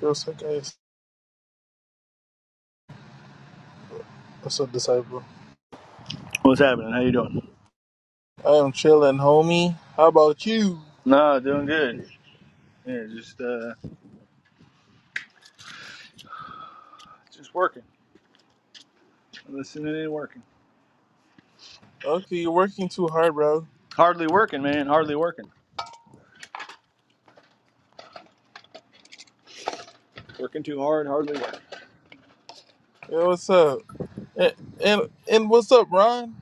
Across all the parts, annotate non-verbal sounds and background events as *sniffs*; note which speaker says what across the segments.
Speaker 1: Joseph, what's up, disciple?
Speaker 2: What's happening? How you doing?
Speaker 1: I am chilling, homie. How about you?
Speaker 2: No, doing good. Yeah, just uh, just working, listening and working.
Speaker 1: Okay, you're working too hard, bro.
Speaker 2: Hardly working, man. Hardly working. Working too hard. Hardly working.
Speaker 1: Yeah, what's up? And, and and what's up, Ron?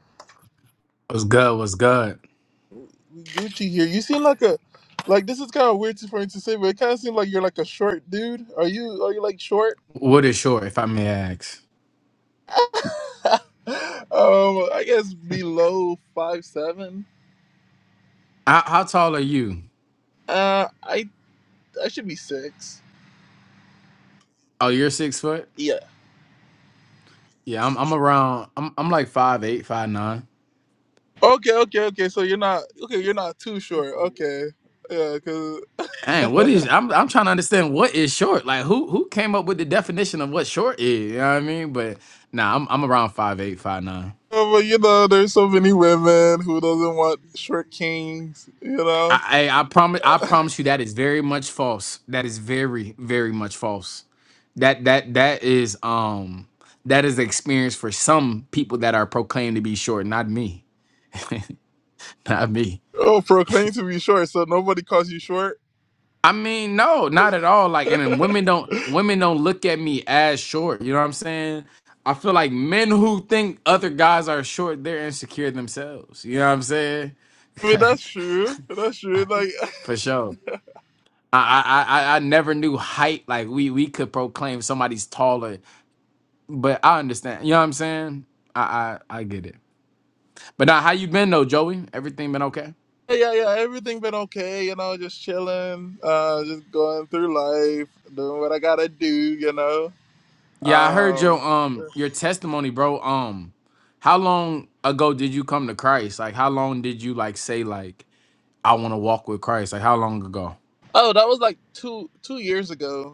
Speaker 3: What's good? What's good?
Speaker 1: Gucci here. You seem like a like this is kind of weird to- for me to say, but it kind of seems like you're like a short dude. Are you are you like short?
Speaker 3: What is short, if I may ask?
Speaker 1: *laughs* um, I guess below five seven.
Speaker 3: How, how tall are you?
Speaker 1: Uh, I I should be six.
Speaker 3: Oh, you're six foot.
Speaker 1: Yeah.
Speaker 3: Yeah, I'm. I'm around. I'm. I'm like five eight, five nine.
Speaker 1: Okay, okay, okay. So you're not okay. You're not too short. Okay. Yeah, cause.
Speaker 3: Dang,
Speaker 1: *laughs*
Speaker 3: what is? I'm. I'm trying to understand what is short. Like, who who came up with the definition of what short is? You know what I mean? But nah, I'm. I'm around five eight, five nine.
Speaker 1: Oh, but you know, there's so many women who doesn't want short kings. You know,
Speaker 3: I, I I promise. I
Speaker 1: *laughs*
Speaker 3: promise you that is very much false. That is very very much false. That that that is um that is the experience for some people that are proclaimed to be short, not me. *laughs* *laughs* Not me.
Speaker 1: oh, proclaim to be short, so nobody calls you short.
Speaker 3: I mean, no, not at all. Like, and
Speaker 1: *laughs*
Speaker 3: then
Speaker 1: I
Speaker 3: women don't women don't look at me as short. You know what I'm saying? I feel like men who think other guys are short, they're insecure themselves. You know what I'm saying?
Speaker 1: mean,
Speaker 3: *laughs*
Speaker 1: that's true. That's true. Like,
Speaker 3: For sure. I, I I I I never knew height. Like we we could proclaim somebody's taller, but I understand. You know what I'm saying? I I, I get it. But now, how you been though, Joey? Everything been okay?
Speaker 1: *laughs* yeah, yeah, everything been okay. You know, just chilling, uh, just going through life, doing what I gotta do. You know.
Speaker 3: Yeah, I heard
Speaker 1: Um.
Speaker 3: your um your testimony, bro. Um, how long ago did you come to Christ? Like, how long did you like say like I want to walk with Christ? Like, how long ago?
Speaker 1: Oh, that was like two two years ago.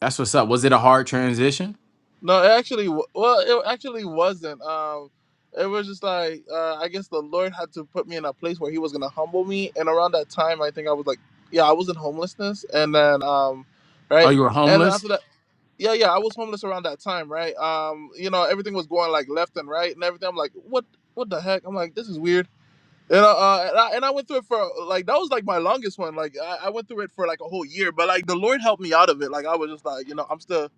Speaker 3: That's what's up. Was it a hard transition?
Speaker 1: No, it actually, w- well, it actually wasn't. Um, it was just like uh, I guess the Lord had to put me in a place where He was gonna humble me, and around that time, I think I was like, yeah, I was in homelessness, and then um,
Speaker 3: Oh,
Speaker 1: right,
Speaker 3: you were
Speaker 1: and then
Speaker 3: homeless.
Speaker 1: after that, yeah, yeah, I was homeless around that time, right? Um, you know, everything was going like left and right and everything. I'm like, what, what the heck? I'm like, this is weird. And uh, uh, and, I, and I went through it for like that was like my longest one. Like I, I went through it for like a whole year, but like the Lord helped me out of it. Like I was just like, you know, I'm still.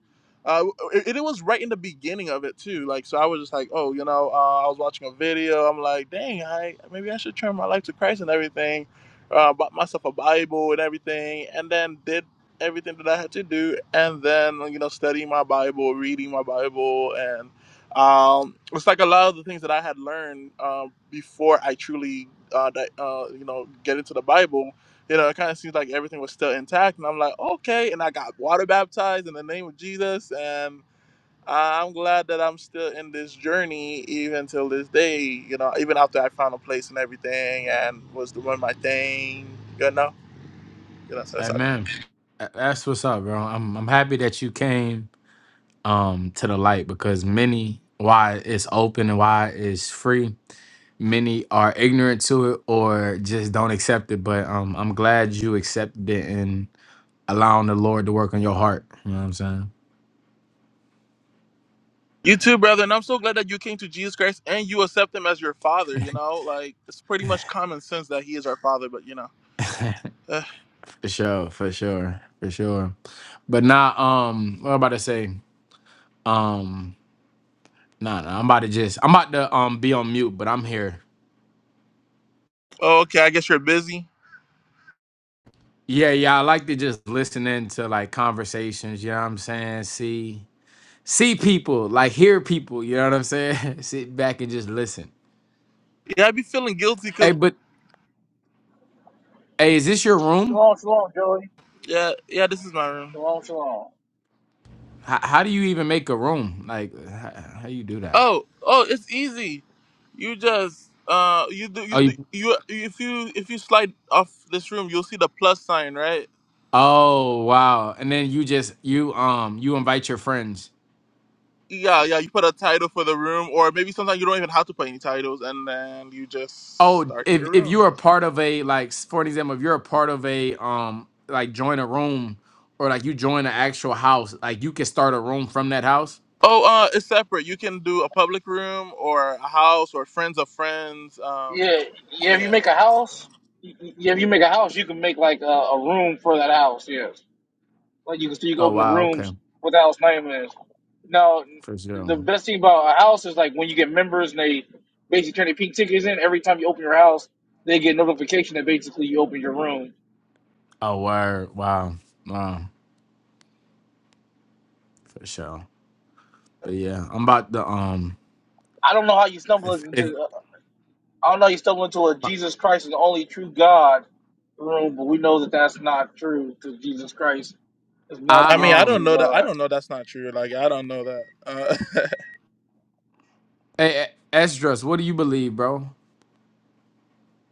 Speaker 1: Uh, it, it was right in the beginning of it too. Like so, I was just like, oh, you know, uh, I was watching a video. I'm like, dang, I maybe I should turn my life to Christ and everything. Uh, bought myself a Bible and everything, and then did everything that I had to do, and then you know, studying my Bible, reading my Bible, and. Um, it's like a lot of the things that I had learned uh, before I truly, uh, di- uh, you know, get into the Bible. You know, it kind of seems like everything was still intact, and I'm like, okay. And I got water baptized in the name of Jesus, and I'm glad that I'm still in this journey even till this day. You know, even after I found a place and everything, and was doing my thing. You know, you know, so it's okay.
Speaker 3: Amen. Tha- That's what's up, bro. I'm I'm happy that you came um to the light because many why it's open and why it's free. Many are ignorant to it or just don't accept it. But um, I'm glad you accepted it allowing the Lord to work on your heart. You know what I'm saying?
Speaker 1: You too, brother, and I'm so glad that you came to Jesus Christ and you accept him as your father, you know? Like it's pretty much common sense that he is our father, but you know. Eh.
Speaker 3: For sure, for sure, for sure. But nah, um, what I'm about to say? Um, nah, nah, I'm about to just I'm about to um be on mute, but I'm here.
Speaker 1: oh, okay, I guess you're busy.
Speaker 3: Yeah, yeah, I like to just listen into like conversations, you know what I'm saying? See see people, like hear people, you know what I'm saying? *laughs* Sit back and just listen.
Speaker 1: Yeah, I'd be feeling guilty cuz
Speaker 3: Hey, but hey, is this your room?
Speaker 4: Shalom, shalom, Joey.
Speaker 1: yeah, yeah, this is my room.
Speaker 4: Shalom, shalom.
Speaker 3: How, how do you even make a room? Like how, how you do that?
Speaker 1: Oh, oh, it's easy. You just uh you do you do, you if you if you slide off this room, you'll see the plus sign, right?
Speaker 3: Oh wow! And then you just you um you invite your friends.
Speaker 1: Yeah, yeah, you put a title for the room or maybe sometimes you don't even have to put any titles and then you just
Speaker 3: Oh,
Speaker 1: start
Speaker 3: if
Speaker 1: your
Speaker 3: if
Speaker 1: room.
Speaker 3: you're a part of a like s- for an example, if you're a part of a um like join a room or like you join an actual house, like you can start a room from that house.
Speaker 1: Oh, uh, it's separate. You can do a public room or a house or friends of friends. Um,
Speaker 4: Yeah, yeah. If you
Speaker 1: yeah.
Speaker 4: make a house, y- y- yeah, if you make a house, you can make like a, a room for that house. Yes, like you can, so you can
Speaker 3: Oh
Speaker 4: open the
Speaker 3: wow, okay,
Speaker 4: rooms what the house name is. Now,
Speaker 3: for sure.
Speaker 4: the best thing about a house is like when you get members and they basically turn their pink tickets in. Every time you open your house, they get notification that basically you open your room.
Speaker 3: Oh word, wow, wow, for sure. But yeah, I'm about to um
Speaker 4: I don't know how you stumble
Speaker 3: if, if
Speaker 4: into. uh, I don't know. You stumbled into a Jesus Christ is the only true God room, but we know that that's not true because Jesus Christ is not
Speaker 1: I
Speaker 4: the
Speaker 1: mean, I
Speaker 4: only
Speaker 3: I
Speaker 1: don't
Speaker 3: um
Speaker 4: true
Speaker 1: know that. I
Speaker 4: God.
Speaker 1: don't know that's not true. Like, I don't know that. Uh,
Speaker 3: hey, Esdras, what do you believe, bro?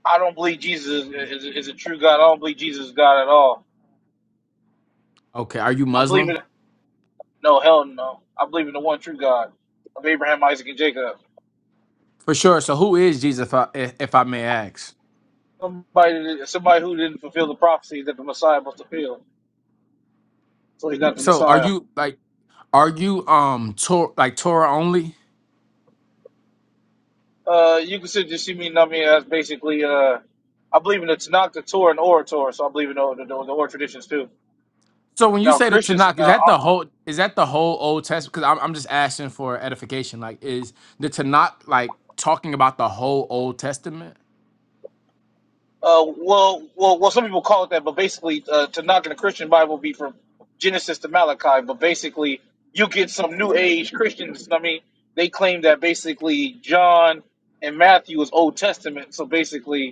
Speaker 4: I don't believe Jesus is, is, is a true God. I don't believe Jesus is God at all.
Speaker 3: Okay, are you
Speaker 4: I believe in
Speaker 3: Muslim?
Speaker 4: no hell no. I believe in the one true God of Abraham, Isaac, and Jacob.
Speaker 3: For sure. So who is Jesus, if I, if if I may ask?
Speaker 4: Somebody that- somebody who didn't fulfill the prophecy that the Messiah must fulfill, so he's not the
Speaker 3: So are
Speaker 4: Messiah.
Speaker 3: you like are you um Tor like Torah only?
Speaker 4: Uh, you consider Yosemite Nami as basically uh, I believe in the Tanakh, the Torah, and Orator, so I believe in the, the, the, the Oral traditions too.
Speaker 3: So when you
Speaker 4: Now
Speaker 3: say the
Speaker 4: Christians
Speaker 3: Tanakh, is
Speaker 4: now
Speaker 3: that the
Speaker 4: uh
Speaker 3: whole is that the whole Old Testament? Because I'm I'm just asking for edification. Like, is the Tanakh like talking about the whole Old Testament?
Speaker 4: uh, well well well some people call it that, but basically uh, to in the Christian Bible would be from Genesis to Malachi, but basically you get some new age Christians, I mean, they claim that basically John and Matthew is Old Testament, so basically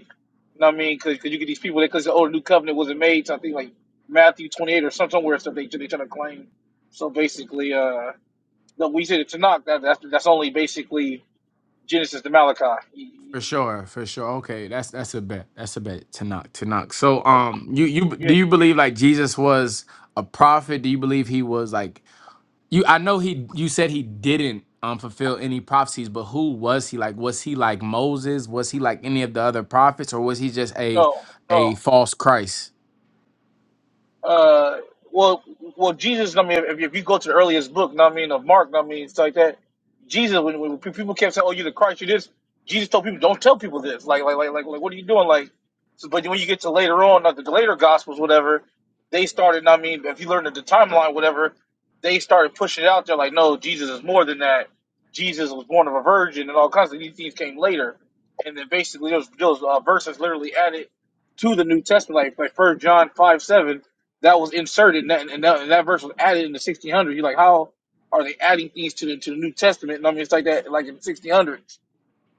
Speaker 4: you know what I mean? Because you get these people that because the old new covenant wasn't made, so I think like Matthew twenty eight or some- somewhere stuff they they try to claim. So basically, uh, no, we said to knock that that's that's only basically Genesis to Malachi. You- you-
Speaker 3: For sure, for sure. Okay, that's that's a bet. That's a bet. Tanakh, Tanakh. So um, you you do
Speaker 4: you-
Speaker 3: you believe like Jesus was a prophet? Do you believe he was like You, I know he. You said he didn't um fulfill any prophecies, but who was he? Like, was he like Moses? Was he like any of the other prophets, or was he just a
Speaker 4: no, no.
Speaker 3: a false Christ?
Speaker 4: uh, well, well, Jesus. I mean, if, if you go to the earliest book, know what I mean, of Mark, know what I mean, stuff like that. Jesus, when, when pe- people kept saying, "Oh, you the Christ," you this. Jesus told people, "Don't tell people this." Like, like, like, like, like what are you doing? Like, so, but when you get to later on, like the later Gospels, whatever, they started. know what I mean, if you learn the the timeline, whatever, they started pushing it out there. Like, no, Jesus is more than that. Jesus was born of a virgin, and all kinds of these things came later. And then basically, those those uh, verses literally added to the New Testament, like like First John five seven that was inserted and that, and that, and that verse was added in the 1600s. You're like, how are they adding things to the to the New Testament? And I mean, it's like that, like in the 1600s.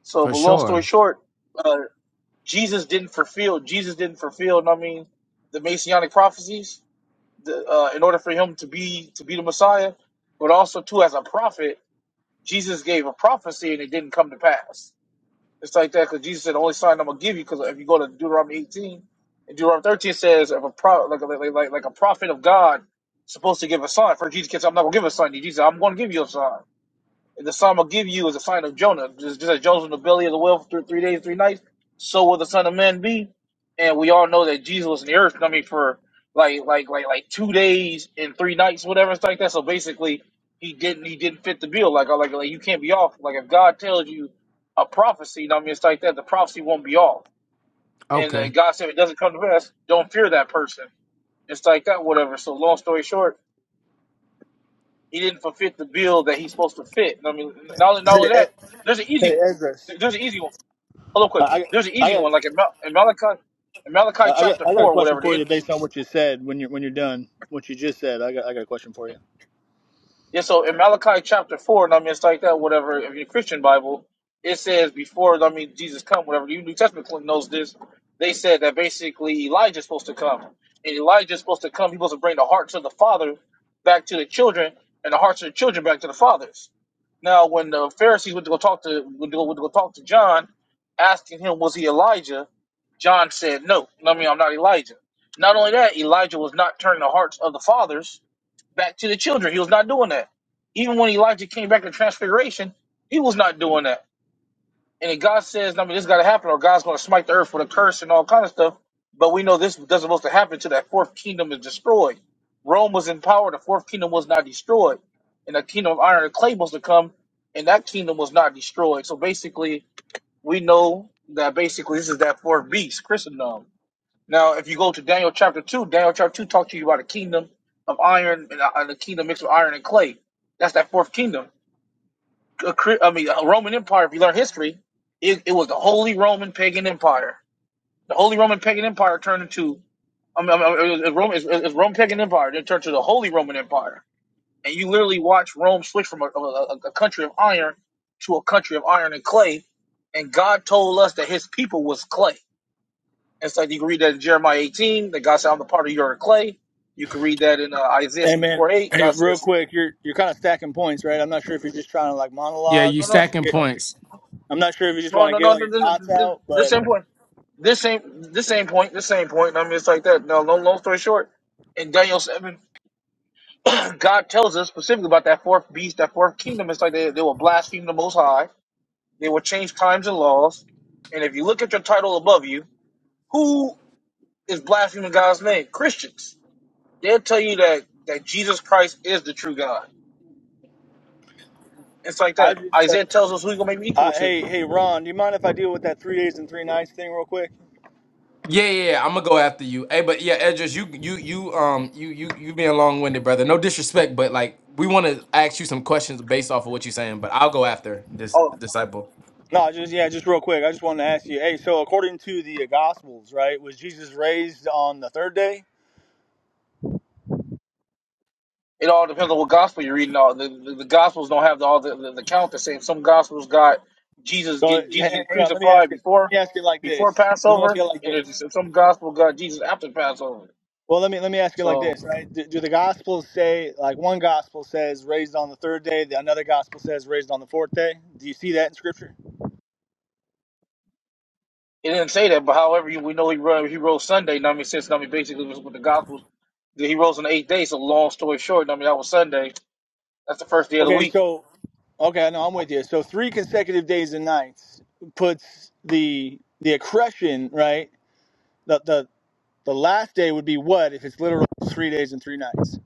Speaker 4: So,
Speaker 3: For
Speaker 4: but long story
Speaker 3: sure.
Speaker 4: short, uh, Jesus didn't fulfill. Jesus didn't fulfill. And I mean, the Messianic prophecies. The, uh, in order for him to be to be the Messiah, but also too as a prophet, Jesus gave a prophecy and it didn't come to pass. It's like that because Jesus said, the only sign I'm gonna give you, because if you go to Deuteronomy 18, and Deuteronomy 13 says, if a pro, like, like, like, like like a prophet of God supposed to give a sign, for Jesus kids, I'm not gonna give a sign to you. Jesus, said, I'm gonna give you a sign the psalm I'll give you is a sign of Jonah. Just, just as Jonah's in the belly of the whale for three days, three nights, so will the Son of Man be. And we all know that Jesus was in the earth coming for like like like like two days and three nights, whatever it's like that. So basically he didn't he didn't fit the bill. Like like like you can't be off. Like if God tells you a prophecy, you know what I mean it's like that, the prophecy won't be off. And uh,
Speaker 3: Okay.
Speaker 4: God said if it doesn't come to pass, don't fear that person. It's like that, whatever. So long story short, he didn't fulfill the bill that he's supposed to fit. I mean, not only, not only
Speaker 2: Hey,
Speaker 4: that,
Speaker 2: Ed-
Speaker 4: there's an easy
Speaker 2: hey,
Speaker 4: one.
Speaker 2: Edris.
Speaker 4: There's an easy one. Hold up quick.
Speaker 2: I
Speaker 4: There's an
Speaker 2: I got, I
Speaker 4: easy
Speaker 2: got
Speaker 4: one, like in, Mal- in Malachi, in Malachi
Speaker 2: I got
Speaker 4: chapter
Speaker 2: I got a
Speaker 4: four,
Speaker 2: question
Speaker 4: whatever.
Speaker 2: for
Speaker 4: It,
Speaker 2: you based on what you said when you're when you're done. What you just said. I got I got a question for you.
Speaker 4: yeah, so in Malachi chapter four, and I mean, it's like that, whatever. If you're Christian Bible, it says before, I mean, Jesus come, whatever. You New Testament knows this. They said that basically Elijah's supposed to come, and Elijah's supposed to come. He's supposed to bring the hearts of the father back to the children, and the hearts of the children back to the fathers. Now, when the Pharisees went to go talk to went to go, went to go talk to John, asking him was he Elijah, John said no. I mean, I'm not Elijah. Not only that, Elijah was not turning the hearts of the fathers back to the children. He was not doing that. Even when Elijah came back to Transfiguration, he was not doing that. And if God says, I mean, this got to happen, or God's going to smite the earth with a curse and all kind of stuff. But we know this doesn't supposed to happen until that fourth kingdom is destroyed. Rome was in power; the fourth kingdom was not destroyed, and the kingdom of iron and clay was to come, and that kingdom was not destroyed. So basically, we know that basically this is that fourth beast, Christendom. Now, if you go to Daniel chapter two, Daniel chapter two talks to you about a kingdom of iron and a, and a kingdom mixed with iron and clay. That's that fourth kingdom I mean, a Roman Empire. If you learn history, it it was the Holy Roman pagan empire. The Holy Roman pagan empire turned into, I mean, Rome is Rome pagan empire. Then turned to the Holy Roman Empire. And you literally watch Rome switch from a a, a country of iron to a country of iron and clay. And God told us that His people was clay. It's like you can read that in Jeremiah eighteen. That God said, "I'm the part of your clay." You can read that in uh, Isaiah
Speaker 2: Hey, man.
Speaker 4: four eight.
Speaker 2: Hey,
Speaker 4: God
Speaker 2: real
Speaker 4: says,
Speaker 2: quick. You're you're kind of stacking points, right? I'm not sure if you're just trying to like
Speaker 3: Yeah,
Speaker 2: monologue
Speaker 3: you
Speaker 4: No,
Speaker 2: and
Speaker 4: no,
Speaker 2: just
Speaker 3: stacking
Speaker 2: get.
Speaker 4: no,
Speaker 3: points.
Speaker 2: I'm not sure if you just want to
Speaker 4: no,
Speaker 2: get
Speaker 4: no,
Speaker 2: all your
Speaker 4: no.
Speaker 2: thoughts
Speaker 4: no,
Speaker 2: out,
Speaker 4: This
Speaker 2: but
Speaker 4: important. This ain't this same point, this same point. and I mean, it's like that. Now, long, long story short, in Daniel seven, *clears throat* God tells us specifically about that fourth beast, that fourth kingdom. It's like they they will blaspheme the Most High. They will change times and laws. And if you look at your title above you, who is blaspheming God's name? Christians. They'll tell you that that Jesus Christ is the true God. It's like
Speaker 2: I
Speaker 4: that.
Speaker 2: just uh,
Speaker 4: Isaiah tells us who he's gonna make me
Speaker 2: Uh,
Speaker 4: equal to.
Speaker 2: hey, hey, Ron, do you mind if I deal with that three days and three nights thing real quick?
Speaker 3: Yeah, yeah, yeah. I'm gonna go after you. Hey, but yeah, Edris, you, you, you, um, you, you, you being long winded, brother. No disrespect, but like, we want to ask you some questions based off of what you're saying. But I'll go after this
Speaker 4: Oh,
Speaker 3: disciple.
Speaker 2: No, just yeah, just real quick. I just wanted to ask you. Hey, so according to the Gospels, right, was Jesus raised on the third day?
Speaker 4: It all depends on what gospel you're reading. All the, the, the gospels don't have the, all the, the, the count the same. Some gospels got Jesus
Speaker 2: So h-
Speaker 4: get Jesus getting
Speaker 2: hang on, let me ask
Speaker 4: crucified
Speaker 2: it. Let
Speaker 4: before
Speaker 2: me ask it like
Speaker 4: before
Speaker 2: this. Let me ask it
Speaker 4: Passover,
Speaker 2: like
Speaker 4: and
Speaker 2: this.
Speaker 4: there's, some gospel got Jesus after Passover.
Speaker 2: Well, let me let me ask it like
Speaker 4: So
Speaker 2: this, right? Do, do the Gospels say like one Gospel says raised on the third day, the another Gospel says raised on the fourth day? Do you see that in Scripture?
Speaker 4: it didn't say that, but however, you- we know he rose, he rose Sunday. Know what I mean, since know what I mean, basically was with the gospels, that he rose on the eighth day. So long story short, know what I mean, that was Sunday. That's the first day of the
Speaker 2: Okay,
Speaker 4: week.
Speaker 2: so okay, I know I'm with you. So three consecutive days and nights puts the the accretion right. The the the last day would be what if it's literal three days and three nights.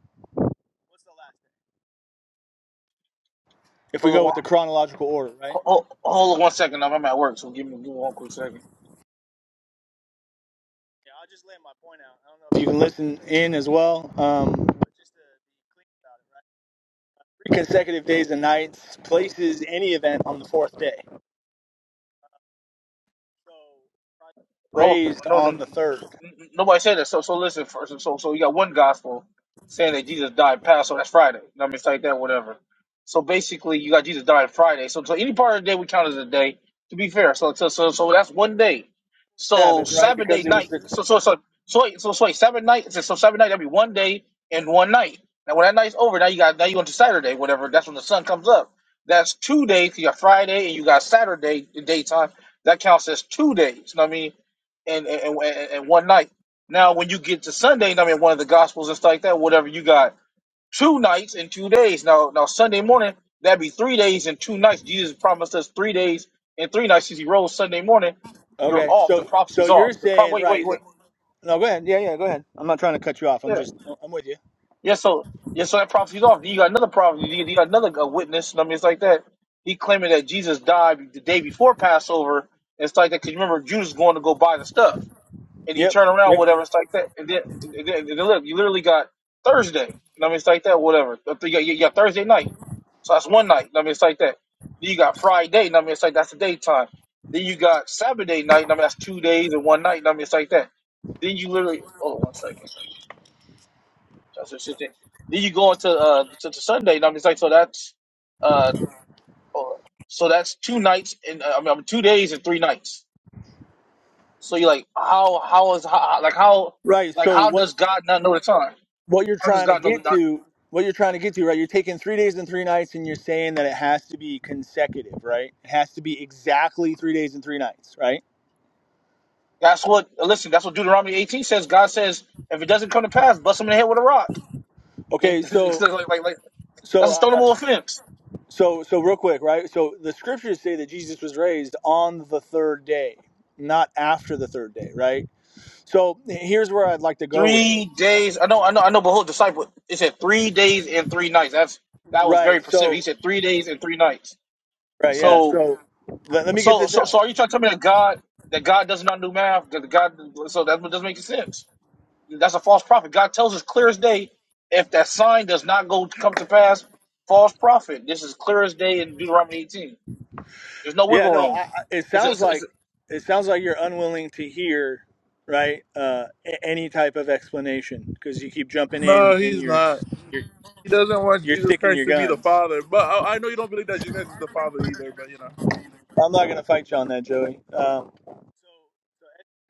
Speaker 2: If we
Speaker 4: Hold on,
Speaker 2: go with
Speaker 4: one-
Speaker 2: the chronological order, right?
Speaker 4: hold, hold on one second. know what I mean, I'm at work, so give me, give me one quick second.
Speaker 2: You can listen in as well. Um, three consecutive days and nights places any event on the fourth day. So
Speaker 4: No,
Speaker 2: Raised
Speaker 4: no, no.
Speaker 2: on
Speaker 4: n-
Speaker 2: the third
Speaker 4: Nobody said that. So, so listen. First, so, so you got one gospel saying that Jesus died past, so that's Friday. You know what I mean, it's like that, whatever. So basically, you got Jesus died Friday. So, so any part of the day we count as a day. To be fair, so, so, so, so that's one day. So
Speaker 2: Sabbath, right?
Speaker 4: Saturday
Speaker 2: Because it was
Speaker 4: night.
Speaker 2: the
Speaker 4: So, so, so, so, wait, so, so wait, Saturday night. So, so Saturday night that'd be one day and one night. Now, when that night's over, now you got now you go to Saturday, whatever. That's when the sun comes up. That's two days. You got Friday and you got Saturday in daytime. That counts as two days. You know what I mean? and and, and and one night. Now, when you get to Sunday, I mean, one of the Gospels and stuff like that, whatever, you got two nights and two days. Now, now Sunday morning, that'd be three days and two nights. Jesus promised us three days and three nights. Since he rose Sunday morning, you're
Speaker 2: okay.
Speaker 4: off. The
Speaker 2: So so
Speaker 4: prophecy's
Speaker 2: you're
Speaker 4: off. The pro-
Speaker 2: saying
Speaker 4: wait, wait,
Speaker 2: right?
Speaker 4: wait.
Speaker 2: No, go ahead. Yeah, yeah, go ahead. I'm not trying to cut you off. I'm
Speaker 4: Yeah,
Speaker 2: just, I'm with you.
Speaker 4: yeah. So, yeah. So that prophecy's off. You got another prophecy. You you got another uh, witness. I mean, it's like that. He claiming that Jesus died the day before Passover. It's like that because remember Judas going to go buy the stuff. and you
Speaker 2: Yep,
Speaker 4: turn around,
Speaker 2: yep.
Speaker 4: whatever. It's like that. And then, and then, and then look, you literally got Thursday. You know what I mean? It's like that, whatever. You got, you got Thursday night. So that's one night. You know what I mean? It's like that. Then you got Friday. You know what I mean? It's like that's the daytime. Then you got Saturday night. You know what I mean? That's two days and one night. You know what I mean? It's like that. Then you literally, oh, one second. That's what shit then. Then you go into uh, to, to Sunday. You know what I mean? It's like, so that's, uh, oh, so that's two nights and, uh, I mean, two days and three nights. So you're like, how, how is, how, like, how,
Speaker 2: Right.
Speaker 4: like,
Speaker 2: So
Speaker 4: how
Speaker 2: what
Speaker 4: does God not know the time?
Speaker 2: what you're
Speaker 4: I just
Speaker 2: trying to
Speaker 4: got another.
Speaker 2: get
Speaker 4: knock.
Speaker 2: to, what you're trying to get to, right? You're taking three days and three nights, and you're saying that it has to be consecutive, right? It has to be exactly three days and three nights, right?
Speaker 4: That's what. Listen, that's what Deuteronomy 18 says. God says, if it doesn't come to pass, bust them in the head with a rock. *laughs*
Speaker 2: Okay.
Speaker 4: It's
Speaker 2: So
Speaker 4: like, like, like,
Speaker 2: so
Speaker 4: that's a
Speaker 2: uh, uh,
Speaker 4: stonable offense.
Speaker 2: so so real quick, right? So the scriptures say that Jesus was raised on the third day, not after the third day, right? So here's where I'd like to go with it,
Speaker 4: Three days. I know. I know. I know. Behold, disciple. It said three days and three nights. That's that was very
Speaker 2: right?
Speaker 4: specific. He
Speaker 2: So
Speaker 4: said three days and three nights.
Speaker 2: right, yeah.
Speaker 4: So,
Speaker 2: So let, let me get
Speaker 4: so,
Speaker 2: this
Speaker 4: so,
Speaker 2: out.
Speaker 4: so, are you trying to tell me that God that God does not do math? That God. So that doesn't make sense. That's a false prophet. God tells us clear as day, if that sign does not go come to pass, false prophet. This is clear as day in Deuteronomy 18. There's no
Speaker 2: Yeah,
Speaker 4: wiggle
Speaker 2: no, I,
Speaker 4: room.
Speaker 2: I- it
Speaker 4: It's a,
Speaker 2: sounds
Speaker 4: it's a, it's a,
Speaker 2: like it sounds like you're unwilling to hear, right? Uh, a- any type of explanation because you keep
Speaker 1: *laughs*
Speaker 2: jumping in
Speaker 1: no,
Speaker 2: and
Speaker 1: he's
Speaker 2: you're s-
Speaker 1: not.
Speaker 2: you're
Speaker 1: He doesn't want
Speaker 2: you're
Speaker 1: Jesus
Speaker 2: sticking
Speaker 1: Christ
Speaker 2: your
Speaker 1: to be the
Speaker 2: guns.
Speaker 1: Father. But I, I know you don't believe that Jesus Christ is the Father either. But you know.
Speaker 2: I'm not gonna fight you on that, Joey. Um,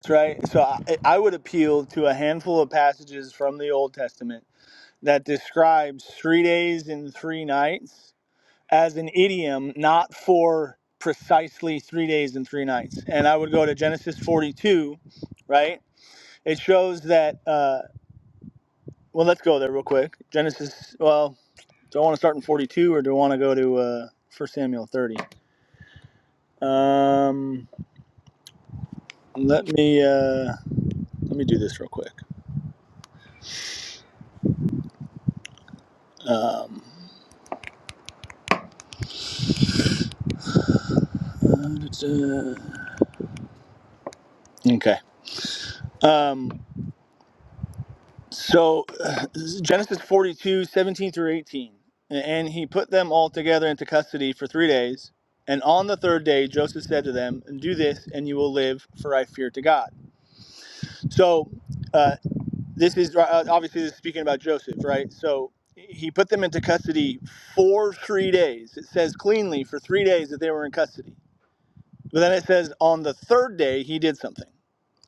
Speaker 2: that's right. So I, I would appeal to a handful of passages from the Old Testament that describes three days and three nights as an idiom, not for precisely three days and three nights. And I would go to Genesis 42, right? It shows that. Uh, well, let's go there real quick. Genesis. Well, do I want to start in 42 or do I want to go to uh, 1 Samuel 30? Um, let me uh, let me do this real quick. Um, uh, okay. Um, so *sighs* uh, Genesis 42 17 through 18. And he put them all together into custody for three days. And on the third day, Joseph said to them, Do this, and you will live, for I fear to God. So uh, this is uh, obviously this is speaking about Joseph, right? So he put them into custody for three days. It says cleanly for three days that they were in custody. But then it says on the third day he did something,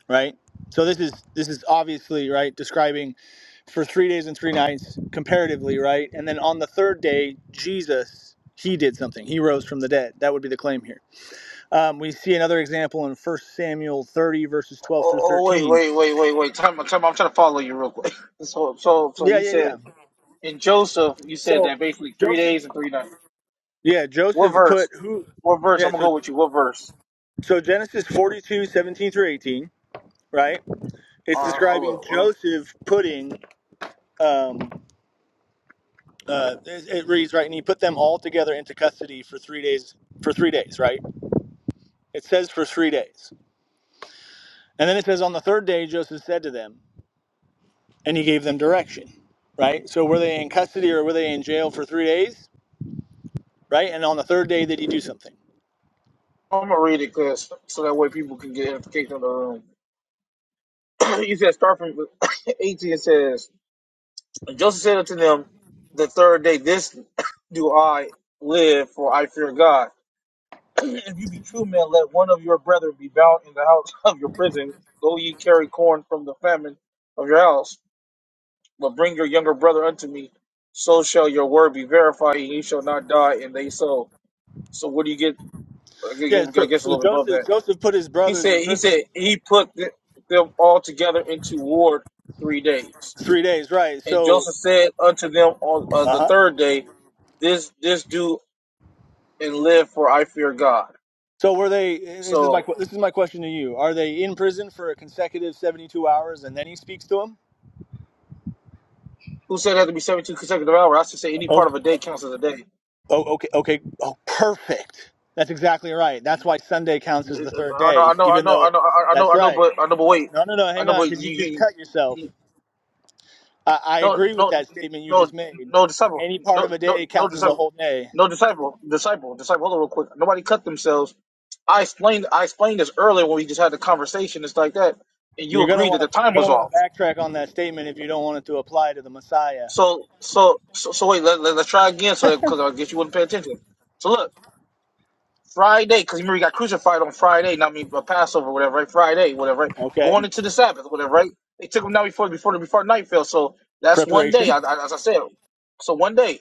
Speaker 2: right? So this is this is obviously right describing for three days and three nights comparatively, right? And then on the third day Jesus he did something. He rose from the dead. That would be the claim here. Um, we see another example in First Samuel 30 verses 12
Speaker 4: oh,
Speaker 2: through
Speaker 4: oh, wait,
Speaker 2: 13.
Speaker 4: wait, wait, wait, wait. Time, time, I'm trying to follow you real quick. *laughs* So, so, so
Speaker 2: Yeah,
Speaker 4: you
Speaker 2: yeah,
Speaker 4: said
Speaker 2: yeah.
Speaker 4: in Joseph, you said
Speaker 2: So
Speaker 4: that basically three
Speaker 2: Joseph.
Speaker 4: days and three nights.
Speaker 2: Yeah,
Speaker 4: What
Speaker 2: Joseph
Speaker 4: verse?
Speaker 2: put who
Speaker 4: What verse?
Speaker 2: Yeah,
Speaker 4: I'm gonna
Speaker 2: so
Speaker 4: go with you. What verse?
Speaker 2: so Genesis forty two seventeen 17 through 18, right? It's
Speaker 4: All right,
Speaker 2: describing
Speaker 4: hold up.
Speaker 2: Joseph putting um uh it, it reads right and he put them all together into custody for 3 days for 3 days, right? It says for 3 days. And then it says on the third day Joseph said to them and he gave them direction, right? So were they in custody or were they in jail for 3 days, right? And on the third day did he do something?
Speaker 4: I'm gonna read it, cause so that way people can get education in the room. *clears throat* you said start from *coughs* 18. It says. And Joseph said unto them, The third day, this *coughs* do I live, for I fear God. *clears throat* if you be true men, let one of your brethren be bound in the house *laughs* of your prison. Go ye carry corn from the famine of your house, but bring your younger brother unto me. So shall your word be verified, and ye shall not die. And they so. So what do you get? I
Speaker 2: Yeah,
Speaker 4: guess
Speaker 2: so
Speaker 4: a
Speaker 2: so
Speaker 4: little bit above
Speaker 2: Joseph
Speaker 4: that.
Speaker 2: Joseph put his
Speaker 4: He
Speaker 2: brothers in
Speaker 4: said. He
Speaker 2: prison
Speaker 4: said he put th- them all together into ward three days.
Speaker 2: 3 days, right?
Speaker 4: And
Speaker 2: So
Speaker 4: Joseph said unto them on uh, the
Speaker 2: uh-huh
Speaker 4: third day, This this do and live, for I fear God.
Speaker 2: So were they? This is my
Speaker 4: So
Speaker 2: que- this is my question to you. Are they in prison for a consecutive seventy-two hours, and then he speaks to them?
Speaker 4: who said it had to be seventy two consecutive hours? I should say any
Speaker 2: Oh,
Speaker 4: part of a day counts as a day.
Speaker 2: oh, okay, okay. Oh, perfect. That's exactly right. That's why Sunday counts as the third
Speaker 4: I know,
Speaker 2: day,
Speaker 4: I know, I
Speaker 2: even
Speaker 4: know,
Speaker 2: though.
Speaker 4: I know, I know,
Speaker 2: That's
Speaker 4: I know,
Speaker 2: right.
Speaker 4: but I know, but wait,
Speaker 2: No, no, no.
Speaker 4: I
Speaker 2: Hang
Speaker 4: know,
Speaker 2: on,
Speaker 4: but
Speaker 2: because you
Speaker 4: you,
Speaker 2: just
Speaker 4: you,
Speaker 2: cut yourself.
Speaker 4: you
Speaker 2: I, I
Speaker 4: no,
Speaker 2: agree with
Speaker 4: no,
Speaker 2: that statement you just
Speaker 4: no,
Speaker 2: made.
Speaker 4: no disciple,
Speaker 2: Any part
Speaker 4: no,
Speaker 2: of a day
Speaker 4: no, no
Speaker 2: counts as a
Speaker 4: disciple,
Speaker 2: whole day.
Speaker 4: no disciple, disciple, disciple. Hold on, real quick. Nobody cut themselves. I explained I explained this earlier when we just had the conversation. It's like that, and you
Speaker 2: You're gonna
Speaker 4: agreed that
Speaker 2: want
Speaker 4: the
Speaker 2: to you're
Speaker 4: time was
Speaker 2: gonna
Speaker 4: off.
Speaker 2: want to backtrack on that statement if you don't want it to apply to the Messiah.
Speaker 4: So, so, so, so wait. Let, let, us try again, so because I guess you wouldn't pay attention. So look, Friday, because remember he got crucified on Friday, not me, but Passover, whatever, right? Friday, whatever, right?
Speaker 2: Okay.
Speaker 4: Going into the Sabbath, whatever, right? They took him down before before before night fell. So that's one day,
Speaker 2: Preparation.
Speaker 4: I, I, as I said. So one day,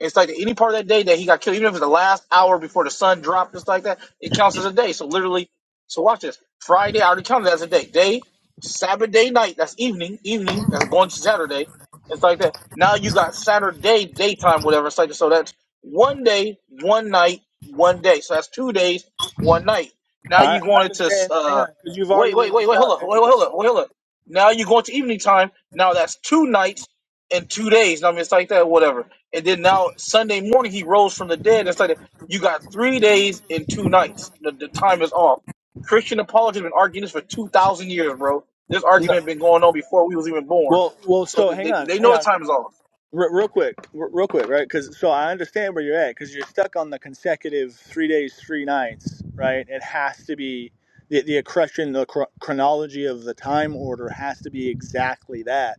Speaker 4: it's like any part of that day that he got killed, even if it's the last hour before the sun dropped, just like that, it counts as a day. So literally, so watch this. Friday, I already counted as a day. Day, Sabbath day, night. That's evening, evening. That's going to Saturday. It's like that. Now you got Saturday daytime, whatever. It's like so. That's one day, one night one day. So that's two days, one night. Now
Speaker 2: I,
Speaker 4: you're
Speaker 2: I
Speaker 4: going into
Speaker 2: understand. Hang
Speaker 4: uh,
Speaker 2: on, because you've already
Speaker 4: wait, wait,
Speaker 2: laid
Speaker 4: wait,
Speaker 2: this
Speaker 4: wait,
Speaker 2: out.
Speaker 4: hold up, wait, wait, hold
Speaker 2: Andres.
Speaker 4: up, wait, hold up. Now you're going to evening time. Now that's two nights and two days. I mean, it's like that, whatever. And then now Sunday morning he rose from the dead. It's like that. you got three days and two nights. The, the time is off. Christian apologists have been arguing this for two thousand years, bro. This
Speaker 2: No,
Speaker 4: argument been going on before we was even born.
Speaker 2: well, well.
Speaker 4: So
Speaker 2: So hang
Speaker 4: they,
Speaker 2: on,
Speaker 4: they
Speaker 2: hang
Speaker 4: know the
Speaker 2: on,
Speaker 4: time is off.
Speaker 2: re- real quick, re- real quick, right? Because so I understand where you're at, because you're stuck on the consecutive three days, three nights, right? It has to be the the accretion, the chro- chronology of the time order has to be exactly that.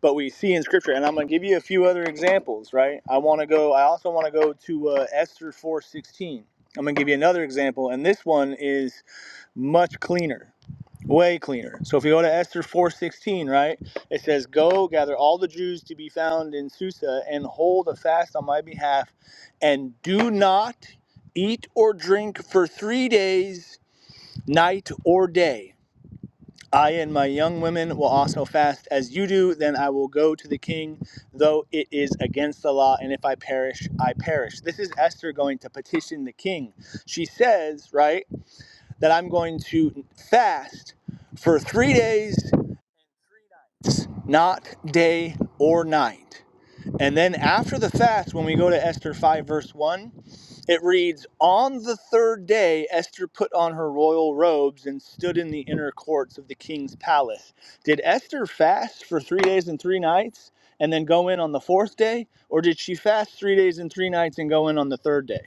Speaker 2: But we see in scripture, and I'm gonna give you a few other examples, right? I want to go. I also want to go to uh, Esther four sixteen. I'm gonna give you another example, and this one is much cleaner way cleaner. So if you go to Esther 4:16, right? It says, "Go gather all the Jews to be found in Susa and hold a fast on my behalf and do not eat or drink for 3 days, night or day. I and my young women will also fast as you do, then I will go to the king, though it is against the law, and if I perish, I perish." This is Esther going to petition the king. She says, right, that I'm going to fast for three days not day or night. And then after the fast, when we go to Esther 5, verse 1, it reads On the third day, Esther put on her royal robes and stood in the inner courts of the king's palace. Did Esther fast for three days and three nights and then go in on the fourth day? Or did she fast three days and three nights and go in on the third day?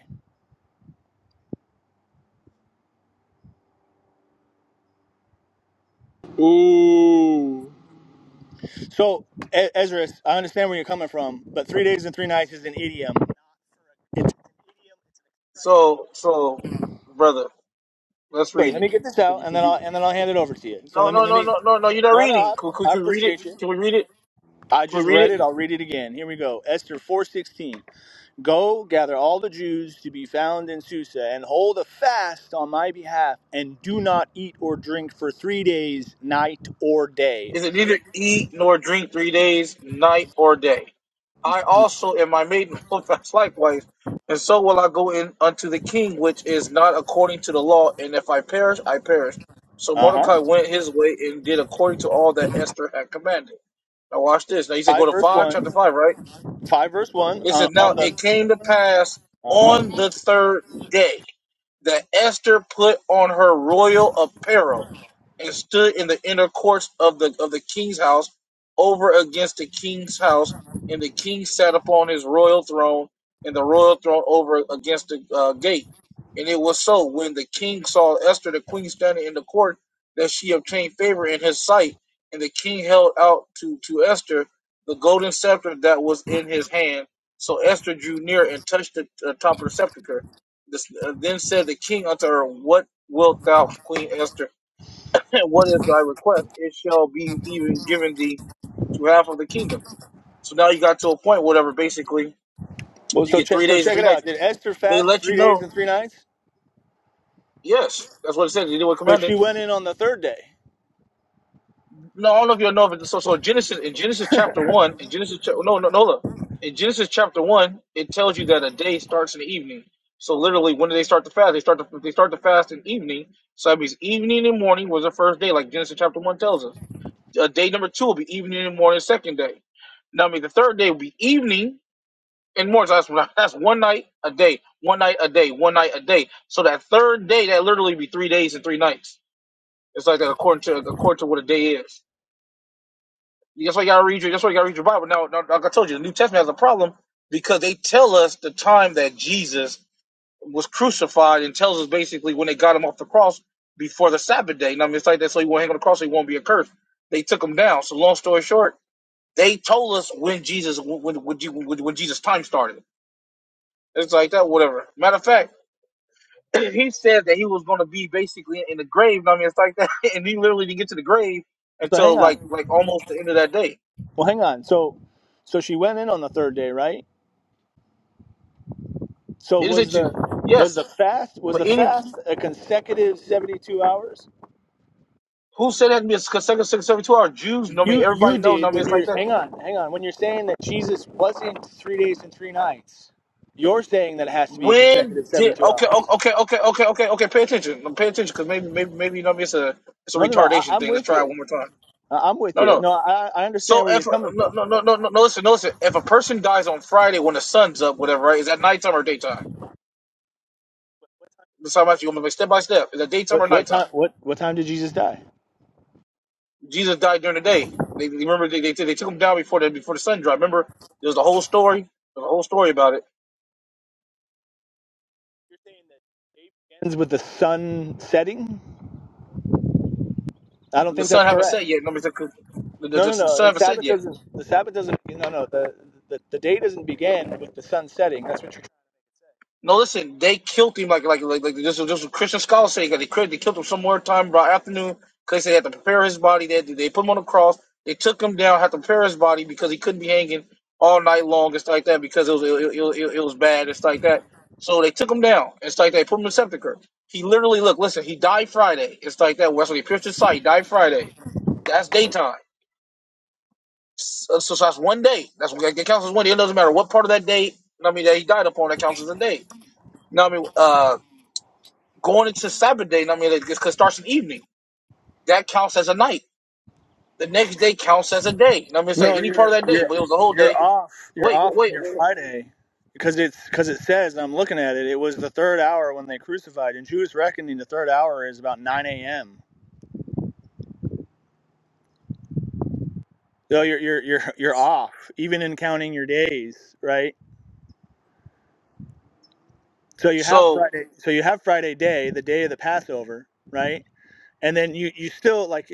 Speaker 1: Ooh.
Speaker 2: So, E- Ezra, I understand where you're coming from, but three days and three nights is an idiom.
Speaker 4: So so brother, let's
Speaker 2: Wait,
Speaker 4: read
Speaker 2: let
Speaker 4: it.
Speaker 2: me get this
Speaker 4: Could
Speaker 2: out,
Speaker 4: you
Speaker 2: and
Speaker 4: could
Speaker 2: then
Speaker 4: you?
Speaker 2: I'll and then I'll hand it over to you. So
Speaker 4: No,
Speaker 2: let me
Speaker 4: no,
Speaker 2: let
Speaker 4: no,
Speaker 2: me.
Speaker 4: no, no, no. You're not
Speaker 2: No, no, I,
Speaker 4: reading. Can, can,
Speaker 2: I
Speaker 4: can we read it?
Speaker 2: appreciate you.
Speaker 4: Can we read it?
Speaker 2: I
Speaker 4: Can we
Speaker 2: just
Speaker 4: read
Speaker 2: read
Speaker 4: it?
Speaker 2: it. I'll read it again. Here we go. Esther four sixteen. Go gather all the Jews to be found in Susa, and hold a fast on my behalf, and do not eat or drink for three days, night or day.
Speaker 4: Is it neither eat nor drink three days, night or day? I also in my maidenhold fast *laughs* likewise, and so will I go in unto the king, which is not according to the law. And if I perish, I perish. So
Speaker 2: Uh huh.
Speaker 4: Mordecai went his way and did according to all that Esther had commanded. Now watch this. Now you said go
Speaker 2: Five
Speaker 4: to
Speaker 2: verse
Speaker 4: five, chapter
Speaker 2: one.
Speaker 4: five, right?
Speaker 2: Five verse one.
Speaker 4: It
Speaker 2: Uh,
Speaker 4: said
Speaker 2: on
Speaker 4: now
Speaker 2: the.
Speaker 4: it came to pass
Speaker 2: Uh
Speaker 4: on
Speaker 2: huh.
Speaker 4: the third day. that Esther put on her royal apparel and stood in the inner courts of the of the king's house over against the king's house, and the king sat upon his royal throne, and the royal throne over against the uh, gate. And it was so when the king saw Esther the queen standing in the court that she obtained favor in his sight, and the king held out to to Esther the golden scepter that was in his hand. So Esther drew near and touched the uh, top of the scepter this, uh, then said the king unto her, What wilt thou, Queen Esther? *laughs* And what is thy request? It shall be even given thee to half of the kingdom. So now you got to a point, whatever, basically,
Speaker 2: Well,
Speaker 4: you
Speaker 2: so
Speaker 4: get
Speaker 2: check
Speaker 4: three
Speaker 2: so
Speaker 4: days and
Speaker 2: check it
Speaker 4: three nights.
Speaker 2: out. Did Esther
Speaker 4: They
Speaker 2: fast
Speaker 4: let
Speaker 2: three
Speaker 4: you
Speaker 2: days
Speaker 4: know,
Speaker 2: and three nights?
Speaker 4: yes, that's what it says. You did what
Speaker 2: But
Speaker 4: commanded.
Speaker 2: she went in on the third day.
Speaker 4: No, I don't know if you know, but so so Genesis in Genesis chapter one in Genesis cha- no no no look. in Genesis chapter one it tells you that a day starts in the evening. So literally, when do they start to fast? They start to they start to fast in evening. So that means evening and morning was the first day, like Genesis chapter one tells us. Uh, day number two will be evening and morning, second day. Now I mean the third day will be evening and morning. So that's *laughs* that's one night a day, one night a day, one night a day. So that third day that literally be three days and three nights. It's like that according to according to what a day is. That's why you gotta read your. That's why you gotta read your Bible. Now, now, like I told you, the New Testament has a problem because they tell us the time that Jesus was crucified and tells us basically when they got him off the cross before the Sabbath day. And I mean, it's like that, so he won't hang on the cross, so he won't be accursed. They took him down. So, long story short, they told us when Jesus when when, when, when Jesus' time started. It's like that, whatever. Matter of fact, *clears throat* he said that he was going to be basically in the grave. and I mean, it's like that, *laughs* and he literally didn't get to the grave
Speaker 2: So hang
Speaker 4: until
Speaker 2: on.
Speaker 4: like like almost the end of that day.
Speaker 2: Well, hang on. So, so she went in on the third day, right? So
Speaker 4: It is
Speaker 2: was
Speaker 4: that
Speaker 2: the
Speaker 4: you. Yes,
Speaker 2: was the fast was
Speaker 4: But
Speaker 2: the
Speaker 4: any
Speaker 2: fast a consecutive seventy two hours?
Speaker 4: who said that can be a consecutive six every two hours? Jews, know me.
Speaker 2: You you
Speaker 4: Everybody know, know
Speaker 2: did
Speaker 4: me.
Speaker 2: when
Speaker 4: It's
Speaker 2: you're
Speaker 4: like that.
Speaker 2: hang on hang on when you're saying that Jesus wasn't three days and three nights. You're saying that it has to be a
Speaker 4: When
Speaker 2: consecutive
Speaker 4: did
Speaker 2: seventy two
Speaker 4: okay,
Speaker 2: hours.
Speaker 4: o- okay, okay, okay, okay, okay? Pay attention, pay attention, because maybe, maybe, maybe you know me. It's a it's a
Speaker 2: No, no, no. I,
Speaker 4: retardation
Speaker 2: I'm
Speaker 4: thing. Let's
Speaker 2: with
Speaker 4: try it
Speaker 2: you.
Speaker 4: one more time.
Speaker 2: I, I'm with
Speaker 4: No,
Speaker 2: you.
Speaker 4: no.
Speaker 2: No, I, I understand
Speaker 4: So
Speaker 2: where you're
Speaker 4: if
Speaker 2: coming
Speaker 4: no,
Speaker 2: from.
Speaker 4: no, no, no, no, no, listen, no, listen. If a person dies on Friday when the sun's up, whatever, right? Is that nighttime or daytime? That's how much you want to make step by step. Is that daytime
Speaker 2: What
Speaker 4: or
Speaker 2: what
Speaker 4: nighttime?
Speaker 2: time what what time did Jesus die?
Speaker 4: Jesus died during the day. They remember they, they, they took him down before the before the sun dropped. Remember, there's a whole story. There's a whole story about it.
Speaker 2: You're saying that ends with the sun setting. I don't
Speaker 4: The
Speaker 2: think
Speaker 4: son
Speaker 2: that's
Speaker 4: haven't
Speaker 2: correct.
Speaker 4: said yet. Nobody said the, the,
Speaker 2: No,
Speaker 4: the
Speaker 2: no,
Speaker 4: son
Speaker 2: no. The
Speaker 4: haven't said
Speaker 2: Sabbath
Speaker 4: yet.
Speaker 2: doesn't. The Sabbath doesn't. No, no. The, the the day doesn't begin with the sun setting. That's what you're.
Speaker 4: No, listen, they killed him like like like, like this was just what Christian scholars saying that they killed they killed him somewhere time by afternoon because they had to prepare his body. They had to- they put him on the cross. They took him down, had to prepare his body because he couldn't be hanging all night long and stuff like that because it was it, it, it, it was bad and stuff like that. So they took him down and stuff like that. Put him in the sepulcher. He literally look, listen, he died Friday. It's like that. Well, That's when he pierced his sight. He Died Friday. That's daytime. So, so so that's one day. That's what that counts as one day. It doesn't matter what part of that day. I mean, that he died upon that counts as a day. Now I mean, uh, going into Sabbath day. I mean, it it starts in evening. That counts as a night. The next day counts as a day. I mean, say
Speaker 2: No,
Speaker 4: any part of
Speaker 2: you're
Speaker 4: that day, but it
Speaker 2: you're
Speaker 4: was the whole
Speaker 2: you're
Speaker 4: day.
Speaker 2: off. You're
Speaker 4: Wait,
Speaker 2: off on
Speaker 4: wait.
Speaker 2: your
Speaker 4: wait.
Speaker 2: Friday because it's because it says and I'm looking at it. It was the third hour when they crucified. In Jewish reckoning, the third hour is about 9 a.m. So you're you're you're you're off, even in counting your days, right? So you have
Speaker 4: So,
Speaker 2: Friday. So you have Friday day, the day of the Passover, right? And then you you still like,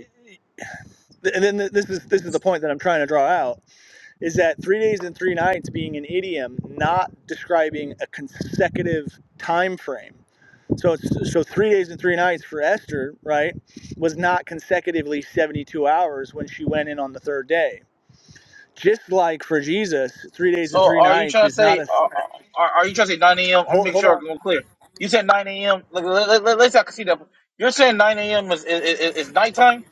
Speaker 2: and then this is this is the point that I'm trying to draw out is that three days and three nights being an idiom not describing a consecutive time frame so so three days and three nights for esther right was not consecutively 72 hours when she went in on the third day just like for jesus three days and
Speaker 4: so
Speaker 2: three
Speaker 4: are you
Speaker 2: nights
Speaker 4: trying to
Speaker 2: is not
Speaker 4: say?
Speaker 2: a
Speaker 4: Are, are, are you trying to say nine a.m.? I'm
Speaker 2: hold,
Speaker 4: making
Speaker 2: hold
Speaker 4: sure
Speaker 2: on
Speaker 4: I'm clear. You said nine a.m. Like, let, let, let, let's see. I can see that. You're saying nine a.m. is is, is is nighttime.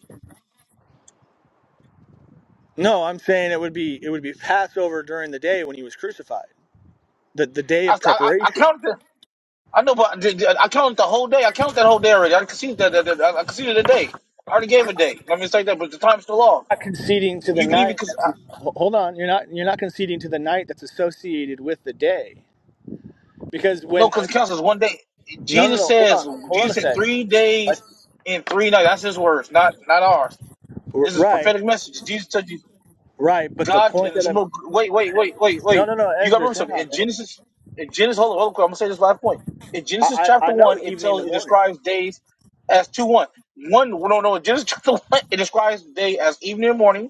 Speaker 2: no i'm saying it would be it would be passover during the day when he was crucified the, the day
Speaker 4: I,
Speaker 2: of
Speaker 4: I, I
Speaker 2: preparation
Speaker 4: counted. I know, but I I count the whole day. I count that whole day already. I conceded that. that, that I conceded a day. I already gave a day. Let me say that, but the time's still off.
Speaker 2: not conceding to the
Speaker 4: You can even
Speaker 2: night
Speaker 4: cause
Speaker 2: that's
Speaker 4: I-
Speaker 2: hold on you're not you're not conceding to the night that's associated with the day because
Speaker 4: no,
Speaker 2: when
Speaker 4: because
Speaker 2: uh,
Speaker 4: it counts as one day.
Speaker 2: no no
Speaker 4: Jesus
Speaker 2: no hold on
Speaker 4: says
Speaker 2: hold on a
Speaker 4: Jesus said
Speaker 2: sec
Speaker 4: three
Speaker 2: Like,
Speaker 4: days and three nights. That's his words, not not ours.
Speaker 2: r-
Speaker 4: This is
Speaker 2: right
Speaker 4: prophetic message. Jesus said
Speaker 2: right but the
Speaker 4: God
Speaker 2: point
Speaker 4: and
Speaker 2: that
Speaker 4: it's
Speaker 2: i'm
Speaker 4: more- wait, wait, wait, wait,
Speaker 2: no
Speaker 4: wait.
Speaker 2: no no
Speaker 4: You gotta
Speaker 2: ezra
Speaker 4: remember
Speaker 2: hang
Speaker 4: something.
Speaker 2: on
Speaker 4: In
Speaker 2: man
Speaker 4: Genesis, in Genesis, hold on, hold on, quick, I'm gonna say this last point. In Genesis
Speaker 2: i i, I
Speaker 4: chapter
Speaker 2: know
Speaker 4: one, it
Speaker 2: evening to
Speaker 4: tells it
Speaker 2: morning
Speaker 4: describes days as two one. One no no in Genesis *laughs* chapter one, it describes day as evening and morning.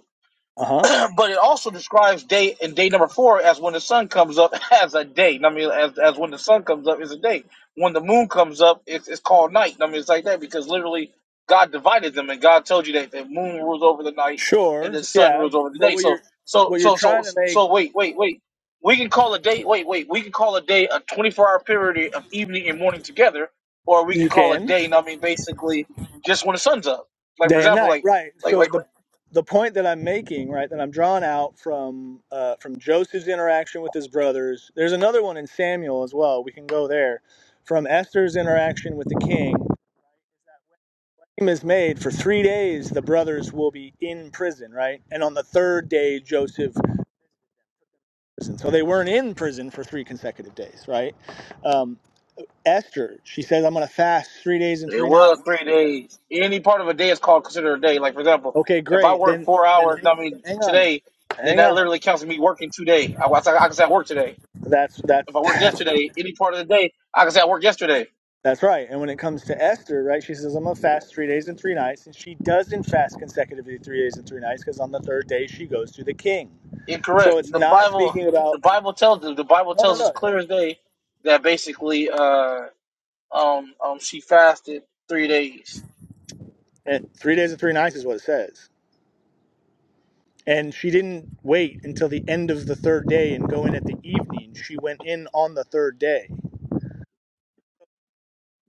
Speaker 2: uh-huh
Speaker 4: *clears throat* but it also describes day and day number four as when the sun comes up *laughs* as a day. I mean, as, as when the sun comes up is a day. When the moon comes up, it's, it's called night. I mean, it's like that because literally God divided them, and God told you that the moon rules over the night and
Speaker 2: sure
Speaker 4: the sun
Speaker 2: yeah
Speaker 4: rules over the
Speaker 2: but
Speaker 4: day.
Speaker 2: what you're
Speaker 4: So, so,
Speaker 2: what you're
Speaker 4: so, so,
Speaker 2: trying to make
Speaker 4: so. Wait, wait, wait. We can call a day. Wait, wait. We can call a day a twenty-four hour period of evening and morning together, or we can
Speaker 2: you
Speaker 4: call a
Speaker 2: can
Speaker 4: day. I mean, basically, just when the sun's up. Like for
Speaker 2: day and
Speaker 4: example,
Speaker 2: night
Speaker 4: like
Speaker 2: right
Speaker 4: like
Speaker 2: so
Speaker 4: like.
Speaker 2: the the point that i'm making right that i'm drawing out from uh from joseph's interaction with his brothers there's another one in samuel as well we can go there from esther's interaction with the king is made for three days the brothers will be in prison right and on the third day joseph prison so they weren't in prison for three consecutive days right um, esther she says i'm going to fast three days and
Speaker 4: It
Speaker 2: three
Speaker 4: was
Speaker 2: nights
Speaker 4: three days. Any part of a day is called considered a day. Like for example,
Speaker 2: okay
Speaker 4: if I
Speaker 2: great
Speaker 4: work
Speaker 2: then
Speaker 4: four
Speaker 2: then
Speaker 4: hours,
Speaker 2: hang,
Speaker 4: I
Speaker 2: then
Speaker 4: mean
Speaker 2: hang on
Speaker 4: today, then
Speaker 2: hang
Speaker 4: that
Speaker 2: on
Speaker 4: literally counts as me working today. I, I, I can say I worked today.
Speaker 2: that's that's
Speaker 4: If I
Speaker 2: *laughs*
Speaker 4: worked
Speaker 2: that's
Speaker 4: yesterday, any part of the day, I can say I worked yesterday.
Speaker 2: that's right and when it comes to esther right she says i'm going to fast three days and three nights and she doesn't fast consecutively three days and three nights because on the third day she goes to the king so
Speaker 4: Incorrect.
Speaker 2: it's
Speaker 4: The
Speaker 2: not
Speaker 4: Bible,
Speaker 2: speaking about
Speaker 4: the Bible tells the Bible
Speaker 2: no no
Speaker 4: tells us
Speaker 2: no
Speaker 4: clear as day that basically, uh, um, um, she fasted three days.
Speaker 2: And three days and three nights is what it says. And she didn't wait until the end of the third day and go in at the evening. She went in on the third day.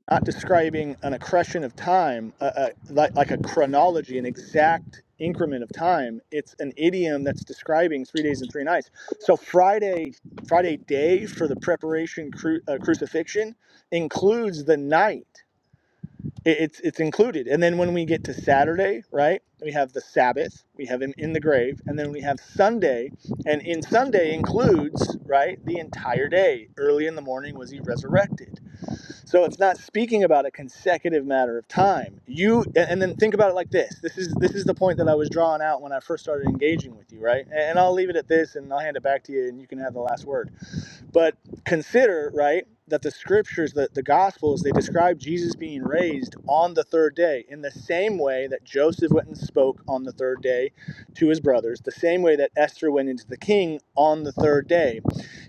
Speaker 2: Not describing an accretion of time, uh, uh, like, like a chronology, an exact increment of time. It's an idiom that's describing three days and three nights. So Friday, Friday day for the preparation cru- uh, crucifixion includes the night. It, it's it's included. And then when we get to Saturday, right? We have the Sabbath, we have him in the grave, and then we have Sunday. And in Sunday includes, right, the entire day. Early in the morning was he resurrected. So it's not speaking about a consecutive matter of time. You and then think about it like this. This is this is the point that I was drawing out when I first started engaging with you, right? and I'll leave it at this and I'll hand it back to you and you can have the last word but consider, right, that the scriptures, the, the gospels, they describe Jesus being raised on the third day in the same way that Joseph went and spoke on the third day to his brothers, the same way that Esther went into the king on the third day.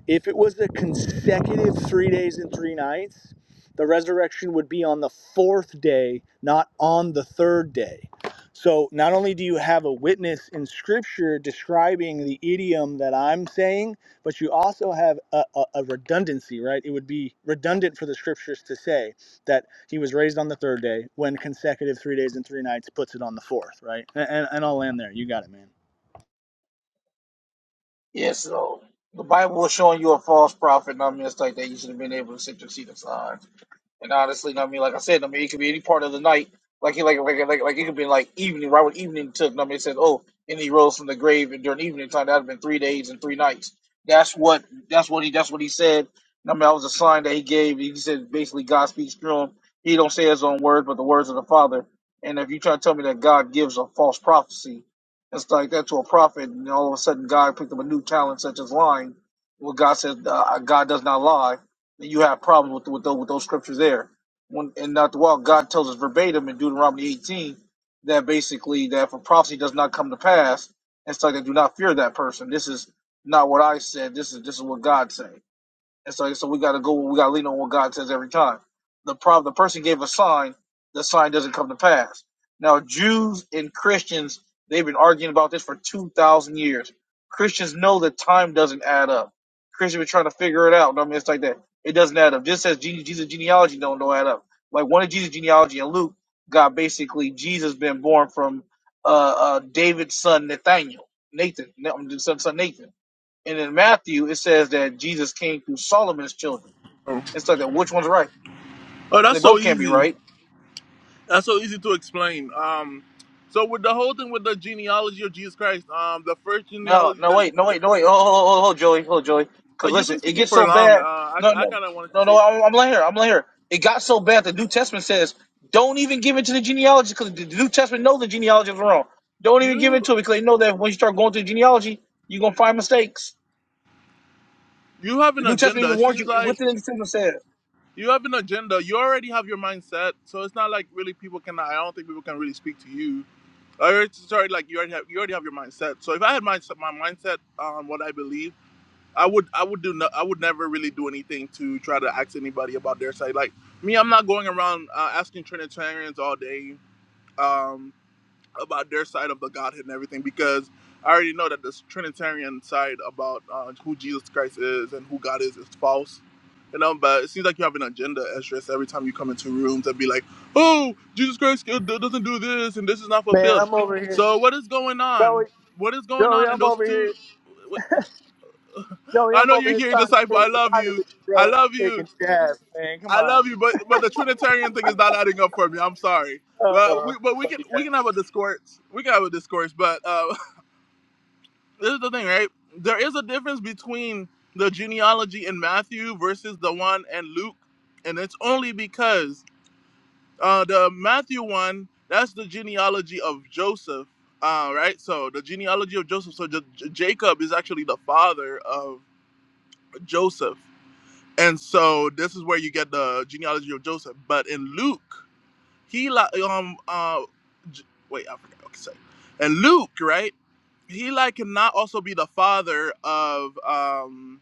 Speaker 2: If it was the consecutive three days and three nights, the resurrection would be on the fourth day, not on the third day. So, not only do you have a witness in scripture describing the idiom that I'm saying, but you also have a, a, a redundancy, right? It would be redundant for the scriptures to say that he was raised on the third day when consecutive three days and three nights puts it on the fourth, right? And, and, and I'll land there. You got it, man.
Speaker 4: Yeah, so the Bible was showing you a false prophet, and I mean, it's like that. You should have been able to sit your seat aside. And honestly, know what I mean, like I said, I mean, it could be any part of the night. Like, like, like, like, like it could be like evening, right when evening took. Know what I mean, it said, oh, and he rose from the grave, and during evening time, that'd been three days and three nights. That's what, that's what he, that's what he said. And I mean, that was a sign that he gave. He said, basically, God speaks through him. He don't say his own words, but the words of the Father. And if you try to tell me that God gives a false prophecy, it's like that to a prophet, and all of a sudden God picked up a new talent such as lying. Well, God said, uh, God does not lie you have a problem with with those, with those scriptures there. When in not the walk, God tells us verbatim in Deuteronomy 18 that basically that if a prophecy does not come to pass, it's like they do not fear that person. This is not what I said. This is this is what God said. And so, so we got to go. We got to lean on what God says every time. The problem, the person gave a sign. The sign doesn't come to pass. Now, Jews and Christians, they've been arguing about this for two thousand years. Christians know that time doesn't add up. Christians been trying to figure it out. I mean, it's like that. It doesn't add up. Just as Jesus, Jesus genealogy don't don't add up. Like one of Jesus' genealogy in Luke got basically Jesus been born from uh, uh, David's son Nathaniel, Nathan, son son Nathan. And in Matthew, it says that Jesus came through Solomon's children.
Speaker 1: Oh,
Speaker 4: It's like that. Which one's right? Because they
Speaker 1: that's so
Speaker 4: both can't be
Speaker 1: easy.
Speaker 4: right.
Speaker 1: That's so easy to explain. Um, so with the whole thing with the genealogy of Jesus Christ, um, the first
Speaker 4: No,
Speaker 1: genealogy
Speaker 4: no,
Speaker 1: that.
Speaker 4: wait, no, wait, no, wait. Oh, oh, oh, oh oh, Joey, oh, Joey.
Speaker 1: Oh,
Speaker 4: Because
Speaker 1: you've
Speaker 4: listen,
Speaker 1: been
Speaker 4: it
Speaker 1: speaking
Speaker 4: gets
Speaker 1: for
Speaker 4: so
Speaker 1: long. Uh,
Speaker 4: bad.
Speaker 1: I,
Speaker 4: No,
Speaker 1: I
Speaker 4: no,
Speaker 1: kind of wanted to
Speaker 4: no, no.
Speaker 1: say
Speaker 4: I'm, I'm
Speaker 1: something.
Speaker 4: laying here. I'm laying here. It got so bad. The New Testament says, don't even give it to the genealogy because the New Testament knows the genealogy is wrong. Don't even give it
Speaker 1: you
Speaker 4: to it because they know that when you start going through genealogy, you're gonna find mistakes.
Speaker 1: you have
Speaker 4: The
Speaker 1: an
Speaker 4: New Testament
Speaker 1: agenda.
Speaker 4: even
Speaker 1: It
Speaker 4: warns
Speaker 1: seems
Speaker 4: you.
Speaker 1: like
Speaker 4: Within the New Testament says,
Speaker 1: you have an agenda. You already have your mindset, so it's not like really people can. I don't think people can really speak to you. I already- Sorry, like you already have you already have your mindset. So if I had my my mindset on what I believe, I would I would do no, I would never really do anything to try to ask anybody about their side. Like me, I'm not going around uh, asking Trinitarians all day. Um, about their side of the Godhead and everything because I already know that this Trinitarian side about uh, who Jesus Christ is and who God is is false. You know, but it seems like you have an agenda, Esdras, every time you come into rooms and be like, oh, Jesus Christ uh, do- doesn't do this and this is not
Speaker 2: Man,
Speaker 1: fulfilled.
Speaker 2: I'm over here.
Speaker 1: So what is going
Speaker 2: Joey,
Speaker 1: on? What is going
Speaker 2: Joey,
Speaker 1: on in
Speaker 2: I'm
Speaker 1: those
Speaker 2: over
Speaker 1: two?
Speaker 2: here.
Speaker 1: What-
Speaker 2: Joey,
Speaker 1: I
Speaker 2: I'm
Speaker 1: know
Speaker 2: over
Speaker 1: you're
Speaker 2: here
Speaker 1: here,
Speaker 2: trying to stay
Speaker 1: disciple. I love
Speaker 2: united
Speaker 1: you.
Speaker 2: with you,
Speaker 1: I
Speaker 2: bro. and
Speaker 1: love
Speaker 2: You're
Speaker 1: you.
Speaker 2: taking jabs, man. Come
Speaker 1: I
Speaker 2: on.
Speaker 1: love you, but but the Trinitarian thing is not adding up for me. I'm sorry, but
Speaker 2: Oh,
Speaker 1: we but we can
Speaker 2: funny guy.
Speaker 1: we can have a discourse. We can have a discourse, but uh, *laughs* this is the thing, right? There is a difference between the genealogy in Matthew versus the one in Luke, and it's only because uh, the Matthew one that's the genealogy of Joseph, uh, right? So the genealogy of Joseph. So J- J- Jacob is actually the father of Joseph, and so this is where you get the genealogy of Joseph. But in Luke. He like um uh J- wait I forgot. what to say, And Luke right, he like cannot also be the father of um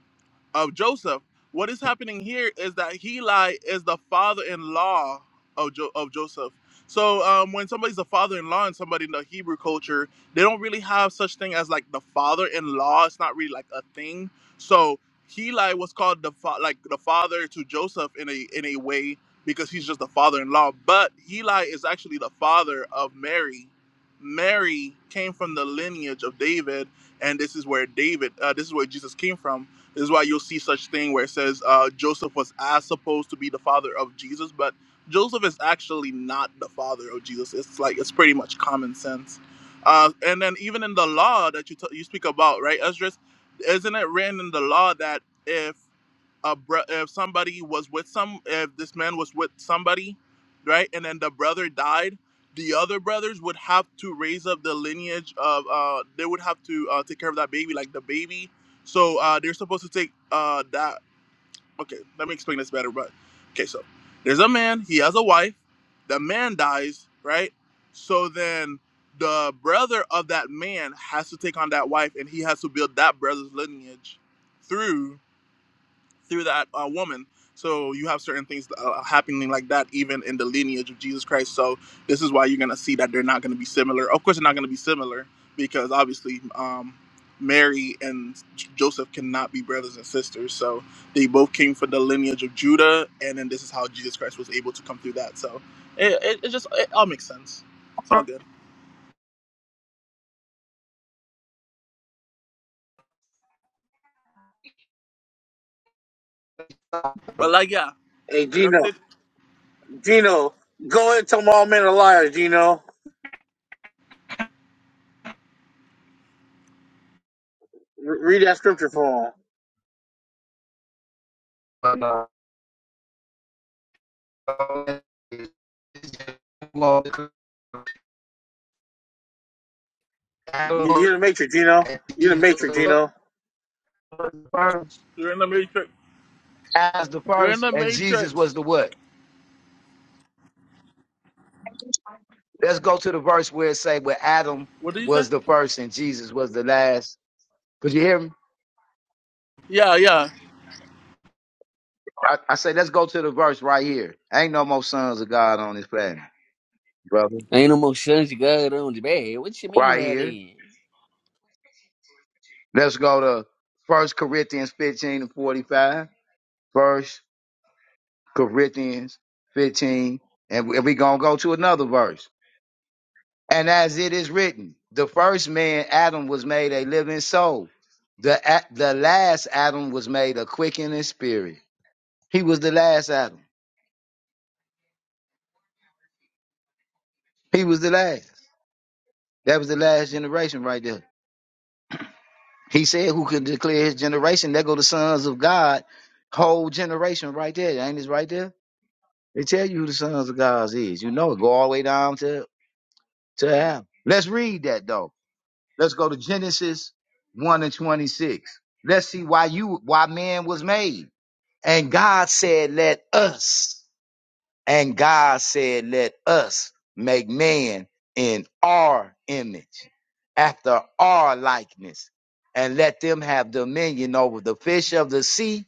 Speaker 1: of Joseph. What is happening here is that Heli is the father-in-law of jo- of Joseph. So um, when somebody's the father-in-law and somebody in the Hebrew culture, they don't really have such thing as like the father-in-law. It's not really like a thing. So Heli was called the fa- like the father to Joseph in a in a way because he's just the father-in-law. But Heli is actually the father of Mary. Mary came from the lineage of David, and this is where David, uh, this is where Jesus came from. This is why you'll see such thing where it says uh, Joseph was as supposed to be the father of Jesus, but Joseph is actually not the father of Jesus. It's like it's pretty much common sense. Uh, and then even in the law that you t- you speak about, right, Esdras, isn't it written in the law that if a bro- if somebody was with some if this man was with somebody right and then the brother died the other brothers would have to raise up the lineage of uh they would have to uh, take care of that baby like the baby so uh they're supposed to take uh that okay let me explain this better but okay so there's a man he has a wife the man dies right so then the brother of that man has to take on that wife and he has to build that brother's lineage through through that uh, woman. So you have certain things uh, happening like that even in the lineage of Jesus Christ. So this is why you're gonna see that they're not gonna be similar. Of course, they're not gonna be similar because obviously um, Mary and J- Joseph cannot be brothers and sisters. So they both came from the lineage of Judah, and then this is how Jesus Christ was able to come through that. So it, it, it just it all makes sense. It's all good. But like yeah,
Speaker 4: "Hey,
Speaker 1: like I
Speaker 4: Gino,
Speaker 1: said,
Speaker 4: Gino, go ahead and tell my all men a liar, Gino." Re- read that scripture for him.
Speaker 5: Bueno,
Speaker 4: You- You're the matrix, Gino.
Speaker 5: and
Speaker 4: You're the
Speaker 5: Jesus
Speaker 4: matrix,
Speaker 5: was
Speaker 4: Gino.
Speaker 5: the first,
Speaker 1: you're in the matrix.
Speaker 5: as the
Speaker 1: You're in
Speaker 5: first,
Speaker 1: the
Speaker 5: and Jesus
Speaker 1: matrix.
Speaker 5: was the what? Let's go to the verse where it say where Adam
Speaker 1: What did you say?
Speaker 5: was the first and Jesus was the last. Could you hear me?
Speaker 1: Yeah, yeah.
Speaker 5: I, I say let's go to the verse right here. Ain't no more sons of God on this planet, brother.
Speaker 6: Ain't no more sons of God on the bed. What you mean
Speaker 5: Right
Speaker 6: by
Speaker 5: here.
Speaker 6: that?
Speaker 5: Let's go to First Corinthians 15 and 45. First Corinthians 15. And we- and we gonna go to another verse. And as it is written, the first man, Adam, was made a living soul. The, a- the last Adam was made a quickening spirit. He was the last Adam. He was the last. That was the last generation right there. He said, Who can declare his generation? There go the sons of God, whole generation right there. Ain't it right there? They tell you who the sons of God is. You know it. Go all the way down to, to Adam. Let's read that though. Let's go to Genesis 1 and 26. Let's see why you why man was made. And God said, Let us, and God said, Let us make man in our image, after our likeness, and let them have dominion over the fish of the sea,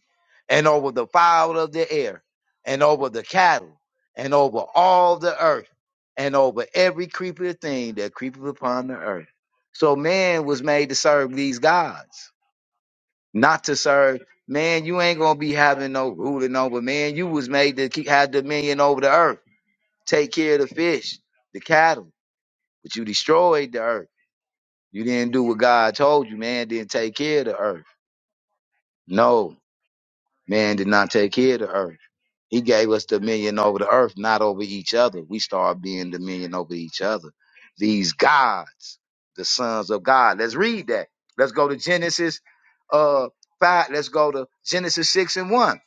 Speaker 5: and over the fowl of the air, and over the cattle, and over all the earth, and over every creeping thing that creepeth upon the earth. So man was made to serve these gods not to serve. Man, you ain't gonna be having no ruling over. Man, you was made to keep, have dominion over the earth, take care of the fish, the cattle, but you destroyed the earth. You didn't do what God told you, man. Didn't take care of the earth. No, man did not take care of the earth. He gave us dominion over the earth, not over each other. We start being dominion over each other. These gods, the sons of God. Let's read that. Let's go to Genesis uh five. Let's go to Genesis six and one.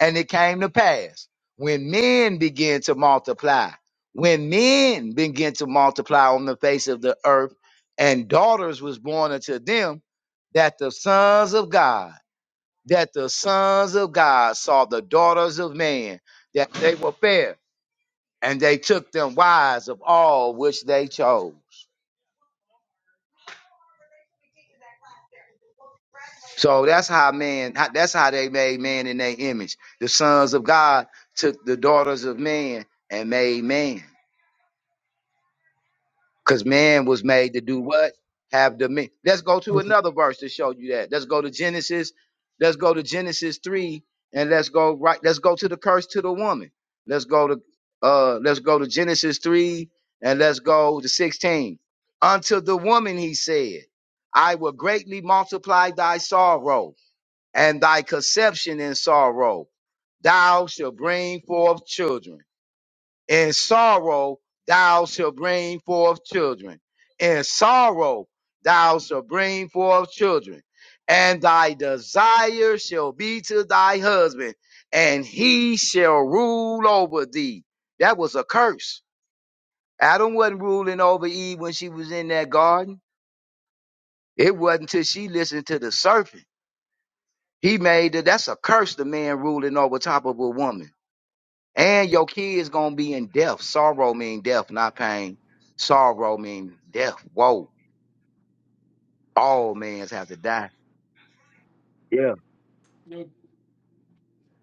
Speaker 5: And it came to pass when men began to multiply, when men began to multiply on the face of the earth, and daughters was born unto them, that the sons of God, that the sons of God saw the daughters of man, that they were fair, and they took them wives of all which they chose. So that's how man, how- that's how they made man in their image. The sons of God took the daughters of man and made man. Because man was made to do what? Have dominion. Let's go to
Speaker 1: Okay.
Speaker 5: another verse to show you that. Let's go to Genesis. Let's go to Genesis 3 and let's go right. Let's go to the curse to the woman. Let's go to uh let's go to Genesis 3 and let's go to 16. Unto the woman he said, I will greatly multiply thy sorrow and thy conception in sorrow. Thou shalt bring forth children. In sorrow thou shalt bring forth children. In sorrow thou shalt bring forth children. And thy desire shall be to thy husband, and he shall rule over thee. That was a curse. Adam wasn't ruling over Eve when she was in that garden. It wasn't till she listened to the serpent. He made it. That's a curse, the man ruling over top of a woman. And your kids gonna be in death. Sorrow mean death, not pain. Sorrow mean death. Whoa. All mans have to die. Yeah.
Speaker 3: Yo,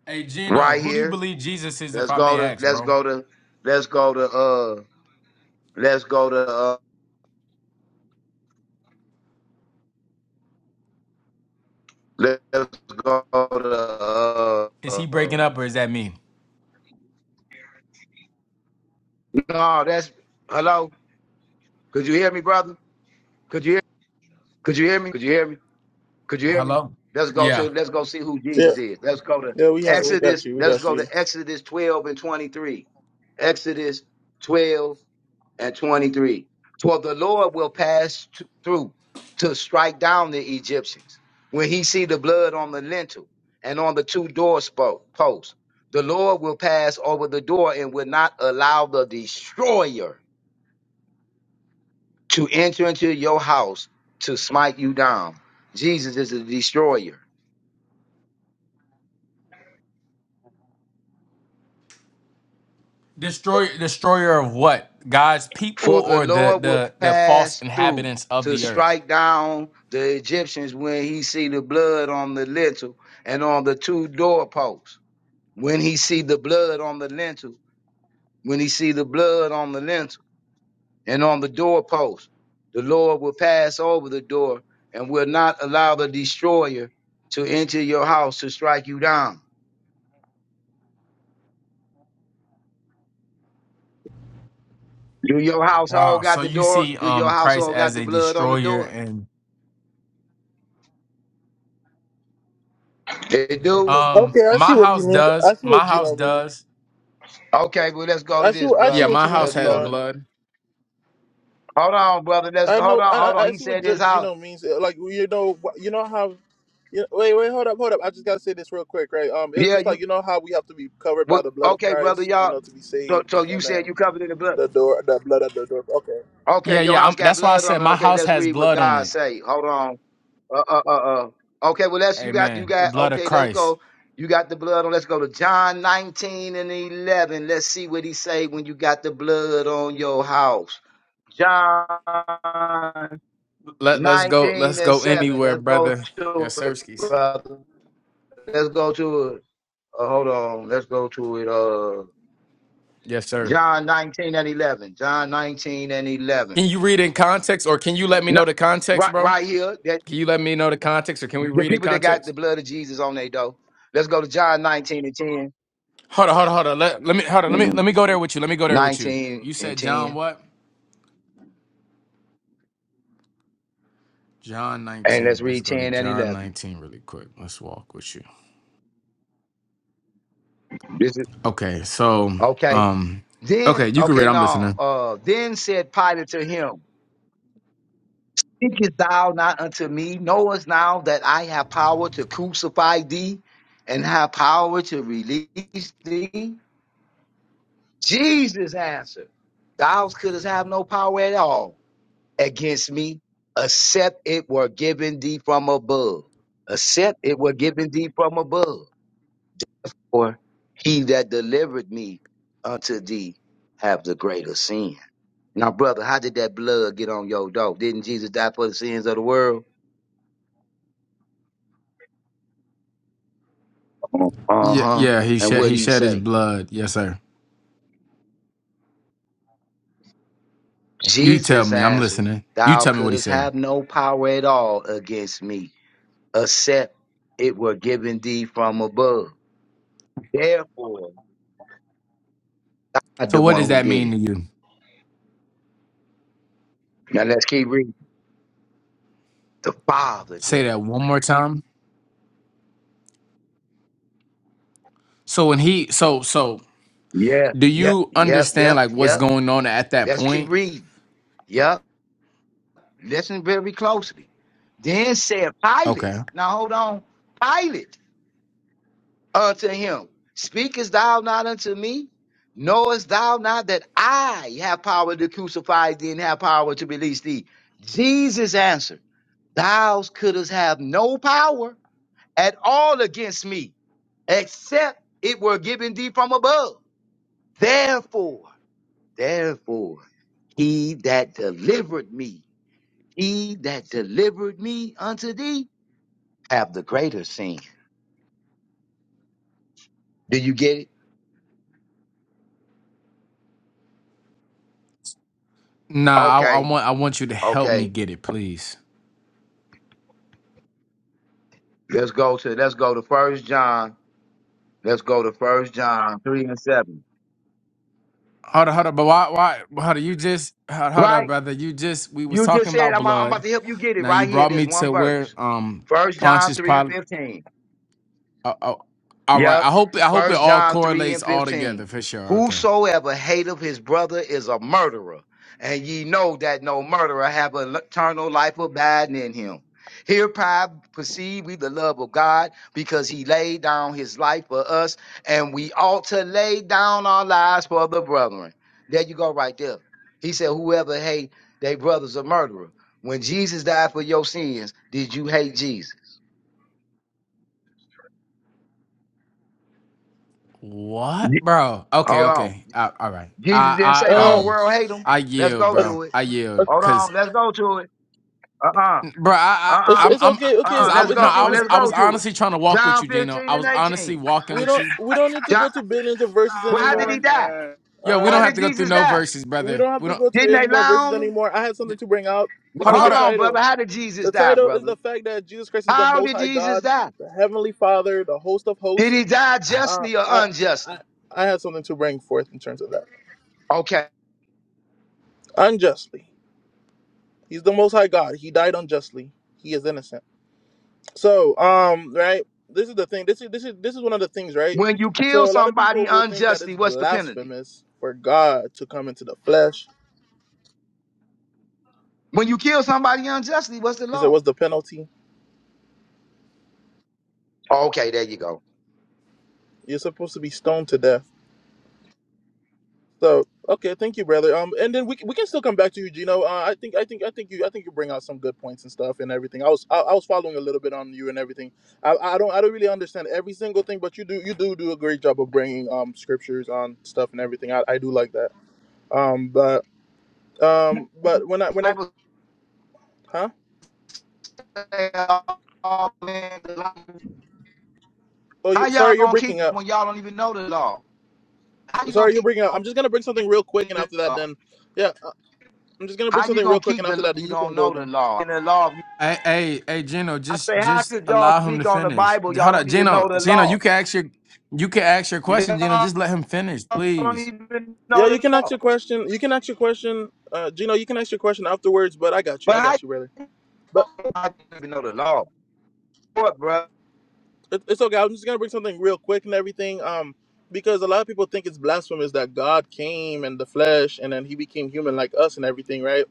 Speaker 3: Hey Gino,
Speaker 5: Right
Speaker 3: who do you
Speaker 5: here.
Speaker 3: believe Jesus is, if
Speaker 5: Let's
Speaker 3: I
Speaker 5: go
Speaker 3: may
Speaker 5: to
Speaker 3: ask,
Speaker 5: let's
Speaker 3: bro?
Speaker 5: go to let's go to uh let's go to uh let's go to
Speaker 3: Is he breaking
Speaker 5: uh
Speaker 3: up, or is that me?
Speaker 5: no, that's hello. Could you hear me, brother? Could you hear could you hear me? Could you hear me? Could you hear me?
Speaker 3: Hello.
Speaker 5: Let's go
Speaker 3: Yeah.
Speaker 5: to let's go see who
Speaker 1: Yeah.
Speaker 5: Jesus is. Let's go to
Speaker 1: Yeah, we got, we got
Speaker 5: Exodus.
Speaker 1: you. We
Speaker 5: Let's
Speaker 1: got
Speaker 5: go to
Speaker 1: you.
Speaker 5: Exodus 12 and 23. Exodus 12 and 23. For the Lord will pass t- through to strike down the Egyptians when he see the blood on the lintel and on the two door spo- posts. The Lord will pass over the door and will not allow the destroyer to enter into your house to smite you down. Jesus is the destroyer.
Speaker 3: Destroy destroyer of what? God's people
Speaker 5: For the
Speaker 3: or the
Speaker 5: Lord will
Speaker 3: the the false
Speaker 5: pass through
Speaker 3: inhabitants of
Speaker 5: to
Speaker 3: the earth.
Speaker 5: strike down the Egyptians when he see the blood on the lintel and on the two doorposts. When he see the blood on the lintel, when he see the blood on the lintel and on the doorpost, the Lord will pass over the door and will not allow the destroyer to enter your house to strike you down. Do your household
Speaker 3: Wow.
Speaker 5: got
Speaker 3: So
Speaker 5: the
Speaker 3: you
Speaker 5: door?
Speaker 3: see
Speaker 5: Do your
Speaker 3: um Christ
Speaker 5: household got
Speaker 3: as
Speaker 5: the
Speaker 3: a
Speaker 5: blood on the
Speaker 3: destroyer
Speaker 5: door?
Speaker 3: and
Speaker 5: They do.
Speaker 3: um
Speaker 1: Okay, I see
Speaker 3: my
Speaker 1: what you
Speaker 3: house
Speaker 1: mean. I
Speaker 3: does.
Speaker 1: see what
Speaker 3: My house
Speaker 1: Gino means.
Speaker 3: does.
Speaker 5: Okay, well, let's go
Speaker 1: I
Speaker 5: to
Speaker 1: see.
Speaker 5: this,
Speaker 1: what- I see
Speaker 3: Yeah,
Speaker 5: brother.
Speaker 1: what
Speaker 3: my
Speaker 1: you mean,
Speaker 3: house
Speaker 5: Let's
Speaker 3: has
Speaker 5: go
Speaker 1: Gino.
Speaker 5: to.
Speaker 3: blood.
Speaker 5: Hold on, brother. Let's
Speaker 1: I
Speaker 5: hold
Speaker 1: know.
Speaker 5: on,
Speaker 1: I
Speaker 5: hold
Speaker 1: I
Speaker 5: on.
Speaker 1: I
Speaker 5: He
Speaker 1: see what
Speaker 5: said his
Speaker 1: G-
Speaker 5: house.
Speaker 1: Gino means. Uh, Like you know, wh- you know how. You wait, wait, hold up, hold up. I just gotta say this real quick, right? Um, it's
Speaker 5: Yeah,
Speaker 1: just like
Speaker 5: you.
Speaker 1: you know how we have to be covered by
Speaker 5: What?
Speaker 1: the blood of
Speaker 5: Okay, brother,
Speaker 1: Christ, you
Speaker 5: y'all.
Speaker 1: know, to be
Speaker 5: So,
Speaker 1: saved,
Speaker 5: so you
Speaker 1: and
Speaker 5: said
Speaker 1: then
Speaker 5: you covered in the blood.
Speaker 1: the door, the blood at the door. Okay,
Speaker 5: Okay,
Speaker 3: Yeah,
Speaker 1: okay.
Speaker 5: your
Speaker 3: yeah.
Speaker 5: house
Speaker 3: I'm,
Speaker 5: got
Speaker 3: that's why I
Speaker 5: blood on
Speaker 3: said
Speaker 5: it.
Speaker 3: my
Speaker 5: Okay,
Speaker 3: house
Speaker 5: let's
Speaker 3: has
Speaker 5: read what
Speaker 3: blood on
Speaker 5: God
Speaker 3: it.
Speaker 5: say. Hold on. Uh, uh, uh, uh. Okay, well, let's. You got, you
Speaker 3: Amen. The
Speaker 5: got.
Speaker 3: blood of
Speaker 5: Okay, let's
Speaker 3: Christ.
Speaker 5: go. You got the blood on. Let's go to John 19 and 11. Let's see what he say when you got the blood on your house. John
Speaker 3: Let let's go
Speaker 5: 19
Speaker 3: let's
Speaker 5: and
Speaker 3: go
Speaker 5: 7.
Speaker 3: anywhere,
Speaker 5: Let's go
Speaker 3: brother.
Speaker 5: to
Speaker 3: Yes,
Speaker 5: it,
Speaker 3: sir. Skis.
Speaker 5: brother. Let's go to it. Uh, hold on. Let's go to it. Uh,
Speaker 3: Yes, sir.
Speaker 5: John 19 and 11. John 19 and 11.
Speaker 3: Can you read in context or can you let me
Speaker 5: No,
Speaker 3: know the
Speaker 5: right,
Speaker 3: context, bro?
Speaker 5: right here. That
Speaker 3: Can you let me know the context, or can we
Speaker 5: the
Speaker 3: read in
Speaker 5: people that got the
Speaker 3: context?
Speaker 5: blood of Jesus on their door. Let's go to John 19 and 10.
Speaker 3: Hold on, hold on, hold on. Let, let me hold on. Let me
Speaker 5: Mhm.
Speaker 3: let me go there with you. Let me go there with you.
Speaker 5: 19
Speaker 3: You
Speaker 5: and
Speaker 3: said John
Speaker 5: 10.
Speaker 3: what? John
Speaker 5: And let's
Speaker 3: 19. Let's
Speaker 5: read
Speaker 3: go to
Speaker 5: 10 and
Speaker 3: John
Speaker 5: 11.
Speaker 3: 19 really quick. Let's walk with you.
Speaker 5: This is
Speaker 3: Okay, so
Speaker 5: okay.
Speaker 3: um,
Speaker 5: Then,
Speaker 3: okay, you can read.
Speaker 5: okay,
Speaker 3: I'm
Speaker 5: no.
Speaker 3: listening.
Speaker 5: Uh, then said Pilate to him. Thinkest thou not unto me? Knowest now that I have power to crucify thee and have power to release thee? Jesus answered, Thou couldst have no power at all against me, except it were given thee from above. Except it were given thee from above. For he that delivered me unto thee have the greater sin. Now, brother, how did that blood get on your dog? Didn't Jesus die for the sins of the world? Uh
Speaker 3: Yeah,
Speaker 5: huh.
Speaker 3: yeah. He
Speaker 5: And
Speaker 3: shed
Speaker 5: what
Speaker 3: he
Speaker 5: he
Speaker 3: shed his
Speaker 5: say?
Speaker 3: blood. Yes, sir. You tell
Speaker 5: Jesus
Speaker 3: me. I'm
Speaker 5: answered,
Speaker 3: listening. You
Speaker 5: Thou
Speaker 3: tell me what he
Speaker 5: couldst
Speaker 3: said.
Speaker 5: have no power at all against me, except it were given thee from above. Therefore, I'm
Speaker 3: So
Speaker 5: the
Speaker 3: what
Speaker 5: one
Speaker 3: does
Speaker 5: who
Speaker 3: that
Speaker 5: did
Speaker 3: mean
Speaker 5: it.
Speaker 3: to you?
Speaker 5: Now let's keep reading. The Father did
Speaker 3: Say
Speaker 5: it.
Speaker 3: that one more time. So when he so so
Speaker 5: Yeah,
Speaker 3: do
Speaker 5: yep,
Speaker 3: you
Speaker 5: yep,
Speaker 3: understand
Speaker 5: yep,
Speaker 3: like what's
Speaker 5: yep.
Speaker 3: going on at that
Speaker 5: Let's keep
Speaker 3: point?
Speaker 5: reading. Yep. Listen very closely. Then said Pilate.
Speaker 3: Okay.
Speaker 5: Now hold on. Pilate. unto him, Speakest thou not unto me? Knowest thou not that I have power to crucify thee and have power to release thee? Jesus answered, Thou couldst have no power at all against me, except it were given thee from above. Therefore, therefore, he that delivered me, he that delivered me unto thee, have the greater sin. Do you get it?
Speaker 3: Nah, I, I
Speaker 5: Okay,
Speaker 3: want I want you to help me
Speaker 5: okay.
Speaker 3: get it, please.
Speaker 5: Let's go to let's go to First John. Let's go to First John three and seven.
Speaker 3: Hold up, hold up, But why why hold up, you just hold, hold on,
Speaker 5: Right?
Speaker 3: brother. You just we was
Speaker 5: You just
Speaker 3: talking
Speaker 5: said
Speaker 3: about
Speaker 5: I'm, I'm about
Speaker 3: blood.
Speaker 5: to help you get it
Speaker 3: Now you
Speaker 5: right here.
Speaker 3: brought
Speaker 5: This
Speaker 3: me
Speaker 5: one
Speaker 3: to where
Speaker 5: verse.
Speaker 3: um
Speaker 5: First John
Speaker 3: Pontius
Speaker 5: three and
Speaker 3: Pilate.
Speaker 5: fifteen.
Speaker 3: Uh, uh, all right.
Speaker 5: Yep.
Speaker 3: I hope I hope it
Speaker 5: First
Speaker 3: all
Speaker 5: John 3
Speaker 3: correlates
Speaker 5: and
Speaker 3: all
Speaker 5: 15.
Speaker 3: together for sure. Okay.
Speaker 5: Whosoever hateth his brother is a murderer, and ye know that no murderer have an eternal life abiding in him. Hereby perceive we the love of God, because he laid down his life for us, and we ought to lay down our lives for the brethren. There you go, right there. He said, Whoever hate their brother's a murderer. When Jesus died for your sins, did you hate Jesus? Ye-
Speaker 3: What, bro? Okay,
Speaker 5: Hold on.
Speaker 3: okay. Uh, all right.
Speaker 5: Jesus didn't
Speaker 3: I
Speaker 5: say the
Speaker 3: I
Speaker 1: Uh,
Speaker 5: whole
Speaker 3: um
Speaker 5: world hate him.
Speaker 3: I
Speaker 5: Let's
Speaker 3: yield,
Speaker 5: go
Speaker 3: bro.
Speaker 5: to it.
Speaker 3: I yield,
Speaker 5: Hold
Speaker 3: cause
Speaker 5: on, let's go to it. Uh-uh,
Speaker 3: bro, I,
Speaker 1: it's
Speaker 5: uh-uh,
Speaker 3: I I'm
Speaker 1: it's
Speaker 3: I'm
Speaker 1: okay, okay.
Speaker 3: cause
Speaker 5: uh-uh,
Speaker 3: I
Speaker 1: w-
Speaker 5: let's
Speaker 3: w-
Speaker 1: It's
Speaker 3: no,
Speaker 5: go.
Speaker 1: okay.
Speaker 3: I
Speaker 5: Well,
Speaker 1: We
Speaker 3: was
Speaker 1: don't
Speaker 5: let's
Speaker 3: I
Speaker 5: go
Speaker 3: was
Speaker 5: to it.
Speaker 3: honestly trying to walk with
Speaker 5: John
Speaker 3: you, Gino.
Speaker 5: 15
Speaker 3: I
Speaker 5: and
Speaker 3: was honestly
Speaker 5: 18.
Speaker 3: walking
Speaker 1: we
Speaker 3: with
Speaker 1: don't
Speaker 3: you
Speaker 1: we don't need to
Speaker 5: John,
Speaker 1: go to billions of verses
Speaker 5: well,
Speaker 7: Oh
Speaker 5: how did
Speaker 7: my
Speaker 5: he
Speaker 1: anymore.
Speaker 5: die?
Speaker 7: God.
Speaker 3: Yo, we don't
Speaker 5: How
Speaker 3: have
Speaker 5: did
Speaker 1: Um,
Speaker 3: to go through
Speaker 5: Jesus
Speaker 3: no
Speaker 5: die?
Speaker 3: verses,
Speaker 1: we
Speaker 3: brother.
Speaker 1: don't have
Speaker 3: We
Speaker 1: to
Speaker 3: don't.
Speaker 1: go
Speaker 5: Didn't
Speaker 1: to
Speaker 5: they
Speaker 1: any more
Speaker 5: lie
Speaker 1: verses
Speaker 5: on him?
Speaker 1: anymore. I had something to bring out
Speaker 3: Hold,
Speaker 5: Well,
Speaker 1: because the
Speaker 5: Hold
Speaker 3: hold
Speaker 5: on,
Speaker 3: up.
Speaker 1: title,
Speaker 5: brother. How did Jesus
Speaker 1: the
Speaker 5: die,
Speaker 1: title is
Speaker 5: brother?
Speaker 1: the fact that Jesus Christ is the
Speaker 5: How
Speaker 1: Most
Speaker 5: did
Speaker 1: High
Speaker 5: Jesus
Speaker 1: God,
Speaker 5: die?
Speaker 1: the Heavenly Father, the Host of
Speaker 5: Did
Speaker 1: Hosts.
Speaker 5: he die
Speaker 1: Uh,
Speaker 5: justly or
Speaker 1: I, I,
Speaker 5: unjustly?
Speaker 1: I had something to bring forth in terms of that.
Speaker 5: Okay.
Speaker 1: Unjustly, He's the Most High God. He died unjustly. He is innocent. So, um, right. This is the thing. This is this is this is one of the things, right?
Speaker 5: When you kill
Speaker 1: So a lot of
Speaker 5: somebody
Speaker 1: people will think that
Speaker 5: unjustly,
Speaker 1: it's
Speaker 5: what's the penalty?
Speaker 1: blasphemous for God to come into the flesh.
Speaker 5: When you kill somebody unjustly, what's the
Speaker 1: He said,
Speaker 5: law?
Speaker 1: "What's the penalty?
Speaker 5: Okay, there you go.
Speaker 1: You're supposed to be stoned to death." So okay, thank you, brother. Um, and then we, c- we can still come back to you, Gino. Uh, I think I think I think you I think you bring out some good points and stuff and everything. I was I, I was following a little bit on you and everything. I, I don't I don't really understand every single thing, but you do you do do a great job of bringing um scriptures on stuff and everything. I, I do like that. Um, but um, but when I whenever
Speaker 5: Bible
Speaker 1: huh?
Speaker 5: How
Speaker 1: Oh, you
Speaker 5: y'all
Speaker 1: sorry, you're
Speaker 5: gonna keep
Speaker 1: breaking up.
Speaker 5: when y'all don't even know the law? How you gonna
Speaker 1: Sorry, you're
Speaker 5: keep
Speaker 1: breaking up. I'm just gonna bring something real quick, and
Speaker 5: the
Speaker 1: after that,
Speaker 5: law?
Speaker 1: then yeah, uh, I'm just gonna bring
Speaker 5: How you
Speaker 1: something real
Speaker 5: gonna
Speaker 1: quick,
Speaker 5: keep
Speaker 1: and
Speaker 5: the
Speaker 1: after
Speaker 5: law?
Speaker 1: that,
Speaker 5: if
Speaker 1: then
Speaker 5: You
Speaker 1: you can
Speaker 5: don't
Speaker 1: go
Speaker 5: know
Speaker 1: again.
Speaker 5: the law. And the law.
Speaker 3: Hey, hey, hey, Gino,
Speaker 5: I say,
Speaker 3: just
Speaker 5: how
Speaker 3: just
Speaker 5: could y'all
Speaker 3: allow him to
Speaker 5: speak on the
Speaker 3: finish.
Speaker 5: Bible? Y'all
Speaker 3: Hold up,
Speaker 5: don't even know
Speaker 3: Gino.
Speaker 5: the
Speaker 3: Gino, you
Speaker 5: law.
Speaker 3: can ask your you can ask your question, Gino.
Speaker 5: Y'all
Speaker 3: Just let him finish,
Speaker 5: don't
Speaker 3: please.
Speaker 5: even
Speaker 1: Yeah,
Speaker 5: know
Speaker 1: you
Speaker 5: the
Speaker 1: can ask your
Speaker 5: law.
Speaker 1: question. You can ask your question, uh, Gino. You can ask your question afterwards, but I got you.
Speaker 5: But
Speaker 1: I
Speaker 5: how
Speaker 1: got you,
Speaker 5: you
Speaker 1: brother. But
Speaker 5: don't even know the law? What, bro?
Speaker 1: it, it's okay. I'm just gonna bring something real quick and everything, um, because a lot of people think it's blasphemous that God came in the flesh and then He became human like us and everything, right?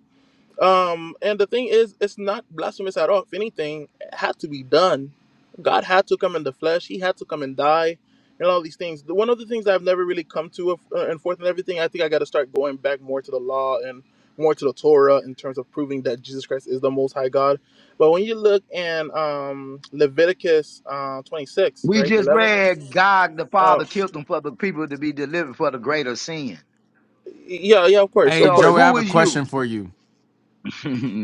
Speaker 1: Um, and the thing is, it's not blasphemous at all. If anything, it had to be done. God had to come in the flesh. He had to come and die, and all these things. The- One of the things I've never really come to of- uh, and forth and everything. I think I got to start going back more to the law and more to the Torah in terms of proving that Jesus Christ is the Most High God. But when you look in um, Leviticus uh, 26,
Speaker 5: We
Speaker 1: right,
Speaker 5: just
Speaker 1: 11,
Speaker 5: read God the
Speaker 1: uh,
Speaker 5: Father killed them for the people to be delivered for the greater sin.
Speaker 1: yeah, yeah, of course,
Speaker 3: Hey,
Speaker 1: of
Speaker 5: So
Speaker 1: course.
Speaker 3: Joey, I
Speaker 5: who
Speaker 3: have a
Speaker 5: is you?
Speaker 3: question for you.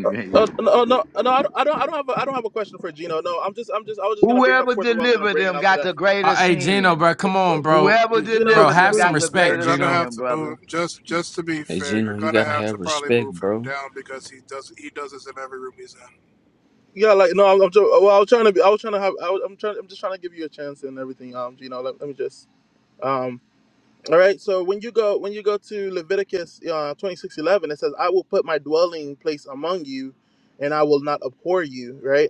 Speaker 1: Uh,
Speaker 5: *laughs*
Speaker 1: uh, no, no, no. I don't. I don't. I don't have. A, I don't have a question for Gino. No, I'm just. I'm just. I was just gonna bring up
Speaker 5: Whoever
Speaker 1: forth what I was gonna
Speaker 5: delivered
Speaker 1: bring, and
Speaker 5: them
Speaker 1: after
Speaker 5: got
Speaker 1: that,
Speaker 5: the
Speaker 3: Uh,
Speaker 5: greater
Speaker 3: hey, Gino,
Speaker 5: sin.
Speaker 3: bro, come
Speaker 1: But,
Speaker 3: on, bro,
Speaker 5: Whoever
Speaker 3: we,
Speaker 1: Gino,
Speaker 3: bro,
Speaker 5: delivered them
Speaker 3: have some
Speaker 5: got
Speaker 1: please.
Speaker 5: the
Speaker 8: You're
Speaker 3: respect,
Speaker 5: greater
Speaker 8: gonna
Speaker 3: Gino.
Speaker 5: sin,
Speaker 8: have to
Speaker 5: brother.
Speaker 8: move just just to be
Speaker 6: Hey
Speaker 8: fair. You're
Speaker 6: Gino, you
Speaker 8: gonna
Speaker 6: gotta
Speaker 8: have to
Speaker 6: have
Speaker 8: probably
Speaker 6: respect,
Speaker 8: move him
Speaker 6: bro.
Speaker 8: down because he does he does this in every room he's in.
Speaker 1: Yeah, like no. I'm. I'm jo- well, I was trying to be. I was trying to have. I was, I'm trying. I'm just trying to give you a chance and everything. Um, Gino, let, let me just. Um. All right. So when you go, when you go to Leviticus, uh, twenty six eleven, it says, "I will put my dwelling place among you, and I will not abhor you." Right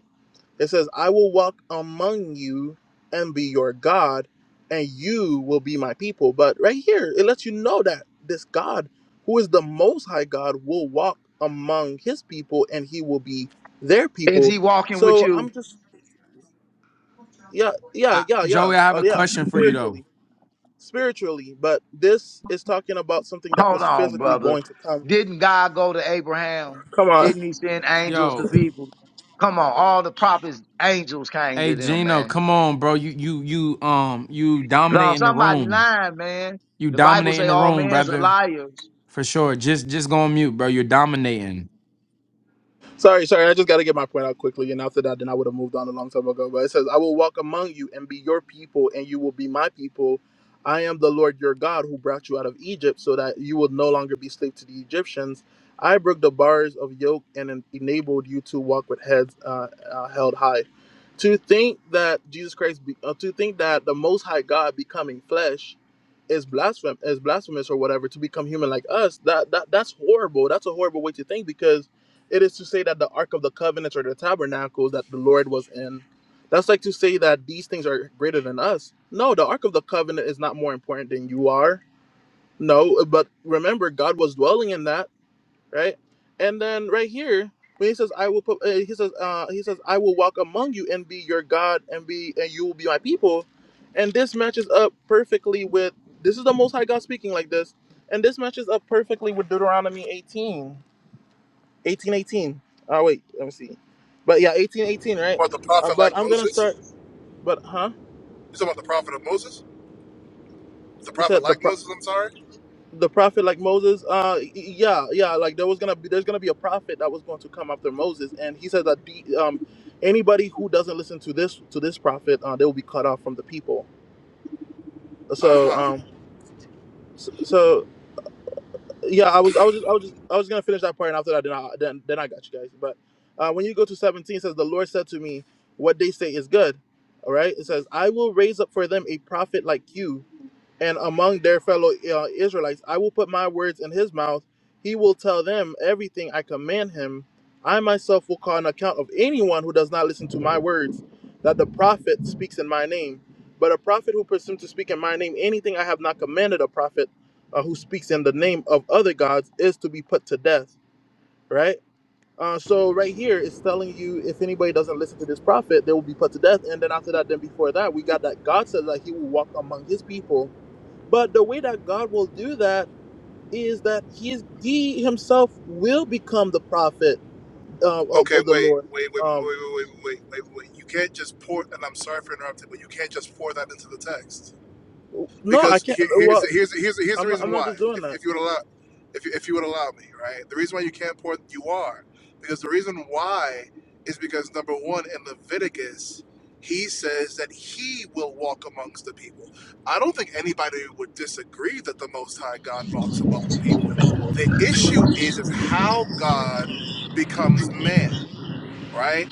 Speaker 1: It says, I will walk among you and be your God, and you will be my people. But right here, it lets you know that this God, who is the Most High God, will walk among his people and he will be their
Speaker 5: Is
Speaker 1: people.
Speaker 5: he walking with
Speaker 1: So
Speaker 5: you?
Speaker 1: I'm just, yeah, yeah,
Speaker 3: I,
Speaker 1: yeah, yeah,
Speaker 3: Joey, I have
Speaker 1: uh,
Speaker 3: a
Speaker 1: yeah,
Speaker 3: question for you though.
Speaker 1: spiritually, spiritually. But this is talking about something that
Speaker 5: Hold
Speaker 1: was
Speaker 5: on,
Speaker 1: physically
Speaker 5: brother.
Speaker 1: going to come.
Speaker 5: Didn't God go to Abraham?
Speaker 1: Come on.
Speaker 5: Didn't he send angels to
Speaker 3: Yo,
Speaker 5: people? Come on, all the prophets, angels came
Speaker 3: hey,
Speaker 5: to them,
Speaker 3: Gino,
Speaker 5: man.
Speaker 3: come on, bro. You you you um you
Speaker 5: No,
Speaker 3: dominate in the
Speaker 5: somebody
Speaker 3: room.
Speaker 5: lying, man.
Speaker 3: You
Speaker 5: The Bible
Speaker 3: dominate
Speaker 5: say
Speaker 3: in the
Speaker 5: all
Speaker 3: room,
Speaker 5: men's are
Speaker 3: brother.
Speaker 5: liars.
Speaker 3: For sure. Just just go on mute, bro. You're dominating.
Speaker 1: Sorry, sorry. I just got to get my point out quickly. And after that, then I would have moved on a long time ago. But it says, I will walk among you and be your people, and you will be my people. I am the Lord your God who brought you out of Egypt so that you will no longer be slave to the Egyptians. I broke the bars of yoke and en- enabled you to walk with heads uh, uh, held high. To think that Jesus Christ, be, uh, to think that the Most High God becoming flesh is blasphem- is blasphemous or whatever, to become human like us, that, that that's horrible. That's a horrible way to think because it is to say that the ark of the covenants or the tabernacles that the lord was in that's like to say that these things are greater than us no the ark of the covenant is not more important than you are no but remember god was dwelling in that right and then right here when he says i will put uh, he says uh he says i will walk among you and be your god and be and you will be my people and this matches up perfectly with this is the most high god speaking like this and this matches up perfectly with deuteronomy 18 1818. Oh wait, let me see. But yeah, 1818, right?
Speaker 8: What the
Speaker 1: Uh,
Speaker 8: prophet like
Speaker 1: but I'm gonna
Speaker 8: Moses?
Speaker 1: start. But huh?
Speaker 8: You talking about the prophet of Moses? The
Speaker 1: He
Speaker 8: prophet
Speaker 1: said the
Speaker 8: like
Speaker 1: pro-
Speaker 8: Moses? I'm sorry.
Speaker 1: the prophet like Moses. Uh, y- yeah, yeah. Like there was gonna be there's gonna be a prophet that was going to come after Moses, and he said that the, um anybody who doesn't listen to this to this prophet, uh, they will be cut off from the people.
Speaker 8: Uh
Speaker 1: So
Speaker 8: huh.
Speaker 1: um, so, yeah, I was, I was, just, I was just, I was gonna finish that part, and after that, then I, then, then I got you guys. But uh, when you go to seventeen, it says the Lord said to me, "What they say is good." All right, it says, "I will raise up for them a prophet like you." and among their fellow uh, Israelites, I will put my words in his mouth. He will tell them everything I command him. I myself will call an account of anyone who does not listen to my words, that the prophet speaks in my name. But a prophet who presumes to speak in my name anything I have not commanded a prophet uh, who speaks in the name of other gods is to be put to death, right? Uh, so right here it's telling you if anybody doesn't listen to this prophet, they will be put to death. And then after that, then before that, we got that God says that He will walk among His people but the way that God will do that is that he is, he himself will become the prophet uh, of,
Speaker 8: Okay,
Speaker 1: of the
Speaker 8: wait,
Speaker 1: Lord.
Speaker 8: wait, wait, wait, wait,
Speaker 1: Um,
Speaker 8: wait, wait, wait, wait. You can't just pour. And I'm sorry for interrupting, but you can't just pour that into the text.
Speaker 1: no, I
Speaker 8: because
Speaker 1: can't.
Speaker 8: here, here's
Speaker 1: Well,
Speaker 8: the, here's the, here's the, here's the
Speaker 1: I'm not, I'm
Speaker 8: reason
Speaker 1: not
Speaker 8: why.
Speaker 1: just doing
Speaker 8: If,
Speaker 1: that.
Speaker 8: if you would allow, if you, if you would allow me, right? The reason why you can't pour you are because the reason why is because number one in Leviticus he says that he will walk amongst the people. I don't think anybody would disagree that the Most High God walks among the people. The issue is is how God becomes man, right?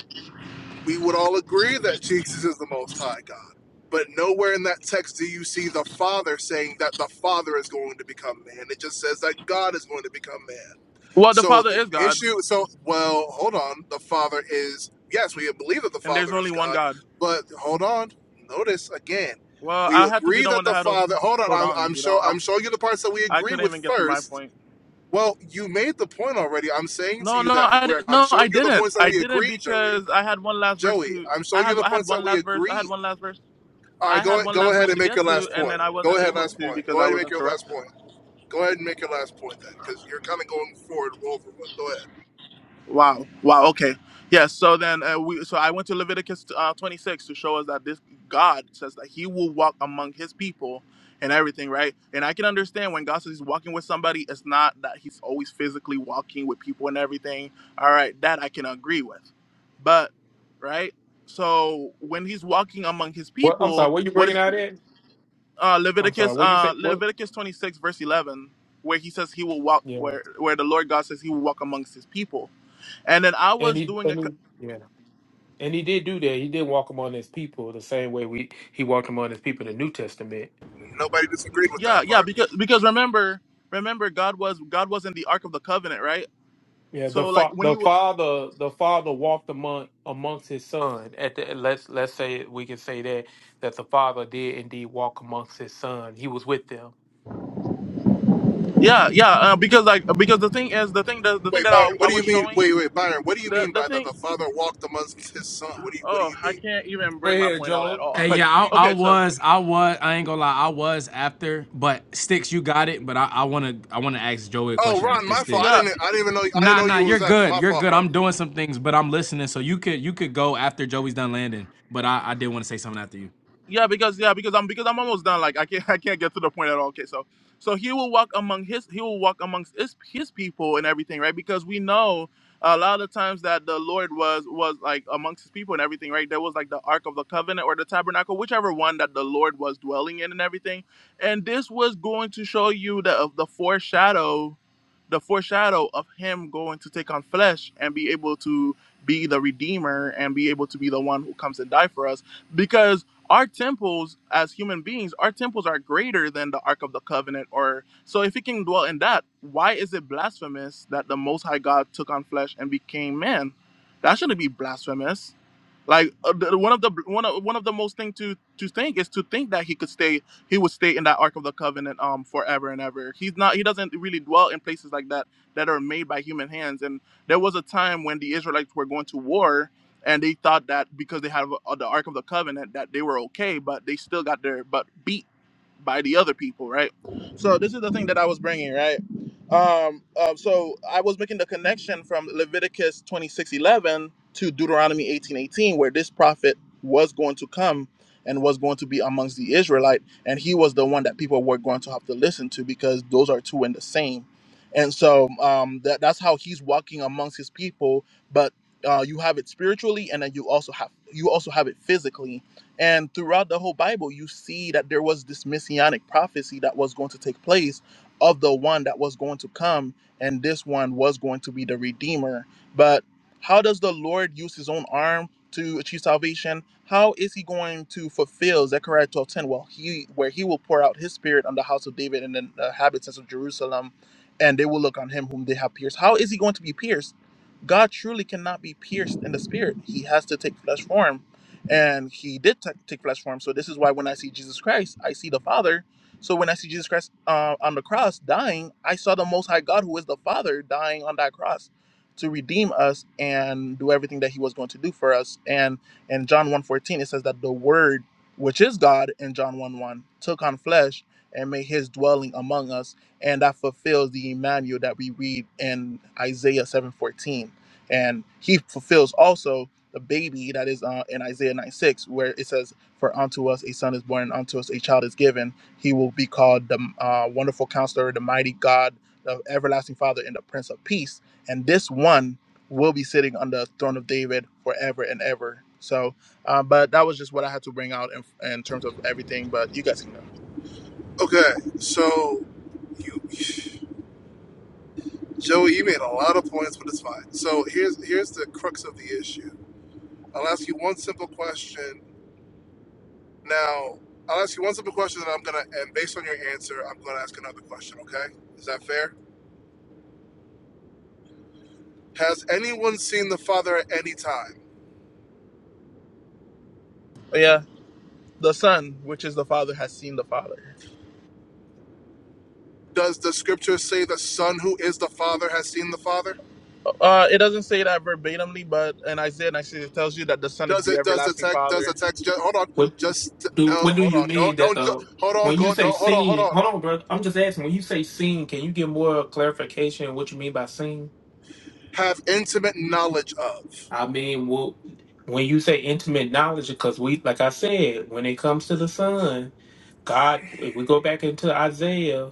Speaker 8: we would all agree that Jesus is the Most High God. But nowhere in that text do you see the Father saying that the Father is going to become man. It just says that God is going to become man.
Speaker 1: Well, the
Speaker 8: So
Speaker 1: Father
Speaker 8: the
Speaker 1: is God,
Speaker 8: issue, so, well, hold on. The Father is, yes, we believe that the
Speaker 1: and there's
Speaker 8: Father
Speaker 1: only
Speaker 8: is
Speaker 1: one
Speaker 8: God,
Speaker 1: God.
Speaker 8: but hold on. Notice again,
Speaker 1: Well,
Speaker 8: we
Speaker 1: I had to be
Speaker 8: agree
Speaker 1: the one
Speaker 8: that
Speaker 1: that
Speaker 8: the
Speaker 1: had to
Speaker 8: Father, hold on,
Speaker 1: hold
Speaker 8: I'm,
Speaker 1: on.
Speaker 8: I'm,
Speaker 1: You
Speaker 8: show,
Speaker 1: know,
Speaker 8: I'm showing you the parts that we
Speaker 1: I I
Speaker 8: agree
Speaker 1: couldn't
Speaker 8: with
Speaker 1: even get to my
Speaker 8: first.
Speaker 1: point.
Speaker 8: Well, you made the point already. I'm saying to
Speaker 1: No,
Speaker 8: you
Speaker 1: no,
Speaker 8: that
Speaker 1: I
Speaker 8: we're,
Speaker 1: di-
Speaker 8: I'm
Speaker 1: no,
Speaker 8: showing
Speaker 1: I
Speaker 8: you the
Speaker 1: didn't.
Speaker 8: points that
Speaker 1: I
Speaker 8: we
Speaker 1: didn't
Speaker 8: agree, Joey
Speaker 1: because I had one last verse
Speaker 8: Joey,
Speaker 1: to.
Speaker 8: I'm
Speaker 1: I
Speaker 8: showing you
Speaker 1: had
Speaker 8: the
Speaker 1: I had
Speaker 8: points that
Speaker 1: one
Speaker 8: we
Speaker 1: last verse. I had
Speaker 8: agreed.
Speaker 1: one last verse.
Speaker 8: All right,
Speaker 1: I had
Speaker 8: go
Speaker 1: one
Speaker 8: go
Speaker 1: last
Speaker 8: ahead
Speaker 1: verse
Speaker 8: and
Speaker 1: to
Speaker 8: make
Speaker 1: get
Speaker 8: your
Speaker 1: to,
Speaker 8: last
Speaker 1: and then
Speaker 8: point.
Speaker 1: I
Speaker 8: Go
Speaker 1: wasn't
Speaker 8: ahead,
Speaker 1: able
Speaker 8: last
Speaker 1: to
Speaker 8: point. Go
Speaker 1: because I
Speaker 8: ahead and
Speaker 1: was
Speaker 8: make your last
Speaker 1: interrupted.
Speaker 8: point. Go ahead and make your last point then, because you're kind of going forward over. But go ahead.
Speaker 1: Wow. Wow. Okay. Yes. So then uh, we. So I went to Leviticus uh, 26 to show us that this God says that He will walk among His people and everything, right? And I can understand when God says He's walking with somebody, it's not that He's always physically walking with people and everything. All right, that I can agree with, but right. So when He's walking among His
Speaker 9: What I'm sorry,
Speaker 1: people,
Speaker 9: what you
Speaker 1: what is?
Speaker 9: bringing out at?
Speaker 1: uh,
Speaker 9: I'm sorry,
Speaker 1: Leviticus
Speaker 9: what you say?
Speaker 1: uh,
Speaker 9: What?
Speaker 1: Leviticus 26 verse 11, where he says he will walk
Speaker 9: Yeah,
Speaker 1: where where the Lord God says he will walk amongst his people. And then I
Speaker 9: and
Speaker 1: was
Speaker 9: he
Speaker 1: doing a
Speaker 9: and
Speaker 1: co-
Speaker 9: he yeah, and he did do that. He did walk among his people the same way we he walked among his people in the New Testament.
Speaker 8: Nobody disagreed with
Speaker 1: yeah
Speaker 8: that
Speaker 1: yeah
Speaker 8: part.
Speaker 1: because because remember remember God was God was in the Ark of the Covenant right.
Speaker 9: Yeah, the
Speaker 1: So like
Speaker 9: fa-
Speaker 1: when
Speaker 9: the
Speaker 1: you
Speaker 9: father the father walked among amongst his son. At the let's let's say we can say that that the father did indeed walk amongst his son. He was with them.
Speaker 1: yeah yeah uh, because like because the thing is the thing the, the thing
Speaker 8: Wait,
Speaker 1: that
Speaker 8: Byron,
Speaker 1: I, I
Speaker 8: what do
Speaker 1: was
Speaker 8: you mean?
Speaker 1: showing
Speaker 8: Wait, wait, Byron, what do you
Speaker 1: the
Speaker 8: mean
Speaker 1: the
Speaker 8: by that?
Speaker 1: thing
Speaker 8: The father walked amongst his son. What do you What do
Speaker 1: oh
Speaker 8: you
Speaker 1: I
Speaker 8: mean?
Speaker 1: can't even
Speaker 9: Go
Speaker 1: bring my
Speaker 9: ahead,
Speaker 1: point out at
Speaker 9: John.
Speaker 1: all *laughs*
Speaker 3: Hey, yeah,
Speaker 1: like
Speaker 3: I, I
Speaker 1: okay so
Speaker 3: was, I was, I ain't gonna lie, I was after, but Sticks, you got it. But I, I wanna I wanna ask Joey a
Speaker 8: Oh,
Speaker 3: question
Speaker 1: y-
Speaker 8: Ron,
Speaker 3: after
Speaker 8: my
Speaker 1: y-
Speaker 8: fault. I
Speaker 3: Sticks.
Speaker 1: yeah
Speaker 8: didn't. I didn't even know. I didn't
Speaker 3: Nah,
Speaker 8: know
Speaker 3: nah,
Speaker 8: you was
Speaker 3: you're
Speaker 8: after my
Speaker 3: good. You're
Speaker 8: fault,
Speaker 3: good.
Speaker 8: bro.
Speaker 3: I'm doing some things, but I'm listening. So you could you could go after Joey's done landing. But I, I did want to say something after you.
Speaker 1: Yeah, because yeah, because I'm because I'm almost done. Like I can't *laughs* I can't get to the point at all. Okay, so so he will walk among his he will walk amongst his his people and everything, right? Because we know a lot of the times that the Lord was was like amongst his people and everything, right? There was like the Ark of the Covenant or the Tabernacle, whichever one that the Lord was dwelling in and everything. And this was going to show you the of the foreshadow, the foreshadow of him going to take on flesh and be able to be the redeemer and be able to be the one who comes and die for us because our temples as human beings, our temples are greater than the Ark of the Covenant. Or so, if he can dwell in that, why is it blasphemous that the Most High God took on flesh and became man? That shouldn't be blasphemous. Like uh, the, one of the one of one of the most thing to to think is to think that he could stay he would stay in that Ark of the Covenant um forever and ever. He's not he doesn't really dwell in places like that that are made by human hands. And there was a time when the Israelites were going to war and they thought that because they had uh, the Ark of the Covenant that they were okay, but they still got their butt beat by the other people, right? So this is the thing that I was bringing, right? Um, uh, so I was making the connection from Leviticus twenty six eleven to Deuteronomy eighteen eighteen, where this prophet was going to come and was going to be amongst the Israelite, and he was the one that people were going to have to listen to because those are two in the same. And so um, that, that's how he's walking amongst his people but uh, you have it spiritually and then you also have you also have it physically and throughout the whole bible you see that there was this messianic prophecy that was going to take place of the one that was going to come and this one was going to be the redeemer but how does the lord use his own arm to achieve salvation how is he going to fulfill zechariah 12 10? well he where he will pour out his spirit on the house of david and then the inhabitants of jerusalem and they will look on him whom they have pierced how is he going to be pierced God truly cannot be pierced in the spirit. He has to take flesh form. And he did ta- take flesh form. So this is why when I see Jesus Christ, I see the Father. So when I see Jesus Christ uh, on the cross dying, I saw the Most High God, who is the Father, dying on that cross to redeem us and do everything that he was going to do for us. And in John one fourteen it says that the Word, which is God in John one one took on flesh and made his dwelling among us. And that fulfills the Emmanuel that we read in Isaiah 7.14 and he fulfills also the baby that is uh, in Isaiah 9 6, where it says, For unto us a son is born, and unto us a child is given. He will be called the uh, wonderful counselor, the mighty God, the everlasting father, and the prince of peace. And this one will be sitting on the throne of David forever and ever. So, uh, but that was just what I had to bring out in, in terms of everything. But you guys can go.
Speaker 8: Okay, so you, *sighs* Joey, you made a lot of points, but it's fine. So here's here's the crux of the issue I'll ask you one simple question. Now, I'll ask you one simple question, and I'm gonna, and based on your answer, I'm gonna ask another question. Okay? Is that fair? Has anyone seen the Father at any time?
Speaker 1: Oh, yeah, the son, which is the father, has seen the father.
Speaker 8: Does the Scripture say the Son, who is the Father, has seen the Father?
Speaker 1: Uh, it doesn't say that verbatimly, but in Isaiah 96, it tells you that the Son is
Speaker 8: Does
Speaker 1: the
Speaker 8: it? Does the
Speaker 1: everlasting
Speaker 8: text? Does the
Speaker 1: Father.
Speaker 8: text? Just, hold on.
Speaker 9: What
Speaker 8: Just no.
Speaker 9: do what do
Speaker 8: Hold
Speaker 9: you
Speaker 8: on. Don't.
Speaker 9: mean that
Speaker 8: Don't.
Speaker 9: the
Speaker 8: Hold on.
Speaker 9: when you
Speaker 8: Go.
Speaker 9: say
Speaker 8: Don't. Hold on. Hold
Speaker 9: seen?
Speaker 8: on.
Speaker 9: Hold on, bro. I'm just asking. When you say seen, can you give more clarification on what you mean by seen?
Speaker 8: Have intimate knowledge of.
Speaker 9: I mean, well, when you say intimate knowledge, because we, like I said, when it comes to the Son, God, if we go back into Isaiah,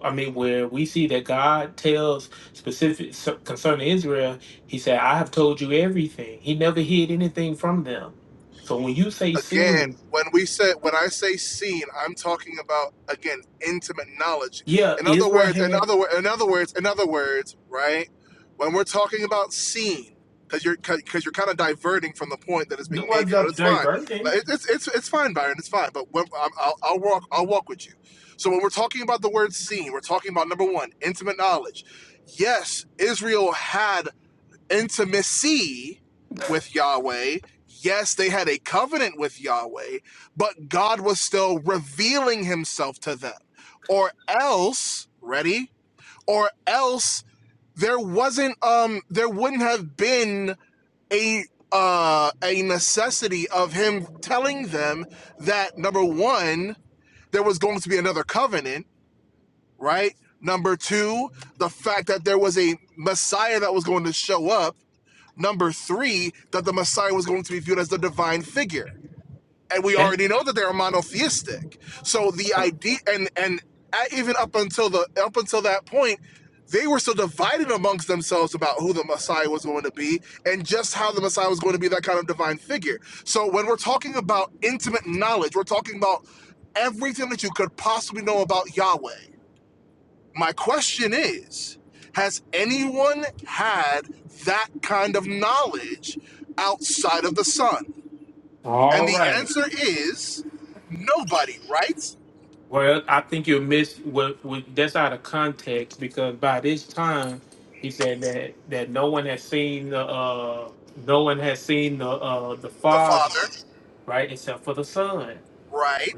Speaker 9: I mean, where we see that God tells specific so- concerning Israel, He said, "I have told you everything." He never hid anything from them. So when you say
Speaker 8: again,
Speaker 9: seen,
Speaker 8: when we say when I say seen, I'm talking about again intimate knowledge.
Speaker 9: yeah,
Speaker 8: In other
Speaker 9: Israel
Speaker 8: words, in
Speaker 9: had
Speaker 8: other wo- in other words, in other words, right? When we're talking about seen, because you're because you're kind of diverting from the point that is
Speaker 9: no
Speaker 8: being made
Speaker 9: one's
Speaker 8: here, but
Speaker 9: up
Speaker 8: it's fine. Like,
Speaker 9: diverting
Speaker 8: it- It's it's it's fine, Byron. It's fine. But when, I'm- I'll, I'll walk I'll walk with you. So when we're talking about the word seen, we're talking about number one, intimate knowledge. Yes, Israel had intimacy with Yahweh. Yes, they had a covenant with Yahweh, but God was still revealing himself to them. Or else, ready? Or else there wasn't um there wouldn't have been a uh a necessity of him telling them that number 1 there was going to be another covenant, right? Number 2, the fact that there was a Messiah that was going to show up Number three, that the Messiah was going to be viewed as the divine figure. And we
Speaker 9: that.
Speaker 8: already know that they are monotheistic. So the idea and and even up until the up until that point, they were still divided amongst themselves about who the Messiah was going to be and just how the Messiah was going to be that kind of divine figure. So when we're talking about intimate knowledge, we're talking about everything that you could possibly know about Yahweh. My question is Has anyone had that kind of knowledge outside of the Son? And
Speaker 9: All
Speaker 8: the
Speaker 9: right.
Speaker 8: answer is nobody, right?
Speaker 9: Well, I think you missed what, what that's out of context because by this time he said that that no one has seen the uh no one has seen the uh the
Speaker 8: The
Speaker 9: father,
Speaker 8: Father,
Speaker 9: right, except for the son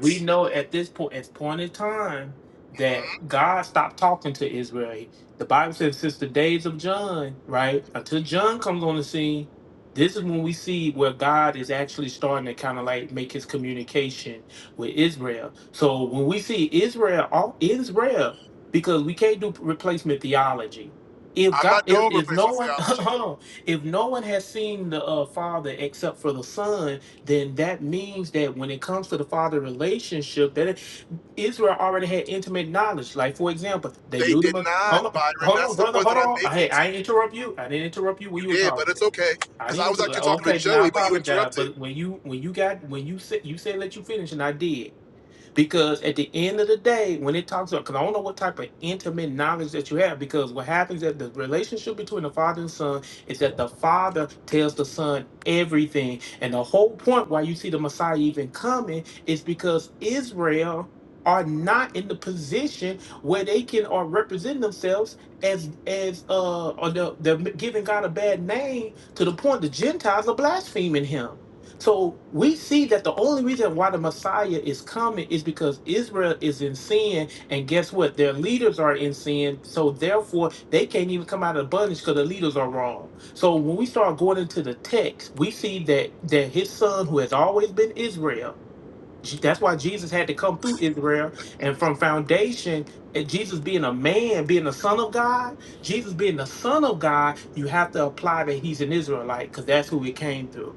Speaker 9: we know at this point, at point in time, that
Speaker 8: Mhm.
Speaker 9: God stopped talking to Israel. He- The Bible says since the days of John, right? Until John comes on the scene, this is when we see where God is actually starting to kind of like make his communication with Israel. So when we see Israel, all Israel, because we can't do replacement theology. If
Speaker 8: I'm
Speaker 9: God,
Speaker 8: not
Speaker 9: if,
Speaker 8: doing
Speaker 9: if no
Speaker 8: replacement
Speaker 9: one, *laughs*
Speaker 8: theology.
Speaker 9: hold on, if no one has seen the uh, Father except for the Son, then that means that when it comes to the father relationship, that Israel already had intimate knowledge. Like for example, they
Speaker 8: They
Speaker 9: knew the
Speaker 8: did
Speaker 9: Mes- hold
Speaker 8: not,
Speaker 9: on,
Speaker 8: Byron.
Speaker 9: hold
Speaker 8: That's
Speaker 9: on,
Speaker 8: the
Speaker 9: brother,
Speaker 8: point that I'm
Speaker 9: hold on. Hey,
Speaker 8: making
Speaker 9: I
Speaker 8: to you.
Speaker 9: didn't interrupt you. I didn't interrupt you when
Speaker 8: You
Speaker 9: you were
Speaker 8: did, but
Speaker 9: talking.
Speaker 8: it's okay.
Speaker 9: I
Speaker 8: Because I
Speaker 9: didn't.
Speaker 8: was
Speaker 9: Inter-
Speaker 8: actually talking to
Speaker 9: okay, then I
Speaker 8: Joey, but you
Speaker 9: apologize.
Speaker 8: interrupted.
Speaker 9: But when you when you got when you said you said let you finish, and I did. Because at the end of the day, when it talks about, because I don't know what type of intimate knowledge that you have, because what happens at the relationship between the father and son is that the father tells the son everything. And the whole point why you see the Messiah even coming is because Israel are not in the position where they can or represent themselves as as uh or they're, they're giving God a bad name to the point the Gentiles are blaspheming him. So we see that the only reason why the Messiah is coming is because Israel is in sin, and guess what? Their leaders are in sin, so therefore they can't even come out of bondage because the leaders are wrong. So when we start going into the text, we see that that his son, who has always been Israel, Je- that's why Jesus had to come through Israel, and from foundation, and Jesus being a man, being the son of God, Jesus being the son of God, you have to apply that he's an Israelite because that's who he came through.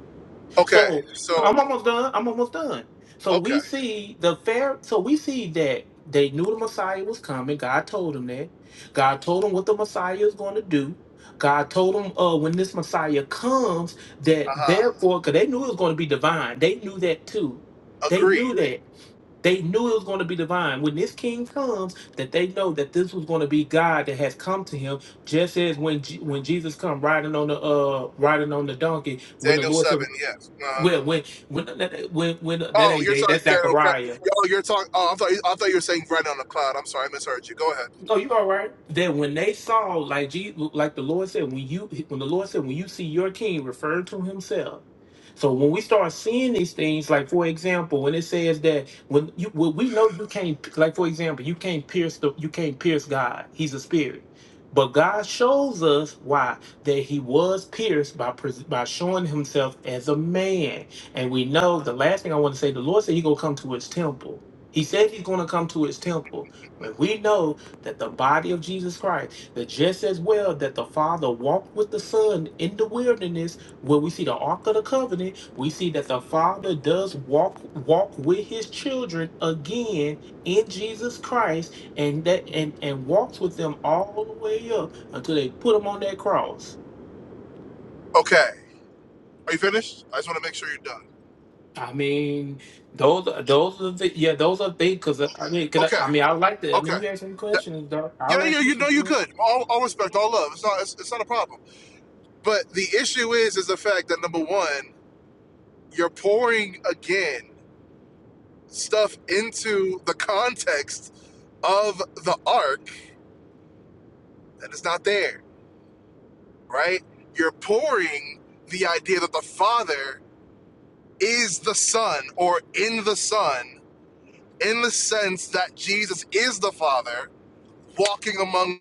Speaker 8: Okay,
Speaker 9: So
Speaker 8: so,
Speaker 9: I'm almost done. I'm almost done. So
Speaker 8: okay.
Speaker 9: we see the fair. So we see that they knew the Messiah was coming. God told them that. God told them what the Messiah is going to do. God told them uh, when this Messiah comes
Speaker 8: Uh
Speaker 9: that
Speaker 8: huh.
Speaker 9: therefore, because they knew it was going to be divine. They knew that too. They
Speaker 8: Agree.
Speaker 9: knew that. They knew it was going to be divine. When this king comes, that they know that this was going to be God that has come to him, just as when Je- when Jesus come riding on the uh riding on the donkey, when the
Speaker 8: Daniel
Speaker 9: Lord said
Speaker 8: 7, yes. Uh-huh.
Speaker 9: when when when that when when that
Speaker 8: Oh,
Speaker 9: ain't
Speaker 8: you're
Speaker 9: Dave,
Speaker 8: talking.
Speaker 9: that's
Speaker 8: Okay.
Speaker 9: Zechariah.
Speaker 8: Oh, you're talking. Oh, I thought. I thought you were saying bread on the cloud. I'm sorry, I misheard you. Go ahead.
Speaker 9: No, you all right. That when they saw, like Jesus, like the Lord said, when you when the Lord said, when you see your king referring to himself. So when we start seeing these things, like for example, when it says that when you well, we know you can't like for example, you can't pierce the you can't pierce God. He's a spirit. But God shows us why that he was pierced by pres- by showing himself as a man. And we know the last thing I want to say, the Lord said he's gonna come to his temple. He said he's gonna come to his temple. But we know that the body of Jesus Christ, that just as well that the Father walked with the Son in the wilderness, where we see the Ark of the Covenant, we see that the Father does walk walk with His children again in Jesus Christ, and that and and walks with them all the way up until they put him on that cross.
Speaker 8: Okay. Are you finished? I just want to make sure you're done.
Speaker 9: I mean, those are those are the yeah those are things because I mean could I,
Speaker 8: Okay.
Speaker 9: I mean I like that I mean
Speaker 8: Okay.
Speaker 9: you asked some
Speaker 8: That-
Speaker 9: questions dog I
Speaker 8: yeah,
Speaker 9: like
Speaker 8: yeah.
Speaker 9: that
Speaker 8: You
Speaker 9: Say
Speaker 8: know, you could. All, all respect, all love. It's not. It's, it's not a problem. But the issue is, is the fact that number one, you're pouring again stuff into the context of the ark that is not there. Right. You're pouring the idea that the father is the son or in the son in the sense that Jesus is the Father, walking among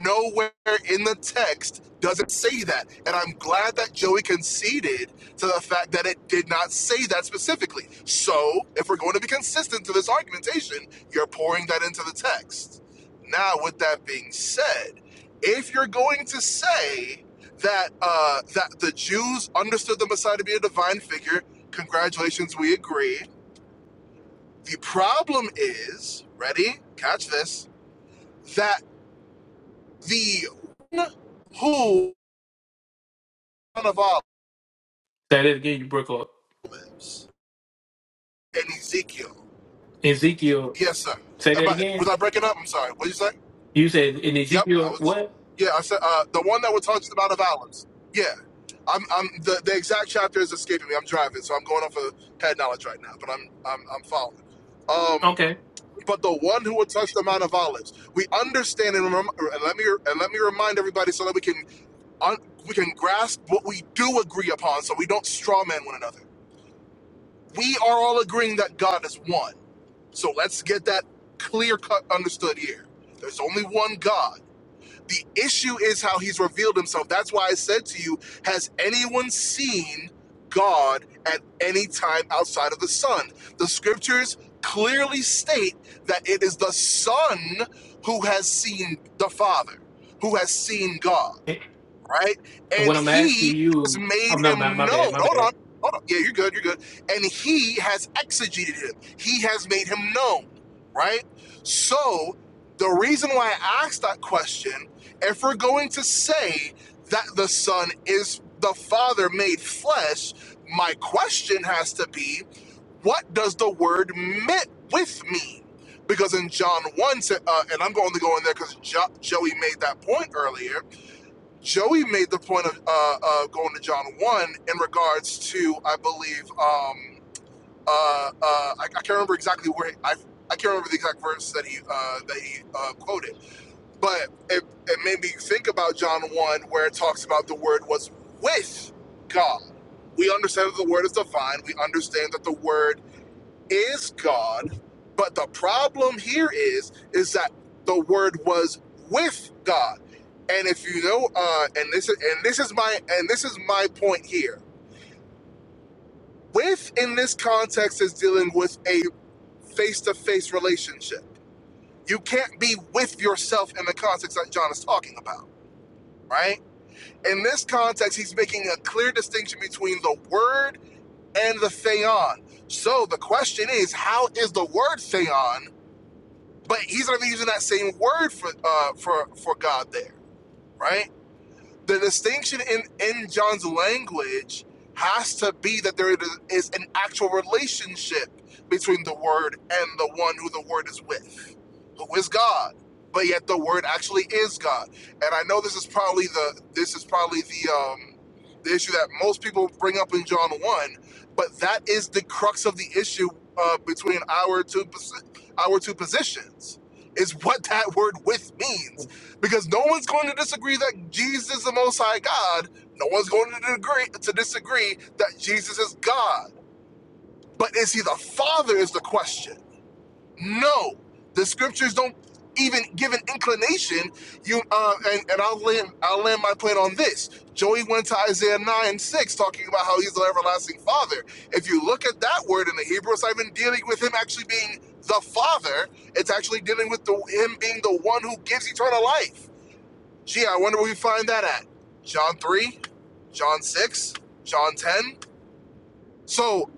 Speaker 8: nowhere in the text doesn't say that. And I'm glad that Joey conceded to the fact that it did not say that specifically. So, if we're going to be consistent to this argumentation, you're pouring that into the text. Now, with that being said, if you're going to say that uh, that the Jews understood the Messiah to be a divine figure, congratulations, we agree The problem is, ready? Catch this. That the one who one of
Speaker 9: that again you broke up
Speaker 8: olives and Ezekiel.
Speaker 9: Ezekiel
Speaker 8: Yes, sir.
Speaker 9: Say
Speaker 8: Am
Speaker 9: that
Speaker 8: I, was
Speaker 9: again.
Speaker 8: I breaking up? I'm sorry. What did you say?
Speaker 9: You said in
Speaker 8: Yep, I
Speaker 9: Ezekiel
Speaker 8: was.
Speaker 9: what?
Speaker 8: Yeah, I said uh, the one that we're talking about of olives. Yeah, I'm. I'm the, the exact chapter is escaping me. I'm driving, so I'm going off of head knowledge right now. But I'm I'm I'm following. Um,
Speaker 9: Okay.
Speaker 8: but the one who would touch the Mount of Olives. We understand and remember. And let me and let me remind everybody so that we can un- we can grasp what we do agree upon so we don't strawman one another. We are all agreeing that God is one. So let's get that clear cut understood here. There's only one God. The issue is how he's revealed himself. That's why I said to you, has anyone seen God at any time outside of the Son? The scriptures clearly state that it is the Son who has seen the Father, who has seen God
Speaker 9: And
Speaker 8: right? And
Speaker 9: what I'm asking
Speaker 8: he has
Speaker 9: you,
Speaker 8: made
Speaker 9: I'm not my,
Speaker 8: him
Speaker 9: my bad,
Speaker 8: known.
Speaker 9: my
Speaker 8: Hold
Speaker 9: bad.
Speaker 8: on, hold on. Yeah, you're good, you're good. And he has exegeted him. He has made him known, right? So the reason why I asked that question, if we're going to say that the Son is the Father made flesh, my question has to be, what does the word "met" with mean? Because in John 1, sa- uh, and I'm going to go in there because jo- Joey made that point earlier Joey made the point of uh, uh, going to John one in regards to, I believe, um, uh, uh, I, I can't remember exactly where I, I can't remember the exact verse that he uh, that he uh, quoted, but it, it made me think about John one where it talks about the word was with God. We understand that the word is divine. We understand that the word is God, but the problem here is is that the Word was with God. And if you know, uh, and this is and this is my and this is my point here. With in this context is dealing with a face-to-face relationship. You can't be with yourself in the context that John is talking about, right? In this context, he's making a clear distinction between the word and the theon. So the question is, how is the word theon But he's not even using that same word for uh for for God there, right? the distinction in, in John's language has to be that there is an actual relationship between the Word and the one who the Word is with, who is God. But yet the Word actually is God. And I know this is probably the this is probably the um, the issue that most people bring up in John one, but that is the crux of the issue uh, between our two our two positions is what that word with means because no one's going to disagree that Jesus is the Most High God. No one's going to agree to disagree that Jesus is God. But is he the Father? Is the question. No, the Scriptures don't even give an inclination. You uh, and and I'll land I'll land my plane on this. Joey went to Isaiah nine six talking about how he's the everlasting Father. If you look at that word in the Hebrew, it's not even dealing with him actually being the Father. It's actually dealing with the, him being the one who gives eternal life Gee, I wonder where we find that at. John 3, John 6, John 10. So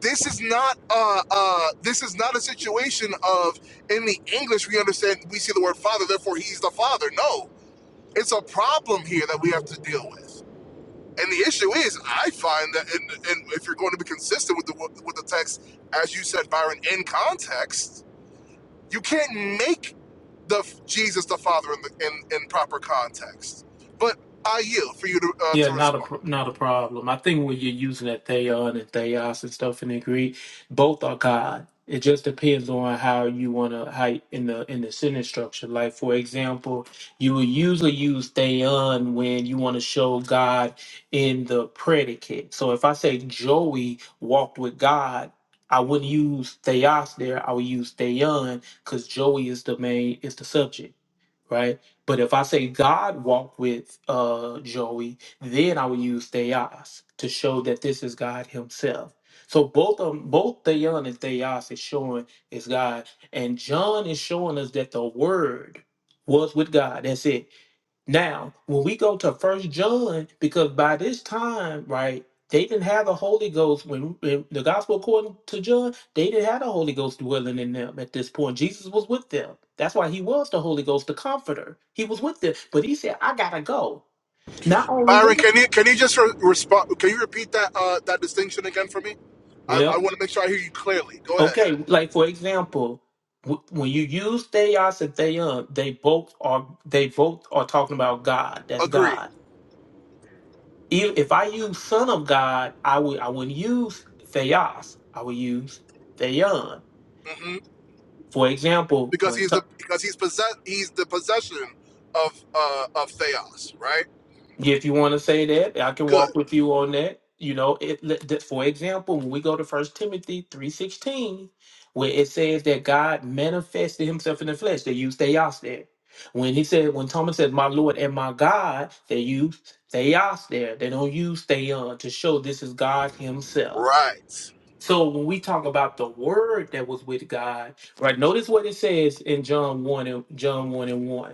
Speaker 8: this is not uh uh this is not a situation of in the English we understand we see the word father, therefore he's the father. No. It's a problem here that we have to deal with. And the issue is, I find that, in, in, if you're going to be consistent with the with the text, as you said, Byron, in context, you can't make the Jesus the Father in, the, in in proper context. But I yield for you to uh,
Speaker 9: Yeah,
Speaker 8: to
Speaker 9: not a pr-
Speaker 8: respond.
Speaker 9: not a problem. I think when you're using that theon and theos and stuff in the Greek, both are God. It just depends on how you want to how in the in the sentence structure. Like for example, you will usually use theon when you want to show God in the predicate. So if I say Joey walked with God, I wouldn't use theos there. I would use theon because Joey is the main is the subject right? But if I say God walked with uh, Joey, then I would use theos to show that this is God Himself. So both of 'em- both theon and theos is showing is God, and John is showing us that the Word was with God. That's it. Now, when we go to First John, because by this time, right, they didn't have the Holy Ghost when, when the Gospel according to John, they didn't have the Holy Ghost dwelling in them at this point. Jesus was with them. That's why he was the Holy Ghost, the Comforter. He was with them, but he said, "I gotta go." Not only
Speaker 8: Byron,
Speaker 9: that,
Speaker 8: can you can you just re- respond? Can you repeat that uh, that distinction again for me? I, I
Speaker 9: well,
Speaker 8: want to make sure I hear you clearly. Go ahead.
Speaker 9: okay, like for example, w- when you use theos and theon, they both are they both are talking about God. That's
Speaker 8: Agree.
Speaker 9: God If if I use son of God, I would I wouldn't use theos. I would use theon.
Speaker 8: hmm
Speaker 9: For example,
Speaker 8: Because
Speaker 9: when
Speaker 8: he's
Speaker 9: t-
Speaker 8: the because he's possess he's the possession of uh, of Theos. Right.
Speaker 9: if you want to say that, I can walk
Speaker 8: Good.
Speaker 9: with you on that. You know, it, let- that- for example, when we go to First Timothy three sixteen, where it says that God manifested Himself in the flesh, they use theos there. When he said, when Thomas said, "My Lord and my God," they use theos there. They don't use theon to show this is God Himself.
Speaker 8: Right.
Speaker 9: So when we talk about the word that was with God, right? Notice what it says in John 1 and John 1 and 1.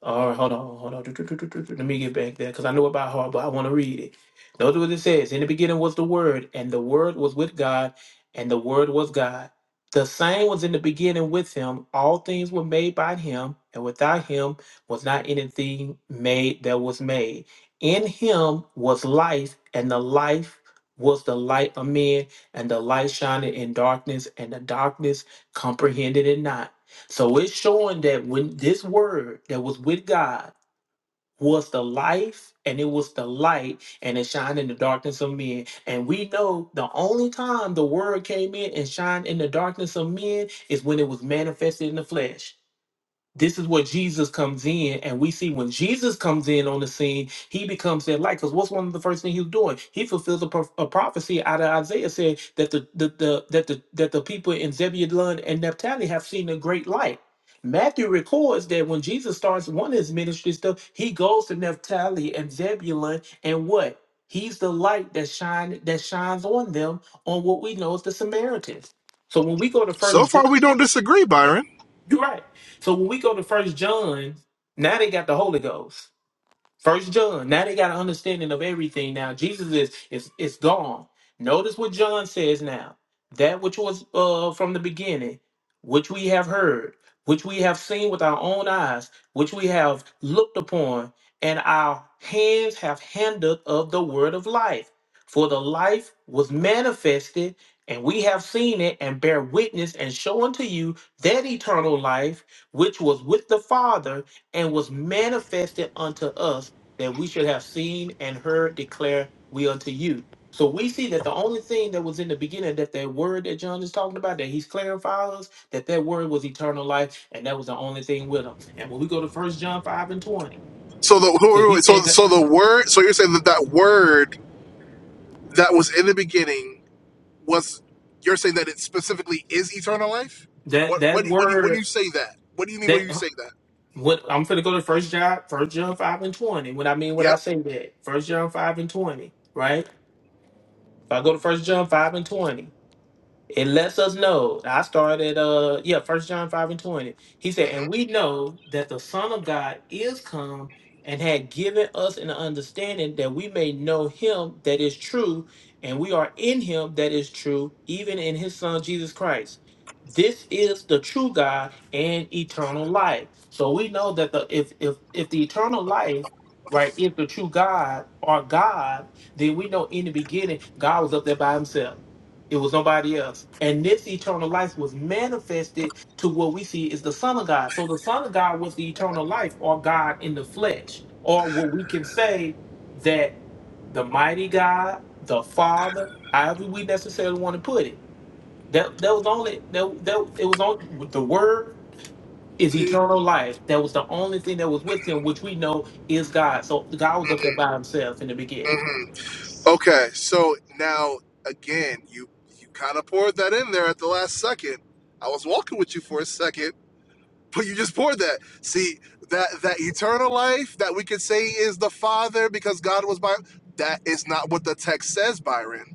Speaker 9: All right, hold on, hold on. Let me get back there because I know it by heart, but I want to read it. Notice what it says. In the beginning was the Word, and the Word was with God, and the Word was God. The same was in the beginning with Him. All things were made by Him, and without Him was not anything made that was made. In Him was life, and the life was the light of men, and the light shined in darkness, and the darkness comprehended it not. So it's showing that when this word that was with God was the life and it was the light and it shined in the darkness of men. And we know the only time the word came in and shined in the darkness of men is when it was manifested in the flesh this is where Jesus comes in, and we see when Jesus comes in on the scene, he becomes that light. Because what's one of the first things he's doing? He fulfills a, prof- a prophecy out of Isaiah saying that the, the, the that the that the people in Zebulun and Naphtali have seen a great light. Matthew records that when Jesus starts one of his ministry stuff, he goes to Naphtali and Zebulun, and what? He's the light that shine that shines on them on what we know as the Samaritans. So when we go to
Speaker 8: So
Speaker 9: First John.
Speaker 8: far, we don't disagree, Byron.
Speaker 9: You're right. So when we go to First John, now they got the Holy Ghost. First John. Now they got an understanding of everything. Now Jesus is is is gone. Notice what John says now. That which was uh from the beginning, which we have heard, which we have seen with our own eyes, which we have looked upon, and our hands have handled of the word of life. For the life was manifested, and we have seen it, and bear witness, and show unto you that eternal life which was with the Father and was manifested unto us that we should have seen and heard declare we unto you. So we see that the only thing that was in the beginning, that that word that John is talking about, that he's clarifying us, that that word was eternal life, and that was the only thing with him. And when we go to First John five and twenty,
Speaker 8: So the
Speaker 9: because
Speaker 8: who-
Speaker 9: we
Speaker 8: who- so
Speaker 9: think
Speaker 8: so the word. So you're saying that that word that was in the beginning. was you're saying that it specifically is eternal life?
Speaker 9: that
Speaker 8: What
Speaker 9: that
Speaker 8: when you when you when
Speaker 9: word
Speaker 8: you say that? What do you mean when
Speaker 9: that
Speaker 8: you
Speaker 9: huh,
Speaker 8: say that?
Speaker 9: what I'm going to go to First John First John five and twenty. What I mean what I
Speaker 8: Yep.
Speaker 9: say that First John five and twenty, right? If I go to First John five and twenty, it lets us know i started uh yeah first john 5 and 20 he said and we know that the son of god is come and had given us an understanding that we may know him that is true and we are in him that is true even in his son jesus christ this is the true god and eternal life so we know that the if if if the eternal life right if the true god or god then we know in the beginning god was up there by himself it was nobody else. And this eternal life was manifested to what we see is the Son of God. So the Son of God was the eternal life or God in the flesh, or what we can say that the mighty God, the Father, however we necessarily want to put it. That that was only that, that it was only the word is
Speaker 8: hmm
Speaker 9: eternal life. That was the only thing that was with him, which we know is God. So God was up there
Speaker 8: hmm
Speaker 9: by himself in the beginning.
Speaker 8: hmm Okay, so now again, you you kind of poured that in there at the last second. I was walking with you for a second, but you just poured that. See that that eternal life that we could say is the Father because God was by. That is not what the text says, Byron.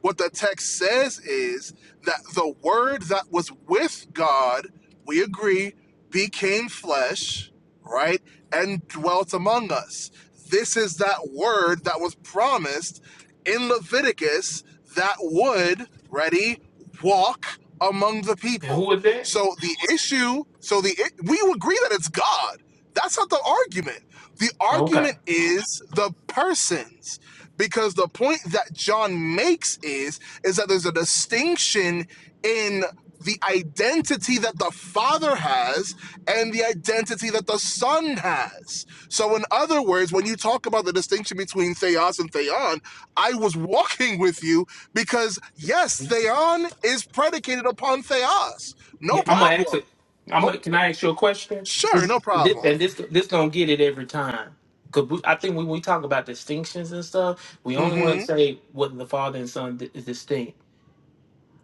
Speaker 8: What the text says is that the word that was with God, we agree, became flesh, right, and dwelt among us. This is that word that was promised in Leviticus that would, ready, walk among the
Speaker 9: And who
Speaker 8: people.
Speaker 9: was that?
Speaker 8: So the issue, so the we agree that it's God. That's not the argument. The
Speaker 9: Okay.
Speaker 8: argument is the persons because the point that John makes is is that there's a distinction in the identity that the father has and the identity that the son has. So in other words, when you talk about the distinction between theos and theon, I was walking with you because yes, theon is predicated upon theos.
Speaker 9: Yeah,
Speaker 8: No
Speaker 9: I'm gonna ask
Speaker 8: problem.
Speaker 9: it. I'm
Speaker 8: Oh,
Speaker 9: gonna, can I ask you a question?
Speaker 8: sure, no
Speaker 9: This, this-
Speaker 8: problem.
Speaker 9: and this this gonna get it every time. Cause we, I think when we talk about distinctions and stuff, we only want to
Speaker 8: Mhm.
Speaker 9: say whether the father and son di- is distinct.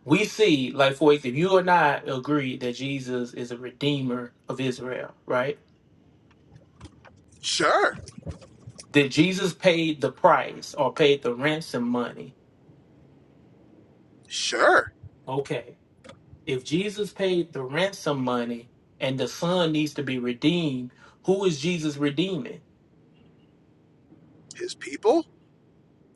Speaker 9: We see, like for instance, if you and I agree that Jesus is a redeemer of Israel, right?
Speaker 8: Sure.
Speaker 9: That Jesus paid the price or paid the ransom money.
Speaker 8: Sure.
Speaker 9: Okay, if Jesus paid the ransom money and the son needs to be redeemed, who is Jesus redeeming?
Speaker 8: His people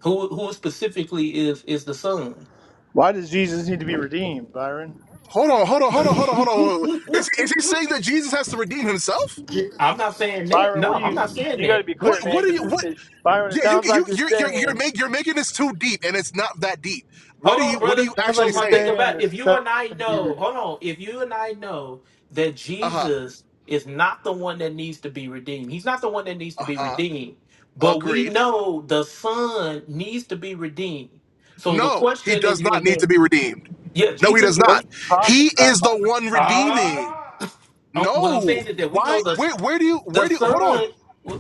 Speaker 9: Who who specifically is is the son?
Speaker 2: Why does Jesus need to be redeemed, Byron?
Speaker 8: Hold on, hold on,
Speaker 9: *laughs*
Speaker 8: hold on, hold on, hold on. hold on. Is, is he saying that Jesus has to redeem himself?
Speaker 9: I'm not saying that.
Speaker 2: Byron,
Speaker 9: No,
Speaker 2: what do
Speaker 9: I'm
Speaker 2: you?
Speaker 9: not saying
Speaker 2: You got to
Speaker 9: that.
Speaker 2: be
Speaker 8: What
Speaker 2: clear, man,
Speaker 8: what are
Speaker 2: because
Speaker 8: you
Speaker 2: it,
Speaker 8: what
Speaker 2: it, Byron, it
Speaker 8: yeah, you
Speaker 2: sounds like
Speaker 8: you
Speaker 2: you're
Speaker 8: you're you're you're,
Speaker 2: saying,
Speaker 8: make, you're making this too deep and it's not that deep. What
Speaker 9: Hold
Speaker 8: are
Speaker 9: on,
Speaker 8: you what are
Speaker 9: brother.
Speaker 8: you
Speaker 2: it sounds
Speaker 9: So
Speaker 2: like
Speaker 8: actually
Speaker 2: you're
Speaker 9: my thing
Speaker 8: saying?
Speaker 2: saying
Speaker 9: about
Speaker 2: the
Speaker 9: if you
Speaker 2: son
Speaker 9: and I
Speaker 2: to be
Speaker 9: know,
Speaker 2: redeemed.
Speaker 9: hold on, if you and I know that
Speaker 8: Uh-huh.
Speaker 9: Jesus is not the one that needs to be redeemed. He's not the one that needs to be
Speaker 8: Uh-huh.
Speaker 9: redeemed. But we
Speaker 8: Agreed.
Speaker 9: know the son needs to be redeemed. So the
Speaker 8: No, he
Speaker 9: question
Speaker 8: does
Speaker 9: is,
Speaker 8: not
Speaker 9: is
Speaker 8: need
Speaker 9: that
Speaker 8: to be redeemed.
Speaker 9: yeah,
Speaker 8: No, he
Speaker 9: Jesus
Speaker 8: does
Speaker 2: What are
Speaker 8: not.
Speaker 2: you talking
Speaker 8: He
Speaker 2: about,
Speaker 8: is the
Speaker 2: Byron?
Speaker 8: one redeeming.
Speaker 9: ah *laughs* i what I'm
Speaker 8: No.
Speaker 9: saying is that we
Speaker 8: Why
Speaker 9: know the
Speaker 8: where where do you
Speaker 9: The
Speaker 8: where do you hold on?
Speaker 9: son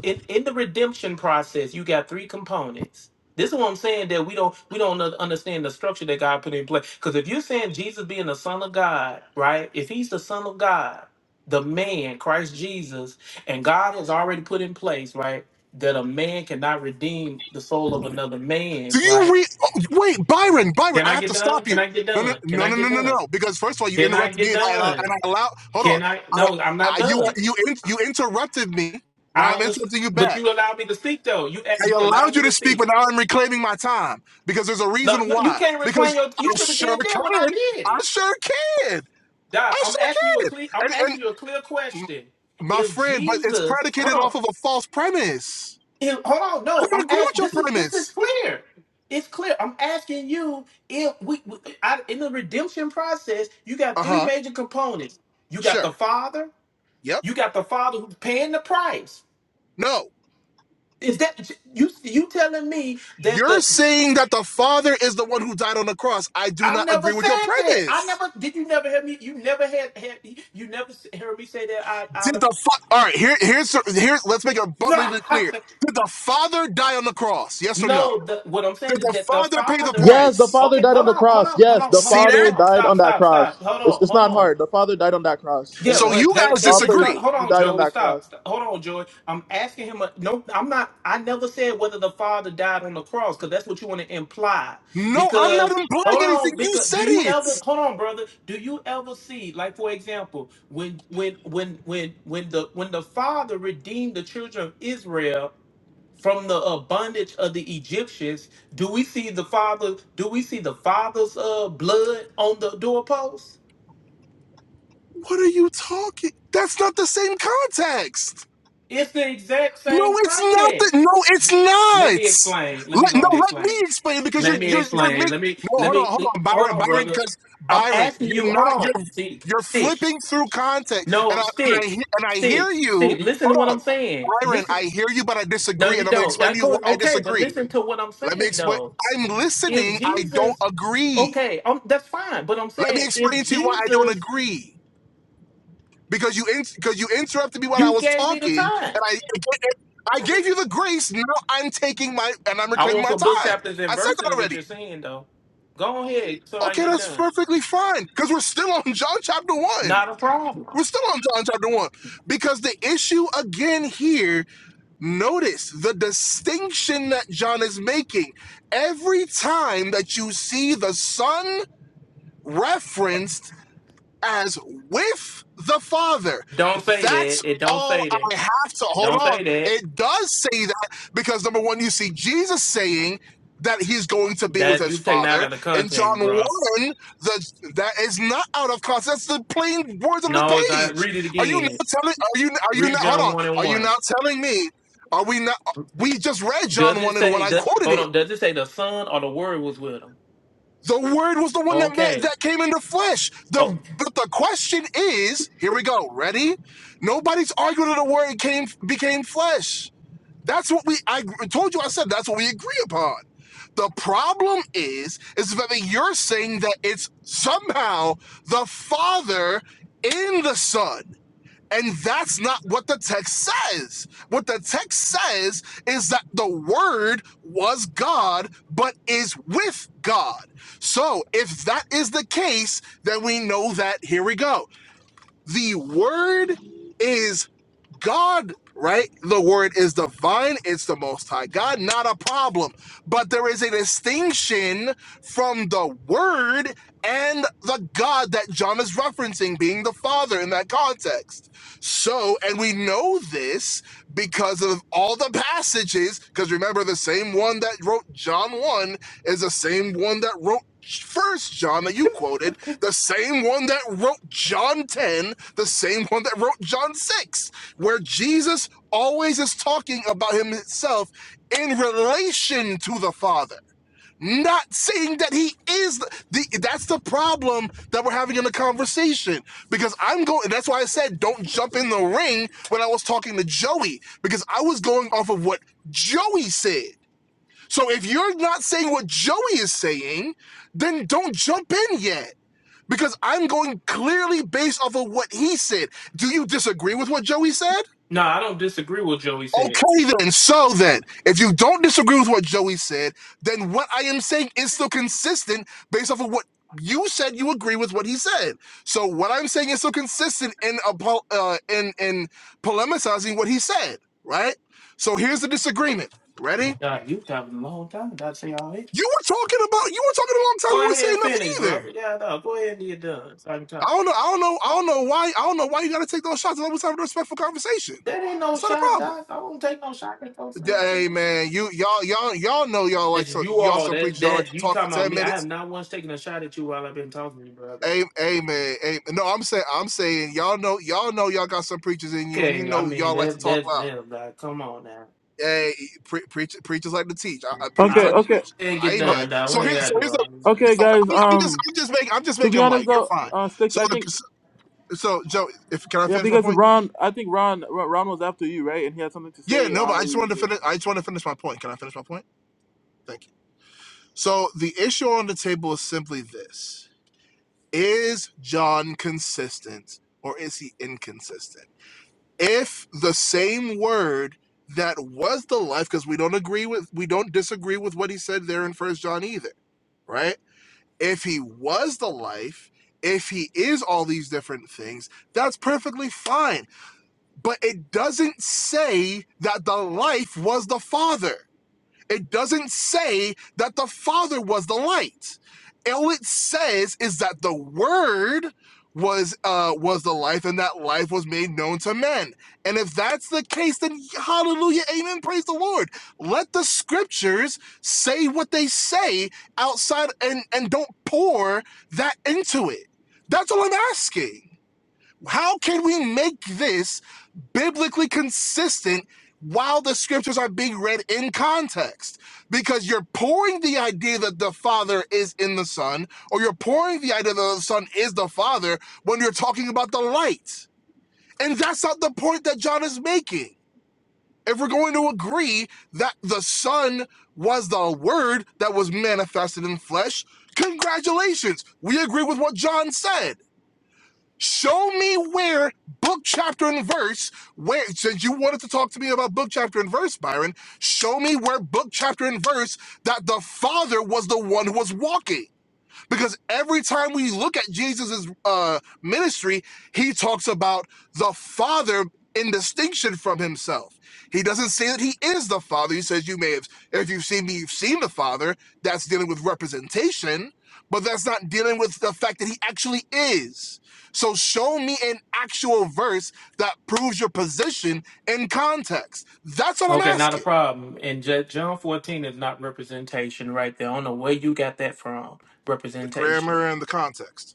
Speaker 9: in, in the redemption process, you got three components. This is what I'm saying that we don't we don't un- understand the structure that God put in place. Because if you're saying Jesus being the Son of God, right? If He's the Son of God, the man Christ Jesus, and God has already put in place, right, that a man cannot redeem the soul of another man,
Speaker 8: Do
Speaker 9: right?
Speaker 8: you re- oh, wait, Byron? Byron,
Speaker 9: Can
Speaker 8: I
Speaker 9: I
Speaker 8: have
Speaker 9: get
Speaker 8: to
Speaker 9: done?
Speaker 8: stop
Speaker 9: Can
Speaker 8: you.
Speaker 9: I get
Speaker 8: No, no,
Speaker 9: done? Can
Speaker 8: no,
Speaker 9: I
Speaker 8: no,
Speaker 9: get
Speaker 8: no, no,
Speaker 9: done?
Speaker 8: no. Because first of all, you
Speaker 9: Can I
Speaker 8: interrupted
Speaker 9: get
Speaker 8: me, and I and I, and
Speaker 9: done?
Speaker 8: I allow. Hold on,
Speaker 9: Can I?
Speaker 8: I,
Speaker 9: No, I'm not
Speaker 8: I you
Speaker 9: done.
Speaker 8: are- you in, you interrupted me. Now
Speaker 9: I
Speaker 8: I'm
Speaker 9: understand,
Speaker 8: interrupting you
Speaker 9: but
Speaker 8: back.
Speaker 9: you allowed me to speak though. You eh,
Speaker 8: I
Speaker 9: you allowed
Speaker 8: allowed you
Speaker 9: me
Speaker 8: to
Speaker 9: to
Speaker 8: speak,
Speaker 9: speak.
Speaker 8: but now I'm reclaiming my time because there's a
Speaker 9: No,
Speaker 8: reason
Speaker 9: no, you
Speaker 8: why.
Speaker 9: can't reclaim
Speaker 8: Because
Speaker 9: your. You
Speaker 8: I
Speaker 9: should have
Speaker 8: sure
Speaker 9: did that when I
Speaker 8: can.
Speaker 9: did
Speaker 8: I
Speaker 9: it.
Speaker 8: sure can.
Speaker 9: Doc,
Speaker 8: I
Speaker 9: I'm asking you a
Speaker 8: sure can.
Speaker 9: clear. I'm
Speaker 8: And and
Speaker 9: asking you a clear
Speaker 8: m-
Speaker 9: question.
Speaker 8: my
Speaker 9: If
Speaker 8: friend, but it's
Speaker 9: Jesus, hold
Speaker 8: predicated
Speaker 9: on,
Speaker 8: off of a false premise.
Speaker 9: if, hold on,
Speaker 8: I
Speaker 9: no,
Speaker 8: don't
Speaker 9: I'm
Speaker 8: agree with
Speaker 9: asking.
Speaker 8: your
Speaker 9: This is this is
Speaker 8: premise.
Speaker 9: clear. It's clear. I'm asking you if we, we I, in the redemption process, you got
Speaker 8: Uh
Speaker 9: three
Speaker 8: huh.
Speaker 9: major components. You got
Speaker 8: Sure.
Speaker 9: the Father.
Speaker 8: Yep.
Speaker 9: You got the Father who's paying the price.
Speaker 8: No.
Speaker 9: Is that you? You telling me that the
Speaker 8: You're saying that the Father is the one who died on the cross. I do
Speaker 9: I
Speaker 8: not
Speaker 9: never
Speaker 8: agree with your
Speaker 9: said that. I
Speaker 8: premise.
Speaker 9: never. Did you never hear me? You never had. had you never s- heard me say that out, out
Speaker 8: Did
Speaker 9: of.
Speaker 8: the fa- all right? Here, here's here's. Let's make it abundantly
Speaker 9: my-
Speaker 8: clear.
Speaker 9: *laughs*
Speaker 8: Did the Father die on the cross? Yes or no?
Speaker 9: no. The, what I'm saying
Speaker 8: Did
Speaker 9: is
Speaker 8: the
Speaker 9: that the
Speaker 8: Father pay the
Speaker 9: father.
Speaker 1: Yes, the
Speaker 8: price?
Speaker 1: Father
Speaker 9: Okay,
Speaker 1: died on
Speaker 9: hold
Speaker 1: the
Speaker 9: on, hold
Speaker 1: cross.
Speaker 9: on, hold
Speaker 1: Yes,
Speaker 9: on,
Speaker 1: the
Speaker 9: hold
Speaker 8: See
Speaker 9: on, hold
Speaker 1: Father
Speaker 8: that?
Speaker 9: on.
Speaker 1: died
Speaker 9: Stop,
Speaker 1: on that
Speaker 9: stop, stop.
Speaker 1: cross.
Speaker 9: Hold on,
Speaker 1: It's, it's
Speaker 9: hold
Speaker 1: not
Speaker 9: on.
Speaker 1: hard. The Father died on that cross.
Speaker 9: Yeah,
Speaker 8: So
Speaker 1: Amen.
Speaker 9: but
Speaker 8: you
Speaker 9: that
Speaker 8: guys
Speaker 9: in
Speaker 1: All
Speaker 9: this con-
Speaker 1: praises.
Speaker 8: disagree.
Speaker 9: hold
Speaker 1: He
Speaker 9: on,
Speaker 1: died on
Speaker 9: Joey,
Speaker 1: that cross.
Speaker 9: stop, stop. Hold on, Joey. I'm asking him. A, no, I'm not. I never said whether the father died on the cross because that's what you want to imply.
Speaker 8: No, I'm not
Speaker 9: Because
Speaker 8: implying
Speaker 9: hold
Speaker 8: anything.
Speaker 9: on,
Speaker 8: You
Speaker 9: because
Speaker 8: said
Speaker 9: do you ever
Speaker 8: it.
Speaker 9: hold on, brother? Do you ever see, like for example, when when when when when the when the father redeemed the children of Israel from the uh, bondage of the Egyptians? Do we see the father? Do we see the father's uh, blood on the doorpost?
Speaker 8: What are you talking? That's not the same context.
Speaker 9: It's the exact same
Speaker 8: No, it's not. The,
Speaker 9: context.
Speaker 8: no, it's
Speaker 9: Let me explain.
Speaker 8: not.
Speaker 9: Let me
Speaker 8: Let,
Speaker 9: go and
Speaker 8: no, let me
Speaker 9: explain.
Speaker 8: explain it because you're
Speaker 9: Let me
Speaker 8: you're you're
Speaker 9: explain.
Speaker 8: making.
Speaker 9: Let me
Speaker 8: No,
Speaker 9: let
Speaker 8: hold on,
Speaker 9: me
Speaker 8: hold on,
Speaker 9: hold
Speaker 8: Byron,
Speaker 9: on,
Speaker 8: Byron,
Speaker 9: brother.
Speaker 8: because
Speaker 9: I'm
Speaker 8: Byron,
Speaker 9: asking
Speaker 8: you're
Speaker 9: you. Hold
Speaker 8: not.
Speaker 9: on.
Speaker 8: You're
Speaker 9: See,
Speaker 8: you're
Speaker 9: sticks.
Speaker 8: flipping through context, and
Speaker 9: No
Speaker 8: I and I he-
Speaker 9: sticks.
Speaker 8: and I hear
Speaker 9: Sticks.
Speaker 8: you.
Speaker 9: Sticks. Listen to
Speaker 8: Hold
Speaker 9: what
Speaker 8: on,
Speaker 9: I'm saying.
Speaker 8: Byron, I
Speaker 9: Listen.
Speaker 8: hear you, but I
Speaker 9: No,
Speaker 8: disagree,
Speaker 9: you
Speaker 8: and I'm gonna
Speaker 9: don't.
Speaker 8: explain
Speaker 9: I
Speaker 8: to you why
Speaker 9: co-
Speaker 8: I
Speaker 9: okay, but
Speaker 8: disagree.
Speaker 9: listen to what I'm
Speaker 8: Let me
Speaker 9: saying
Speaker 8: explain.
Speaker 9: though.
Speaker 8: I'm
Speaker 9: If
Speaker 8: listening. I don't
Speaker 9: Jesus,
Speaker 8: agree.
Speaker 9: okay, um, that's fine. But I'm
Speaker 8: Let me
Speaker 9: saying if
Speaker 8: explain to you why I don't
Speaker 9: Jesus,
Speaker 8: agree because you in, because you interrupted me while I
Speaker 9: you
Speaker 8: was
Speaker 9: gave me the
Speaker 8: talking,
Speaker 9: time.
Speaker 8: and I I gave you the grace. Now I'm taking my and I'm
Speaker 9: I
Speaker 8: reclaiming
Speaker 9: want
Speaker 8: my
Speaker 9: some book
Speaker 8: time.
Speaker 9: chapters and
Speaker 8: I said
Speaker 9: verses
Speaker 8: that
Speaker 9: in what
Speaker 8: already.
Speaker 9: you're saying though. Go ahead so I can
Speaker 8: Okay,
Speaker 9: get
Speaker 8: that's
Speaker 9: done.
Speaker 8: perfectly fine because we're still on John chapter one.
Speaker 9: Not a problem.
Speaker 8: We're still on John chapter one because the issue again here. Notice the distinction that John is making. Every time that you see the son referenced as with the Father.
Speaker 9: It Don't say
Speaker 8: That's
Speaker 9: that. It don't
Speaker 8: all
Speaker 9: say that.
Speaker 8: I have to
Speaker 9: It
Speaker 8: hold
Speaker 9: don't
Speaker 8: on.
Speaker 9: say that.
Speaker 8: It does say that because number one, you see Jesus saying that he's going to be with
Speaker 9: That
Speaker 8: his
Speaker 9: you taking out
Speaker 8: father.
Speaker 9: of the
Speaker 8: In
Speaker 9: context,
Speaker 8: John
Speaker 9: bro.
Speaker 8: 1, the, that is not out of context. That's the plain words of the
Speaker 9: No, it's not.
Speaker 8: page.
Speaker 9: Read it
Speaker 8: Are you
Speaker 9: again.
Speaker 8: not telling are you are you
Speaker 9: Read
Speaker 8: not hold
Speaker 9: John
Speaker 8: on?
Speaker 9: one and
Speaker 8: Are you
Speaker 9: one.
Speaker 8: not telling me? Are we not we just read
Speaker 9: Does
Speaker 8: John
Speaker 9: it
Speaker 8: 1 and 1.
Speaker 9: say?
Speaker 8: I
Speaker 9: Does
Speaker 8: quoted
Speaker 9: hold
Speaker 8: it.
Speaker 9: on? Does it say the son or the word was with him?
Speaker 8: The word was the one that ma-
Speaker 9: Okay.
Speaker 8: that came into flesh.
Speaker 9: Oh
Speaker 8: The but the question is, here we go. Ready? Nobody's arguing that the word came became flesh. That's what we I told you I said that's what we agree upon. The problem is is that you're saying that it's somehow the father in the son. And that's not what the text says. What the text says is that the Word was God, but is with God. So if that is the case, then we know that, here we go. The Word is God, right? The Word is divine, it's the Most High God, not a problem. But there is a distinction from the Word and the God that John is referencing, being the Father in that context. So, and we know this because of all the passages, because remember, the same one that wrote John 1 is the same one that wrote First John that you quoted, the same one that wrote John 10, the same one that wrote John 6, where Jesus always is talking about himself in relation to the Father. Not saying that he is the, the that's the problem that we're having in the conversation. Because I'm going that's why I said don't jump in the ring when I was talking to Joey, because I was going off of what Joey said. So if you're not saying what Joey is saying, then don't jump in yet. Because I'm going clearly based off of what he said. Do you disagree with what Joey said?
Speaker 9: no, I don't disagree with Joey said.
Speaker 8: Okay, then. So then, if you don't disagree with what Joey said, then what I am saying is still consistent based off of what you said. You agree with what he said. So what I'm saying is still consistent in apo- uh, in in polemicizing what he said. Right. So here's the disagreement. Ready?
Speaker 9: Uh, you talking a long time. Not say all that.
Speaker 8: You were talking about you were talking a long time.
Speaker 9: Go
Speaker 8: We weren't
Speaker 9: ahead
Speaker 8: saying
Speaker 9: and
Speaker 8: nothing
Speaker 9: finish, bro.
Speaker 8: either.
Speaker 9: Yeah, no. Go ahead and get done. So I can
Speaker 8: I
Speaker 9: talk.
Speaker 8: don't know. I don't know. I don't know why. I don't know why you got to take those shots. I was having a respectful conversation.
Speaker 9: That ain't no
Speaker 8: It's not a
Speaker 9: shot,
Speaker 8: problem.
Speaker 9: Doc. I won't take no shot at those.
Speaker 8: Yeah, Hey man, you y'all y'all y'all know y'all like
Speaker 9: That's
Speaker 8: some
Speaker 9: you
Speaker 8: y'all
Speaker 9: all.
Speaker 8: some
Speaker 9: That
Speaker 8: preachers y'all like
Speaker 9: that
Speaker 8: to
Speaker 9: you
Speaker 8: talk for
Speaker 9: talking about
Speaker 8: ten
Speaker 9: me? I have
Speaker 8: minutes.
Speaker 9: not once taken a shot at you while I've been talking to you, brother.
Speaker 8: Hey, hey man, hey, no, I'm saying I'm saying y'all know y'all know y'all got some preachers in you, and you
Speaker 9: Okay, I
Speaker 8: know
Speaker 9: mean
Speaker 8: y'all like to
Speaker 9: that
Speaker 8: talk
Speaker 9: that
Speaker 8: loud.
Speaker 9: that. Like, come on now.
Speaker 8: Hey, pre- preach, preachers like to teach. I, I
Speaker 9: I
Speaker 8: preach
Speaker 1: Okay,
Speaker 8: like
Speaker 9: don't.
Speaker 8: to
Speaker 1: okay,
Speaker 8: preach.
Speaker 9: ain't get
Speaker 1: O-
Speaker 8: Amen.
Speaker 9: done, dog. We
Speaker 8: So
Speaker 9: ain't
Speaker 8: here's so
Speaker 9: gotta do
Speaker 8: here's a,
Speaker 9: all that.
Speaker 1: okay,
Speaker 8: so
Speaker 1: guys.
Speaker 8: I'm, I'm just
Speaker 1: Um,
Speaker 8: I'm just making I'm just
Speaker 1: to be
Speaker 8: making
Speaker 1: honest
Speaker 8: light. You're
Speaker 1: though,
Speaker 8: fine.
Speaker 1: uh, sticks.
Speaker 8: So
Speaker 1: I think
Speaker 8: so so, Joe, if can I
Speaker 1: yeah,
Speaker 8: finish my
Speaker 1: because
Speaker 8: point?
Speaker 1: Ron, I think Ron, Ron Ron was after you, right? And he had something to
Speaker 8: Yeah,
Speaker 1: say.
Speaker 8: no,
Speaker 1: I
Speaker 8: but I
Speaker 1: know
Speaker 8: just
Speaker 1: you.
Speaker 8: wanted to
Speaker 1: Good.
Speaker 8: finish. I just wanted to finish my point. Can I finish my point? Thank you. So the issue on the table is simply this Is John consistent or is he inconsistent? If the same word that was the life, because we don't agree with, we don't disagree with what he said there in First John either, right? If he was the life, if he is all these different things, that's perfectly fine. But it doesn't say that the life was the Father. It doesn't say that the Father was the light. All it says is that the Word was uh, was the life, and that life was made known to men. And if that's the case, then hallelujah, amen, praise the Lord. Let the Scriptures say what they say outside, and and don't pour that into it. That's all I'm asking. How can we make this biblically consistent while the scriptures are being read in context? Because you're pouring the idea that the Father is in the Son, or you're pouring the idea that the Son is the Father when you're talking about the light. And that's not the point that John is making. If we're going to agree that the Son was the Word that was manifested in flesh, congratulations. We agree with what John said Show me where book, chapter, and verse, where, since you wanted to talk to me about book, chapter, and verse, Byron, show me where book, chapter, and verse that the Father was the one who was walking. Because every time we look at Jesus's uh, ministry, he talks about the Father in distinction from himself. He doesn't say that he is the Father. He says, You may have, if you've seen me, you've seen the Father. That's dealing with representation, but that's not dealing with the fact that he actually is. So show me an actual verse that proves your position in context. That's what I'm
Speaker 9: Okay, not a
Speaker 8: asking
Speaker 9: problem. And Ju- John fourteen is not representation, right there. I don't know where you got that from.
Speaker 8: the
Speaker 9: Representation.
Speaker 8: grammar and the context.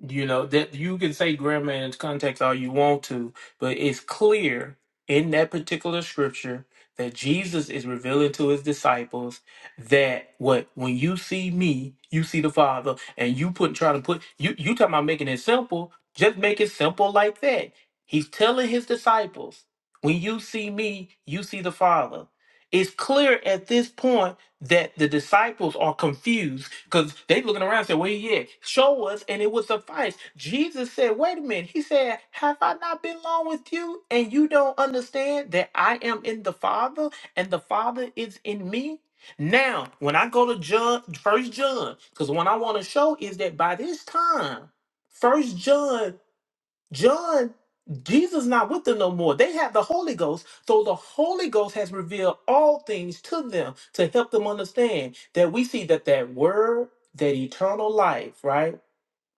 Speaker 9: You know, that you can say grammar and context all you want to, but it's clear in that particular scripture that Jesus is revealing to his disciples that what when you see me, you see the Father, and you put trying to put you you talking about making it simple, just make it simple like that. He's telling his disciples, when you see me, you see the Father. It's clear at this point that the disciples are confused because they looking around and say, Well, yeah, show us, and it would suffice. Jesus said, Wait a minute. He said, Have I not been long with you? And you don't understand that I am in the Father and the Father is in me? Now, when I go to John, first John, because what I want to show is that by this time, first John John, Jesus not with them no more. They have the Holy Ghost. So the Holy Ghost has revealed all things to them to help them understand that we see that that word, that eternal life, right?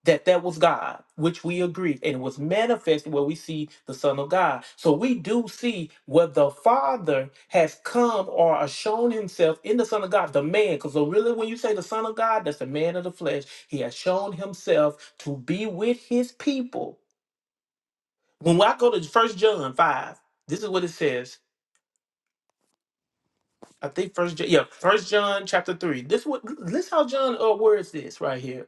Speaker 9: That that was God, which we agree, and was manifested where we see the Son of God. So we do see where the Father has come or has shown himself in the Son of God, the man. Because so really, when you say the Son of God, that's the man of the flesh. He has shown himself to be with his people when I go to First John five, this is what it says. I think First John, yeah, First John chapter three. This what this how John uh, words this right here.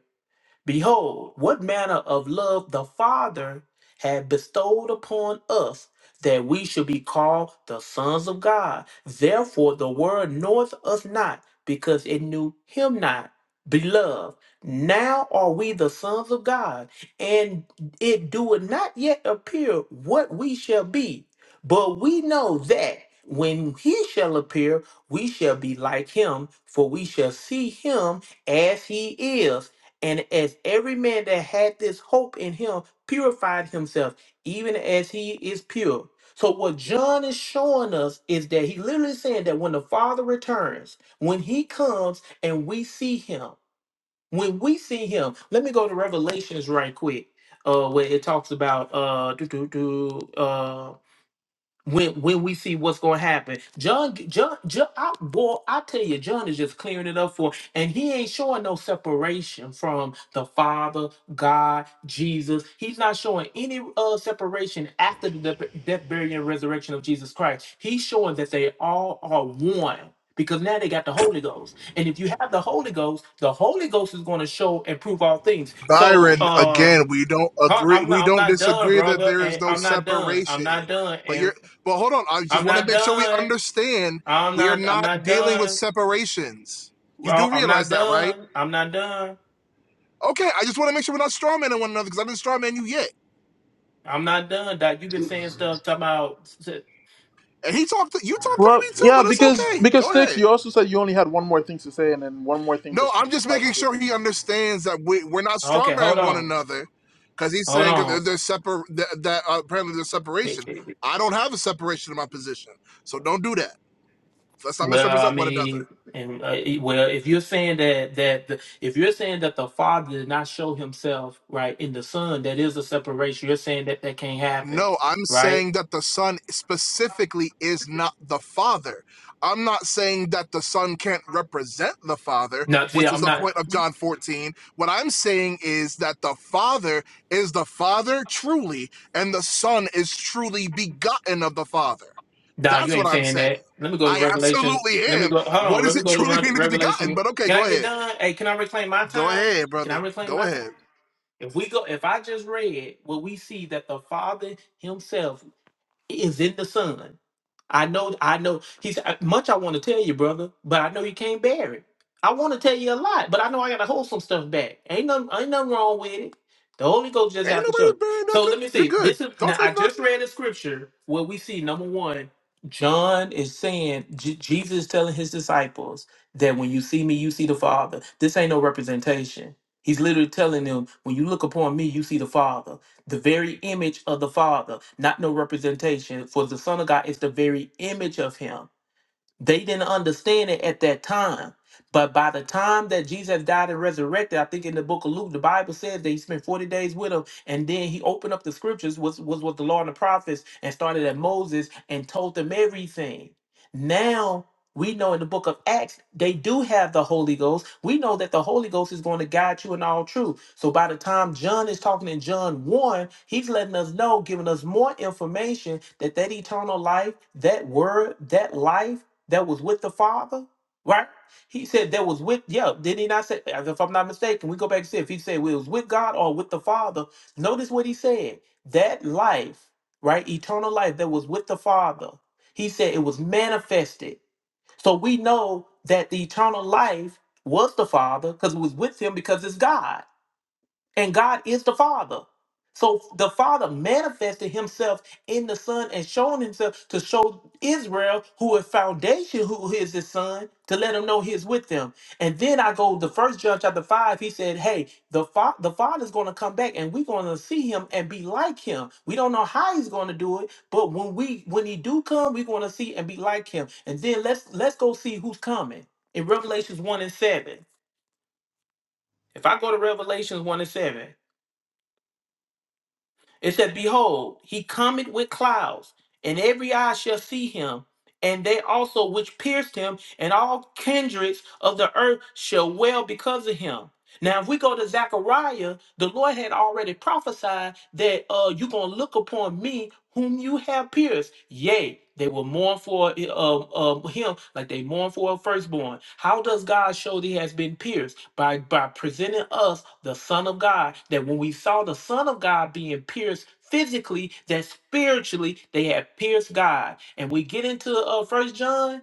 Speaker 9: Behold, what manner of love the Father had bestowed upon us that we should be called the sons of God. Therefore, the world knoweth us not because it knew him not. Beloved, now are we the sons of God, and it doeth not yet appear what we shall be. But we know that when he shall appear, we shall be like him, for we shall see him as he is. And as every man that had this hope in him purified himself, even as he is pure. So, what John is showing us is that he literally saying that when the Father returns, when he comes and we see him, when we see him, let me go to Revelations right quick, uh, where it talks about uh, do, do, do, uh, when when we see what's going to happen. John, John, John I, boy, I tell you, John is just clearing it up for, and he ain't showing no separation from the Father, God, Jesus. He's not showing any uh, separation after the death, death, burial, and resurrection of Jesus Christ. He's showing that they all are one. Because now they got the Holy Ghost. And if you have the Holy Ghost, the Holy Ghost is going to show and prove all things. So
Speaker 8: Byron,
Speaker 9: uh,
Speaker 8: again, we don't
Speaker 9: I-
Speaker 8: agree.
Speaker 9: I'm not
Speaker 8: We
Speaker 9: I'm
Speaker 8: don't
Speaker 9: not done,
Speaker 8: disagree that
Speaker 9: brother.
Speaker 8: there is
Speaker 9: And
Speaker 8: no
Speaker 9: I'm not done. I'm not
Speaker 8: separation. But
Speaker 9: done.
Speaker 8: you're. But hold on. I just
Speaker 9: I'm
Speaker 8: want to
Speaker 9: not
Speaker 8: make sure we
Speaker 9: done.
Speaker 8: understand.
Speaker 9: I'm
Speaker 8: We are
Speaker 9: not. I'm
Speaker 8: not
Speaker 9: not
Speaker 8: dealing with
Speaker 9: done.
Speaker 8: separations. You
Speaker 9: Well,
Speaker 8: do
Speaker 9: I'm not
Speaker 8: realize that, right?
Speaker 9: done. I'm not done.
Speaker 8: Okay. I just want to make sure we're not strawmanning one another because I didn't strawman you yet.
Speaker 9: I'm not done. Doc, you've been saying stuff talking about.
Speaker 8: And he talked. You talked over
Speaker 1: Well,
Speaker 8: me too,
Speaker 1: yeah,
Speaker 8: but it's
Speaker 1: because
Speaker 8: okay.
Speaker 1: because
Speaker 8: Go
Speaker 1: sticks.
Speaker 8: ahead.
Speaker 1: You also said you only had one more thing to say, and then one more thing
Speaker 8: No,
Speaker 1: just
Speaker 8: I'm
Speaker 1: turns to
Speaker 8: just
Speaker 1: five
Speaker 8: making
Speaker 1: hundred
Speaker 8: sure he
Speaker 1: things.
Speaker 8: understands that we, we're not
Speaker 9: Okay, hold
Speaker 8: strawmanning one
Speaker 9: on.
Speaker 8: another because he's
Speaker 9: Hold
Speaker 8: saying
Speaker 9: on.
Speaker 8: that there's separ- that, that uh, apparently there's separation. I don't have a separation in my position. So don't do that. Let's not
Speaker 9: Well, I
Speaker 8: misrepresent one
Speaker 9: mean,
Speaker 8: another.
Speaker 9: and uh, e, well, if you're saying that that the, if you're saying that the father did not show himself right in the son, that is a separation. You're saying that that can't happen,
Speaker 8: No, I'm
Speaker 9: right?
Speaker 8: saying that the Son specifically is not the Father. I'm not saying that the Son can't represent the Father,
Speaker 9: No, see,
Speaker 8: which is
Speaker 9: I'm
Speaker 8: the
Speaker 9: not.
Speaker 8: point of John 14. What I'm saying is that the Father is the Father truly, and the Son is truly begotten of the Father.
Speaker 9: Nah, you
Speaker 8: That's what
Speaker 9: ain't
Speaker 8: I'm
Speaker 9: saying
Speaker 8: saying.
Speaker 9: that. Let me go to
Speaker 8: I
Speaker 9: Revelation.
Speaker 8: absolutely
Speaker 9: Let me
Speaker 8: am.
Speaker 9: go. Hold
Speaker 8: What
Speaker 9: on. Let
Speaker 8: does
Speaker 9: me
Speaker 8: it
Speaker 9: go to
Speaker 8: truly
Speaker 9: Re-
Speaker 8: mean to be begotten?
Speaker 9: Revelation.
Speaker 8: But okay,
Speaker 9: Can
Speaker 8: go
Speaker 9: I get
Speaker 8: ahead.
Speaker 9: done? Hey, can I reclaim my
Speaker 8: Go
Speaker 9: time?
Speaker 8: ahead,
Speaker 9: Can I
Speaker 8: brother.
Speaker 9: reclaim my
Speaker 8: Go
Speaker 9: time?
Speaker 8: ahead.
Speaker 9: If we go, if I just read what we see that the Father Himself is in the sun. I know, I know. He's much I want to tell you, brother, but I know you can't bear it. I want to tell you a lot, but I know I gotta hold some stuff back. Ain't nothing, ain't nothing wrong with it. The Holy Ghost just
Speaker 8: Ain't
Speaker 9: have to show.
Speaker 8: nobody
Speaker 9: it.
Speaker 8: bearing
Speaker 9: So
Speaker 8: nothing.
Speaker 9: let me
Speaker 8: You're
Speaker 9: see.
Speaker 8: good.
Speaker 9: This is
Speaker 8: Don't
Speaker 9: now. I
Speaker 8: take nothing.
Speaker 9: just read a scripture where we see number one, John is saying J- Jesus is telling his disciples that when you see me, you see the Father. This ain't no representation. He's literally telling them, when you look upon me, you see the Father the very image of the Father, not no representation. For the Son of God is the very image of Him. They didn't understand it at that time. But by the time that Jesus died and resurrected, I think in the book of Luke, the Bible says that he spent 40 days with him. And then he opened up the scriptures, was, was with the law and the prophets, and started at Moses and told them everything. Now we know in the book of Acts, they do have the Holy Ghost. We know that the Holy Ghost is going to guide you in all truth. So by the time John is talking in John 1, he's letting us know, giving us more information that that eternal life, that word, that life, that was with the Father, right? He said that was with, yeah, did he not say, if I'm not mistaken, we go back and see if he said it was with God or with the Father. Notice what he said. That life, right? Eternal life that was with the Father. He said it was manifested. So we know that the eternal life was the Father because it was with him because it's God and God is the Father. So the Father manifested Himself in the Son and shown Himself to show Israel, who is foundation, who is His Son, to let Him know He's with them. And then I go the first John chapter five. He said, "Hey, the fa- the Father's going to come back, and we're going to see Him and be like Him. We don't know how He's going to do it, but when we when He do come, we're going to see and be like Him. And then let's let's go see who's coming in Revelations one and seven. If I go to Revelations one and seven. It said, Behold, he cometh with clouds, and every eye shall see him, and they also which pierced him, and all kindreds of the earth shall wail because of him. Now, if we go to Zechariah, the Lord had already prophesied that uh, you're going to look upon me whom you have pierced. Yea, they will mourn for uh, uh, him like they mourn for a firstborn. How does God show that he has been pierced? By, by presenting us the Son of God, that when we saw the Son of God being pierced, Physically, that spiritually they had pierced God, and we get into uh First John,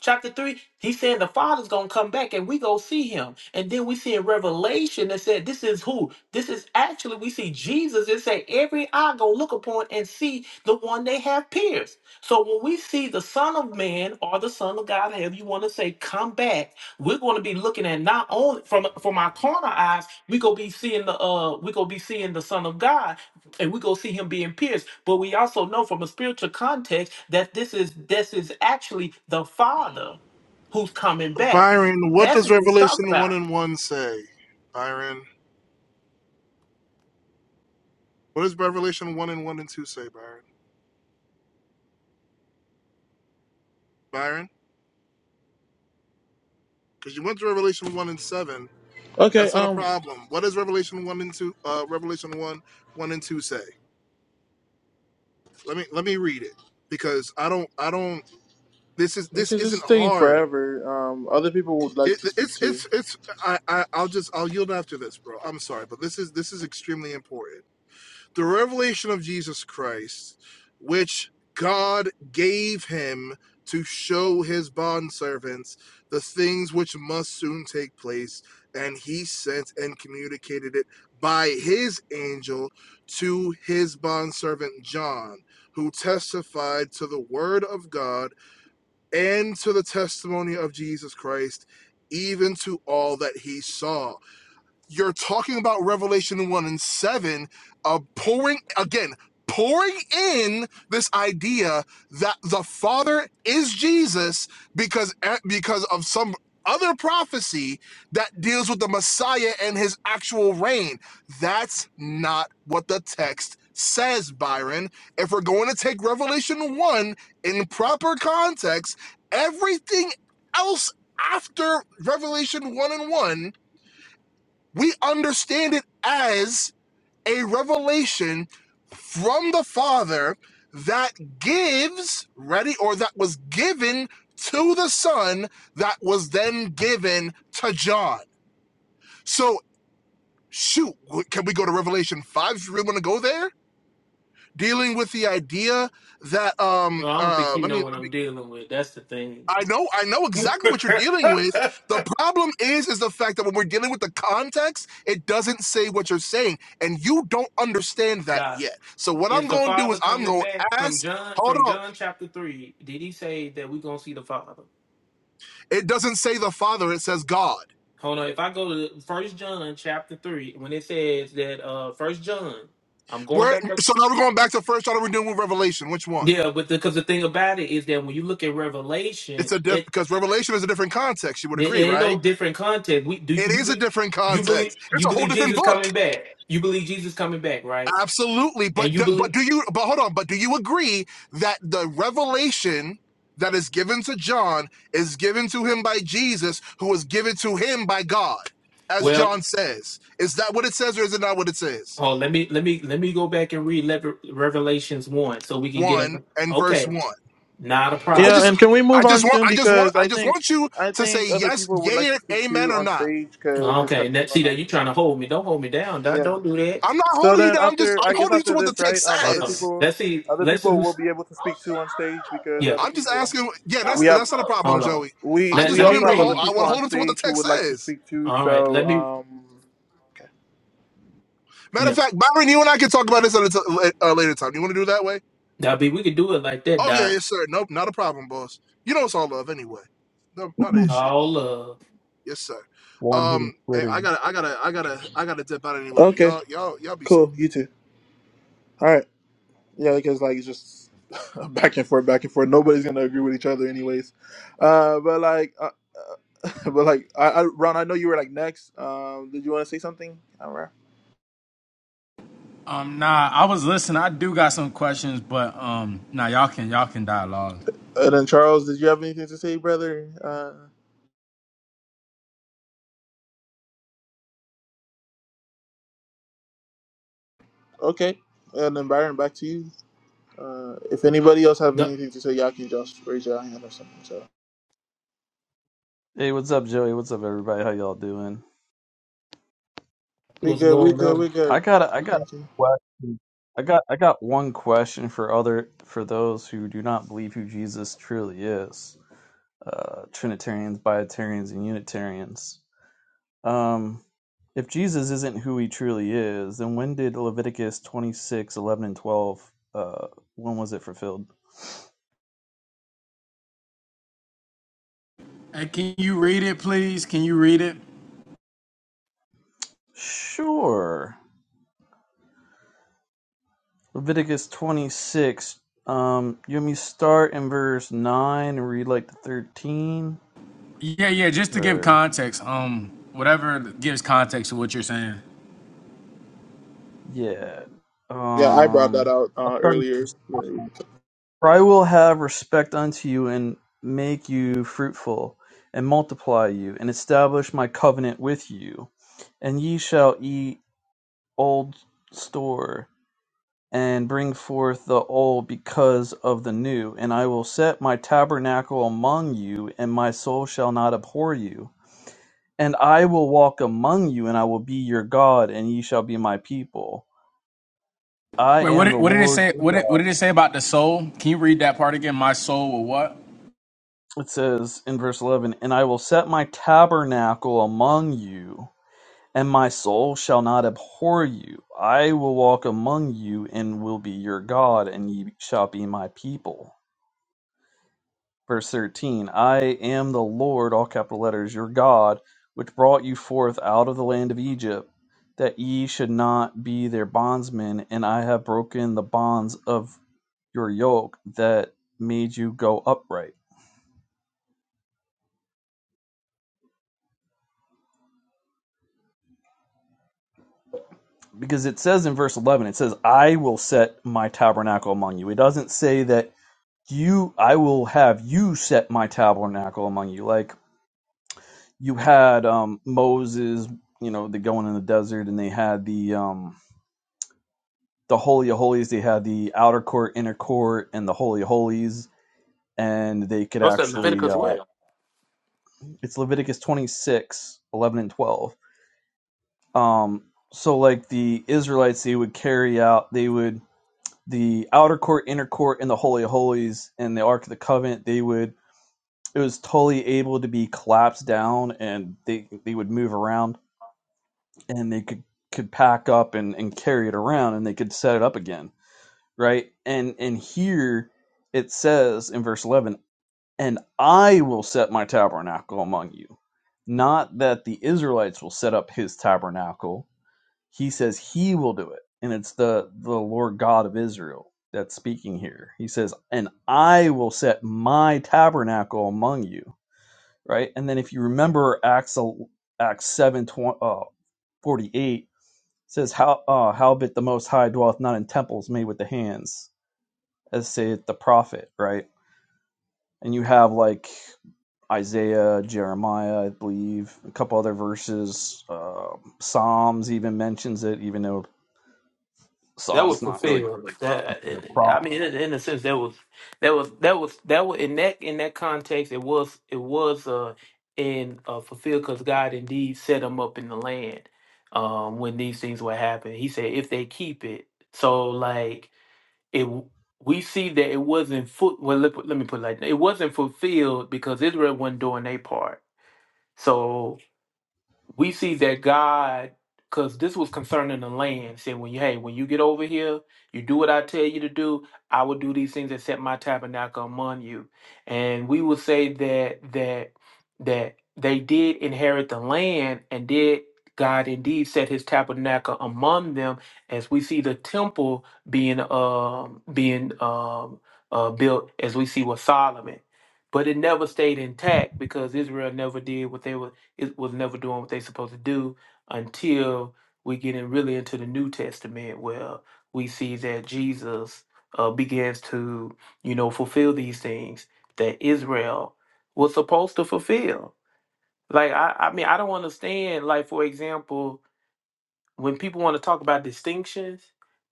Speaker 9: chapter 3 he's saying the father's gonna come back and we go see him and then we see in revelation that said this is who this is actually we see jesus and say every eye gonna look upon and see the one they have pierced so when we see the son of man or the son of god however you want to say come back we're going to be looking at not only from from our corner eyes we gonna be seeing the uh we gonna be seeing the son of god and we go see him being pierced but we also know from a spiritual context that this is this is actually the father who's coming back
Speaker 8: Byron, what
Speaker 9: that's
Speaker 8: does
Speaker 9: what it's talking
Speaker 8: Revelation
Speaker 9: about
Speaker 8: 1 and 1 say? Byron, what does Revelation 1 and 1 and 2 say, Byron? Byron, because you went to Revelation 1 and 7.
Speaker 1: Okay,
Speaker 8: That's not a
Speaker 1: um,
Speaker 8: problem. What does Revelation 1 and 2 uh Revelation 1 1 and 2 say? Let me let me read it because I don't I don't this is this
Speaker 1: because this is
Speaker 8: isn't
Speaker 1: taking
Speaker 8: hard.
Speaker 1: forever. Um, other people would like
Speaker 8: It,
Speaker 1: to speak
Speaker 8: it's
Speaker 1: too.
Speaker 8: it's it's I, I I'll just I'll yield after this, bro. I'm sorry, but this is this is extremely important. the revelation of Jesus Christ, which God gave him to show his bondservants the things which must soon take place, and he sent and communicated it by his angel to his bondservant John, who testified to the word of God and to the testimony of Jesus Christ, even to all that he saw you're talking about Revelation 1 and 7, uh, pouring, again, pouring in this idea that the Father is Jesus because, eh, because of some other prophecy that deals with the Messiah and his actual reign. That's not what the text says, Byron. If we're going to take Revelation 1 in proper context, everything else after Revelation 1 and 1 we understand it as a revelation from the Father that gives, ready, or that was given to the Son that was then given to John. So, shoot, can we go to Revelation 5 if you really want to go there? Dealing with the idea that um
Speaker 9: well, i don't think
Speaker 8: uh
Speaker 9: you
Speaker 8: let me
Speaker 9: know
Speaker 8: let
Speaker 9: what
Speaker 8: me
Speaker 9: i'm dealing with that's the thing
Speaker 8: I know, I know
Speaker 9: *laughs* okay
Speaker 8: exactly what you're dealing with. The problem is, is the fact that when we're dealing with the context, it doesn't say what you're saying, and you don't understand that
Speaker 9: Doc,
Speaker 8: yet. So what
Speaker 9: is
Speaker 8: I'm
Speaker 9: the
Speaker 8: going to do
Speaker 9: father
Speaker 8: is I'm
Speaker 9: coming
Speaker 8: going to
Speaker 9: back from
Speaker 8: ask.
Speaker 9: john
Speaker 8: Hold
Speaker 9: from
Speaker 8: on,
Speaker 9: john chapter 3 did he say that we're gonna see the father
Speaker 8: it doesn't say the Father; it says God.
Speaker 9: hold on if i go to first john chapter 3 when it says that uh first john i'm going
Speaker 8: Where?
Speaker 9: back
Speaker 8: So now we're going back to first. What are we doing with Revelation? Which one?
Speaker 9: Yeah, but because the, 'cause the thing about it is that when you look at
Speaker 8: It's
Speaker 9: Revelation,
Speaker 8: a diff
Speaker 9: it
Speaker 8: because Revelation is a different context. You would
Speaker 9: it
Speaker 8: agree,
Speaker 9: ain't
Speaker 8: right?
Speaker 9: no different context. We do
Speaker 8: It
Speaker 9: you
Speaker 8: is a
Speaker 9: believe
Speaker 8: different
Speaker 9: you believe
Speaker 8: context. It's
Speaker 9: you
Speaker 8: a whole
Speaker 9: believe
Speaker 8: different
Speaker 9: Jesus
Speaker 8: book.
Speaker 9: coming back. You believe Jesus coming back, right?
Speaker 8: Absolutely,
Speaker 9: And
Speaker 8: but
Speaker 9: you
Speaker 8: do, but
Speaker 9: believe
Speaker 8: do you but hold on, but do you agree that the revelation that is given to John is given to him by Jesus, who was given to him by God, as
Speaker 9: well.
Speaker 8: John says? Is that what it says, or is it not what it says?
Speaker 9: Oh, let me let me let me go back and read Lever- Revelations one so we can get
Speaker 8: One
Speaker 9: a
Speaker 8: and verse
Speaker 9: okay.
Speaker 8: one. I
Speaker 9: Not a
Speaker 1: Yeah,
Speaker 9: problem.
Speaker 8: just
Speaker 1: and can we
Speaker 8: I
Speaker 1: move on
Speaker 8: just want
Speaker 1: soon?
Speaker 8: I just want
Speaker 1: Because
Speaker 8: I
Speaker 1: I
Speaker 8: just
Speaker 1: think,
Speaker 8: want you
Speaker 1: I
Speaker 8: to
Speaker 1: think
Speaker 8: say
Speaker 1: other
Speaker 8: yes,
Speaker 1: people would
Speaker 8: yay,
Speaker 1: like to
Speaker 8: and
Speaker 1: speak
Speaker 8: amen,
Speaker 1: too
Speaker 8: or
Speaker 1: on
Speaker 8: not.
Speaker 1: stage because this
Speaker 9: Okay,
Speaker 1: has
Speaker 9: and
Speaker 1: been
Speaker 9: that, see
Speaker 1: going on
Speaker 9: that you
Speaker 1: too
Speaker 9: trying
Speaker 1: long.
Speaker 9: to hold me. Don't hold me down. Don't
Speaker 1: Yeah.
Speaker 9: don't do that.
Speaker 8: I'm not
Speaker 1: So
Speaker 8: holding you
Speaker 1: then
Speaker 8: down. I'm just
Speaker 1: after, I
Speaker 8: I'm
Speaker 1: guess
Speaker 8: holding you to
Speaker 1: after
Speaker 8: what the
Speaker 1: this, right?
Speaker 8: text
Speaker 1: Um,
Speaker 9: Hold
Speaker 1: other
Speaker 9: on.
Speaker 8: says.
Speaker 1: people,
Speaker 9: Let's see.
Speaker 1: other
Speaker 9: Let's see
Speaker 1: people will
Speaker 9: who's
Speaker 1: be able to speak too on stage because
Speaker 9: yeah.
Speaker 1: other
Speaker 8: I'm just
Speaker 1: people,
Speaker 8: asking. Yeah, that's
Speaker 1: we have,
Speaker 8: that's not a problem,
Speaker 9: Hold on.
Speaker 8: Joey.
Speaker 1: we
Speaker 8: I
Speaker 9: Let
Speaker 1: we
Speaker 8: just
Speaker 9: let
Speaker 8: want
Speaker 9: me
Speaker 8: him
Speaker 1: also
Speaker 8: to
Speaker 1: have other
Speaker 8: hold.
Speaker 9: read.
Speaker 8: I want
Speaker 1: people
Speaker 8: to
Speaker 1: on
Speaker 8: hold him to what the
Speaker 1: stage who
Speaker 8: text
Speaker 1: would like to
Speaker 8: says.
Speaker 1: speak too.
Speaker 9: All right. Let
Speaker 1: So
Speaker 9: me.
Speaker 1: um,
Speaker 8: Matter
Speaker 9: yeah.
Speaker 8: of fact, Byron, you and I can talk about this at a t- uh, uh, later time. You want to do it that way?
Speaker 9: Now, B, we could do it like that,
Speaker 8: Oh yeah,
Speaker 9: Doc.
Speaker 8: yes sir. Nope, not a problem, boss. You know it's all love anyway. No, not an
Speaker 10: *clears throat*
Speaker 8: issue.
Speaker 9: All uh,
Speaker 8: Yes sir.
Speaker 10: One hit
Speaker 8: Um, eh,
Speaker 10: Twitter.
Speaker 8: I gotta, I gotta, I gotta, I gotta dip out anyway. But
Speaker 1: okay,
Speaker 8: y'all, y'all, y'all be safe.
Speaker 1: cool. You too. All right. Yeah, because like it's just *laughs* back and forth, back and forth. Nobody's gonna agree with each other, anyways. Uh, but like, uh, uh, *laughs* but like, I, I, Ron, I know you were like next. Um, did you want to say something? I
Speaker 3: Um, nah, I was listening. I do got some questions, but um, nah, y'all can y'all can dialogue.
Speaker 1: And then Charles, did you have anything to say, brother? Uh, okay. And then Byron, back to you. Uh, if anybody else have
Speaker 9: the
Speaker 1: anything to say, y'all can just raise your hand or something. So
Speaker 10: Hey, what's up, Joey? What's up, everybody? How y'all doing?
Speaker 1: we
Speaker 9: what's
Speaker 1: good, we
Speaker 9: going
Speaker 1: good, we
Speaker 9: on.
Speaker 10: I
Speaker 1: good.
Speaker 10: got a, I got a
Speaker 1: Thank you.
Speaker 10: question. I got I got one question for other for those who do not believe who Jesus truly is. Uh, Trinitarians, Biotarians, and Unitarians. Um, if Jesus isn't who he truly is, then when did Leviticus 26, 11, and 12, uh, when was it fulfilled?
Speaker 3: Hey, can you read it, please? Can you read it?
Speaker 10: Sure. Leviticus 26. Um, you want me to start in verse 9 and read like the 13?
Speaker 3: Yeah, yeah. Just to give
Speaker 10: Or,
Speaker 3: context, um, whatever gives context to what you're saying.
Speaker 10: yeah.
Speaker 1: Yeah, I brought that
Speaker 10: Um,
Speaker 1: out
Speaker 10: I'll
Speaker 1: uh,
Speaker 10: start with
Speaker 1: earlier.
Speaker 10: verse- For I will have respect unto you and make you fruitful and multiply you and establish my covenant with you. And ye shall eat old store and bring forth the old because of the new. And I will set my tabernacle among you, and my soul shall not abhor you. And I will walk among you, and I will be your God, and ye shall be my people. I
Speaker 3: Wait, what
Speaker 10: am the
Speaker 3: did, what did it
Speaker 10: Lord
Speaker 3: say?
Speaker 10: your
Speaker 3: What did,
Speaker 10: God.
Speaker 3: what did it say about the soul? Can you read that part again? My soul will what?
Speaker 10: It says in verse 11, And I will set my tabernacle among you, and my soul shall not abhor you. I will walk among you, and will be your God, and ye shall be my people. verse 13 i am the lord all capital letters your god which brought you forth out of the land of egypt that ye should not be their bondsmen and i have broken the bonds of your yoke that made you go upright because it says in verse 11 it says i will set my tabernacle among you it doesn't say that you i will have you set my tabernacle among you like you had um moses you know the going in the desert and they had the um the Holy of Holies. They had the outer court, inner court, and the Holy of Holies. And they could
Speaker 9: What's that
Speaker 10: actually,
Speaker 9: Leviticus
Speaker 10: uh,
Speaker 9: well?
Speaker 10: it's Leviticus 26, 11 and 12. Um, so, like the Israelites, they would carry out, they would, the outer court, inner court, and the Holy of Holies and the Ark of the Covenant, they would, it was totally able to be collapsed down and they, they would move around and they could, could pack up and, and carry it around and they could set it up again right? And and here it says in verse 11, "And I will set my tabernacle among you." Not that the Israelites will set up his tabernacle. He says he will do it. And it's the the Lord God of Israel that's speaking here. He says, "And I will set my tabernacle among you." Right? And then if you remember Acts Acts 7 uh, 48 it says how uh howbeit the most high dwelleth not in temples made with the hands as say the prophet, right? And you have like Isaiah, Jeremiah, I believe, a couple other verses. Uh, Psalms even mentions it, even though
Speaker 9: That
Speaker 10: Psalms
Speaker 9: was
Speaker 10: not really
Speaker 9: fulfilled. That
Speaker 10: a
Speaker 9: uh,
Speaker 10: prophet.
Speaker 9: I mean, in, in a sense, that was that was that was that was in that in that context, it was it was uh in uh fulfilled because God indeed set them up in the land um when these things were happening. He said if they keep it, so like it. We see that it wasn't foot. Well, let, let me put it like that. It wasn't fulfilled because Israel wasn't doing their part. So we see that God, because this was concerning the land, said, "When you hey, when you get over here, you do what I tell you to do. I will do these things that set my tabernacle among you." And we will say that that that they did inherit the land, and did God indeed set His tabernacle among them, as we see the temple being um being um uh, built, as we see with Solomon. But it never stayed intact because Israel never did what they were it was never doing what they supposed to do until we get in really into the New Testament where we see that Jesus uh, begins to, you know, fulfill these things that Israel was supposed to fulfill. Like I, I mean, I don't understand. Like for example, when people want to talk about distinctions,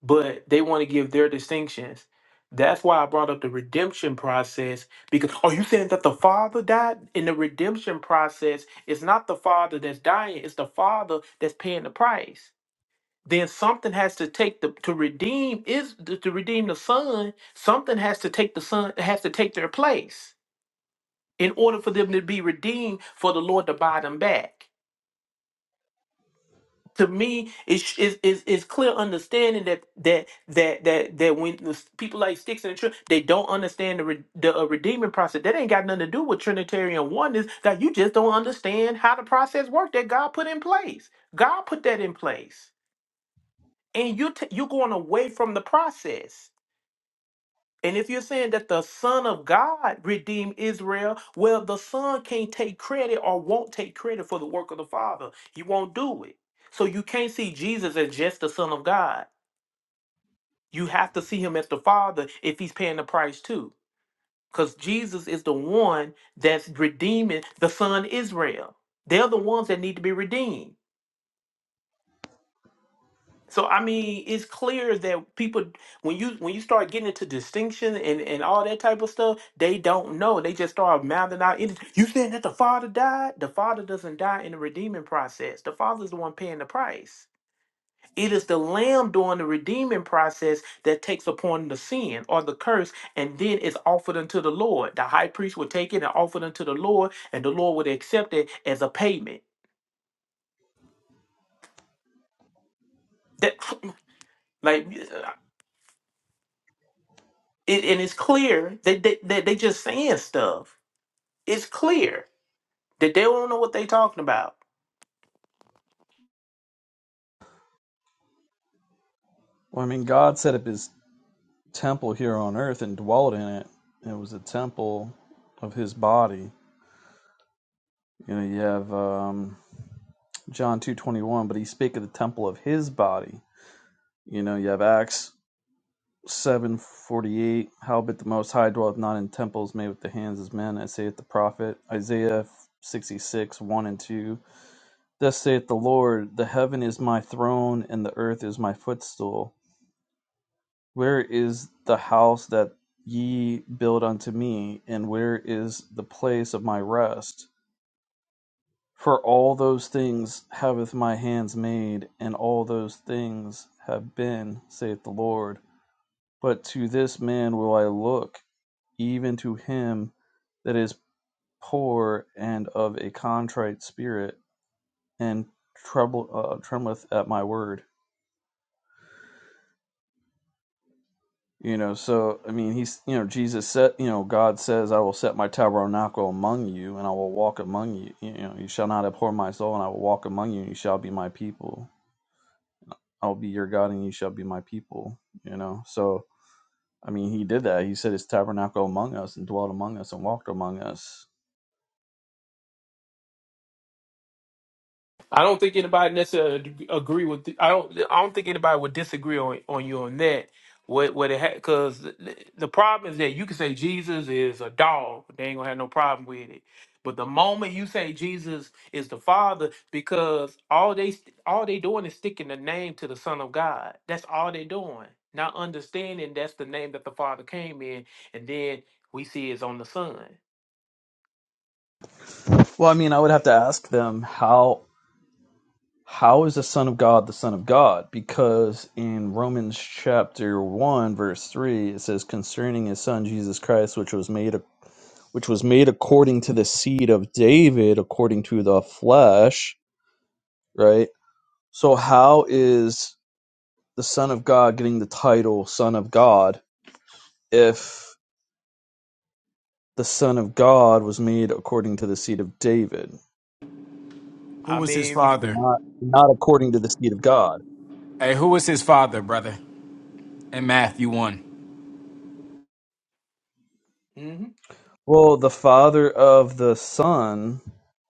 Speaker 9: but they want to give their distinctions. That's why I brought up the redemption process because are you saying that the father died in the redemption process? It's not the father that's dying, it's the father that's paying the price. Then something has to take the to redeem is to, to redeem the son, something has to take the son has to take their place in order for them to be redeemed for the Lord to buy them back. to me it's is is is clear understanding that that that that that when the s- people like sticks and truth they don't understand the re- the uh, redeeming process that ain't got nothing to do with trinitarian oneness that you just don't understand how the process worked that god put in place god put that in place and you t- you're going away from the process and if you're saying that the Son of God redeemed Israel, well, the Son can't take credit or won't take credit for the work of the Father. He won't do it. So you can't see Jesus as just the Son of God. You have to see him as the Father if he's paying the price too. Because Jesus is the one that's redeeming the Son Israel. They're the ones that need to be redeemed. So I mean, it's clear that people when you when you start getting into distinction and and all that type of stuff, they don't know. They just start mouthing out. any- You saying that the father died? The father doesn't die in the redeeming process. The father's the one paying the price. It is the lamb during the redeeming process that takes upon the sin or the curse, and then it's offered unto the Lord. The high priest would take it and offer it unto the Lord, and the Lord would accept it as a payment. That *sniffs* *clears throat* like It, and it's clear that they, that they just saying stuff. It's clear that they don't know what they talking about.
Speaker 10: Well, I mean, God set up His temple here on earth and dwelt in it. It was a temple of His body. You know, you have um, John two twenty one, but He spake of the temple of His body. You know, you have Acts 748 Howbeit the Most High dwelleth not in temples made with the hands of men, as saith the prophet. Isaiah 66 1 and 2. Thus saith the Lord, The heaven is my throne, and the earth is my footstool. Where is the house that ye build unto me, and where is the place of my rest? For all those things haveth my hands made, and all those things have been, saith the Lord. But to this man will I look even to him that is poor and of a contrite spirit and trouble uh, trembleth at my word you know so i mean he's you know jesus said you know god says i will set my tabernacle among you and i will walk among you you know you shall not abhor my soul and i will walk among you and you shall be my people i will be your god and you shall be my people you know so i mean he did that he said his tabernacle among us and dwelt among us and walked among us
Speaker 9: I don't think anybody necessarily ag- agree with. th- I don't. I don't think anybody would disagree on, on you on that. What what it had because the, the problem is that you can say Jesus is a dog. They ain't gonna have no problem with it. But the moment you say Jesus is the Father, because all they st- all they doing is sticking the name to the Son of God. That's all they doing. Not understanding that's the name that the Father came in, and then we see it's on the Son.
Speaker 10: well i mean i would have to ask them how How is the Son of God the Son of God? Because in Romans chapter one verse three it says concerning his son Jesus Christ, which was made which was made according to the seed of David, according to the flesh, right? So how is the Son of God getting the title Son of God if the Son of God was made according to the seed of David,
Speaker 3: Who
Speaker 9: I
Speaker 3: was his
Speaker 9: mean,
Speaker 3: father?
Speaker 10: not not according to the seed of God?
Speaker 3: Hey, who was his father, brother? In Matthew one,
Speaker 9: mm-hmm.
Speaker 10: Well, the father of the son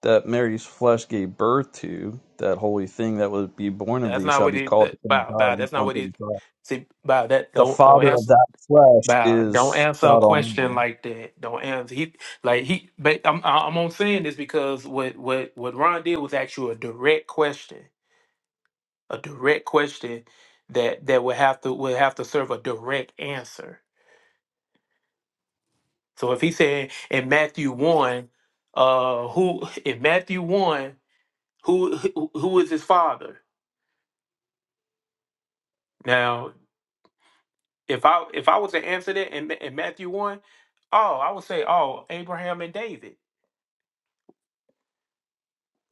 Speaker 10: that Mary's flesh gave birth to, that holy thing that would be born of
Speaker 9: That's
Speaker 10: thee,
Speaker 9: not
Speaker 10: shall
Speaker 9: what
Speaker 10: be
Speaker 9: he.
Speaker 10: called
Speaker 9: That,
Speaker 10: the Son of
Speaker 9: bow,
Speaker 10: God.
Speaker 9: bow.
Speaker 10: Luke
Speaker 9: That's not
Speaker 10: one
Speaker 9: what
Speaker 10: thirty
Speaker 9: he.
Speaker 10: five.
Speaker 9: See, bow. That
Speaker 10: The
Speaker 9: don't don't
Speaker 10: father of
Speaker 9: answer.
Speaker 10: that flesh
Speaker 9: Bow. Don't
Speaker 10: is
Speaker 9: answer a
Speaker 10: God
Speaker 9: question
Speaker 10: Almighty.
Speaker 9: like that. Don't answer. He like he. But I'm I'm on saying this because what what what Ron did was actually a direct question, a direct question that that would have to would have to serve a direct answer. So if he said in Matthew one, uh, who in Matthew one, who who who is his father? Now If I if I was to answer that in, in Matthew one, oh, I would say, oh, Abraham and David.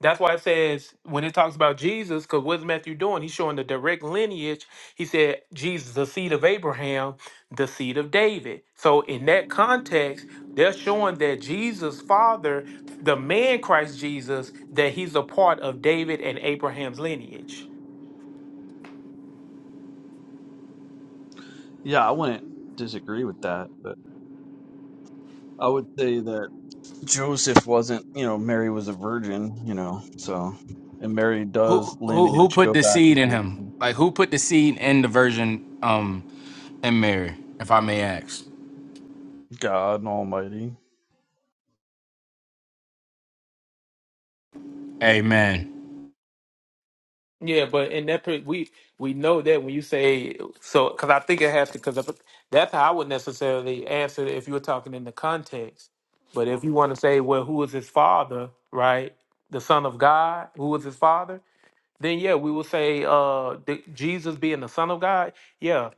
Speaker 9: That's why it says when it talks about Jesus, because what's Matthew doing? He's showing the direct lineage. He said Jesus, the seed of Abraham, the seed of David. So in that context, they're showing that Jesus' father, the man Christ Jesus, that he's a part of David and Abraham's lineage.
Speaker 10: Yeah, I wouldn't disagree with that, but I would say that Joseph wasn't. You know, Mary was a virgin. You know, so and Mary does
Speaker 3: who who who
Speaker 10: lineage
Speaker 3: put
Speaker 10: go
Speaker 3: the
Speaker 10: back
Speaker 3: seed in
Speaker 10: to
Speaker 3: him? Like who put the seed in the virgin um in Mary, if I may ask?
Speaker 10: God Almighty.
Speaker 3: Amen.
Speaker 9: Yeah, but in that per- we we know that when you say so, because I think it has to, because that's how I would necessarily answer it if you were talking in the context. But if you want to say, well, who was his father, right? The Son of God, who was his father? Then yeah, we will say uh the, Jesus being the Son of God. Yeah,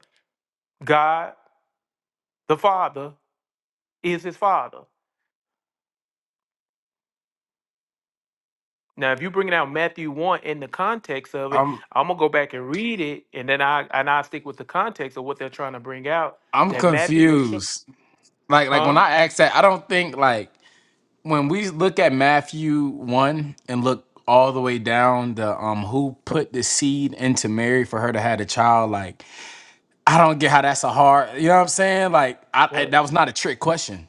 Speaker 9: God the Father is his father. Now, if you bringing out Matthew one in the context of it,
Speaker 3: I'm
Speaker 9: I'm gonna go back and read it, and then I and I stick with the context of what they're trying to bring out.
Speaker 3: I'm
Speaker 9: That Matthew was, sho-
Speaker 3: confused. Like like when
Speaker 9: huh?
Speaker 3: I ask that, I don't think like when we look at Matthew 1 and look all the way down the um who put the seed into Mary for her to have a child like I don't get how that's a hard you know what I'm saying like I, I-
Speaker 9: What?
Speaker 3: that was not a trick question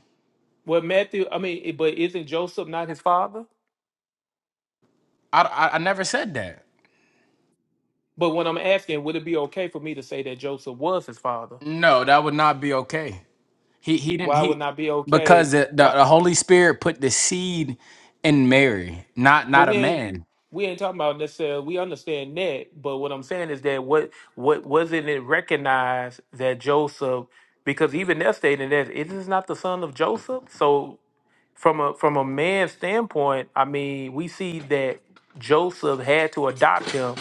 Speaker 9: What Matthew? I mean, it- but isn't Joseph not his father?
Speaker 3: I, I I never said that
Speaker 9: But what I'm asking, would it be okay for me to say that Joseph was his father?
Speaker 3: no that would not be okay he he didn't
Speaker 9: Why would
Speaker 3: he
Speaker 9: not be
Speaker 3: because
Speaker 9: okay?
Speaker 3: the, the,
Speaker 9: Why?
Speaker 3: the Holy Spirit put the seed in Mary not
Speaker 9: Well,
Speaker 3: not a
Speaker 9: we ain't
Speaker 3: man
Speaker 9: we ain't talking about necessarily. We understand that, but what I'm saying is that what what wasn't it recognized that Joseph, because even they're stating that it is not the son of Joseph. So from a from a man's standpoint, I mean, we see that Joseph had to adopt him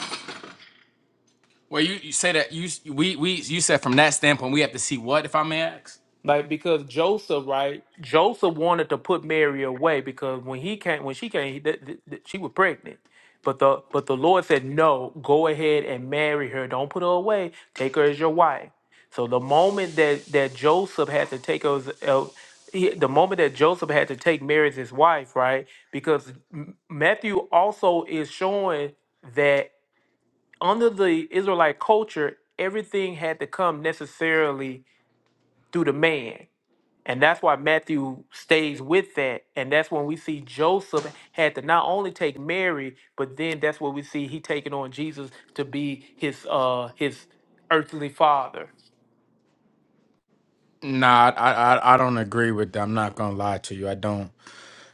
Speaker 3: well you, you say that you s- we we you said from that standpoint we have to see what if I may ask
Speaker 9: Like because Joseph, right? Joseph wanted to put Mary away because when he came, when she came, he, th- th- th- she was pregnant. But the but the Lord said, "No, go ahead and marry her. Don't put her away. Take her as your wife." So the moment that that Joseph had to take her, as, uh, he, the moment that Joseph had to take Mary as his wife, right? Because M- Matthew also is showing that under the Israelite culture, everything had to come necessarily through the man and that's why Matthew stays with that. And that's when we see Joseph had to not only take Mary, but then that's what we see he taking on Jesus to be his uh his earthly father.
Speaker 3: Nah, I, I I don't agree with that. I'm not gonna lie to you. I don't.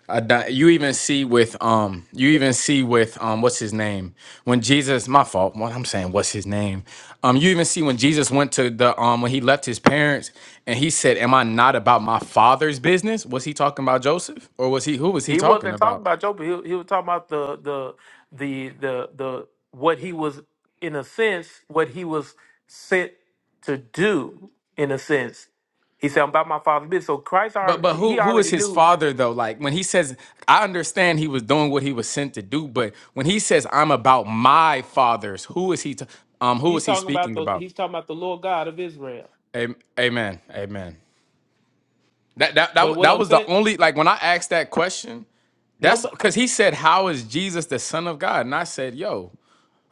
Speaker 3: I don't, you even see with um you even see with um what's his name when Jesus my fault what I'm saying what's his name um you even see when Jesus went to the um when he left his parents and he said am I not about my father's business was he talking about Joseph or was he who was he
Speaker 9: He
Speaker 3: talking
Speaker 9: wasn't talking
Speaker 3: about
Speaker 9: about Joseph. He, he was talking about the the the the the what he was in a sense, what he was sent to do, in a sense. He said, I'm about my father's business. So Christ
Speaker 3: But but
Speaker 9: already he
Speaker 3: who who is
Speaker 9: already
Speaker 3: his
Speaker 9: knew.
Speaker 3: father though? Like when he says, I understand he was doing what he was sent to do, but when he says I'm about my fathers, who is he? T- um, who
Speaker 9: He's
Speaker 3: is he
Speaker 9: talking about
Speaker 3: speaking
Speaker 9: the
Speaker 3: about?
Speaker 9: he's talking about the Lord God of Israel.
Speaker 3: Am- Amen, amen. That that that
Speaker 9: But
Speaker 3: wa-
Speaker 9: what
Speaker 3: that
Speaker 9: I'm
Speaker 3: was the
Speaker 9: saying
Speaker 3: only like when I asked that question.
Speaker 9: No,
Speaker 3: That's
Speaker 9: but
Speaker 3: because he said, "How is Jesus the Son of God?" And I said, "Yo,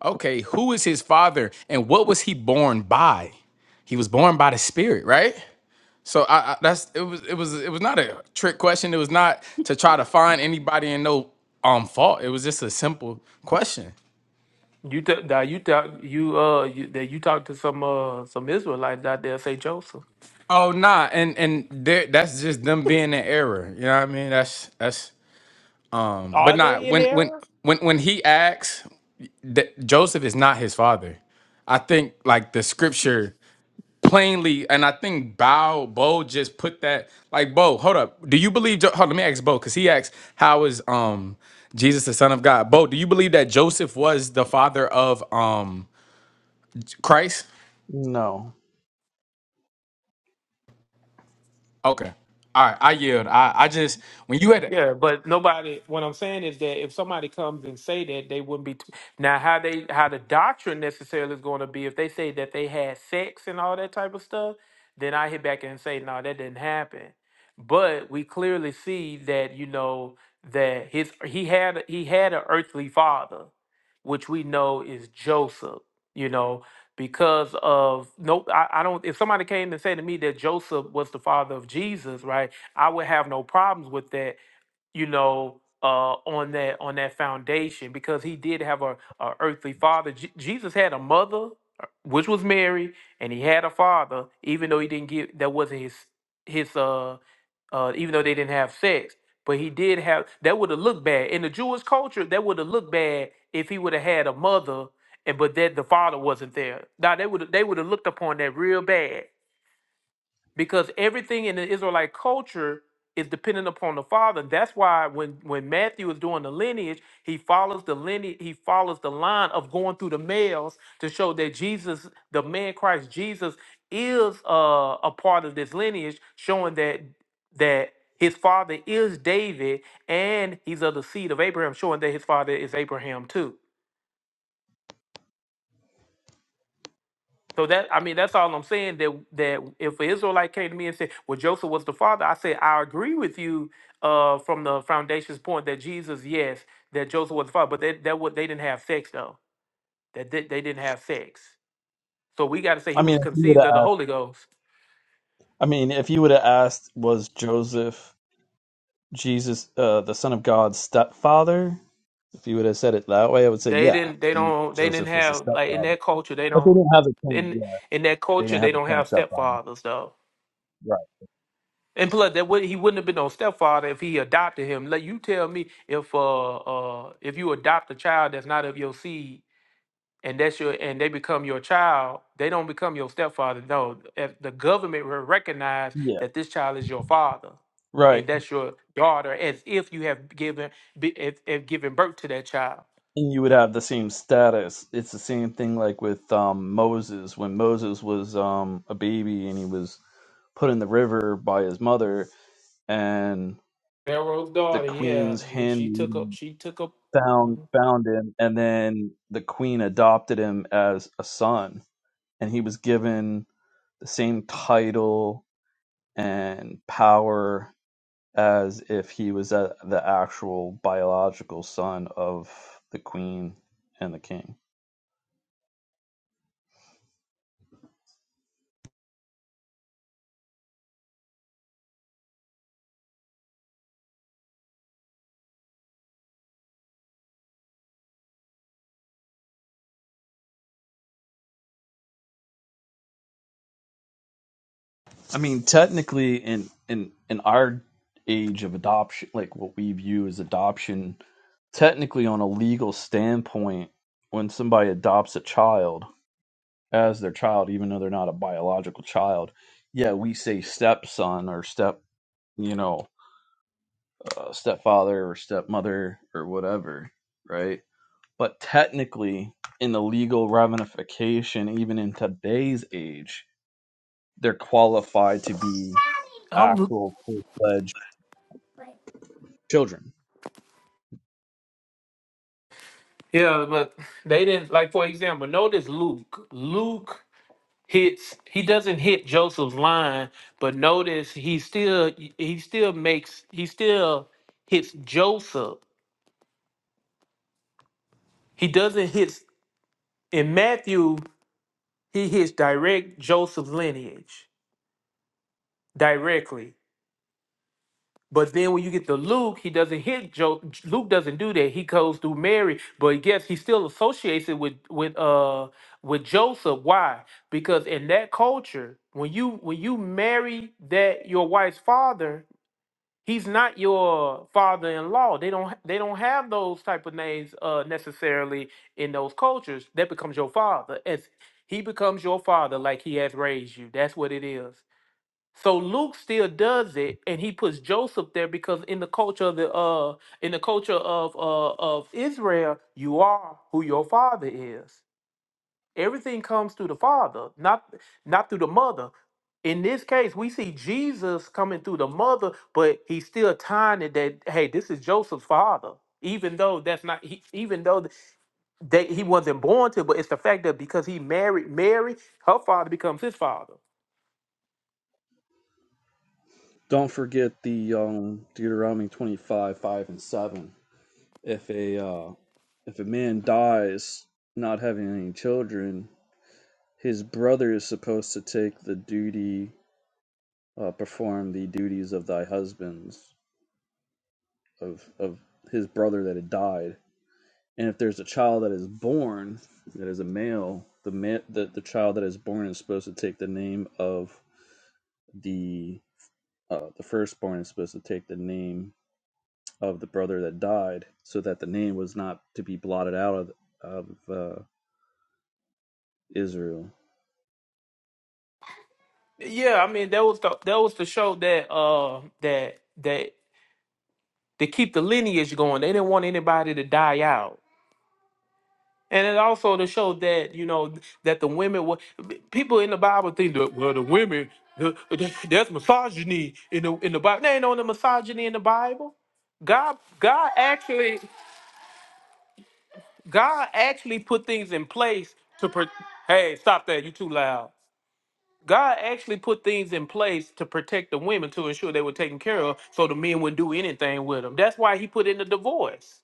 Speaker 3: okay, who is his father, and what was he born by? He was born by the Spirit, right? So I, I that's it was it was it was not a trick question. It was not to try to find anybody and no um fault. It was just a simple question.
Speaker 9: um, you t- that you talk you uh you, that you talk to some uh some Israelites out there, say Joseph.
Speaker 3: Oh nah, and and there that's just them being in error. You know what I mean? That's that's but
Speaker 9: Are
Speaker 3: not
Speaker 9: they in
Speaker 3: when when
Speaker 9: error?
Speaker 3: when when he acts that Joseph is not his father. I think like the scripture plainly, and I think Bow Bo just put that like Bo. Hold up, do you believe? Jo- Hold, let me ask Bo because he asked how is um Jesus the Son of God? Bo, do you believe that Joseph was the father of um Christ?
Speaker 10: No,
Speaker 3: Okay, all right, I yield. I I just when you had
Speaker 9: Yeah, but nobody. What I'm saying is that if somebody comes and say that, they wouldn't be. T- now, how they how the doctrine necessarily is going to be if they say that they had sex and all that type of stuff, then I hit back and say, no, that didn't happen. But we clearly see that you know that his he had he had an earthly father, which we know is Joseph. You know because of no, I, I don't. If somebody came and said to me that Joseph was the father of Jesus, right? I would have no problems with that you know, uh, on that on that foundation because he did have a, a earthly father. Je- Jesus had a mother, uh, which was Mary, and he had a father, even though he didn't give that wasn't his his uh uh even though they didn't have sex, but he did have that would have looked bad in the Jewish culture. That would have looked bad if he would have had a mother and but that the father wasn't there. Now they would they would have looked upon that real bad because everything in the Israelite culture is dependent upon the father. That's why when when Matthew is doing the lineage, he follows the lineage, he follows the line of going through the males to show that Jesus, the man Christ Jesus, is uh, a part of this lineage, showing that that his father is David and he's of the seed of Abraham, showing that his father is Abraham too. So that I mean, that's all I'm saying. That that if an Israelite came to me and said, "Well, Joseph was the father," I said, "I agree with you uh, from the foundation's point that Jesus, yes, that Joseph was the father, but that that what they didn't have sex though. That they, they didn't have sex. So we got to say
Speaker 10: I
Speaker 9: he
Speaker 10: mean,
Speaker 9: was
Speaker 10: if you would
Speaker 9: conceived of
Speaker 10: have,
Speaker 9: the Holy Ghost.
Speaker 10: I mean, if you would have asked, was Joseph Jesus, uh, the Son of God's stepfather? If you would have said it that way, I would say,
Speaker 9: They
Speaker 10: yeah,
Speaker 9: didn't. They
Speaker 10: he,
Speaker 9: don't. They didn't
Speaker 10: Joseph was the
Speaker 9: have like in
Speaker 10: stepfather.
Speaker 9: that culture. They
Speaker 10: But they
Speaker 9: don't.
Speaker 10: didn't have the same,
Speaker 9: In
Speaker 10: yeah,
Speaker 9: in that
Speaker 10: they
Speaker 9: culture,
Speaker 10: didn't have
Speaker 9: they don't
Speaker 10: the same
Speaker 9: have
Speaker 10: stepfather.
Speaker 9: stepfathers though.
Speaker 10: Right.
Speaker 9: And plus, that would, he wouldn't have been no stepfather if he adopted him. Let you tell me if uh uh if you adopt a child that's not of your seed and that's your and they become your child, they don't become your stepfather. No, if the government will recognize
Speaker 10: Yeah.
Speaker 9: that this child is your father
Speaker 10: Right.
Speaker 9: and that's your daughter, as if you have given be- if, if given birth to that child.
Speaker 10: And you would have the same status. It's the same thing like with um, Moses. When Moses was um, a baby and he was put in the river by his mother, and
Speaker 9: Pharaoh's
Speaker 10: the
Speaker 9: daughter, yeah,
Speaker 10: queen's
Speaker 9: he- she took up
Speaker 10: handmaiden
Speaker 9: she took up.
Speaker 10: found
Speaker 9: Mhm.
Speaker 10: found him, and then the queen adopted him as a son, and he was given the same title and power as if he was a, the actual biological son of the queen and the king. I mean, technically, in in in our age of adoption, like what we view as adoption, technically, on a legal standpoint, when somebody adopts a child as their child, even though they're not a biological child, yeah, we say stepson or step, you know, uh, stepfather or stepmother or whatever, right? But technically, in the legal ramification, even in today's age, they're qualified to be
Speaker 9: I'm,
Speaker 10: actual full fledged children.
Speaker 9: yeah, but they didn't like. For example, notice Luke. Luke. hits he doesn't hit Joseph's line, but notice he still he still makes he still hits Joseph. He doesn't hit in Matthew, he hits direct Joseph's lineage directly. But then when you get to Luke, he doesn't hit jo- Luke doesn't do that. He goes through Mary, but yes, he still associates it with with uh with Joseph. Why? Because in that culture, when you when you marry that your wife's father, He's not your father-in-law. They don't they don't have those type of names uh, necessarily in those cultures. That becomes your father. As he becomes your father, like he has raised you. That's what it is. So Luke still does it, and he puts Joseph there because in the culture of the uh in the culture of uh of Israel, you are who your father is. Everything comes through the Father, not not through the mother. In this case, we see Jesus coming through the mother, but he's still tying it that hey, this is Joseph's father, even though that's not he, even though they, he wasn't born to, but it's the fact that because he married Mary, her father becomes his father.
Speaker 10: Don't forget the um, Deuteronomy 25, 5, and 7. If a, uh, if a man dies not having any children, his brother is supposed to take the duty, uh, perform the duties of thy husband's. of of his brother that had died. And if there's a child that is born that is a male, the ma- the, the child that is born is supposed to take the name of the uh, the firstborn is supposed to take the name of the brother that died, so that the name was not to be blotted out of of uh, Israel.
Speaker 9: Yeah, I mean that was the that was to show that uh that that to keep the lineage going. They didn't want anybody to die out. And it also to show that you know that the women were people in the Bible think that well the women the, the- there's misogyny in the in the Bible. There ain't no misogyny in the Bible. God God actually God actually put things in place to pro- hey stop that you too loud. God actually put things in place to protect the women to ensure they were taken care of so the men wouldn't do anything with them. That's why he put in the divorce.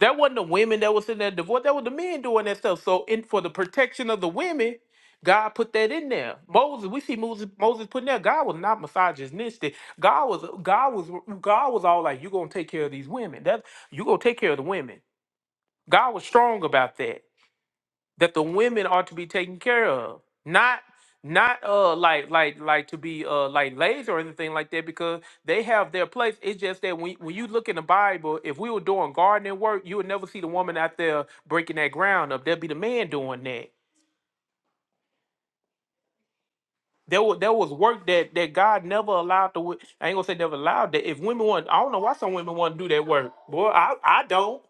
Speaker 9: That wasn't the women that was in that divorce. That was the men doing that stuff. So, in for the protection of the women, God put that in there. Moses, we see Moses, Moses putting there. God was not misogynistic. God was, God was, God was all like, "You gonna take care of these women. That you gonna take care of the women." God was strong about that that the women are to be taken care of, not not uh like like like to be uh like lazy or anything like that because they have their place. It's just that when when you look in the Bible, if we were doing gardening work, you would never see the woman out there breaking that ground up. There'd be the man doing that. There was there was work that that God never allowed to. I ain't gonna say never allowed that. If women want, I don't know why some women want to do that work. Boy, I I don't.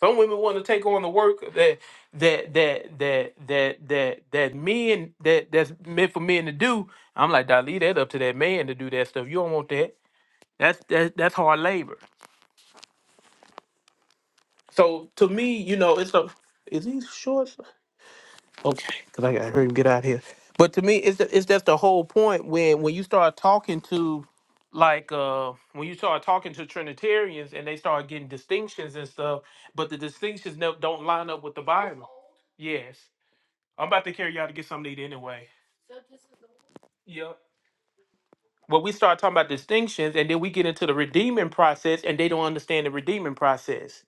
Speaker 9: Some women want to take on the work that that that that that that that men that that's meant for men to do. I'm like, "Dawg, leave that up to that man to do that stuff. You don't want that. That's that that's hard labor. So to me, you know, it's a is these shorts okay? Because I gotta hurry and get out of here. But to me, it's it's that's the whole point when when you start talking to like uh when you start talking to Trinitarians and they start getting distinctions and stuff, but the distinctions no- don't line up with the Bible. Yes. I'm about to carry y'all to get something to eat anyway. Yep. But we start talking about distinctions, and then we get into the redeeming process, and they don't understand the redeeming process.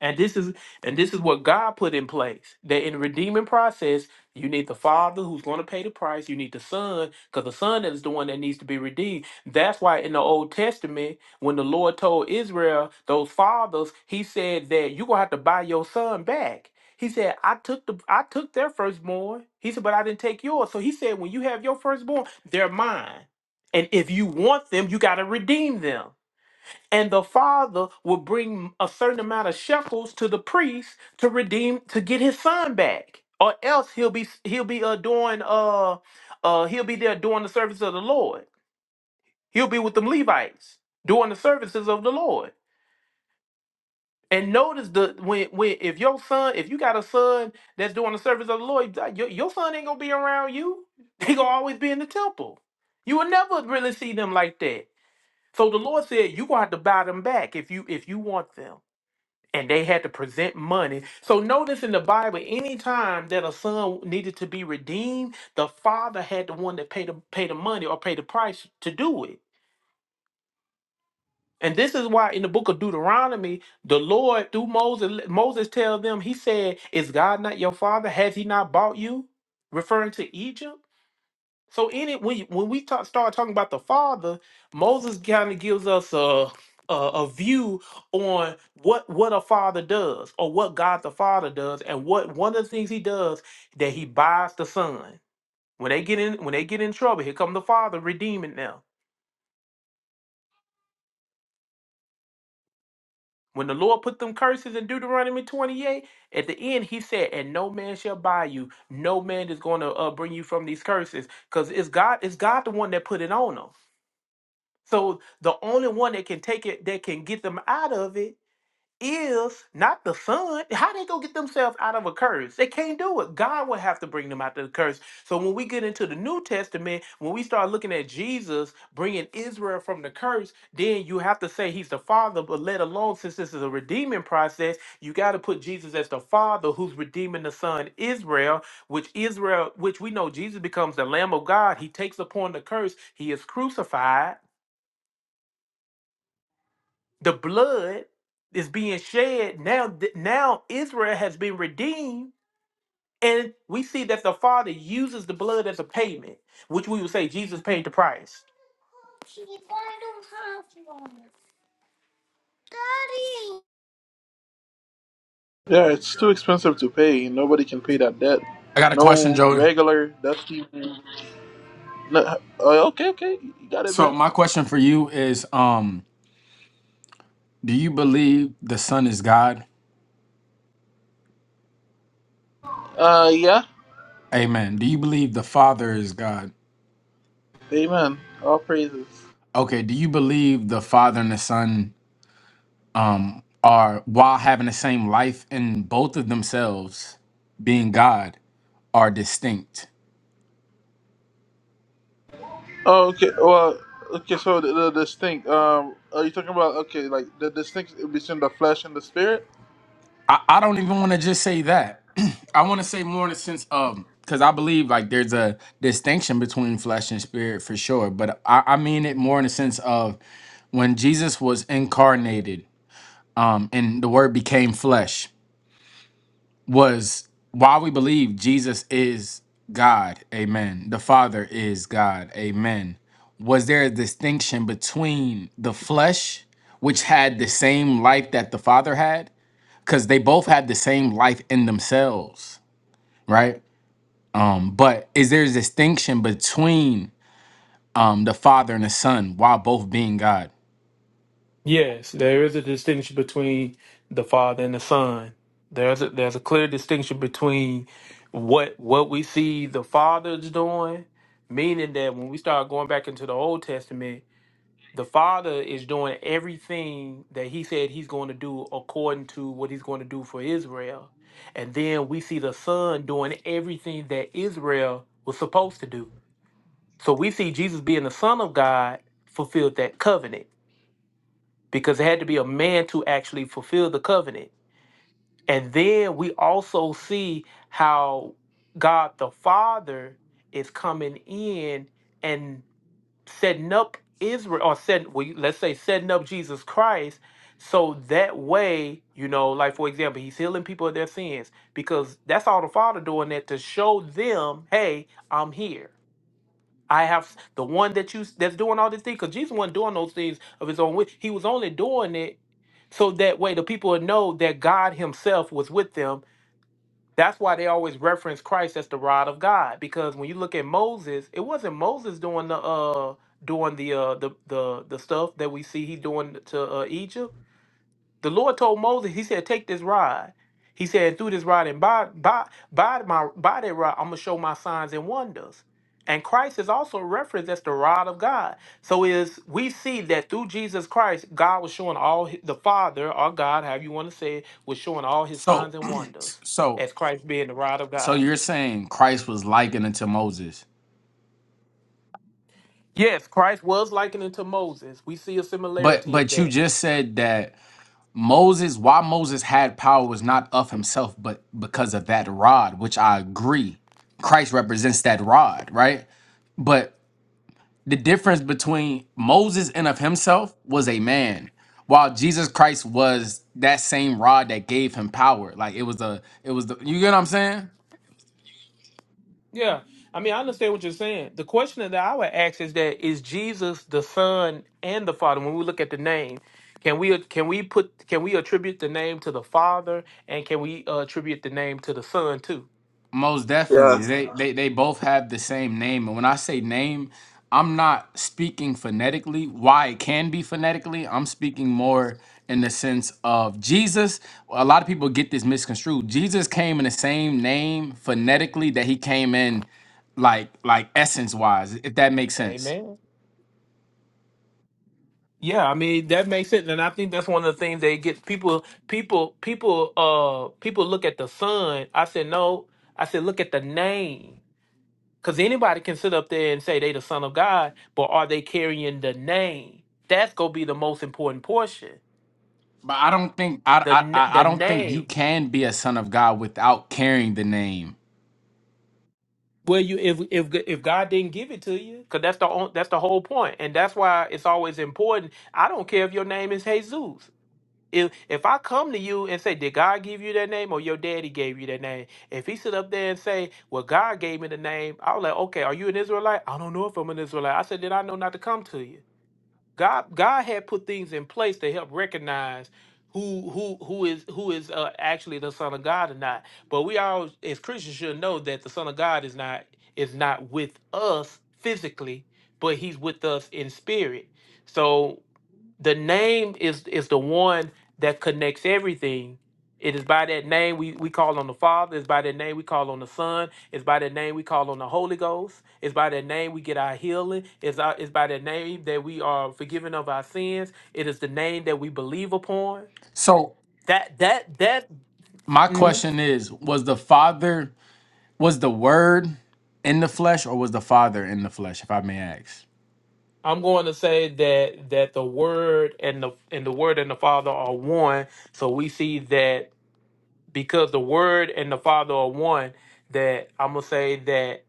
Speaker 9: And this is and this is what God put in place. That in the redeeming process, you need the Father who's going to pay the price. You need the Son, because the Son is the one that needs to be redeemed. That's why in the Old Testament, when the Lord told Israel, those fathers, he said that you're gonna have to buy your son back. He said, I took the I took their firstborn. He said, but I didn't take yours. So he said, when you have your firstborn, they're mine. And if you want them, you gotta redeem them and the father would bring a certain amount of shekels to the priest to redeem to get his son back or else he'll be he'll be uh, doing uh uh he'll be there doing the service of the lord he'll be with them levites doing the services of the lord and notice the when when if your son if you got a son that's doing the service of the lord your, your son ain't gonna be around you *laughs* they gonna always be in the temple you will never really see them like that so the lord said you gonna have to buy them back if you if you want them and they had to present money. So notice in the Bible, anytime that a son needed to be redeemed, the father had the one that paid the pay the money or pay the price to do it. And this is why in the book of Deuteronomy, the Lord through Moses, Moses tell them, he said, Is God not your father? Has he not bought you? Referring to Egypt. So any when you- when we talk, start talking about the Father, Moses kind of gives us a, a a view on what what a father does or what God the Father does, and what one of the things he does that he buys the Son. When they get in when they get in trouble, here come the Father redeeming them. When the Lord put them curses in Deuteronomy 28, at the end he said, "And no man shall buy you. No man is going to uh, bring you from these curses, because it's God. It's God the one that put it on them." So the only one that can take it, that can get them out of it, is not the son. How they gonna get themselves out of a curse? They can't do it. God will have to bring them out of the curse. So when we get into the New Testament, when we start looking at Jesus bringing Israel from the curse, then you have to say He's the Father. But let alone since this is a redeeming process, you got to put Jesus as the Father who's redeeming the Son Israel, which Israel, which we know Jesus becomes the Lamb of God. He takes upon the curse. He is crucified The blood is being shed now. th- Now Israel has been redeemed, and we see that the Father uses the blood as a payment, which we would say Jesus paid the price.
Speaker 1: Yeah, it's too expensive to pay. Nobody can pay that debt.
Speaker 3: I got a question,
Speaker 1: No
Speaker 3: Joey.
Speaker 1: regular dusty. No, oh, okay, okay, you got it,
Speaker 3: So
Speaker 1: bruh.
Speaker 3: my question for you is um do you believe the son is God?
Speaker 1: Uh, yeah,
Speaker 3: Amen. Do you believe the father is God?
Speaker 1: amen. All praises.
Speaker 3: Okay, do you believe the father and the son are while having the same life in both of themselves being God are distinct.
Speaker 1: Oh, okay. Well, okay. So the, the distinct. Um, are you talking about okay, like the distinct between the flesh and the spirit?
Speaker 3: I, I don't even want to just say that. *clears throat* I want to say more in the sense of because I believe like there's a distinction between flesh and spirit for sure, but I, I mean it more in the sense of when Jesus was incarnated, um, and the word became flesh. was why we believe Jesus is God, amen. The Father is God, amen. Was there a distinction between the flesh, which had the same life that the Father had? Because they both had the same life in themselves, right? Um, but is there a distinction between um, the Father and the Son while both being God?
Speaker 9: Yes, there is a distinction between the Father and the Son. There's a, there's a clear distinction between what what we see the Father's doing, meaning that when we start going back into the Old Testament the father is doing everything that he said he's going to do according to what he's going to do for Israel. And then we see the son doing everything that Israel was supposed to do. So we see Jesus being the son of God fulfilled that covenant because it had to be a man to actually fulfill the covenant. And then we also see how God the Father is coming in and setting up Israel or setting well, you- let's say setting up Jesus Christ so that way, you know, like for example, he's healing people of their sins because that's all the Father doing that to show them, hey, I'm here. I have s- the one that you s- that's doing all these things because Jesus wasn't doing those things of his own will. He was only doing it so that way the people would know that God Himself was with them that's why they always reference Christ as the rod of God because when you look at Moses, it wasn't Moses doing the uh doing the uh the the the stuff that we see he doing to uh, Egypt. The Lord told Moses, He said, Take this rod. He said, Through this rod and by by by my by that rod, I'm gonna show my signs and wonders. And Christ is also referenced as the rod of God. So is we see that through Jesus Christ, God was showing all hi- the Father or God, however you want to say it, was showing all his
Speaker 3: So,
Speaker 9: signs and
Speaker 3: *clears throat*
Speaker 9: wonders
Speaker 3: so,
Speaker 9: as Christ being the rod of
Speaker 3: so
Speaker 9: God.
Speaker 3: you're saying Christ was likened unto Moses,
Speaker 9: Yes, Christ was likened unto Moses. We see a
Speaker 3: but
Speaker 9: similarity of
Speaker 3: but you
Speaker 9: that
Speaker 3: just said that Moses, why Moses had power was not of himself, but because of that rod, which I agree. Christ represents that rod, right? But the difference between Moses and of himself was a man, while Jesus Christ was that same rod that gave him power. Like it was a, it was the, you get what I'm saying?
Speaker 9: Yeah. I mean, I understand what you're saying. The question that I would ask is that is Jesus the Son and the Father when we look at the name? Can we can we put can we attribute the name to the Father and can we uh, attribute the name to the Son too?
Speaker 3: Most
Speaker 1: Yeah.
Speaker 3: definitely. They they they both have the same name. And when I say name, I'm not speaking phonetically. Why it can be phonetically, I'm speaking more in the sense of Jesus. A lot of people get this misconstrued. Jesus came in the same name phonetically that he came in like like essence wise, if that makes sense.
Speaker 9: Amen. Yeah, I mean that makes sense, and I think that's one of the things they get people people people uh people look at the Son. I said no. I said look at the name. Because anybody can sit up there and say they the son of God, but are they carrying the name? That's gonna be the most important portion.
Speaker 3: But I don't think I
Speaker 9: The
Speaker 3: I
Speaker 9: n-
Speaker 3: I I
Speaker 9: the
Speaker 3: don't think you
Speaker 9: name.
Speaker 3: can be a son of God without carrying the name.
Speaker 9: Well, you if if g- if God didn't give it to you, because that's the on- that's the whole point, and that's why it's always important. I don't care if your name is Jesus. If if I come to you and say, did God give you that name or your daddy gave you that name? If he sit up there and say, well, God gave me the name, I was like, okay, are you an Israelite? I don't know if I'm an Israelite. I said, then I know not to come to you God God had put things in place to help recognize who who who is who is uh, actually the son of God or not. But we all as Christians should know that the son of God is not is not with us physically, but he's with us in spirit. So the name is is the one that connects everything. It is by that name we, we call on the Father. It's by that name we call on the Son. It's by that name we call on the Holy Ghost. It's by that name we get our healing. It's, our, it's by that name that we are forgiven of our sins. It is the name that we believe upon.
Speaker 3: So
Speaker 9: That that that
Speaker 3: my
Speaker 9: mhm.
Speaker 3: question is, was the father Was the word in the flesh or was the father in the flesh, if I may ask?
Speaker 9: I'm going to say that that the Word and the and the Word and the Father are one. So we see that because the word and the father are one that i'm gonna say that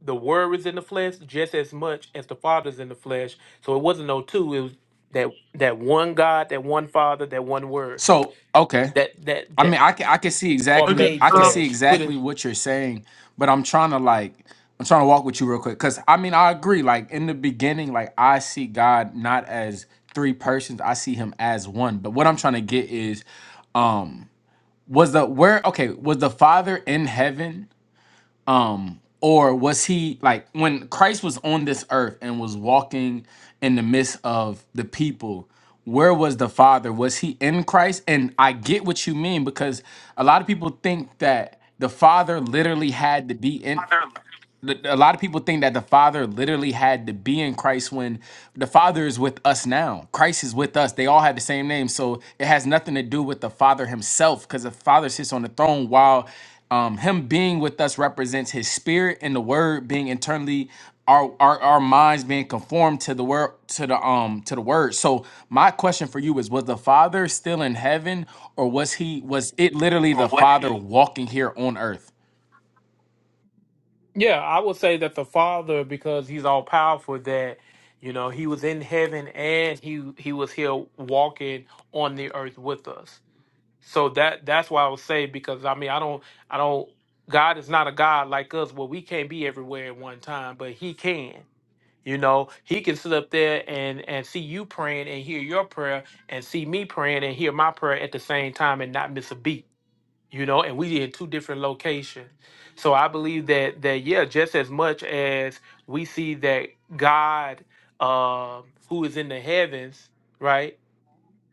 Speaker 9: the word is in the flesh just as much as the father's in the flesh so it wasn't no two it was that that one god that one father that one word
Speaker 3: So, okay.
Speaker 9: that that
Speaker 3: I
Speaker 9: that
Speaker 3: mean, I can I can see
Speaker 9: are
Speaker 1: Okay.
Speaker 3: exactly
Speaker 9: made
Speaker 3: I can
Speaker 1: Um.
Speaker 3: see
Speaker 9: flesh put it
Speaker 3: exactly what you're saying, but I'm trying to like I'm trying to walk with you real quick cuz I mean, I agree like in the beginning like I see God not as three persons, I see him as one. But what I'm trying to get is um was the where okay, was the father in heaven or was he like when Christ was on this earth and was walking in the midst of the people? Where was the Father? Was he in Christ? And I get what you mean because a lot of people think that the Father literally had to be in a lot of people think that the father literally had to be in christ when the father is with us now christ is with us they all have the same name so it has nothing to do with the father himself because the father sits on the throne while um, him being with us represents his spirit and the word being internally our, our our minds being conformed to the word to the um to the word so my question for you is was the father still in heaven or was he was it literally
Speaker 9: Or
Speaker 3: the
Speaker 9: what?
Speaker 3: father walking here on earth
Speaker 9: yeah i would say that the father because he's all powerful that you know he was in heaven and he he was here walking on the earth with us So that that's why I would say because I mean I don't I don't God is not a God like us where we can't be everywhere at one time, but He can. You know, He can sit up there and and see you praying and hear your prayer and see me praying and hear my prayer at the same time and not miss a beat. You know, and we in two different locations. So I believe that that yeah, just as much as we see that God um who is in the heavens, right?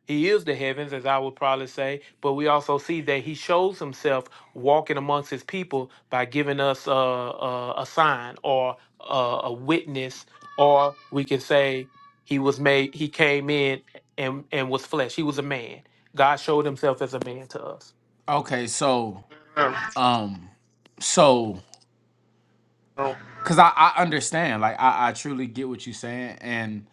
Speaker 9: He is the heavens, as I would probably say, but we also see that he shows himself walking amongst his people by giving us a, a, a sign or a, a witness, or we can say he was made, he came in and, and was flesh. He was a man. God showed himself as a man to us.
Speaker 3: okay so Um, so because I, I understand, like I, I truly get what you're saying, and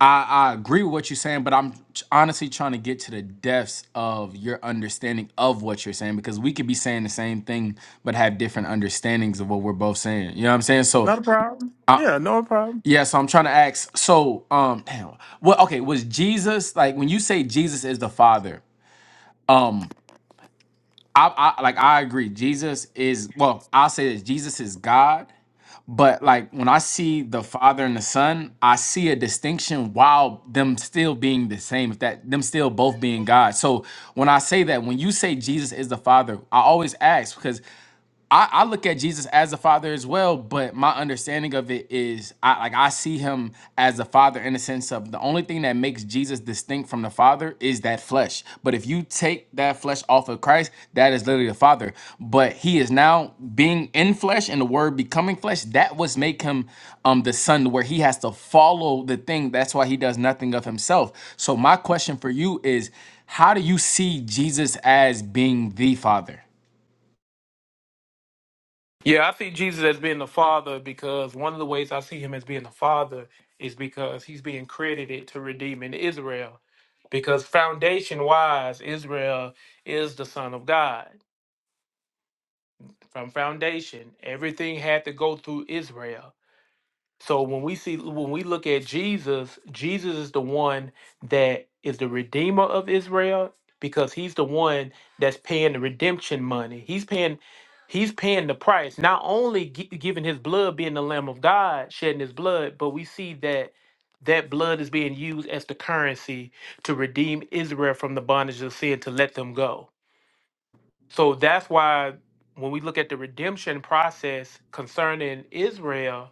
Speaker 3: I, I agree with what you're saying, but I'm ch- honestly trying to get to the depths of your understanding of what you're saying because we could be saying the same thing but have different understandings of what we're both saying. You know what I'm saying? So,
Speaker 9: Not a problem.
Speaker 3: I,
Speaker 9: Yeah, no problem.
Speaker 3: yeah. So I'm trying to ask. So, um, damn. Well, okay. Was Jesus like when you say Jesus is the Father? Um, I, I like I agree. Jesus is well. I'll say this. Jesus is God, But like when I see the father and the son, I see a distinction while them still being the same, if that them still both being God. So when I say that, when you say Jesus is the Father, I always ask because I, I look at Jesus as a father as well, but my understanding of it is I like I see him as a father in the sense of the only thing that makes Jesus distinct from the father is that flesh. But if you take that flesh off of Christ, that is literally the father. But he is now being in flesh and the word becoming flesh, that was make him um the son where he has to follow the thing. That's why he does nothing of himself. So my question for you is how do you see Jesus as being the father?
Speaker 9: Yeah, I see Jesus as being the Father because one of the ways I see him as being the Father is because he's being credited to redeeming Israel. Because foundation wise, Israel is the Son of God. From foundation, everything had to go through Israel. So when we see when we look at Jesus, Jesus is the one that is the redeemer of Israel because he's the one that's paying the redemption money. He's paying he's paying the price. Not only gi- giving his blood being the lamb of God, shedding his blood, but we see that that blood is being used as the currency to redeem Israel from the bondage of sin to let them go. So that's why when we look at the redemption process concerning Israel,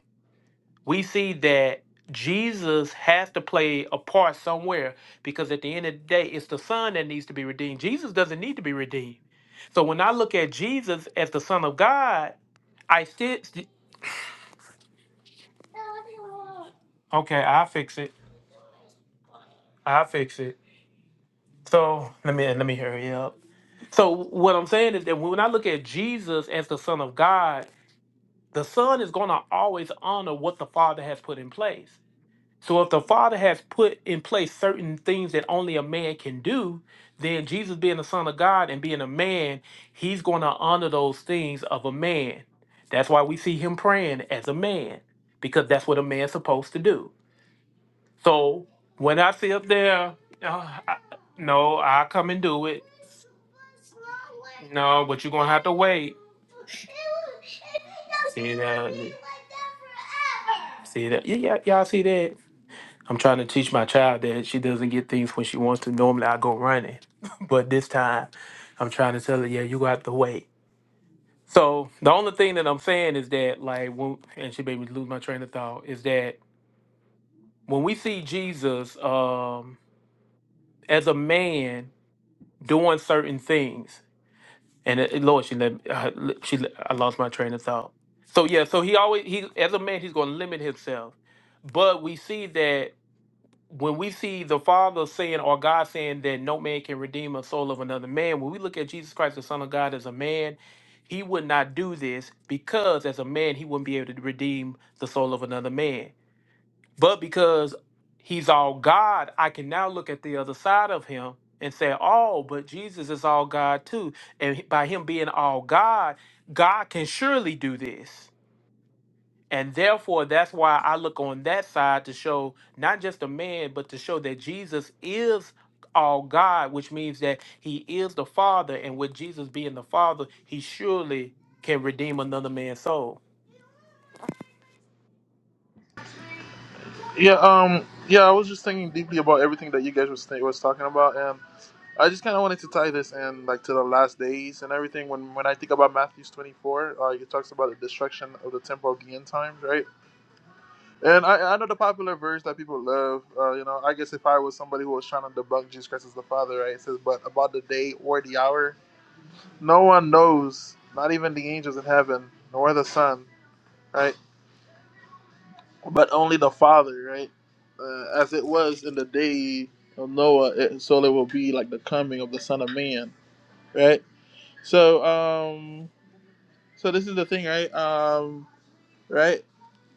Speaker 9: we see that Jesus has to play a part somewhere because at the end of the day, it's the Son that needs to be redeemed. Jesus doesn't need to be redeemed. So when I look at Jesus as the Son of God, I still okay. I fix it. I fix it. So let me let me hurry up. So what I'm saying is that when I look at Jesus as the Son of God, the Son is going to always honor what the Father has put in place. So if the Father has put in place certain things that only a man can do, then Jesus being the Son of God and being a man, he's going to honor those things of a man. That's why we see him praying as a man, because that's what a man's supposed to do. So when I sit up there, uh, I, no, I come and do it. No, but you're gonna have to wait. See that? See that? Yeah, yeah, y'all see that? I'm trying to teach my child that she doesn't get things when she wants to. Normally, I go running, *laughs* but this time, I'm trying to tell her, yeah, you got to wait. So the only thing that I'm saying is that, like, when, and she made me lose my train of thought, is that when we see Jesus um, as a man doing certain things, and it, Lord, she let uh, she let- I lost my train of thought. So yeah, so he always he as a man he's going to limit himself, but we see that. when we see the Father saying or God saying that no man can redeem a soul of another man, when we look at Jesus Christ, the Son of God, as a man, he would not do this because as a man, he wouldn't be able to redeem the soul of another man. But because he's all God, I can now look at the other side of him and say, oh, but Jesus is all God too. And by him being all God, God can surely do this. And therefore, that's why I look on that side to show not just a man, but to show that Jesus is all God, which means that he is the Father. And with Jesus being the Father, he surely can redeem another man's soul.
Speaker 1: Yeah. Um. Yeah. I was just thinking deeply about everything that you guys was was talking about, and I just kind of wanted to tie this in, like to the last days and everything. When when I think about Matthew twenty four, uh, it talks about the destruction of the temple of the end times, right? And I, I know the popular verse that people love. Uh, you know, I guess if I was somebody who was trying to debunk Jesus Christ as the Father, right? It says, but about the day or the hour, no one knows, not even the angels in heaven, nor the Son, right? But only the Father, right? Uh, as it was in the day of Noah, it, so it will be like the coming of the Son of Man, right? So um so this is the thing, right? Um right?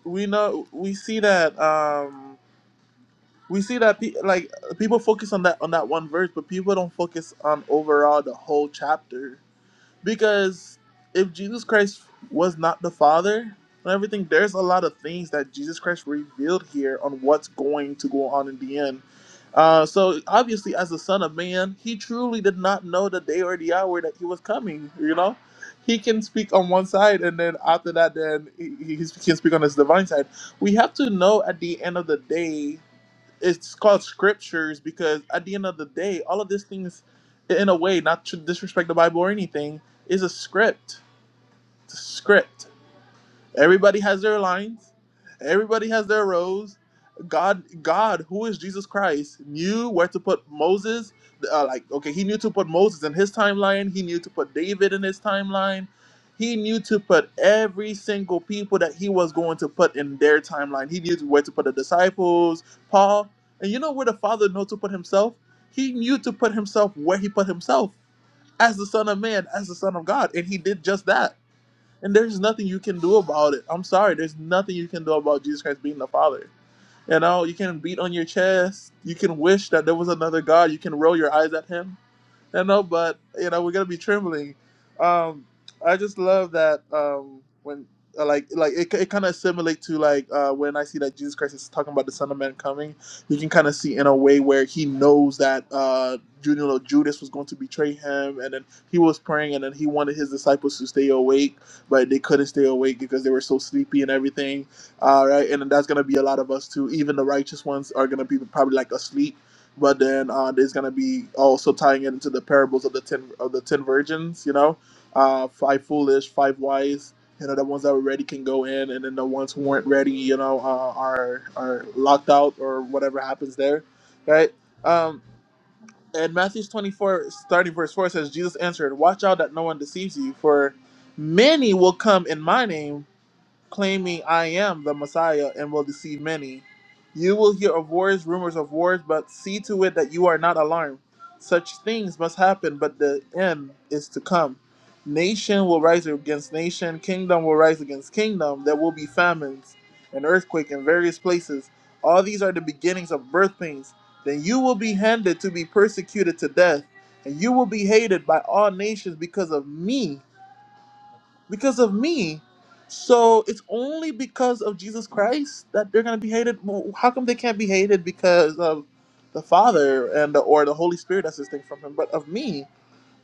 Speaker 1: We know we see that um we see that pe- like people focus on that on that one verse, but people don't focus on overall the whole chapter. Because if Jesus Christ was not the Father and everything, there's a lot of things that Jesus Christ revealed here on what's going to go on in the end. Uh, so obviously, as the Son of Man, he truly did not know the day or the hour that he was coming. You know, he can speak on one side, and then after that, then he, he he can speak on his divine side. We have to know at the end of the day it's called scriptures because at the end of the day, all of these things, in a way, not to disrespect the Bible or anything, is a script. It's a script. Everybody has their lines. Everybody has their roles. God, God, who is Jesus Christ, knew where to put Moses. Uh, like, okay, he knew to put Moses in his timeline. He knew to put David in his timeline. He knew to put every single people that he was going to put in their timeline. He knew where to put the disciples, Paul, and you know where the Father knew to put himself. He knew to put himself where he put himself as the Son of Man, as the Son of God, and he did just that and there's nothing you can do about it. I'm sorry, there's nothing you can do about Jesus Christ being the Father. You know, you can beat on your chest, you can wish that there was another God, you can roll your eyes at him, I know, but you know, we're gonna be trembling. Um, I just love that um, when uh, like like it, it kind of assimilate to like uh, when I see that Jesus Christ is talking about the Son of Man coming. You can kind of see in a way where he knows that uh, Ju- you know, Judas was going to betray him, and then he was praying, and then he wanted his disciples to stay awake, but they couldn't stay awake because they were so sleepy and everything. All right, and then that's gonna be a lot of us too. Even the righteous ones are gonna be probably like asleep but then uh, there's going to be also tying it into the parables of the ten of the ten virgins. You know, uh, five foolish, five wise. You know, the ones that were ready can go in, and then the ones who weren't ready, you know, uh, are are locked out or whatever happens there, right? Um, and Matthew's 24, starting verse 4 says, Jesus answered, Watch out that no one deceives you, for many will come in my name claiming I am the Messiah and will deceive many. You will hear of wars, rumors of wars, but see to it that you are not alarmed. Such things must happen, but the end is to come. Nation will rise against nation, kingdom will rise against kingdom. There will be famines and earthquake in various places. All these are the beginnings of birth pains. Then you will be handed to be persecuted to death, and you will be hated by all nations because of me because of me. So it's only because of Jesus Christ that they're going to be hated. Well, How come they can't be hated because of the Father and the, or the Holy Spirit that's distinct from Him, but of me?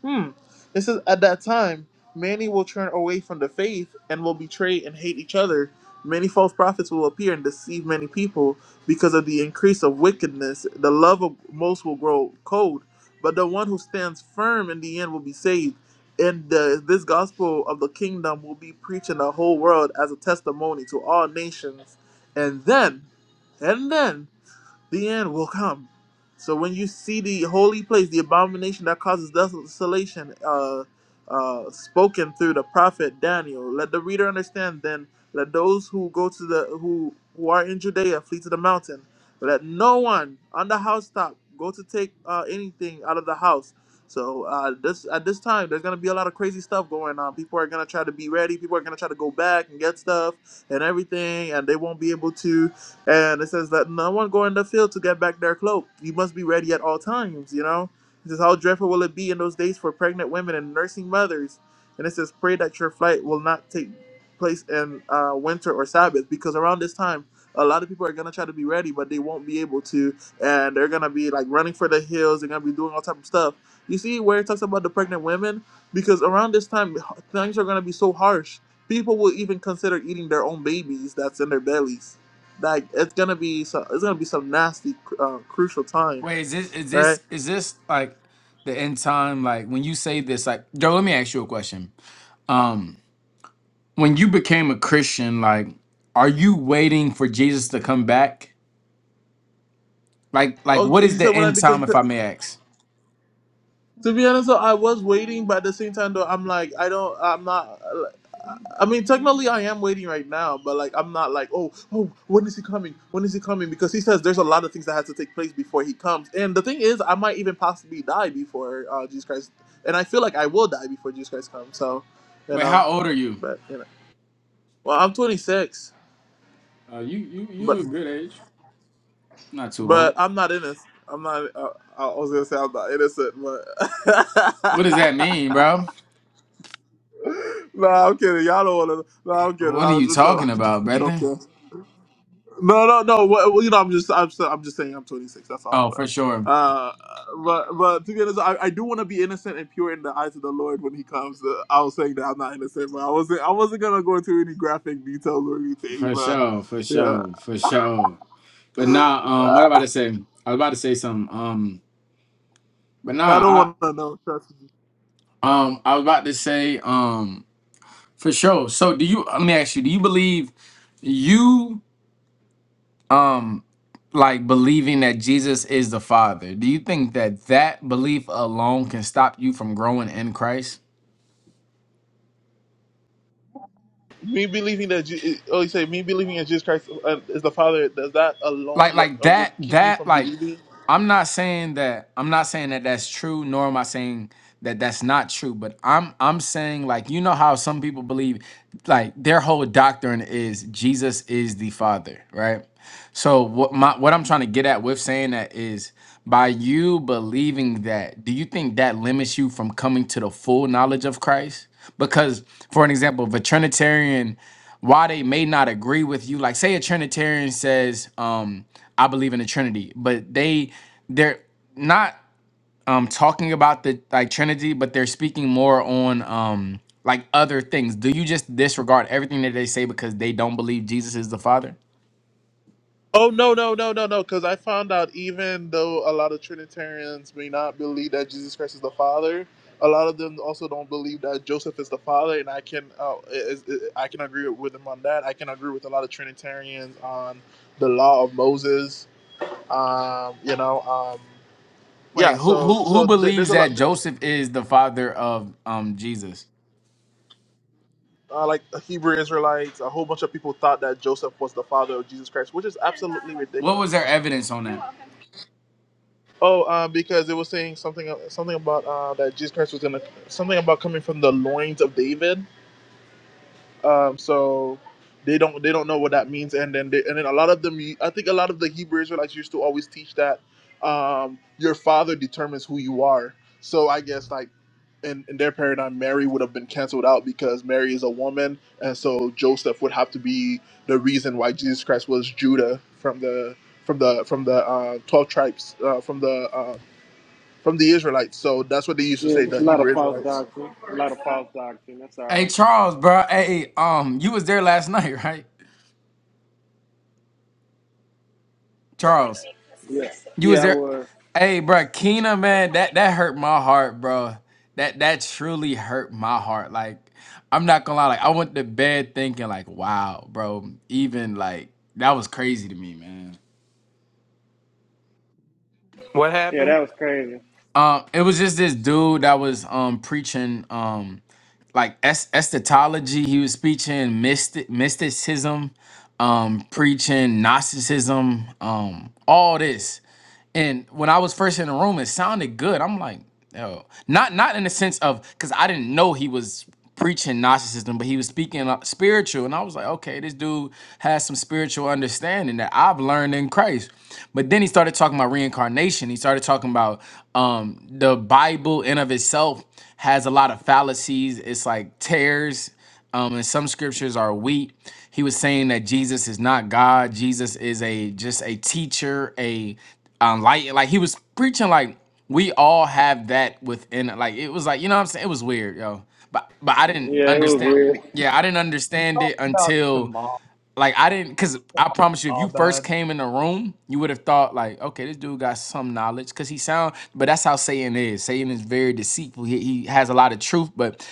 Speaker 1: Hmm. It says, At that time, many will turn away from the faith and will betray and hate each other. Many false prophets will appear and deceive many people because of the increase of wickedness. The love of most will grow cold, but the one who stands firm in the end will be saved. And the, this gospel of the kingdom will be preached in the whole world as a testimony to all nations. And then, and then, the end will come. So when you see the holy place, the abomination that causes desolation, uh, uh, spoken through the prophet Daniel, let the reader understand. Then let those who go to the who who are in Judea flee to the mountain. Let no one on the housetop go to take uh, anything out of the house. So uh, this at this time, there's gonna be a lot of crazy stuff going on. People are gonna try to be ready. People are gonna try to go back and get stuff and everything, and they won't be able to. And it says, Let no one go in the field to get back their cloak. You must be ready at all times, you know? It says, How dreadful will it be in those days for pregnant women and nursing mothers? And it says, Pray that your flight will not take place in uh, winter or Sabbath, because around this time, a lot of people are going to try to be ready, but they won't be able to. And they're going to be like running for the hills. They're going to be doing all type of stuff. You see where it talks about the pregnant women? Because around this time, things are going to be so harsh. People will even consider eating their own babies that's in their bellies like it's gonna be so it's gonna be some nasty uh, crucial time,
Speaker 3: Wait, is this is
Speaker 1: right?
Speaker 3: this is this like the end time? Like when you say this, like Joe, let me ask you a question. Um, when you became a Christian, like, are you waiting for Jesus to come back? Like, like what
Speaker 1: Okay,
Speaker 3: is
Speaker 1: so
Speaker 3: the
Speaker 1: when I
Speaker 3: end time,
Speaker 1: became
Speaker 3: if I may ask?
Speaker 1: to be honest, though, I was waiting, but at the same time, though, I'm like I don't, I'm not. uh, I mean, technically, I am waiting right now, but like I'm not like oh oh when is he coming? When is he coming? Because he says there's a lot of things that has to take place before he comes, and the thing is, I might even possibly die before uh, Jesus Christ, and I feel like I will die before Jesus Christ comes. So, you
Speaker 3: Wait,
Speaker 1: know,
Speaker 3: how old are you?
Speaker 1: but you know, well, I'm 26,
Speaker 3: Uh, you you
Speaker 1: but.
Speaker 3: you're a good age. Not too
Speaker 1: But
Speaker 3: old.
Speaker 1: I'm not innocent. I'm not. uh, I, I was gonna say I'm not innocent,
Speaker 3: What does
Speaker 1: but
Speaker 3: that mean, bro?
Speaker 1: *laughs* no, I'm kidding. Y'all don't want to. No, I'm kidding.
Speaker 3: What are you
Speaker 1: I'm, I'm, jo- *laughs*
Speaker 3: talking
Speaker 1: I'm
Speaker 3: about, brother?
Speaker 1: joking. No, no, no. Well, well, you know, I'm just, I'm, so- I'm just saying, I'm 26. That's all.
Speaker 3: Oh, for
Speaker 1: But,
Speaker 3: sure,
Speaker 1: uh, but, but to be honest, I, I do want to be innocent and pure in the eyes of the Lord when He comes. Uh, I was saying that I'm not innocent, but I wasn't. I wasn't gonna go into any graphic details or anything.
Speaker 3: for
Speaker 1: But
Speaker 3: sure, for
Speaker 1: yeah,
Speaker 3: sure, for sure. But nah, um, what I about to say? I was about to say something. Um, but
Speaker 1: I don't
Speaker 3: nah,
Speaker 1: want to know. Trust me.
Speaker 3: Um, I was about to say, um, for sure. So do you let me ask you, do you believe you um like believing that Jesus is the Father? Do you think that that belief alone can stop you from growing in Christ?
Speaker 1: me believing that Je- oh you say me believing in Jesus Christ uh, is the Father does that
Speaker 3: like
Speaker 1: alone let,
Speaker 3: like
Speaker 1: uh, would
Speaker 3: that
Speaker 1: keep me
Speaker 3: that
Speaker 1: from
Speaker 3: like
Speaker 1: believing?
Speaker 3: i'm not saying that i'm not saying that that's true nor am i saying that that's not true but i'm i'm saying like you know how some people believe like their whole doctrine is jesus is the father right so what my what i'm trying to get at with saying that is by you believing that do you think that limits you from coming to the full knowledge of christ because for an example if a trinitarian why they may not agree with you. Like say a Trinitarian says, um, I believe in the Trinity, but they they're not um talking about the like Trinity, but they're speaking more on um like other things. Do you just disregard everything that they say because they don't believe Jesus is the Father?
Speaker 1: Oh no no no no no because I found out even though a lot of Trinitarians may not believe that Jesus Christ is the Father, a lot of them also don't believe that Joseph is the Father, and I can uh, is, is, I can agree with them on that. I can agree with a lot of Trinitarians on the law of Moses. Um, you know, um, yeah.
Speaker 3: Wait, who
Speaker 1: So
Speaker 3: who who
Speaker 1: so th- there's
Speaker 3: believes
Speaker 1: a
Speaker 3: that
Speaker 1: lot.
Speaker 3: Joseph is the father of um Jesus?
Speaker 1: uh, like the Hebrew Israelites, a whole bunch of people thought that Joseph was the father of Jesus Christ, which is absolutely
Speaker 3: What was
Speaker 1: ridiculous.
Speaker 3: their evidence on that?
Speaker 1: Oh, um, because it was saying something something about uh, that Jesus Christ was gonna something about coming from the loins of David. Um, so they don't they don't know what that means, and then they, and then a lot of them, I think a lot of the Hebrew Israelites used to always teach that um, your father determines who you are. So I guess like in, in their paradigm, Mary would have been canceled out because Mary is a woman, and so Joseph would have to be the reason why Jesus Christ was Judah from the from the from the uh, twelve tribes uh, from the uh, from the Israelites. So that's what they used to
Speaker 7: Yeah,
Speaker 1: say,
Speaker 7: just a
Speaker 1: the
Speaker 7: lot of
Speaker 1: Hebrew
Speaker 7: false
Speaker 1: Israelites.
Speaker 7: doctrine. A lot of false doctrine. That's
Speaker 3: Hey
Speaker 7: all.
Speaker 3: Charles, bro. Hey, um, you was there last *laughs* night, right? Charles.
Speaker 7: Yeah,
Speaker 3: You was
Speaker 7: yeah, I
Speaker 3: there.
Speaker 7: was.
Speaker 3: Hey, bro, Keena, man, that that hurt my heart, bro. That that truly hurt my heart. Like, I'm not gonna lie. Like, I went to bed thinking, like, wow, bro. Even like that was crazy to me, man.
Speaker 9: What
Speaker 7: Yeah,
Speaker 9: happened?
Speaker 7: that was crazy.
Speaker 3: Um, it was just this dude that was um preaching um like es- eschatology. He was preaching mystic mysticism, um, preaching Gnosticism, um, all this. And when I was first in the room, it sounded good. I'm like, oh, not not in the sense of because I didn't know he was preaching narcissism, but he was speaking uh, spiritual, and I was like, okay, this dude has some spiritual understanding that I've learned in Christ. But then he started talking about reincarnation. He started talking about um, the Bible in of itself has a lot of fallacies. It's like tears um, and some scriptures are wheat. He was saying that Jesus is not God. Jesus is a just a teacher, a um, light. Like he was preaching, like we all have that within. Like it was like you know what I'm saying. It was weird, yo. But but I didn't
Speaker 7: Yeah, it was
Speaker 3: understand.
Speaker 7: weird.
Speaker 3: Yeah, I didn't understand it
Speaker 10: About
Speaker 3: until
Speaker 10: Shema
Speaker 3: like I didn't because I promise you, if you first
Speaker 10: Abad.
Speaker 3: came in the room, you would have thought like, okay, this dude got some knowledge because he sound. But that's how Satan is. Satan is very deceitful. He, he has a lot of truth, but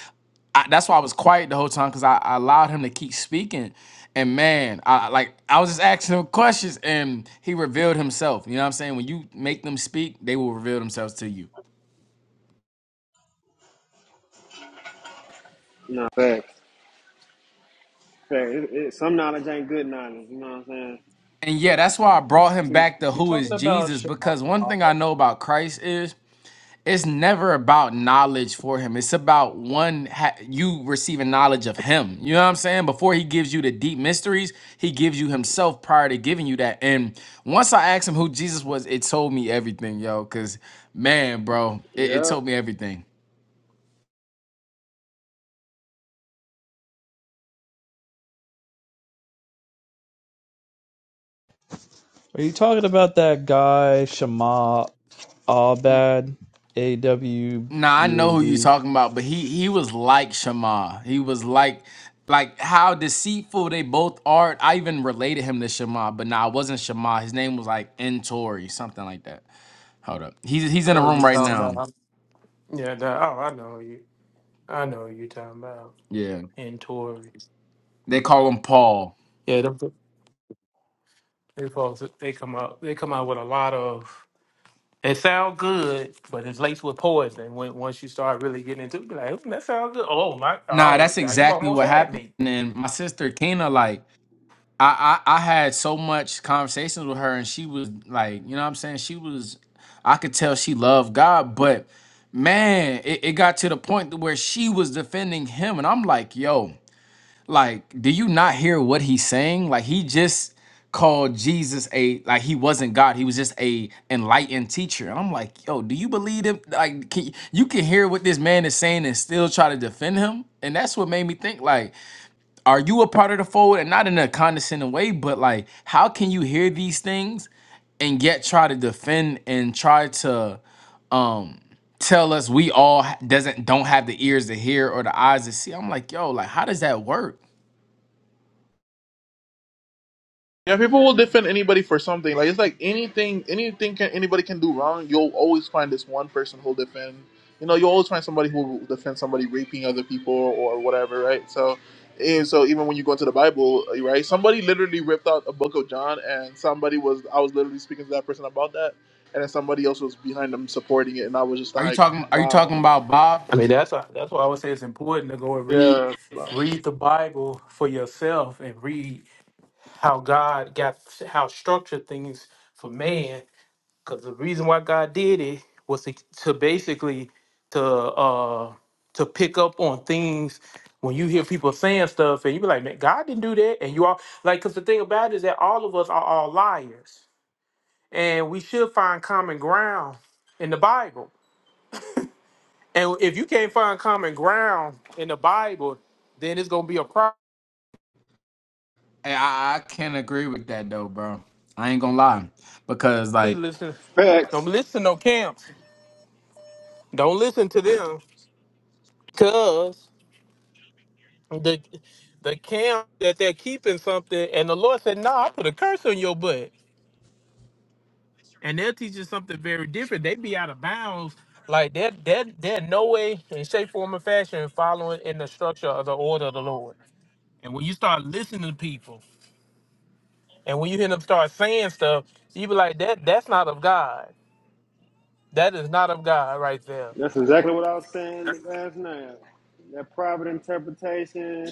Speaker 3: I, that's why I was quiet the whole time because I, I allowed him to keep speaking. And man, I like I was just asking him questions, and he revealed himself. You know what I'm saying? When you make them speak, they will reveal themselves to you.
Speaker 7: No facts. Facts. It, it, some knowledge ain't good knowledge. You know what I'm saying?
Speaker 3: And yeah, that's why I brought him
Speaker 7: Too-
Speaker 3: back to
Speaker 10: You
Speaker 3: who
Speaker 10: talking
Speaker 3: is
Speaker 10: about?
Speaker 3: Jesus
Speaker 10: Sh-
Speaker 3: because one thing I know about Christ is. it's never about knowledge for him. It's about one ha- you receiving knowledge of him. You know what I'm saying? Before he gives you the deep mysteries, he gives you himself prior to giving you that. And once I asked him who Jesus was, it told me everything, yo. Cause man, bro, it, it
Speaker 7: yeah,
Speaker 3: told me everything.
Speaker 10: Are you talking about that guy Shema Abad? A W
Speaker 3: Nah, I
Speaker 10: B
Speaker 3: know
Speaker 10: A
Speaker 3: who you're
Speaker 10: D.
Speaker 3: talking about, but he he was like Shema. He was like like how deceitful they both are. I even related him to Shema, but nah, it wasn't Shema. His name was like Entori, something like that. Hold up. He's he's
Speaker 9: I
Speaker 3: in a
Speaker 9: know you
Speaker 3: room right
Speaker 9: talking
Speaker 3: now.
Speaker 9: about. Yeah, that, oh, I know you. I know you talking about.
Speaker 3: Yeah.
Speaker 9: And Tory.
Speaker 3: They call him Paul.
Speaker 9: Yeah, them, they folks, they come out, they come out with a lot of It sounds good, but it's laced with poison. When once you start really getting into, it, be like, "Hmm, that sounds good. Oh my,
Speaker 3: Nah,
Speaker 9: oh,
Speaker 3: that's
Speaker 9: now you
Speaker 3: exactly
Speaker 9: almost
Speaker 3: what
Speaker 9: had
Speaker 3: happened.
Speaker 9: me.
Speaker 3: And my sister Kena, like, I, I I had so much conversations with her, and she was like, you know what I'm saying? She was I could tell she loved God, but man, it, it got to the point to where she was defending him. And I'm like, yo. Like, do you not hear what he's saying? Like, he just called Jesus a like he wasn't God. He was just a enlightened teacher. And I'm like, yo, do you believe him? Like, can, you can hear what this man is saying and still try to defend him. And that's what made me think, like, are you a part of the fold? And not in a condescending way, but like, how can you hear these things and yet try to defend and try to um tell us we all ha- doesn't don't have the ears to hear or the eyes to see. I'm like, yo, like how does that work?
Speaker 1: Yeah, people will defend anybody for something. Like it's like anything, anything can anybody can do wrong. You'll always find this one person who'll defend. You know, you will always find somebody who will defend somebody raping other people or whatever, right? So, and so even when you go into the Bible, uh, right? Somebody literally ripped out a book of John, and somebody was I was literally speaking to that person about that, and then somebody else was behind them supporting it, and I was just
Speaker 3: Are you
Speaker 1: like,
Speaker 3: talking? Are you
Speaker 1: wow,
Speaker 3: talking about Bob?
Speaker 9: I mean, that's why that's why I would say it's important to go and read,
Speaker 1: yeah.
Speaker 9: read the Bible for yourself and read how God got how structured things for man Because the reason why God did it was to, to basically to uh to pick up on things when you hear people saying stuff and you be like, man, God didn't do that. And you all like because the thing about it is that all of us are all liars. And we should find common ground in the Bible. And if you can't find common ground in the Bible, then it's gonna be a problem.
Speaker 3: Hey, I I can't agree with that though, bro. I ain't gonna lie, because like
Speaker 9: Listen, don't
Speaker 7: facts.
Speaker 9: listen to no camps. Don't listen to them. cause. the the camp that they're keeping something, and the Lord said, "No, I put a curse on your butt." And they'll teach you something very different. They be out of bounds, like they're they're they're no way in shape, form, or fashion following in the structure of the order of the Lord. And when you start listening to people, and when you hear them start saying stuff, you be like, "That that's not of God. That is not of God, right there."
Speaker 7: That's exactly what I was saying last night. That private interpretation,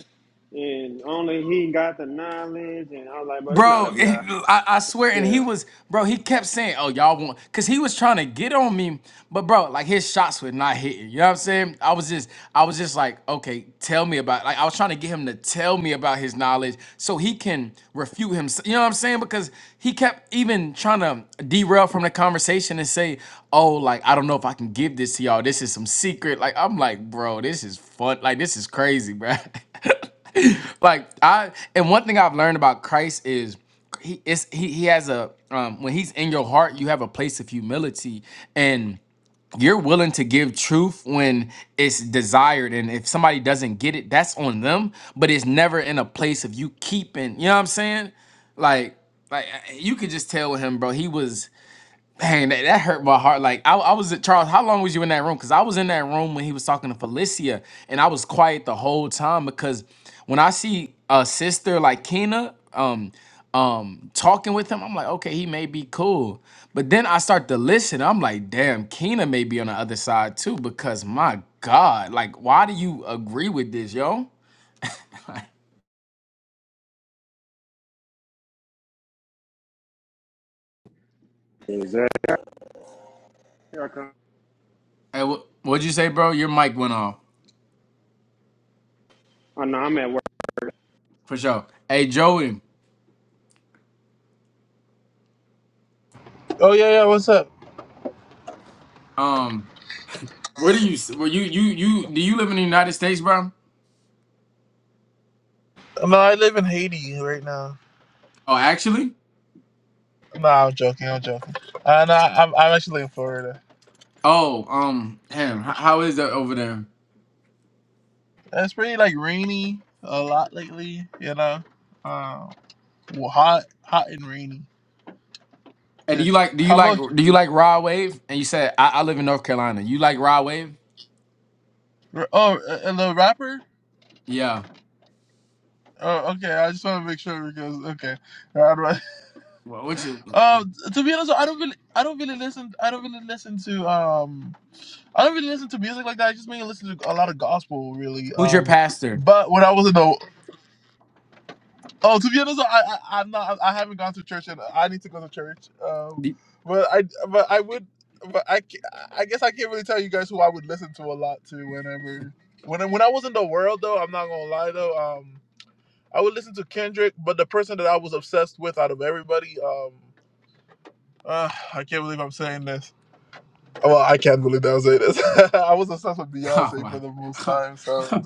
Speaker 7: and only he got the knowledge. And I was like, but it's not
Speaker 3: Bro,
Speaker 7: up
Speaker 3: *laughs*
Speaker 7: y'all.
Speaker 3: I, I
Speaker 7: I
Speaker 3: swear, and
Speaker 7: can
Speaker 3: he was, bro, he kept saying, oh, y'all want, because he was trying to get on me, but bro, like his shots were not hitting. You know what I'm saying? I was just, I was just like, okay, tell me about, like, I was trying to get him to tell me about his knowledge so he can refute himself. You know what I'm saying? Because he kept even trying to derail from the conversation and say, oh, like, I don't know if I can give this to y'all. This is some secret. Like, I'm like, bro, this is fun. Like, this is crazy, bro. *laughs* *laughs* like I and one thing I've learned about Christ is he is he, he has a um when he's in your heart you have a place of humility and you're willing to give truth when it's desired and if somebody doesn't get it that's on them but it's never in a place of you keeping you know what I'm saying like like I- you could just tell him bro he was Dang, that, that hurt my heart. Like I, I was at Charles. How long was you in that room? Because I was in that room when he was talking to Felicia, and I was quiet the whole time because when I see a sister like Kena, um, um, talking with him, I'm like, okay, he may be cool. But then I start to listen. I'm like, damn, Kena may be on the other side too. Because my God, like, why do you agree with this, yo?
Speaker 7: tell. Exactly. Here I come.
Speaker 3: Hey, wh- what'd you say, bro? Your mic went off
Speaker 7: Oh no, I'm at work.
Speaker 3: for sure. Hey, Joey.
Speaker 1: Oh yeah, yeah. What's up?
Speaker 3: Um. Where do you? Where you? You? You? Do you live in the United States, bro?
Speaker 1: No, I live in Haiti right now.
Speaker 3: Oh, actually.
Speaker 1: No, I'm joking. I'm joking. Uh, no, I'm, I'm actually in Florida.
Speaker 3: Oh, um, damn. How, how is that over there?
Speaker 1: It's pretty like rainy a lot lately. You know, uh, well, hot, hot and rainy.
Speaker 3: And do
Speaker 1: Yeah.
Speaker 3: you like? Do
Speaker 1: How
Speaker 3: you like?
Speaker 1: about
Speaker 3: Do you
Speaker 1: you?
Speaker 3: like raw wave? And you said I, I live in North Carolina. You like raw wave?
Speaker 1: R- Oh, uh, the rapper.
Speaker 3: Yeah.
Speaker 1: Oh, okay. I just want to make sure because okay. All right. *laughs*
Speaker 3: Well, what you?
Speaker 1: Um, to be honest, I don't really, I don't really listen. I don't really listen to um. I don't really listen to music like that. I just mainly listen to a lot of gospel, really.
Speaker 3: Who's your
Speaker 1: Um,
Speaker 3: pastor?
Speaker 1: but when I was in the Oh, to be honest, I, I I'm not. I haven't gone to church, and I need to go to church. Um,
Speaker 3: Do-
Speaker 1: but I but I would, but I ca- I guess I can't really tell you guys who I would listen to a lot to whenever when I- when I was in the world though. I'm not gonna lie though. Um, I would listen to Kendrick, but the person that I was obsessed with out of everybody, um, uh, I can't believe I'm saying this. Well, I can't believe that was it. *laughs* I was obsessed with
Speaker 3: *laughs* Oh
Speaker 1: Beyonce for
Speaker 3: my.
Speaker 1: the most time, so.
Speaker 3: *laughs*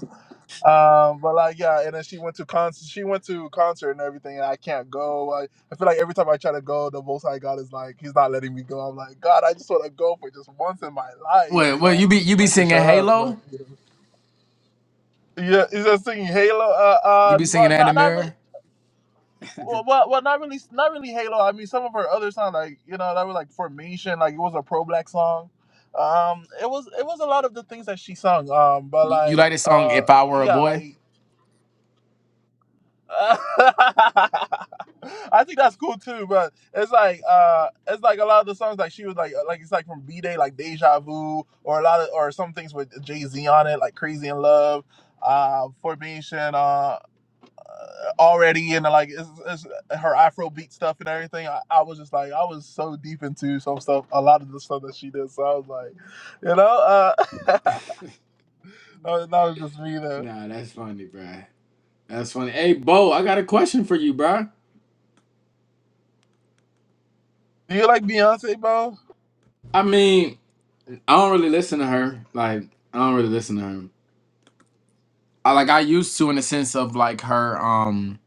Speaker 1: Um, but like yeah, and then she went to concert. She went to concert and everything, and I can't go. I, I feel like every time I try to go, the most I got is like he's not letting me go. I'm like, God, I just want to go for just once in my life,
Speaker 3: Wait,
Speaker 1: you
Speaker 3: well,
Speaker 1: know.
Speaker 3: you be you be
Speaker 1: I can
Speaker 3: singing
Speaker 1: shut up, but
Speaker 3: Halo?
Speaker 1: you know. yeah, he's just singing Halo. Uh,
Speaker 3: You
Speaker 1: uh,
Speaker 3: be
Speaker 1: well,
Speaker 3: singing that in the
Speaker 1: not not really.
Speaker 3: mirror?
Speaker 1: Well, well, well, not really, not really Halo. I mean, some of her other songs, like you know, that were like Formation, like it was a pro black song. Um, it was it was a lot of the things that she sung. Um, but
Speaker 3: You you
Speaker 1: like,
Speaker 3: like the song
Speaker 1: uh,
Speaker 3: If I Were a
Speaker 1: yeah,
Speaker 3: Boy?
Speaker 1: like, *laughs* I think that's cool too. But it's like, uh, it's like a lot of the songs like she was like, like it's like from B Day, like Deja Vu, or a lot of or some things with Jay Z on it, like Crazy in Love, uh, Formation. uh already into like it's, it's her Afrobeat stuff and everything. I, I was just like, I was so deep into some stuff, a lot of the stuff that she did. So I was like, you know, uh, *laughs* that was just me though.
Speaker 3: Nah, that's funny, bruh. That's funny. Hey, Bo, I got a question for you, bruh.
Speaker 1: Do you like Beyonce, bro?
Speaker 3: I mean, I don't really listen to her. Like I don't really listen to her. I like I used to in the sense of like her um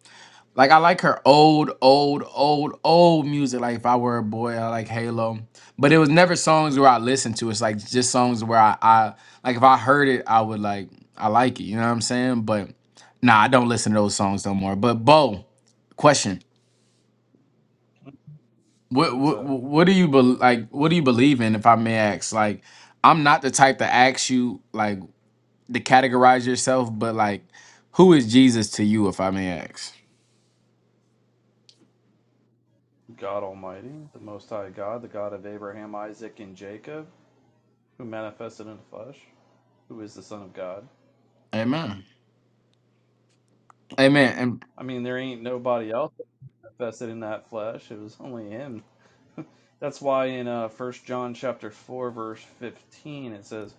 Speaker 3: like I like her old old old old music. Like if I were a boy, I like Halo. But it was never songs where I listened to. It's like just songs where I, I like if I heard it, I would like I like it. You know what I'm saying? But nah, I don't listen to those songs no more. But Bo, question. What
Speaker 10: What's
Speaker 3: what
Speaker 10: up?
Speaker 3: what do you bel like what do you believe in if I may ask? Like I'm not the type to ask you like to categorize yourself, but like, who is Jesus to you, if I may ask?
Speaker 10: God Almighty, the Most High God, the God of Abraham, Isaac, and Jacob, who manifested in the flesh, who is the Son of God.
Speaker 3: Amen. Amen. And
Speaker 10: I mean, there ain't nobody else manifested in that flesh. It was only Him. That's why in uh, 1 John chapter four verse fifteen it says,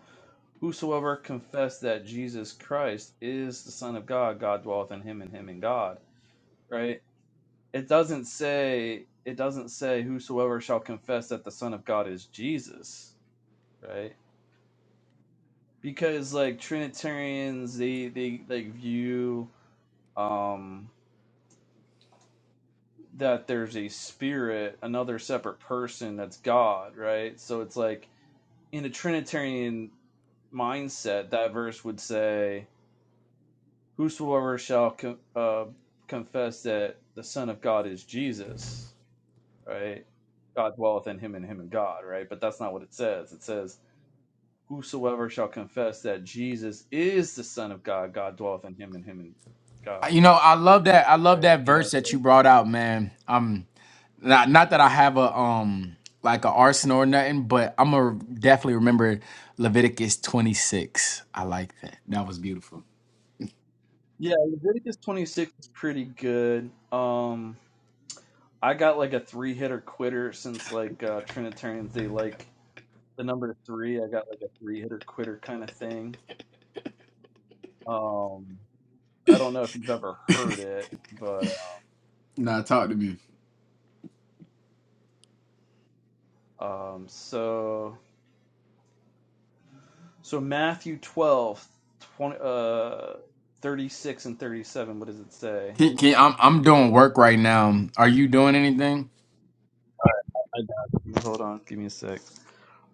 Speaker 10: "Whosoever confess that Jesus Christ is the Son of God, God dwelleth in him, and him in God." Right? It doesn't say. It doesn't say, "Whosoever shall confess that the Son of God is Jesus." Right? because like Trinitarians, they they like view um that there's a spirit, another separate person that's God, right? So it's like in a Trinitarian mindset, that verse would say, "Whosoever shall co- uh, confess that the Son of God is Jesus, right? God dwelleth in him, and him in God, right?" But that's not what it says. It says, "Whosoever shall confess that Jesus is the Son of God, God dwelleth in him, and him in
Speaker 3: uh,
Speaker 10: God."
Speaker 3: you know, I love that. I love
Speaker 10: right?
Speaker 3: that
Speaker 10: You know,
Speaker 3: verse that
Speaker 10: so,
Speaker 3: you brought out, man. Um, not not that I have a um like a arsenal or nothing, but I'm gonna definitely remember Leviticus 26. I like that. That was beautiful.
Speaker 10: yeah, Leviticus 26 is pretty good. Um, I got like a three hitter quitter since like uh, Trinitarians they like the number three. I got like a three hitter quitter kind of thing. Um, I don't know if you've ever heard it, but
Speaker 3: Nah, talk to me.
Speaker 10: um, so so Matthew 12, twenty, uh, 36 and 37. What does it say?
Speaker 3: Can, can, I'm I'm doing work right now. Are you doing anything?
Speaker 10: I got it. Hold on, give me a sec.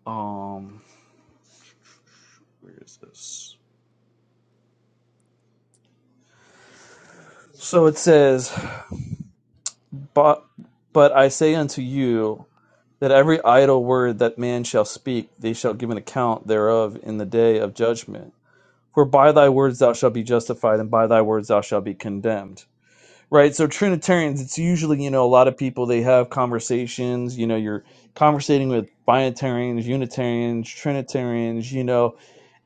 Speaker 10: Um, where is this? So it says. But, but I say unto you that every idle word that man shall speak, they shall give an account thereof in the day of judgment. For by thy words thou shalt be justified, and by thy words thou shalt be condemned. Right? So Trinitarians, it's usually, you know, a lot of people they have conversations, you know, you're conversating with Binitarians, Unitarians, Trinitarians, you know,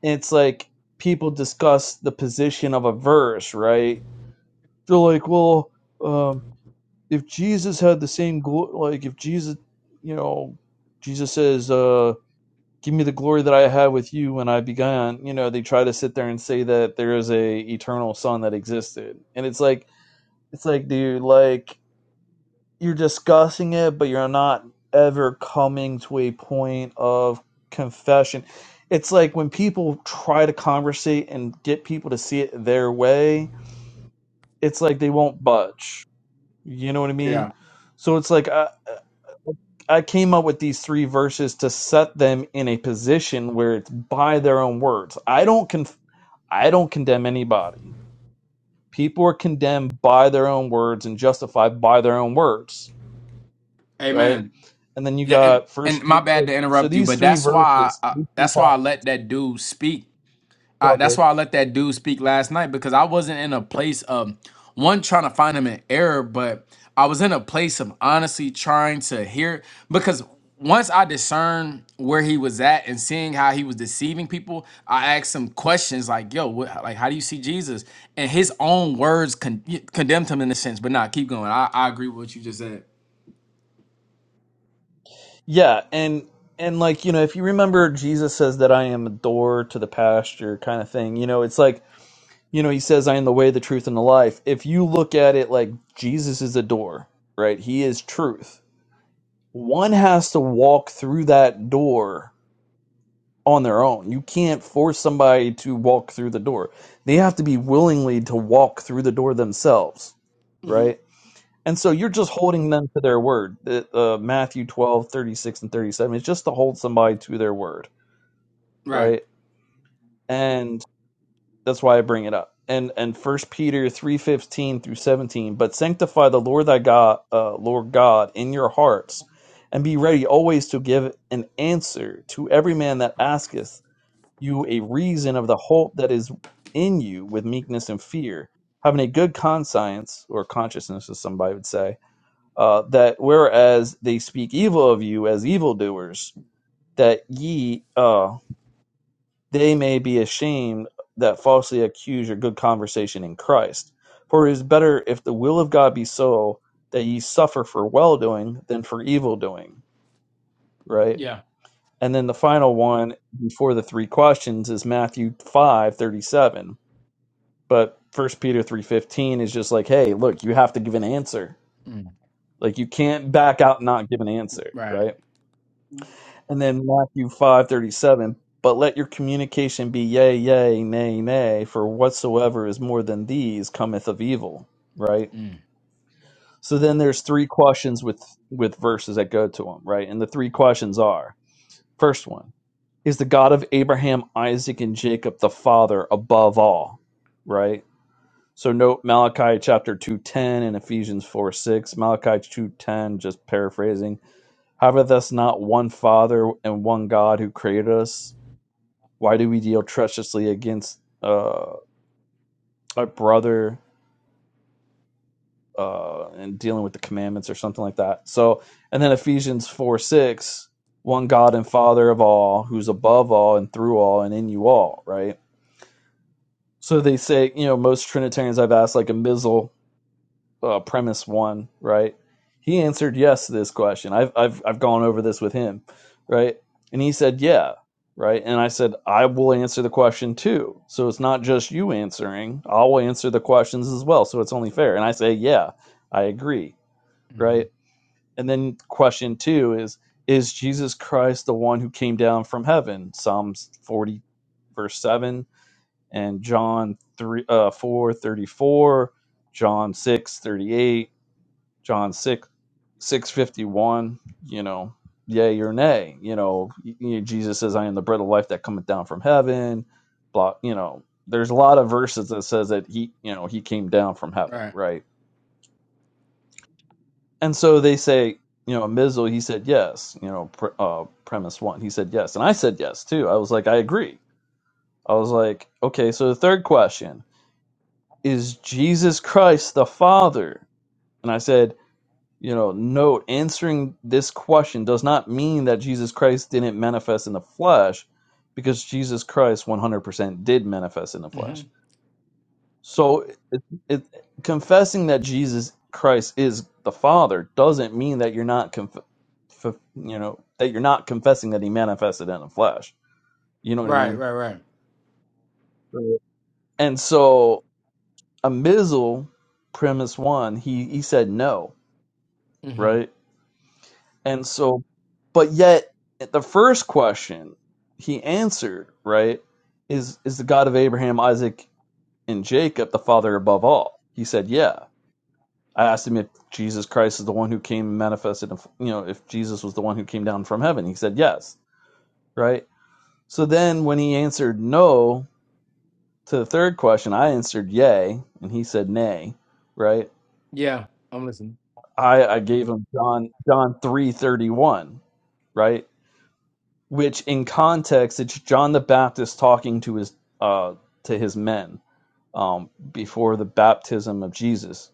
Speaker 10: and it's like people discuss the position of a verse, right? They're like, well, um, if Jesus had the same glory, like if Jesus, you know, Jesus says, uh, "Give me the glory that I had with you when I began," you know, they try to sit there and say that there is a eternal Son that existed, and it's like, it's like, dude, like you're discussing it, but you're not ever coming to a point of confession. It's like when people try to conversate and get people to see it their way, it's like they won't budge you know what I mean?
Speaker 3: Yeah.
Speaker 10: So it's like I, I came up with these three verses to set them in a position where it's by their own words. I don't con- I don't condemn anybody. People are condemned by their own words and justified by their own words, right?
Speaker 3: Amen.
Speaker 10: And then you
Speaker 3: Yeah, and
Speaker 10: got
Speaker 3: and
Speaker 10: First
Speaker 3: my
Speaker 10: Peter.
Speaker 3: bad to
Speaker 10: So
Speaker 3: interrupt you,
Speaker 10: these
Speaker 3: but
Speaker 10: three
Speaker 3: that's why
Speaker 10: verses,
Speaker 3: I,
Speaker 10: these three
Speaker 3: that's why
Speaker 10: passages,
Speaker 3: I let that dude speak.
Speaker 10: are
Speaker 3: Uh, that's
Speaker 10: good.
Speaker 3: why I let that dude speak last night because I wasn't in a place of one trying to find him an error, but I was in a place of honestly trying to hear because once I discerned where he was at and seeing how he was deceiving people, I asked him questions like, "Yo, what, like, how do you see Jesus?" And his own words con- condemned him in a sense. But nah, keep going. I, I agree with what you just said.
Speaker 10: yeah, and and like you know, if you remember, Jesus says that I am a door to the pasture, kind of thing. You know, it's like you know, he says, I am the way, the truth, and the life. If you look at it like Jesus is a door, right? He is truth. One has to walk through that door on their own. You can't force somebody to walk through the door. They have to be willingly to walk through the door themselves, right? And so you're just holding them to their word. Uh, uh, Matthew 12 36 and 37 is just to hold somebody to their word,
Speaker 3: Right.
Speaker 10: right? And That's why I bring it up. And and First Peter three fifteen through seventeen. But sanctify the Lord thy God, uh, Lord God, in your hearts, and be ready always to give an answer to every man that asketh you a reason of the hope that is in you with meekness and fear, having a good conscience or consciousness, as somebody would say, uh, that whereas they speak evil of you as evildoers, that ye uh, they may be ashamed that falsely accuse your good conversation in Christ. For it is better if the will of God be so that ye suffer for well doing than for evil doing, right?
Speaker 3: Yeah.
Speaker 10: And then the final one before the three questions is Matthew five thirty seven. But first Peter three fifteen is just like, hey, look, you have to give an answer. Like you can't back out and not give an answer,
Speaker 3: Right.
Speaker 10: right? And then Matthew five thirty seven. But let your communication be yea, yea, nay, nay, for whatsoever is more than these cometh of evil. Right.
Speaker 3: Mm.
Speaker 10: So then there's three questions with with verses that go to them. Right. And the three questions are: first one is the God of Abraham, Isaac, and Jacob the Father above all. Right. So note Malachi chapter two ten and Ephesians four six. Malachi two ten, just paraphrasing. Haveth us not one Father and one God who created us? Why do we deal treacherously against uh, our brother uh, and dealing with the commandments or something like that? So, and then Ephesians four six, one God and Father of all, who's above all and through all and in you all, right? So they say, you know, most Trinitarians I've asked, like a missile uh, premise one, right? He answered yes to this question. I've I've I've gone over this with him, right? And he said yeah, right? And I said I will answer the question too. So it's not just you answering. I will answer the questions as well. So it's only fair. And I say yeah, I agree,
Speaker 3: hmm
Speaker 10: right? And then question two is is Jesus Christ the one who came down from heaven? Psalms forty verse 7 and john 3 uh, 4 34, john six thirty-eight. John 6, 651, you know, yay or nay. You know, Jesus says, I am the bread of life that cometh down from heaven. Blah, you know, there's a lot of verses that says that he, you know, he came down from heaven,
Speaker 3: Right.
Speaker 10: right? And so they say, you know, Mizzle, he said yes, you know, pr- uh, premise one, he said yes. And I said yes too. I was like, I agree. I was like, okay, so the third question is Jesus Christ the Father? And I said, you know, note answering this question does not mean that Jesus Christ didn't manifest in the flesh, because Jesus Christ 100% did manifest in the
Speaker 3: hmm
Speaker 10: flesh. So it, it, confessing that Jesus Christ is the Father doesn't mean that you're not conf- f- you know that you're not confessing that He manifested in the flesh. You know what I
Speaker 3: Right.
Speaker 10: mean?
Speaker 3: Right. Right.
Speaker 10: Right. And so a missile premise one, he he said no,
Speaker 3: hmm
Speaker 10: right? And so, but yet the first question he answered, right, is is the God of Abraham, Isaac, and Jacob the Father above all? He said, yeah. I asked him if Jesus Christ is the one who came and manifested, you know, if Jesus was the one who came down from heaven. He said, yes, right? So then when he answered no to the third question, I answered yay, and he said nay, right?
Speaker 3: Yeah. I'm listening.
Speaker 10: I, I gave him John John 3:31, right? which in context it's John the Baptist talking to his uh to his men um before the baptism of Jesus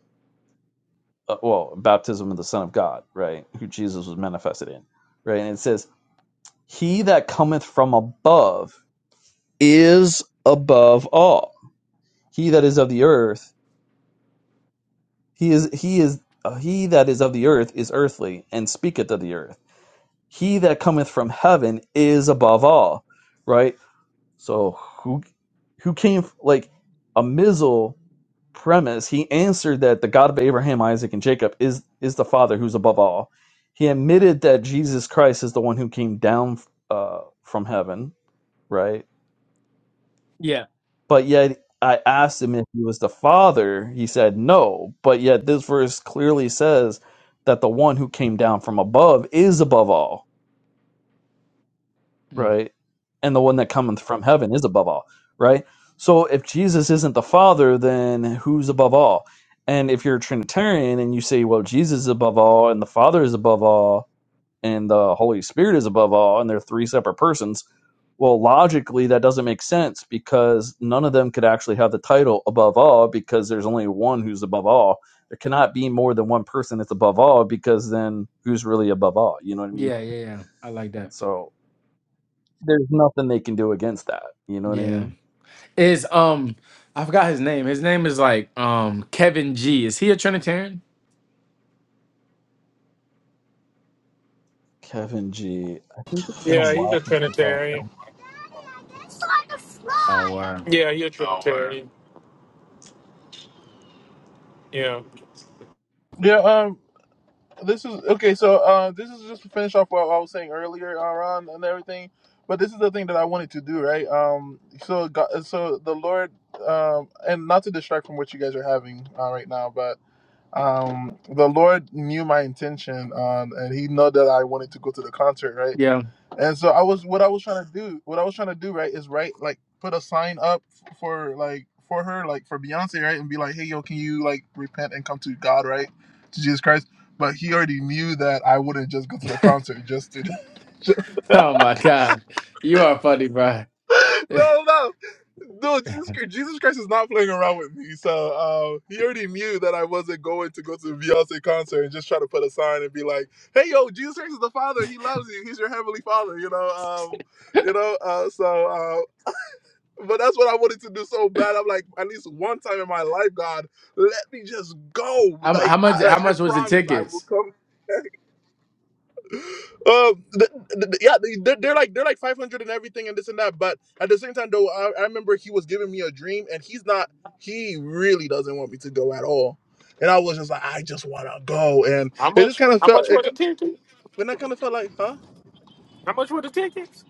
Speaker 10: uh, well baptism of the son of God right who Jesus was manifested in right and it says he that cometh from above is above all he that is of the earth he is he is uh, he that is of the earth is earthly and speaketh of the earth he that cometh from heaven is above all right So who who came like a Mizzle premise? He answered that the God of Abraham, Isaac, and Jacob is is the Father who's above all. He admitted that Jesus Christ is the one who came down uh, from heaven, right?
Speaker 3: Yeah.
Speaker 10: But yet I asked him if he was the Father. He said no. But yet this verse clearly says that the one who came down from above is above all
Speaker 3: Mm.
Speaker 10: right? And the one that cometh from heaven is above all, right? So if Jesus isn't the Father, then who's above all? And if you're a Trinitarian and you say, well, Jesus is above all, and the Father is above all, and the Holy Spirit is above all, and they're three separate persons, well, logically, that doesn't make sense because none of them could actually have the title above all because there's only one who's above all. There cannot be more than one person that's above all because then who's really above all? You know what I mean?
Speaker 3: Yeah. Yeah. Yeah. I like that.
Speaker 10: So there's nothing they can do against that. You know what I
Speaker 3: Yeah.
Speaker 10: mean?
Speaker 3: Is um, I forgot his name. His name is like um Kevin G. Is he a Trinitarian?
Speaker 10: Kevin G.
Speaker 9: Yeah, he's a
Speaker 10: Oh.
Speaker 9: Trinitarian.
Speaker 3: Oh, word.
Speaker 9: Yeah, he's a Oh, wow. Trinitarian. Yeah.
Speaker 1: Yeah. Um. This is okay. So, uh, this is just to finish off what I was saying earlier, uh, Ron, and everything. But this is the thing that I wanted to do, right? Um. So, God, so the Lord, um, and not to distract from what you guys are having uh, right now, but um the lord knew my intention um and he know that i wanted to go to the concert right
Speaker 3: Yeah. *laughs*
Speaker 1: and so i was what i was trying to do what i was trying to do right is right like put a sign up f- for like for her like for beyonce right and be like hey yo can you like repent and come to god right to jesus christ but he already knew that i wouldn't just go to the concert just to *laughs*
Speaker 3: Oh my God, you are funny, bro.
Speaker 1: *laughs* no, no. No, Jesus Christ, Jesus Christ is not playing around with me. So uh, he already knew that I wasn't going to go to a Beyonce concert and just try to put a sign and be like, "Hey, yo, Jesus Christ is the Father. He loves you. He's your heavenly Father." You know, um, you know. Uh, so, uh, but that's what I wanted to do so bad. I'm like, at least one time in my life, God, let me just go.
Speaker 3: How, mu- how
Speaker 1: Like,
Speaker 3: much?
Speaker 1: I,
Speaker 3: How
Speaker 1: like I
Speaker 3: much was the
Speaker 1: promise, I will
Speaker 3: tickets?
Speaker 1: come. *laughs* Um, th- th- th- yeah, they- they're, they're like they're like 500 and everything and this and that. But at the same time, though, I, I remember he was giving me a dream, and he's not. He really doesn't want me to go at all. And I was just like, I just want to go, and
Speaker 9: How
Speaker 1: it just
Speaker 9: much?
Speaker 1: kind of
Speaker 9: How
Speaker 1: felt.
Speaker 9: much were
Speaker 1: It, c-
Speaker 9: the tickets?
Speaker 1: when I kind of felt like, huh?
Speaker 9: How much were the tickets?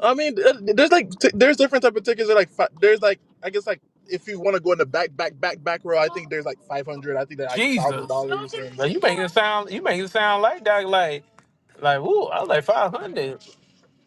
Speaker 1: I mean, th- th- there's like t- there's different type of tickets. That are like fi- there's like I guess like if you want to go in the back back back back row, I think there's like 500. I think they're like thousand
Speaker 9: Jesus.
Speaker 1: dollars,
Speaker 9: Now you make it sound you make it sound like that like like ooh, I was like five hundred.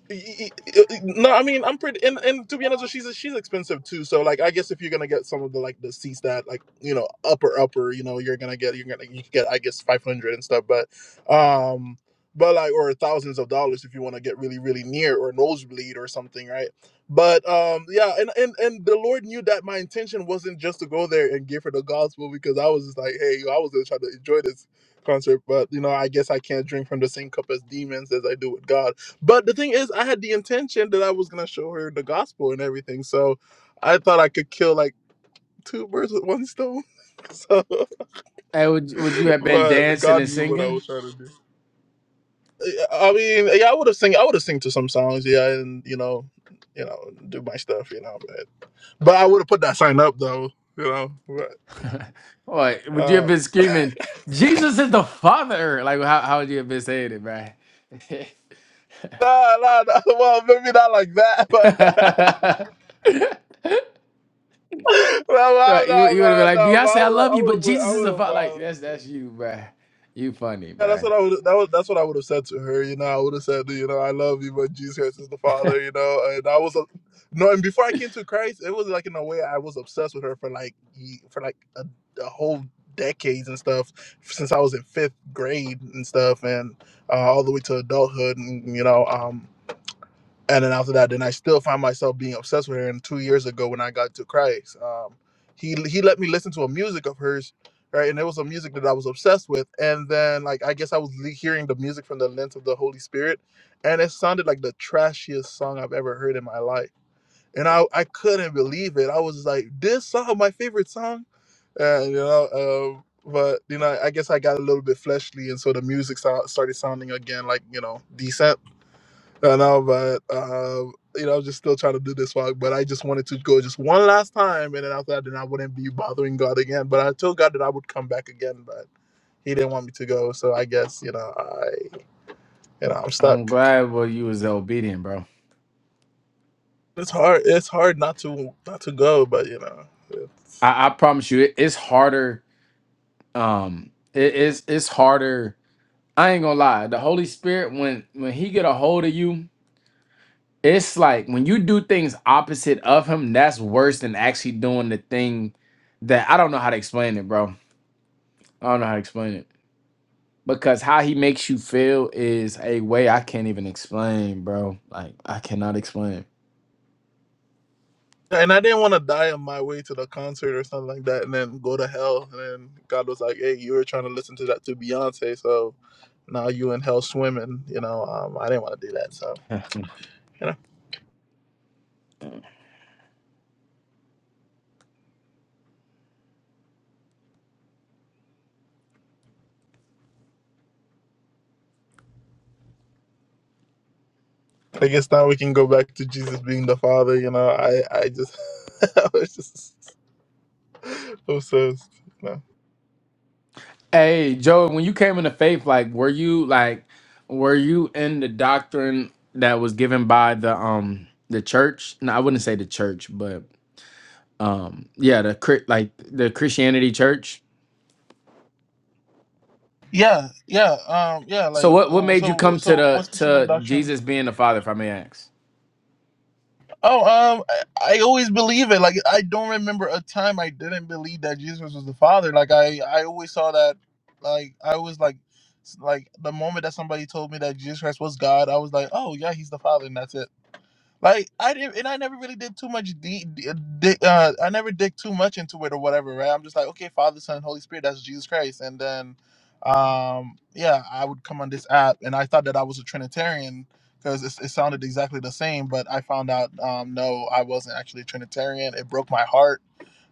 Speaker 1: y- y- y- No, I mean I'm pretty, and, and to be honest, with you, she's she's expensive too. So like, I guess if you're gonna get some of the like the seats that like you know upper upper, you know you're gonna get you're gonna you can get I guess 500 and stuff, but um, but like or thousands of dollars if you want to get really really near or nosebleed or something, right? But um, yeah, and and and the Lord knew that my intention wasn't just to go there and give her the gospel because I was just like, hey, I was gonna try to enjoy this concert, but you know I guess I can't drink from the same cup as demons as I do with God but the thing is, I had the intention that I was gonna show her the gospel and everything, so I thought I could kill like two birds with one stone. *laughs* So,
Speaker 3: Hey, would would you have been
Speaker 1: but
Speaker 3: dancing
Speaker 1: God
Speaker 3: and
Speaker 1: knew what I
Speaker 3: singing?
Speaker 1: was trying to do. Uh, I mean, yeah, I would have sing, I would have sing to some songs, yeah, and you know, you know, do my stuff, you know, but but I would have put that sign up though, you know. But,
Speaker 3: *laughs* What would you
Speaker 1: uh,
Speaker 3: have been screaming? Jesus is the Father. Like how how would you have been saying it, man?
Speaker 1: *laughs* no, no, no. *laughs* Well, maybe not like that, but *laughs*
Speaker 3: *laughs*
Speaker 1: no, no,
Speaker 3: Right, you
Speaker 1: no,
Speaker 3: you would have been
Speaker 1: no,
Speaker 3: like
Speaker 1: no,
Speaker 3: Beyonce,
Speaker 1: I
Speaker 3: I
Speaker 1: would have,
Speaker 3: love you,
Speaker 1: I would
Speaker 3: but
Speaker 1: have,
Speaker 3: Jesus is the
Speaker 1: I
Speaker 3: Father.
Speaker 1: would
Speaker 3: Like
Speaker 1: have.
Speaker 3: that's that's you, man. You funny,
Speaker 1: Yeah, that's what
Speaker 3: man.
Speaker 1: I would. That was, that's what I would have said to her. You know, I would have said, you know, I love you, but Jesus Christ is the Father. You know, and I was a, no. And before I came to Christ, it was like in a way I was obsessed with her for like ye- for like a, a whole decades and stuff since I was in fifth grade and stuff, and uh, all the way to adulthood. And you know, um, and then after that, then I still find myself being obsessed with her. And two years ago, when I got to Christ, um, he he let me listen to a music of hers, right? And it was a music that I was obsessed with. And then, like, I guess I was le- hearing the music from the lens of the Holy Spirit, and it sounded like the trashiest song I've ever heard in my life. And I I couldn't believe it. I was just like, this song, my favorite song, and you know. Um, but you know, I guess I got a little bit fleshly, and so the music sou- started sounding again like you know decent I know, but um, you know, I was just still trying to do this walk. But I just wanted to go just one last time, and then after that, then I wouldn't be bothering God again. But I told God that I would come back again, but He didn't want me to go. So I guess you know, I you know, I'm
Speaker 3: I'm
Speaker 1: stuck.
Speaker 3: glad well you was obedient, bro.
Speaker 1: It's hard. It's hard not to not to go, but you know, it's,
Speaker 3: I, I promise you, it, it's harder. Um, it- it's it's harder. I ain't gonna lie. The Holy Spirit, when when He get a hold of you, it's like when you do things opposite of Him. That's worse than actually doing the thing that I don't know how to explain it, bro. I don't know how to explain it because how he makes you feel is a way I can't even explain, bro. Like I cannot explain.
Speaker 1: and I didn't want to die on my way to the concert or something like that, and then go to hell. And then God was like, "Hey, you were trying to listen to that to Beyonce, so now you in hell swimming." You know, um, I didn't want to do that, so.
Speaker 3: *laughs*
Speaker 1: you know. I guess now we can go back to Jesus being the Father. You know, I I just *laughs* I was just obsessed. You know.
Speaker 3: Hey, Joe, when you came into faith, like were you like were you in the doctrine that was given by the um the church? No, I wouldn't say the church, but um yeah, the Chri- like the Christianity church.
Speaker 1: Yeah, yeah, um, yeah.
Speaker 3: So
Speaker 1: Like,
Speaker 3: what what
Speaker 1: oh,
Speaker 3: made you
Speaker 1: so
Speaker 3: come to
Speaker 1: so what
Speaker 3: the
Speaker 1: specific
Speaker 3: to
Speaker 1: doctrine?
Speaker 3: Jesus being the Father, if I may ask?
Speaker 1: Oh, um, I, I always believe it. Like, I don't remember a time I didn't believe that Jesus was the Father. Like, I I always saw that. Like, I was like. s- Like the moment that somebody told me that Jesus Christ was God, I was like, "Oh yeah, he's the Father," and that's it. Like I didn't, and I never really did too much. De- de- uh, di- uh, I never dig too much into it or whatever, right? I'm just like, okay, Father, Son, Holy Spirit, that's Jesus Christ, and then, um, yeah, I would come on this app, and I thought that I was a Trinitarian because it, it sounded exactly the same, but I found out, um, no, I wasn't actually a Trinitarian. It broke my heart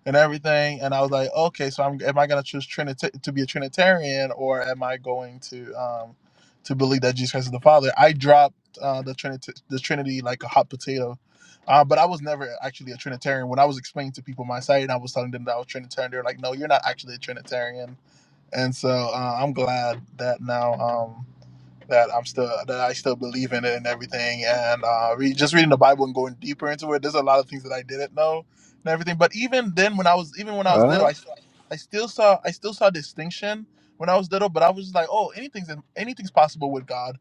Speaker 1: and everything. And I was like, okay, so I'm am I gonna choose Trinita- to be a Trinitarian or am I going to um to believe that Jesus Christ is the Father? I dropped uh, the Trinity the Trinity like a hot potato. Uh, but I was never actually a Trinitarian. When I was explaining to people my site and I was telling them that I was Trinitarian, they were like, "No, you're not actually a Trinitarian." And so uh, I'm glad that now. Um, that I'm still that I still believe in it and everything. And uh, re- just reading the Bible and going deeper into it, there's a lot of things that I didn't know and everything. But even then, when I was even when I was little,
Speaker 6: Uh,
Speaker 1: I s- I still saw I still saw distinction when I was little. But I was just like, oh, anything's anything's possible with God.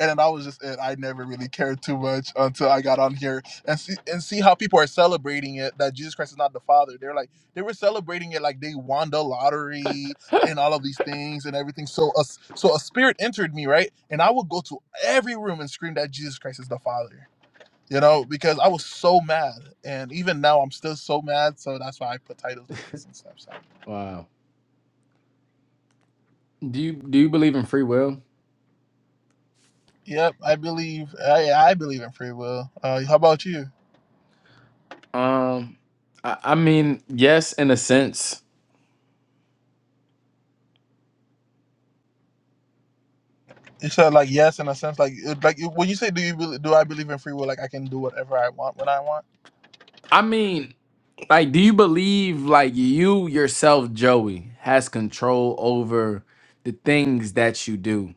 Speaker 1: And then I was just it. I never really cared too much until I got on here and see and see how people are celebrating it that Jesus Christ is not the Father. They're like they were celebrating it like they won the lottery and all of these things and everything. So a so a spirit entered me, right? And I would go to every room and scream that Jesus Christ is the Father. You know, because I was so mad. And even now I'm still so mad. So that's why I put titles like this and stuff. So
Speaker 3: Wow. Do you do you believe in free will?
Speaker 1: yep, I believe I I believe in free will. Uh how about you?
Speaker 3: Um, I, I mean, yes, in a sense.
Speaker 1: You said like yes in a sense like it- like when you say do you bel- do I believe in free will like I can do whatever I want when I want.
Speaker 3: I mean, like, do you believe like you yourself, Joey, has control over the things that you do?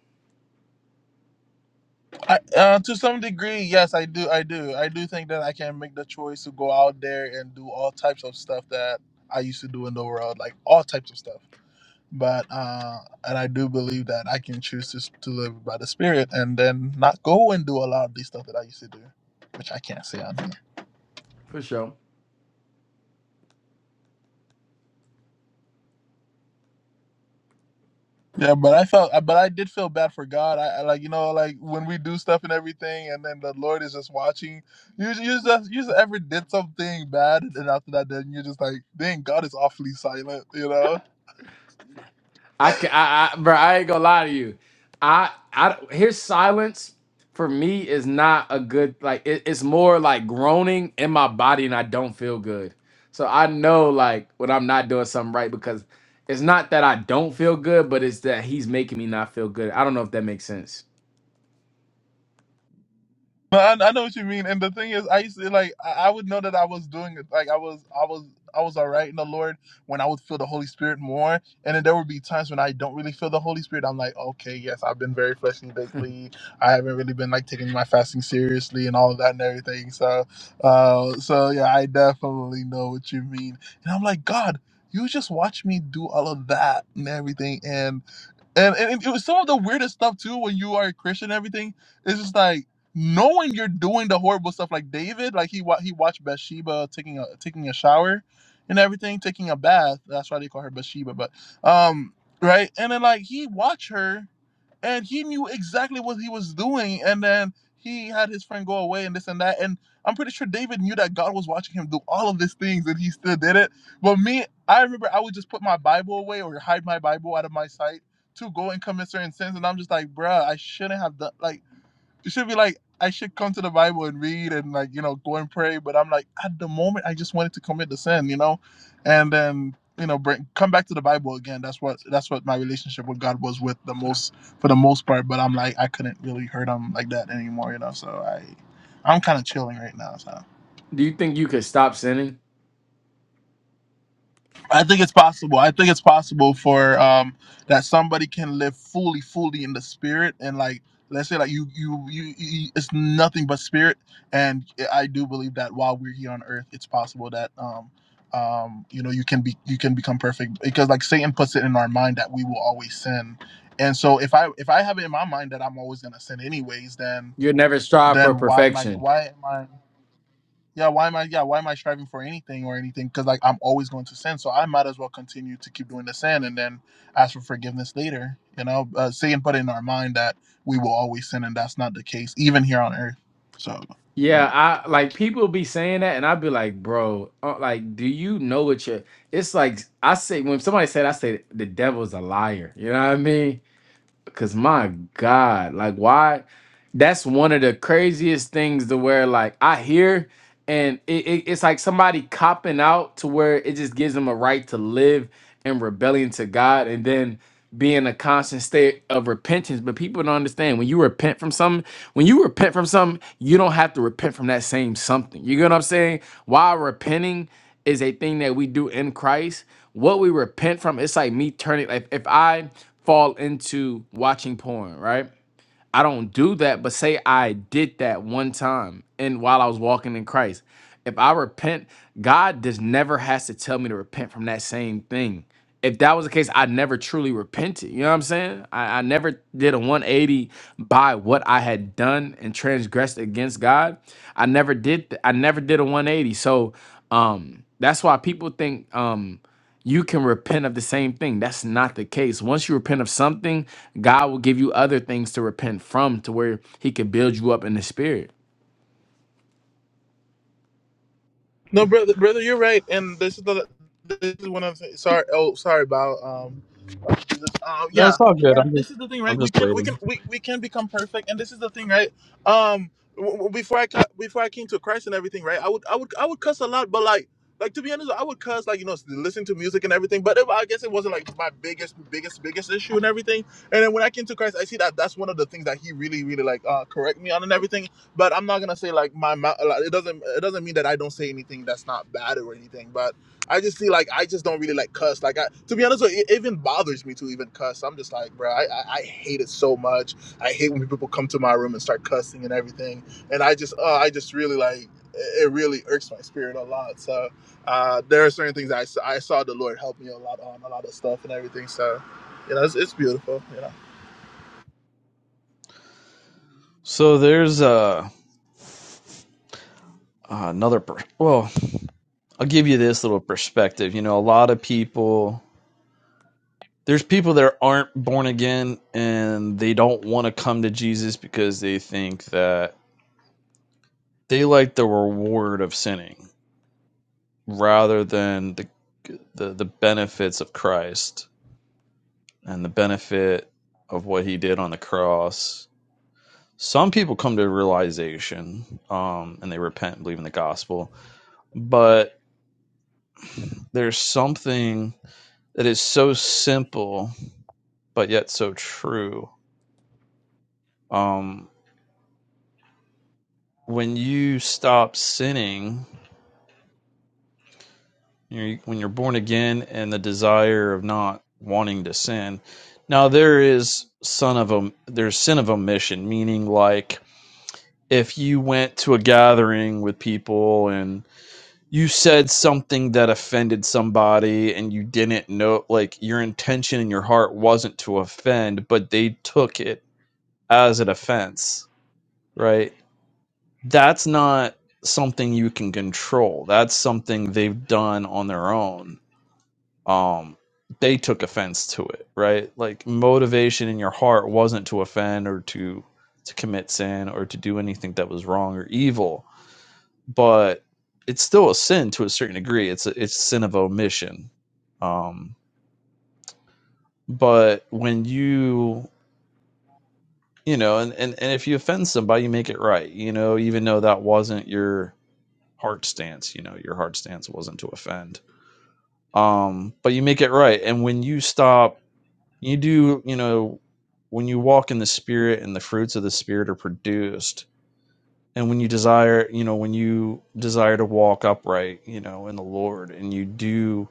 Speaker 1: I, uh, to some degree, yes, I do. I do. I do think that I can make the choice to go out there and do all types of stuff that I used to do in the world, like all types of stuff. But uh, and I do believe that I can choose to s- to live by the spirit and then not go and do a lot of these stuff that I used to do, which I can't say I do.
Speaker 3: For sure.
Speaker 1: Yeah, but I felt, but I did feel bad for God. I, I like, you know, like when we do stuff and everything, and then the Lord is just watching. You, you just, you just ever did something bad, and after that, then you're just like, dang, God is awfully silent, you know?
Speaker 3: I, ca- I, I, bro, I ain't gonna lie to you. I, I, his silence for me is not a good. Like, it, it's more like groaning in my body, and I don't feel good. So I know like when I'm not doing something right because it's not that I don't feel good, but it's that he's making me not feel good. I don't know if that makes sense.
Speaker 1: No, I, I know what you mean, and the thing is, I used to like I, I would know that I was doing it, like I was, I was, I was all right in the Lord when I would feel the Holy Spirit more, and then there would be times when I don't really feel the Holy Spirit. I'm like, okay, yes, I've been very fleshly lately. I haven't really been like taking my fasting seriously and all of that and everything. So, uh, so yeah, I definitely know what you mean, and I'm like, God, you just watch me do all of that and everything, and and, and and it was some of the weirdest stuff too when you are a Christian and everything. It's just like knowing you're doing the horrible stuff like David, like he wa- he watched Bathsheba taking a taking a shower and everything, taking a bath. That's why they call her Bathsheba, but um right? And then like he watched her and he knew exactly what he was doing. And then he had his friend go away and this and that. And I'm pretty sure David knew that God was watching him do all of these things, and he still did it. But me, I remember I would just put my Bible away or hide my Bible out of my sight to go and commit certain sins, and I'm just like, bruh, I shouldn't have done like. It should be like, I should come to the Bible and read and like, you know, go and pray. But I'm like, at the moment, I just wanted to commit the sin, you know, and then you know, bring come back to the Bible again. That's what that's what my relationship with God was with the most for the most part. But I'm like, I couldn't really hurt him like that anymore, you know. So I, I'm kind of chilling right now. So.
Speaker 3: Do you think you could stop sinning?
Speaker 1: I think it's possible. I think it's possible for um that somebody can live fully, fully in the spirit and like let's say like you you you, you it's nothing but spirit and I do believe that while we're here on earth it's possible that um um you know you can be you can become perfect because like Satan puts it in our mind that we will always sin. And so if I if I have it in my mind that I'm always going to sin anyways then
Speaker 3: You'll never strive for
Speaker 1: then why am I
Speaker 3: perfection.
Speaker 1: why am I yeah why am i yeah why am i striving for anything or anything because like i'm always going to sin so i might as well continue to keep doing the sin and then ask for forgiveness later you know uh, saying put in our mind that we will always sin and that's not the case even here on earth so you know
Speaker 3: Yeah, I like people be saying that, and I'd be like, bro, uh, like, do you know what you're? It's like I say when somebody said, I say the devil's a liar. You know what I mean? Because my God, like, why? that's one of the craziest things to where like I hear and it, it- it's like somebody copping out to where it just gives them a right to live in rebellion to God and then be in a constant state of repentance. But people don't understand when you repent from something, when you repent from something, you don't have to repent from that same something. You get what I'm saying? While repenting is a thing that we do in Christ, what we repent from, it's like me turning like if I fall into watching porn, right? I don't do that, but say I did that one time and while I was walking in Christ. If I repent, God just never has to tell me to repent from that same thing. If that was the case, I never truly repented. You know what I'm saying? I, I never did a 180 by what I had done and transgressed against God. I never did th- I never did a 180. So um that's why people think um you can repent of the same thing. That's not the case. Once you repent of something, God will give you other things to repent from to where He can build you up in the spirit.
Speaker 1: no brother brother you're right and this is the this is one of sorry oh sorry about um uh,
Speaker 10: No, it's
Speaker 1: yeah
Speaker 10: all good.
Speaker 1: and
Speaker 10: I'm just
Speaker 1: this is the thing right
Speaker 10: I'm
Speaker 1: we
Speaker 10: just
Speaker 1: can we can
Speaker 10: waiting.
Speaker 1: we, we can become perfect and this is the thing right um w- w- before i ca- before i came to christ and everything right i would i would i would cuss a lot but like like to be honest i would cuss like you know listen to music and everything but it, i guess it wasn't like my biggest biggest biggest issue and everything and then when i came to christ i see that that's one of the things that he really really like uh correct me on and everything but i'm not gonna say like my mouth like, it doesn't it doesn't mean that i don't say anything that's not bad or anything but I just see like I just don't really like cuss. Like I, to be honest, it even bothers me to even cuss. I'm just like, bro, I, I I hate it so much. I hate when people come to my room and start cussing and everything. And I just, uh, I just really like it. Really irks my spirit a lot. So uh, there are certain things that I s- I saw the Lord help me a lot on a lot of stuff and everything. So you know, it's, it's beautiful. You know,
Speaker 10: So there's uh uh another per- well, I'll give you this little perspective. You know, a lot of people there's people that aren't born again and they don't want to come to Jesus because they think that they like the reward of sinning rather than the the, the benefits of Christ and the benefit of what he did on the cross some people come to realization um, and they repent and believe in the gospel but there's something that is so simple but yet so true um, when you stop sinning you when you're born again and the desire of not wanting to sin now there is son of a there's sin of omission meaning like if you went to a gathering with people and. you said something that offended somebody and you didn't know like your intention in your heart wasn't to offend but they took it as an offense right that's not something you can control that's something they've done on their own um they took offense to it right like motivation in your heart wasn't to offend or to to commit sin or to do anything that was wrong or evil but it's still a sin to a certain degree. It's a, it's sin of omission. Um, but when you you know, and, and and if you offend somebody, you make it right. You know, even though that wasn't your heart stance. You know, your heart stance wasn't to offend. Um, but you make it right. And when you stop, you do. You know, when you walk in the spirit, and the fruits of the spirit are produced. And when you desire, you know, when you desire to walk upright, you know, in the Lord, and you do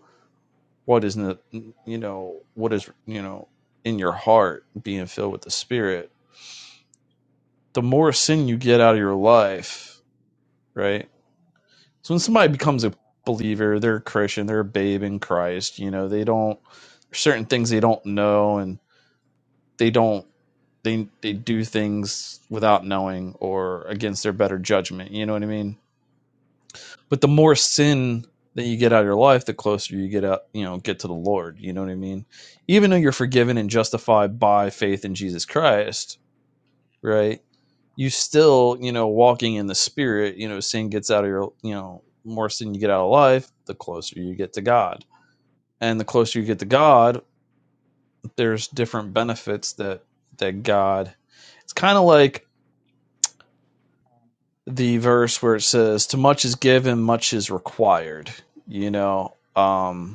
Speaker 10: what is the, you know what is you know in your heart being filled with the spirit the more sin you get out of your life right so when somebody becomes a believer they're a christian they're a babe in christ you know they don't there's certain things they don't know and they don't they they do things without knowing or against their better judgment you know what i mean But the more sin that you get out of your life, the closer you get out, you know, get to the Lord. You know what I mean? Even though you're forgiven and justified by faith in Jesus Christ, right? You still, you know, walking in the Spirit. You know, sin gets out of your, you know, more sin you get out of life, the closer you get to God. And the closer you get to God, there's different benefits that that God. It's kind of like the verse where it says, "To much is given, much is required." You know, um,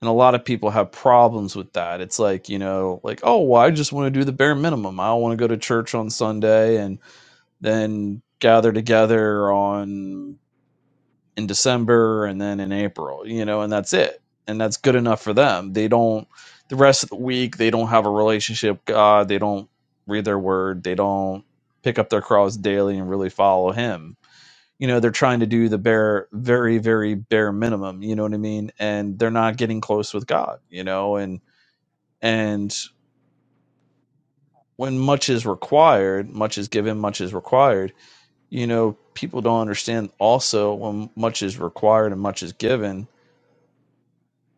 Speaker 10: and a lot of people have problems with that it's like you know like oh well i just want to do the bare minimum i want to go to church on sunday and then gather together on in december and then in april you know and that's it and that's good enough for them they don't the rest of the week they don't have a relationship with god they don't read their word they don't pick up their cross daily and really follow him you know they're trying to do the bare very very bare minimum you know what i mean and they're not getting close with god you know and and when much is required much is given much is required you know people don't understand also when much is required and much is given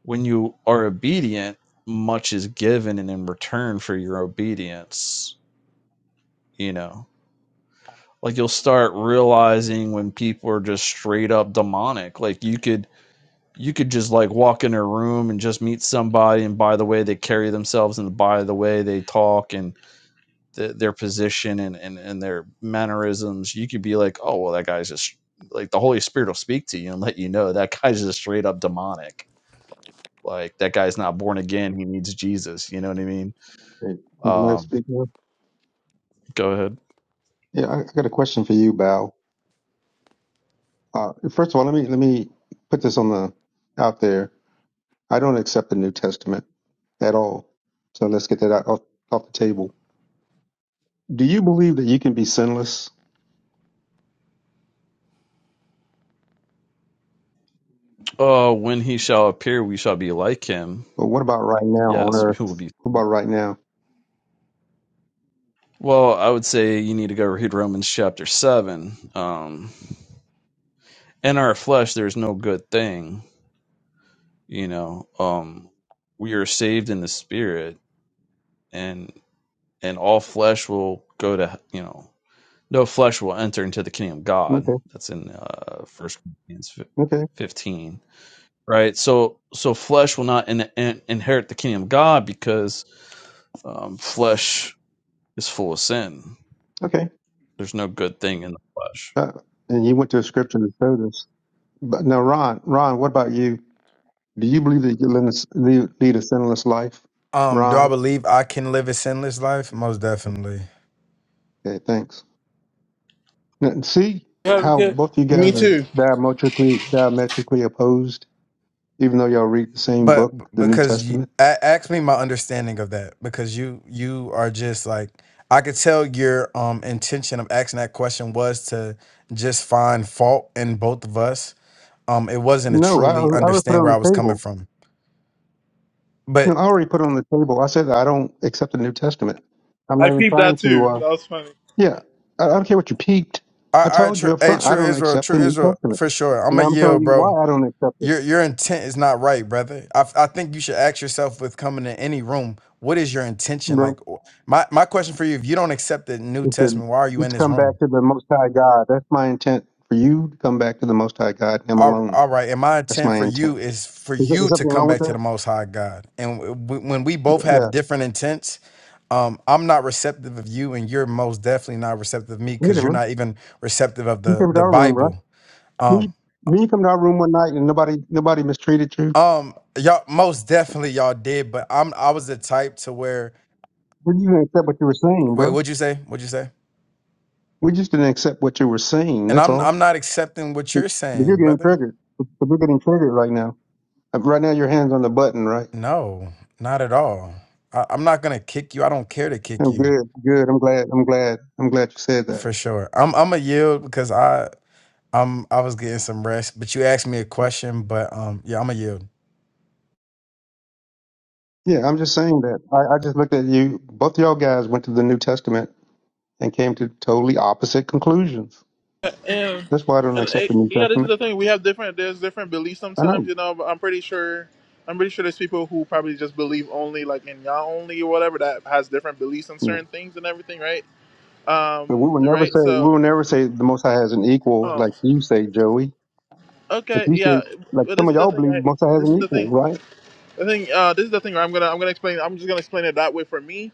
Speaker 10: when you are obedient much is given and in return for your obedience you know like you'll start realizing when people are just straight up demonic like you could you could just like walk in a room and just meet somebody and by the way they carry themselves and by the way they talk and th- their position and, and and their mannerisms you could be like oh well that guy's just like the holy spirit will speak to you and let you know that guy's just straight up demonic like that guy's not born again he needs jesus you know what i mean
Speaker 11: Hey, can speaker.
Speaker 10: um go ahead
Speaker 11: Yeah, I, I got a question for you, Bao. Uh, first of all, let me let me put this on the out there. I don't accept the New Testament at all. So let's get that out off, off the table. Do you believe that you can be sinless?
Speaker 10: oh when he shall appear we shall be like him
Speaker 11: Well, what about right now on
Speaker 10: yes *laughs* we will
Speaker 11: Earth?
Speaker 10: be
Speaker 11: What about right now?
Speaker 10: well i would say you need to go read romans chapter 7 um in our flesh there's no good thing you know um we are saved in the spirit and and all flesh will go to you know no flesh will enter into the kingdom of god
Speaker 11: Okay,
Speaker 10: that's in uh first corinthians
Speaker 11: okay,
Speaker 10: 15 right so so flesh will not in, in, inherit the kingdom of god because um flesh is full of sin
Speaker 11: okay.
Speaker 10: there's no good thing in the flesh
Speaker 11: Uh, and you went to a scripture to show this. But now, Ron, Ron, what about you? Do you believe that you can lead a lead a sinless life,
Speaker 3: Um, do I
Speaker 11: Ron?
Speaker 3: believe I can live a sinless life? Most definitely.
Speaker 11: Okay, thanks. Now, See how both you
Speaker 1: and
Speaker 11: guys
Speaker 1: me
Speaker 11: are
Speaker 1: too.
Speaker 11: diametrically diametrically opposed, even though y'all read the same
Speaker 3: But b-
Speaker 11: book, the New
Speaker 3: because you
Speaker 11: Testament.
Speaker 3: a- ask me my understanding of that, because you you are just like I could tell your um intention of asking that question was to just find fault in both of us. Um, it wasn't to
Speaker 11: No, I, I
Speaker 3: truly
Speaker 11: already put it
Speaker 3: understand where
Speaker 11: on
Speaker 3: I
Speaker 11: the
Speaker 3: was coming
Speaker 11: table.
Speaker 3: from. but.
Speaker 11: No, I already put it on the table. I said that I don't accept the New Testament. I'm
Speaker 1: I
Speaker 11: not even
Speaker 1: peeped
Speaker 11: trying
Speaker 1: that
Speaker 11: to.
Speaker 1: too.
Speaker 11: Uh,
Speaker 1: That was funny.
Speaker 11: yeah, I, I don't care what you peeped.
Speaker 3: All
Speaker 11: I
Speaker 3: right, all right,
Speaker 11: told
Speaker 3: true,
Speaker 11: you up
Speaker 3: hey,
Speaker 11: front, I
Speaker 3: true
Speaker 11: don't
Speaker 3: Israel,
Speaker 11: accept the
Speaker 3: true
Speaker 11: New
Speaker 3: Israel,
Speaker 11: Testament,
Speaker 3: for sure.
Speaker 11: and
Speaker 3: I'm a
Speaker 11: now I'm showing
Speaker 3: yield,
Speaker 11: you
Speaker 3: bro.
Speaker 11: why I don't accept it,
Speaker 3: Your your intent is not right, brother. I I think you should ask yourself with coming to any room, what is your intention?
Speaker 11: bro.
Speaker 3: Like, wh- my my question for you: If you don't accept the New
Speaker 11: It's, a,
Speaker 3: Testament, why are you in
Speaker 11: it's
Speaker 3: this
Speaker 11: come back
Speaker 3: room?
Speaker 11: to the Most High God. That's my intent for you to come back to the Most High God, Him
Speaker 3: All,
Speaker 11: alone.
Speaker 3: all right, and my
Speaker 11: That's
Speaker 3: intent
Speaker 11: my
Speaker 3: for you
Speaker 11: intent.
Speaker 3: is for
Speaker 11: Is there is
Speaker 3: you to
Speaker 11: something
Speaker 3: come
Speaker 11: wrong with
Speaker 3: back to
Speaker 11: that?
Speaker 3: the Most High God. And w- w- when we both
Speaker 11: Yeah,
Speaker 3: have different intents, um, I'm not receptive of you, and you're most definitely not receptive of me
Speaker 11: you
Speaker 3: because you're
Speaker 11: remember?
Speaker 3: not even receptive of
Speaker 11: You
Speaker 3: the
Speaker 11: came to
Speaker 3: the
Speaker 11: our room, right?
Speaker 3: Bible. Um,
Speaker 11: Me, me come to our room one night and nobody, nobody mistreated you.
Speaker 3: Um, y'all most definitely y'all did, but I'm I was the type to where
Speaker 11: We just didn't accept what you were saying,
Speaker 3: wait,
Speaker 11: bro.
Speaker 3: what'd you say? What'd you say?
Speaker 11: We just didn't accept what you were saying.
Speaker 3: And
Speaker 11: That's
Speaker 3: I'm I'm
Speaker 11: all.
Speaker 3: not accepting what
Speaker 11: But
Speaker 3: you're
Speaker 11: you're
Speaker 3: saying,
Speaker 11: getting
Speaker 3: brother.
Speaker 11: triggered. But you're getting triggered right now. Uh, Right now, your hands on the button, right?
Speaker 3: No, not at all. I, I'm not gonna kick you. I don't care to kick
Speaker 11: I'm
Speaker 3: you
Speaker 11: good, good. I'm glad. I'm glad. I'm glad you said that.
Speaker 3: for sure. I'm I'm a yield because I I'm I was getting some rest, but you asked me a question, but um yeah, I'm a yield.
Speaker 11: Yeah, I'm just saying that. I, I just looked at you. Both y'all guys went to the New Testament and came to totally opposite conclusions.
Speaker 1: And,
Speaker 11: That's why I don't
Speaker 1: and
Speaker 11: accept
Speaker 1: it,
Speaker 11: the New
Speaker 1: yeah, this is
Speaker 11: Testament.
Speaker 1: the thing. We have different. There's different beliefs
Speaker 11: I know.
Speaker 1: sometimes. You know, but I'm pretty sure. I'm pretty sure there's people who probably just believe only like in Yah only or whatever that has different beliefs on
Speaker 11: Yeah.
Speaker 1: certain things and everything, right?
Speaker 11: But
Speaker 1: Um,
Speaker 11: we will never
Speaker 1: right.
Speaker 11: say we
Speaker 1: So,
Speaker 11: will never say the Most High has an equal,
Speaker 1: oh,
Speaker 11: like you say, Joey. Like
Speaker 1: okay,
Speaker 11: you say
Speaker 1: yeah.
Speaker 11: like
Speaker 1: But
Speaker 11: some
Speaker 1: this
Speaker 11: of
Speaker 1: is the
Speaker 11: y'all
Speaker 1: thing.
Speaker 11: believe the
Speaker 1: Right?
Speaker 11: Most High has
Speaker 1: This
Speaker 11: an
Speaker 1: is the thing.
Speaker 11: equal, right?
Speaker 1: The thing, uh, this is the thing. Right? I'm gonna, I'm gonna explain. I'm just gonna explain it that way for me.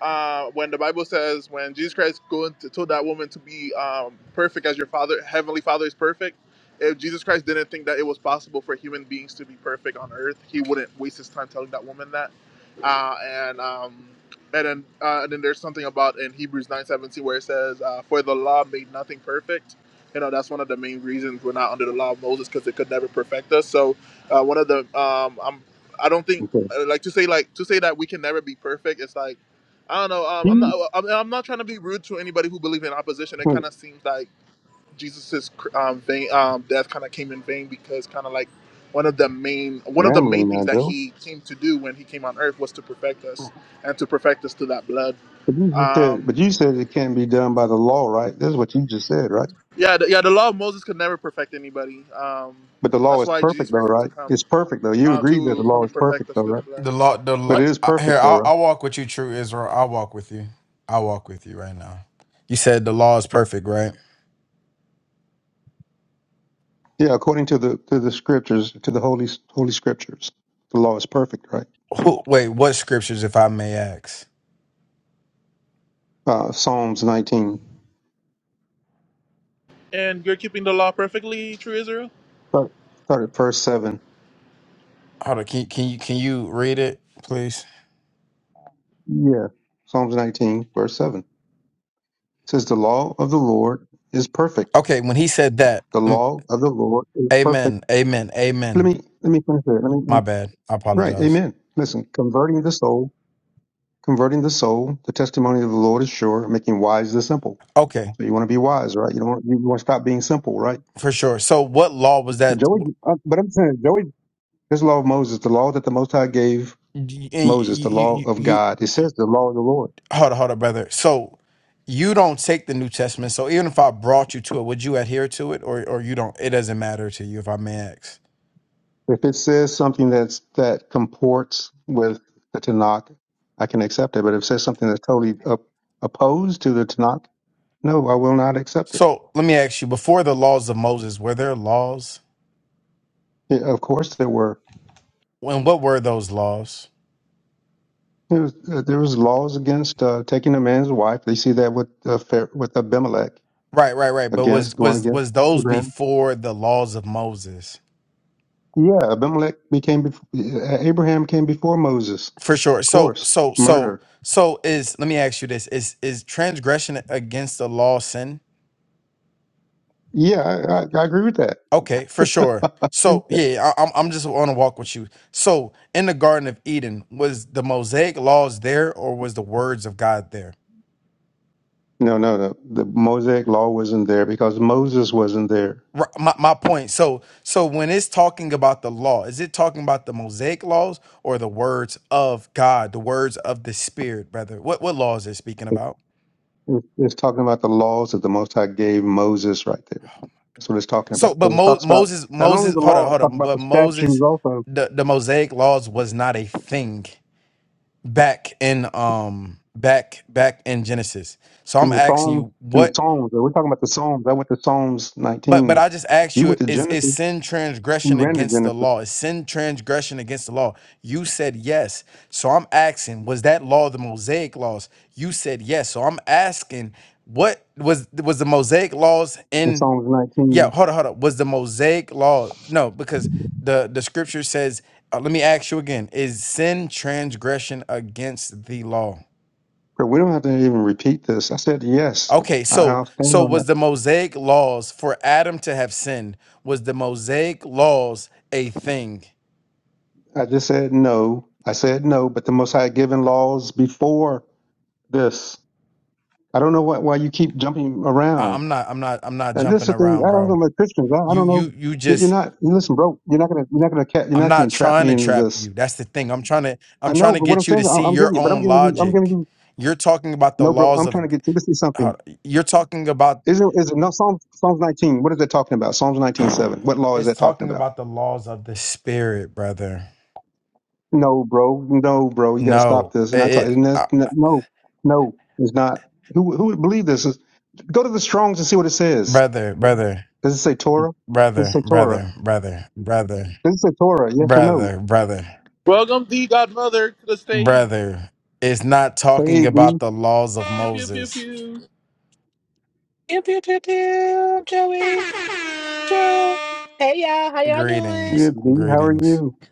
Speaker 1: Uh, when the Bible says, when Jesus Christ going to, told that woman to be um, perfect as your Father, Heavenly Father is perfect. If Jesus Christ didn't think that it was possible for human beings to be perfect on earth, he wouldn't waste his time telling that woman that. Uh, and um, and then, uh, and then there's something about in Hebrews 9:17 where it says, uh, "For the law made nothing perfect." You know, that's one of the main reasons we're not under the law of Moses because it could never perfect us. So uh, one of the um, I'm I don't think
Speaker 11: Okay.
Speaker 1: uh, like to say like to say that we can never be perfect. It's like I don't know. Um, I'm
Speaker 11: He
Speaker 1: not. uh, I'm, I'm not trying to be rude to anybody who believe in opposition. It kind
Speaker 11: went
Speaker 1: of seems like Jesus's cr- um, vain, um, death kind of came in vain because kind of like one of the main one of the main
Speaker 11: rambling
Speaker 1: things
Speaker 11: now,
Speaker 1: that
Speaker 11: Joe.
Speaker 1: he came to do when he came on earth was to perfect us and to perfect us to that blood.
Speaker 11: But you just said, but
Speaker 1: Um,
Speaker 11: you said it can't be done by the law, right? This is what you just said, right?
Speaker 1: yeah, the, yeah. The law of Moses could never perfect anybody. Um,
Speaker 11: But the law
Speaker 1: that's
Speaker 11: is
Speaker 1: why Jesus
Speaker 11: perfect, though,
Speaker 1: Christ had to
Speaker 11: right?
Speaker 1: come
Speaker 11: It's perfect, though. You
Speaker 1: uh,
Speaker 11: agree that the
Speaker 1: to come
Speaker 11: law
Speaker 1: and
Speaker 11: is perfect,
Speaker 1: perfect us
Speaker 11: though,
Speaker 1: through the
Speaker 11: right?
Speaker 1: blood.
Speaker 3: The law the
Speaker 11: But
Speaker 3: law
Speaker 11: it is
Speaker 3: I- here,
Speaker 11: perfect, though,
Speaker 3: I'll
Speaker 11: right?
Speaker 3: I'll walk with you, true Israel. I'll walk with you. I'll walk with you right now. You said the law is perfect, right?
Speaker 11: Yeah, according to the to the scriptures, to the holy holy scriptures, the law is perfect, right?
Speaker 3: Who, wait, what scriptures if I may ask?
Speaker 11: Uh, Psalms 19,
Speaker 1: And you're keeping the law perfectly, true Israel.
Speaker 11: start, start at verse seven.
Speaker 3: Hold on. Can, can you can you read it, please?
Speaker 11: Yeah. Psalms 19, verse 7 says, The law of the Lord is perfect.
Speaker 3: Okay. When he said that,
Speaker 11: The
Speaker 3: mm,
Speaker 11: law of the Lord is perfect.
Speaker 3: Amen, Amen,
Speaker 11: Let
Speaker 3: Amen.
Speaker 11: me, let me finish there. Let me, let
Speaker 3: My
Speaker 11: me-
Speaker 3: bad. I
Speaker 11: right.
Speaker 3: apologize.
Speaker 11: Amen. Listen, converting the soul, converting the soul, the testimony of the Lord is sure, making wise the simple.
Speaker 3: Okay,
Speaker 11: So you want to be wise, right? You don't want, you want to stop being simple, right?
Speaker 3: for sure. So, what law was
Speaker 11: So
Speaker 3: that?
Speaker 11: Joey, uh, but I'm saying, Joey, this law of Moses, the law that the Most High gave
Speaker 3: You,
Speaker 11: Moses, the
Speaker 3: you,
Speaker 11: law
Speaker 3: you,
Speaker 11: of
Speaker 3: you
Speaker 11: God, it says the law of the Lord.
Speaker 3: hold on, hold on, brother. So, you don't take the New Testament. So, even if I brought you to it, would you adhere to it, or or you don't? It doesn't matter to you, if I may ask.
Speaker 11: If it says something that's that comports with the Tanakh, I can accept it. But if it says something that's totally op- opposed to the Tanakh, no, I will not accept it.
Speaker 3: So, let me ask you: Before the laws of Moses, were there laws?
Speaker 11: Yeah, of course, there were
Speaker 3: And what were those laws?
Speaker 11: there was, uh, there was laws against uh, taking a man's wife. They see that with uh, Phar- with Abimelech
Speaker 3: Right, right, right. But
Speaker 11: against
Speaker 3: was
Speaker 11: going
Speaker 3: was
Speaker 11: against
Speaker 3: was those
Speaker 11: Abraham.
Speaker 3: before the laws of Moses?
Speaker 11: Yeah, Abimelech became bef- uh, Abraham came before Moses.
Speaker 3: For sure.
Speaker 11: Of
Speaker 3: So
Speaker 11: course,
Speaker 3: so so
Speaker 11: murder.
Speaker 3: so is let me ask you this. Is is transgression against the law sin?
Speaker 11: Yeah, I, I, I agree with
Speaker 3: Okay, for sure.
Speaker 11: that. *laughs*
Speaker 3: So yeah, I, I'm I'm just on a walk with you. So in the Garden of Eden, was the Mosaic laws there, or was the words of God there?
Speaker 11: No, no, no. The Mosaic law wasn't there because Moses wasn't there.
Speaker 3: Ri- My my point. So so when it's talking about the law, is it talking about the Mosaic laws or the words of God, the words of the Spirit, brother? What what law is it speaking
Speaker 11: It-
Speaker 3: about?
Speaker 11: it- It's talking about the laws that the Most High gave Moses right there. That's what it's talking
Speaker 3: So,
Speaker 11: about.
Speaker 3: but
Speaker 11: Because it
Speaker 3: Mo-
Speaker 11: talks about
Speaker 3: Moses,
Speaker 11: not only
Speaker 3: Moses,
Speaker 11: the
Speaker 3: hold on,
Speaker 11: law, it
Speaker 3: hold
Speaker 11: talks
Speaker 3: on.
Speaker 11: about
Speaker 3: But
Speaker 11: the statutes
Speaker 3: Moses,
Speaker 11: also
Speaker 3: the the Mosaic laws was not a thing back in um back back in Genesis. So
Speaker 11: in
Speaker 3: I'm
Speaker 11: the
Speaker 3: asking
Speaker 11: Psalms.
Speaker 3: you
Speaker 11: In the
Speaker 3: what,
Speaker 11: Psalms, we're talking about the Psalms. I went to Psalms
Speaker 3: but but
Speaker 11: 19.
Speaker 3: I just asked
Speaker 11: You
Speaker 3: you
Speaker 11: went to
Speaker 3: is is
Speaker 11: Genesis.
Speaker 3: sin
Speaker 11: We
Speaker 3: transgression
Speaker 11: ran to
Speaker 3: against the
Speaker 11: Genesis
Speaker 3: law? Is sin transgression against the law? You said yes. So I'm asking, was that law the Mosaic laws? You said yes. So I'm asking, what was was the Mosaic laws
Speaker 11: in
Speaker 3: in?
Speaker 11: Psalms
Speaker 3: Yeah,
Speaker 11: 19.
Speaker 3: hold on, hold on. Was the Mosaic law no? Because the the scripture says. Uh, let me ask you again: Is sin transgression against the law?
Speaker 11: But we don't have to even repeat this. I said yes.
Speaker 3: Okay,
Speaker 11: I-
Speaker 3: so
Speaker 11: I'll stand
Speaker 3: so
Speaker 11: on
Speaker 3: was
Speaker 11: that.
Speaker 3: the Mosaic laws for Adam to have sinned? Was the Mosaic laws a thing?
Speaker 11: I just said no. I said no, but the Most High had given laws before this. I don't know why, why you keep jumping
Speaker 3: I,
Speaker 11: around.
Speaker 3: I'm not. I'm not. I'm not
Speaker 11: And this is
Speaker 3: jumping
Speaker 11: the thing. I
Speaker 3: around,
Speaker 11: don't know
Speaker 3: bro.
Speaker 11: about Christians. I, I
Speaker 3: You
Speaker 11: don't know.
Speaker 3: you you
Speaker 11: You- You're
Speaker 3: just.
Speaker 11: not. You listen, bro. You're not gonna. You're not gonna. Cat, you're
Speaker 3: I'm
Speaker 11: not
Speaker 3: not
Speaker 11: gonna trap
Speaker 3: trying
Speaker 11: me
Speaker 3: to
Speaker 11: into
Speaker 3: trap
Speaker 11: this.
Speaker 3: you. That's the thing. I'm trying to. I'm
Speaker 11: I
Speaker 3: trying
Speaker 11: know,
Speaker 3: to
Speaker 11: but what I'm
Speaker 3: get you to
Speaker 11: saying,
Speaker 3: see
Speaker 11: I- I'm giving
Speaker 3: your
Speaker 11: you. But I'm
Speaker 3: own
Speaker 11: giving you. I'm giving
Speaker 3: logic.
Speaker 11: you.
Speaker 3: You're talking about the
Speaker 11: No, bro.
Speaker 3: laws
Speaker 11: I'm trying
Speaker 3: of.
Speaker 11: to
Speaker 3: g-
Speaker 11: get you to see something.
Speaker 3: hold on. You're talking about
Speaker 11: Is it? Is it? No. Psalms. Psalms 19. What is that talking about? Psalms 19:7. What law is
Speaker 3: It's
Speaker 11: that talking
Speaker 3: talking
Speaker 11: about?
Speaker 3: about the laws of the spirit, brother.
Speaker 11: No, bro. No, bro. You got to stop
Speaker 3: No,
Speaker 11: this.
Speaker 3: it,
Speaker 11: And I talk.
Speaker 3: it
Speaker 11: And that's,
Speaker 3: uh,
Speaker 11: no. No. It's not. Who? Who would believe this? Go to the Strong's and see what it says.
Speaker 3: brother, brother,
Speaker 11: Does it say Torah? Does it
Speaker 3: brother,
Speaker 11: say Torah?
Speaker 3: brother, brother, brother,
Speaker 11: This is a Torah, yes or no?
Speaker 3: brother, brother,
Speaker 1: Welcome, the Godmother, to the stage.
Speaker 3: brother. It's not talking
Speaker 11: Hey, D. You
Speaker 3: about the laws of
Speaker 1: Pew pew pew
Speaker 3: Moses.
Speaker 1: pew.
Speaker 12: Pew, pew, pew, pew, Joey, Joe. Hey, y'all. How y'all doing?
Speaker 3: Greetings,
Speaker 11: good, D? How are
Speaker 3: greetings.
Speaker 11: you? *laughs*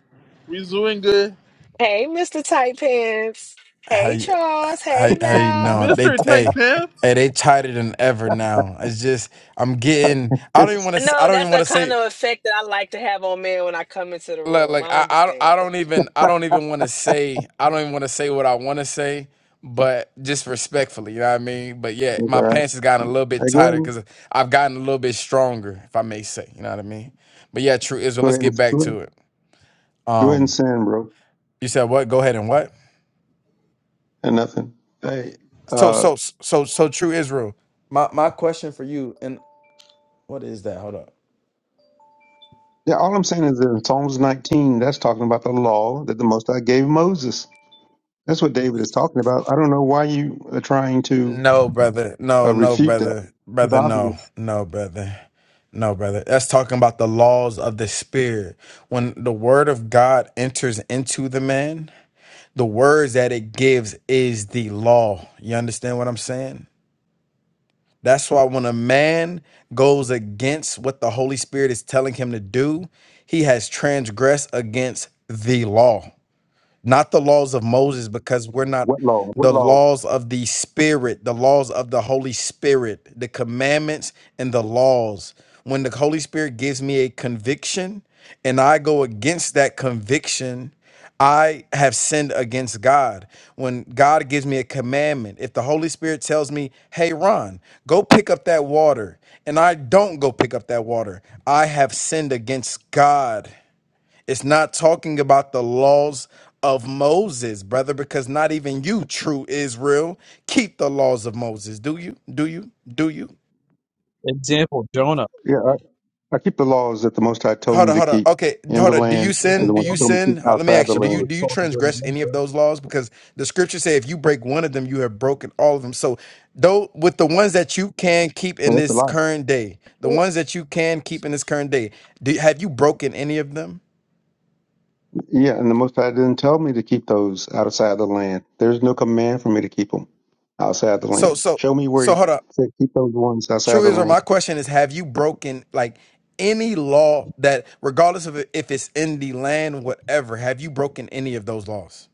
Speaker 1: We's doing good,
Speaker 12: Hey, Mr. Tight Pants.
Speaker 3: How
Speaker 12: Hey,
Speaker 3: you,
Speaker 12: Charles.
Speaker 3: how,
Speaker 12: Hey,
Speaker 3: how you
Speaker 12: Val.
Speaker 3: doing? They
Speaker 1: Mister Tight
Speaker 3: hey,
Speaker 1: Pants.
Speaker 3: hey, they tighter than ever now. It's just I'm getting. I don't even
Speaker 11: It's,
Speaker 3: want
Speaker 12: No,
Speaker 3: to. I don't
Speaker 12: that's
Speaker 3: even want
Speaker 12: the
Speaker 3: to say.
Speaker 12: kind of effect that I like to have on men when I come into the
Speaker 3: like,
Speaker 12: room.
Speaker 3: like
Speaker 12: I
Speaker 3: I, I
Speaker 12: understand.
Speaker 3: I
Speaker 12: Thank
Speaker 3: don't
Speaker 12: you.
Speaker 3: even I don't even want to say I don't even want to say what I want to say, but just respectfully, you know what I mean. But yeah,
Speaker 11: it's all
Speaker 3: my
Speaker 11: right.
Speaker 3: pants has gotten a little bit
Speaker 11: Hey, go ahead
Speaker 3: tighter
Speaker 11: and
Speaker 3: because I've gotten a little bit stronger, if I may say, you know what I mean. But yeah, true Israel.
Speaker 11: go
Speaker 3: Let's
Speaker 11: ahead
Speaker 3: get
Speaker 11: and
Speaker 3: back
Speaker 11: go ahead,
Speaker 3: to it.
Speaker 11: go ahead and
Speaker 3: Um,
Speaker 11: sin, bro.
Speaker 3: you said what? Go ahead and what?
Speaker 11: And nothing. Hey,
Speaker 3: So
Speaker 11: uh,
Speaker 3: so so so true Israel. My my question for you and what is that? Hold up.
Speaker 11: yeah. All I'm saying is in Psalms 19, that's talking about the law that the Most High gave Moses. That's what David is talking about. I don't know why you are trying to
Speaker 3: No, brother. No,
Speaker 11: uh,
Speaker 3: no,
Speaker 11: refute that.
Speaker 3: brother.
Speaker 11: It's
Speaker 3: Brother, no.
Speaker 11: obvious.
Speaker 3: No, brother. No, brother. That's talking about the laws of the spirit. When the word of God enters into the man, the words that it gives is the law. You understand what I'm saying? That's why when a man goes against what the Holy Spirit is telling him to do, he has transgressed against the law not the laws of Moses, because we're not
Speaker 11: What law? What
Speaker 3: the
Speaker 11: law?
Speaker 3: laws of the Spirit, the laws of the Holy Spirit, the commandments and the laws. When the Holy Spirit gives me a conviction and I go against that conviction, I have sinned against God. When God gives me a commandment, if the Holy Spirit tells me, hey, Ron, go pick up that water, and I don't go pick up that water, I have sinned against God. It's not talking about the laws of Moses, brother, because not even you, true Israel, keep the laws of Moses. Do you? Do you? Do you?
Speaker 10: example jonah
Speaker 11: Yeah, I, I keep the laws that the Most High told
Speaker 3: Hold
Speaker 11: me
Speaker 3: on,
Speaker 11: to
Speaker 3: hold on.
Speaker 11: keep
Speaker 3: Okay,
Speaker 11: in the
Speaker 3: hold on. Do you
Speaker 11: land,
Speaker 10: look at
Speaker 11: and
Speaker 3: sin?
Speaker 11: the
Speaker 3: Do
Speaker 11: ones He
Speaker 3: you
Speaker 10: jonah
Speaker 11: told me to keep
Speaker 3: sin? Uh, Let me
Speaker 11: outside the
Speaker 3: ask you. Do
Speaker 10: jonah
Speaker 3: you
Speaker 10: was
Speaker 11: land.
Speaker 3: do you
Speaker 10: called to go to
Speaker 3: transgress
Speaker 10: Nineveh.
Speaker 3: any of those laws? Because the scriptures say if you break one of them, you have broken all of them. So, though with the ones that you can keep
Speaker 11: Well,
Speaker 3: in
Speaker 11: that's a
Speaker 3: this
Speaker 11: lie.
Speaker 3: current day, the
Speaker 12: Ooh.
Speaker 3: ones that you can keep in this current day, do, have you broken any of them?
Speaker 11: Yeah, and the Most High didn't tell me to keep those outside the land. There's no command for me to keep them outside the
Speaker 3: So,
Speaker 11: land.
Speaker 3: so,
Speaker 11: Show me where he
Speaker 3: so hold on.
Speaker 11: said keep those ones outside
Speaker 3: True
Speaker 11: the
Speaker 3: Israel,
Speaker 11: land.
Speaker 3: my question is have you broken like any law that regardless of if it's in the land, whatever, have you broken any of those laws?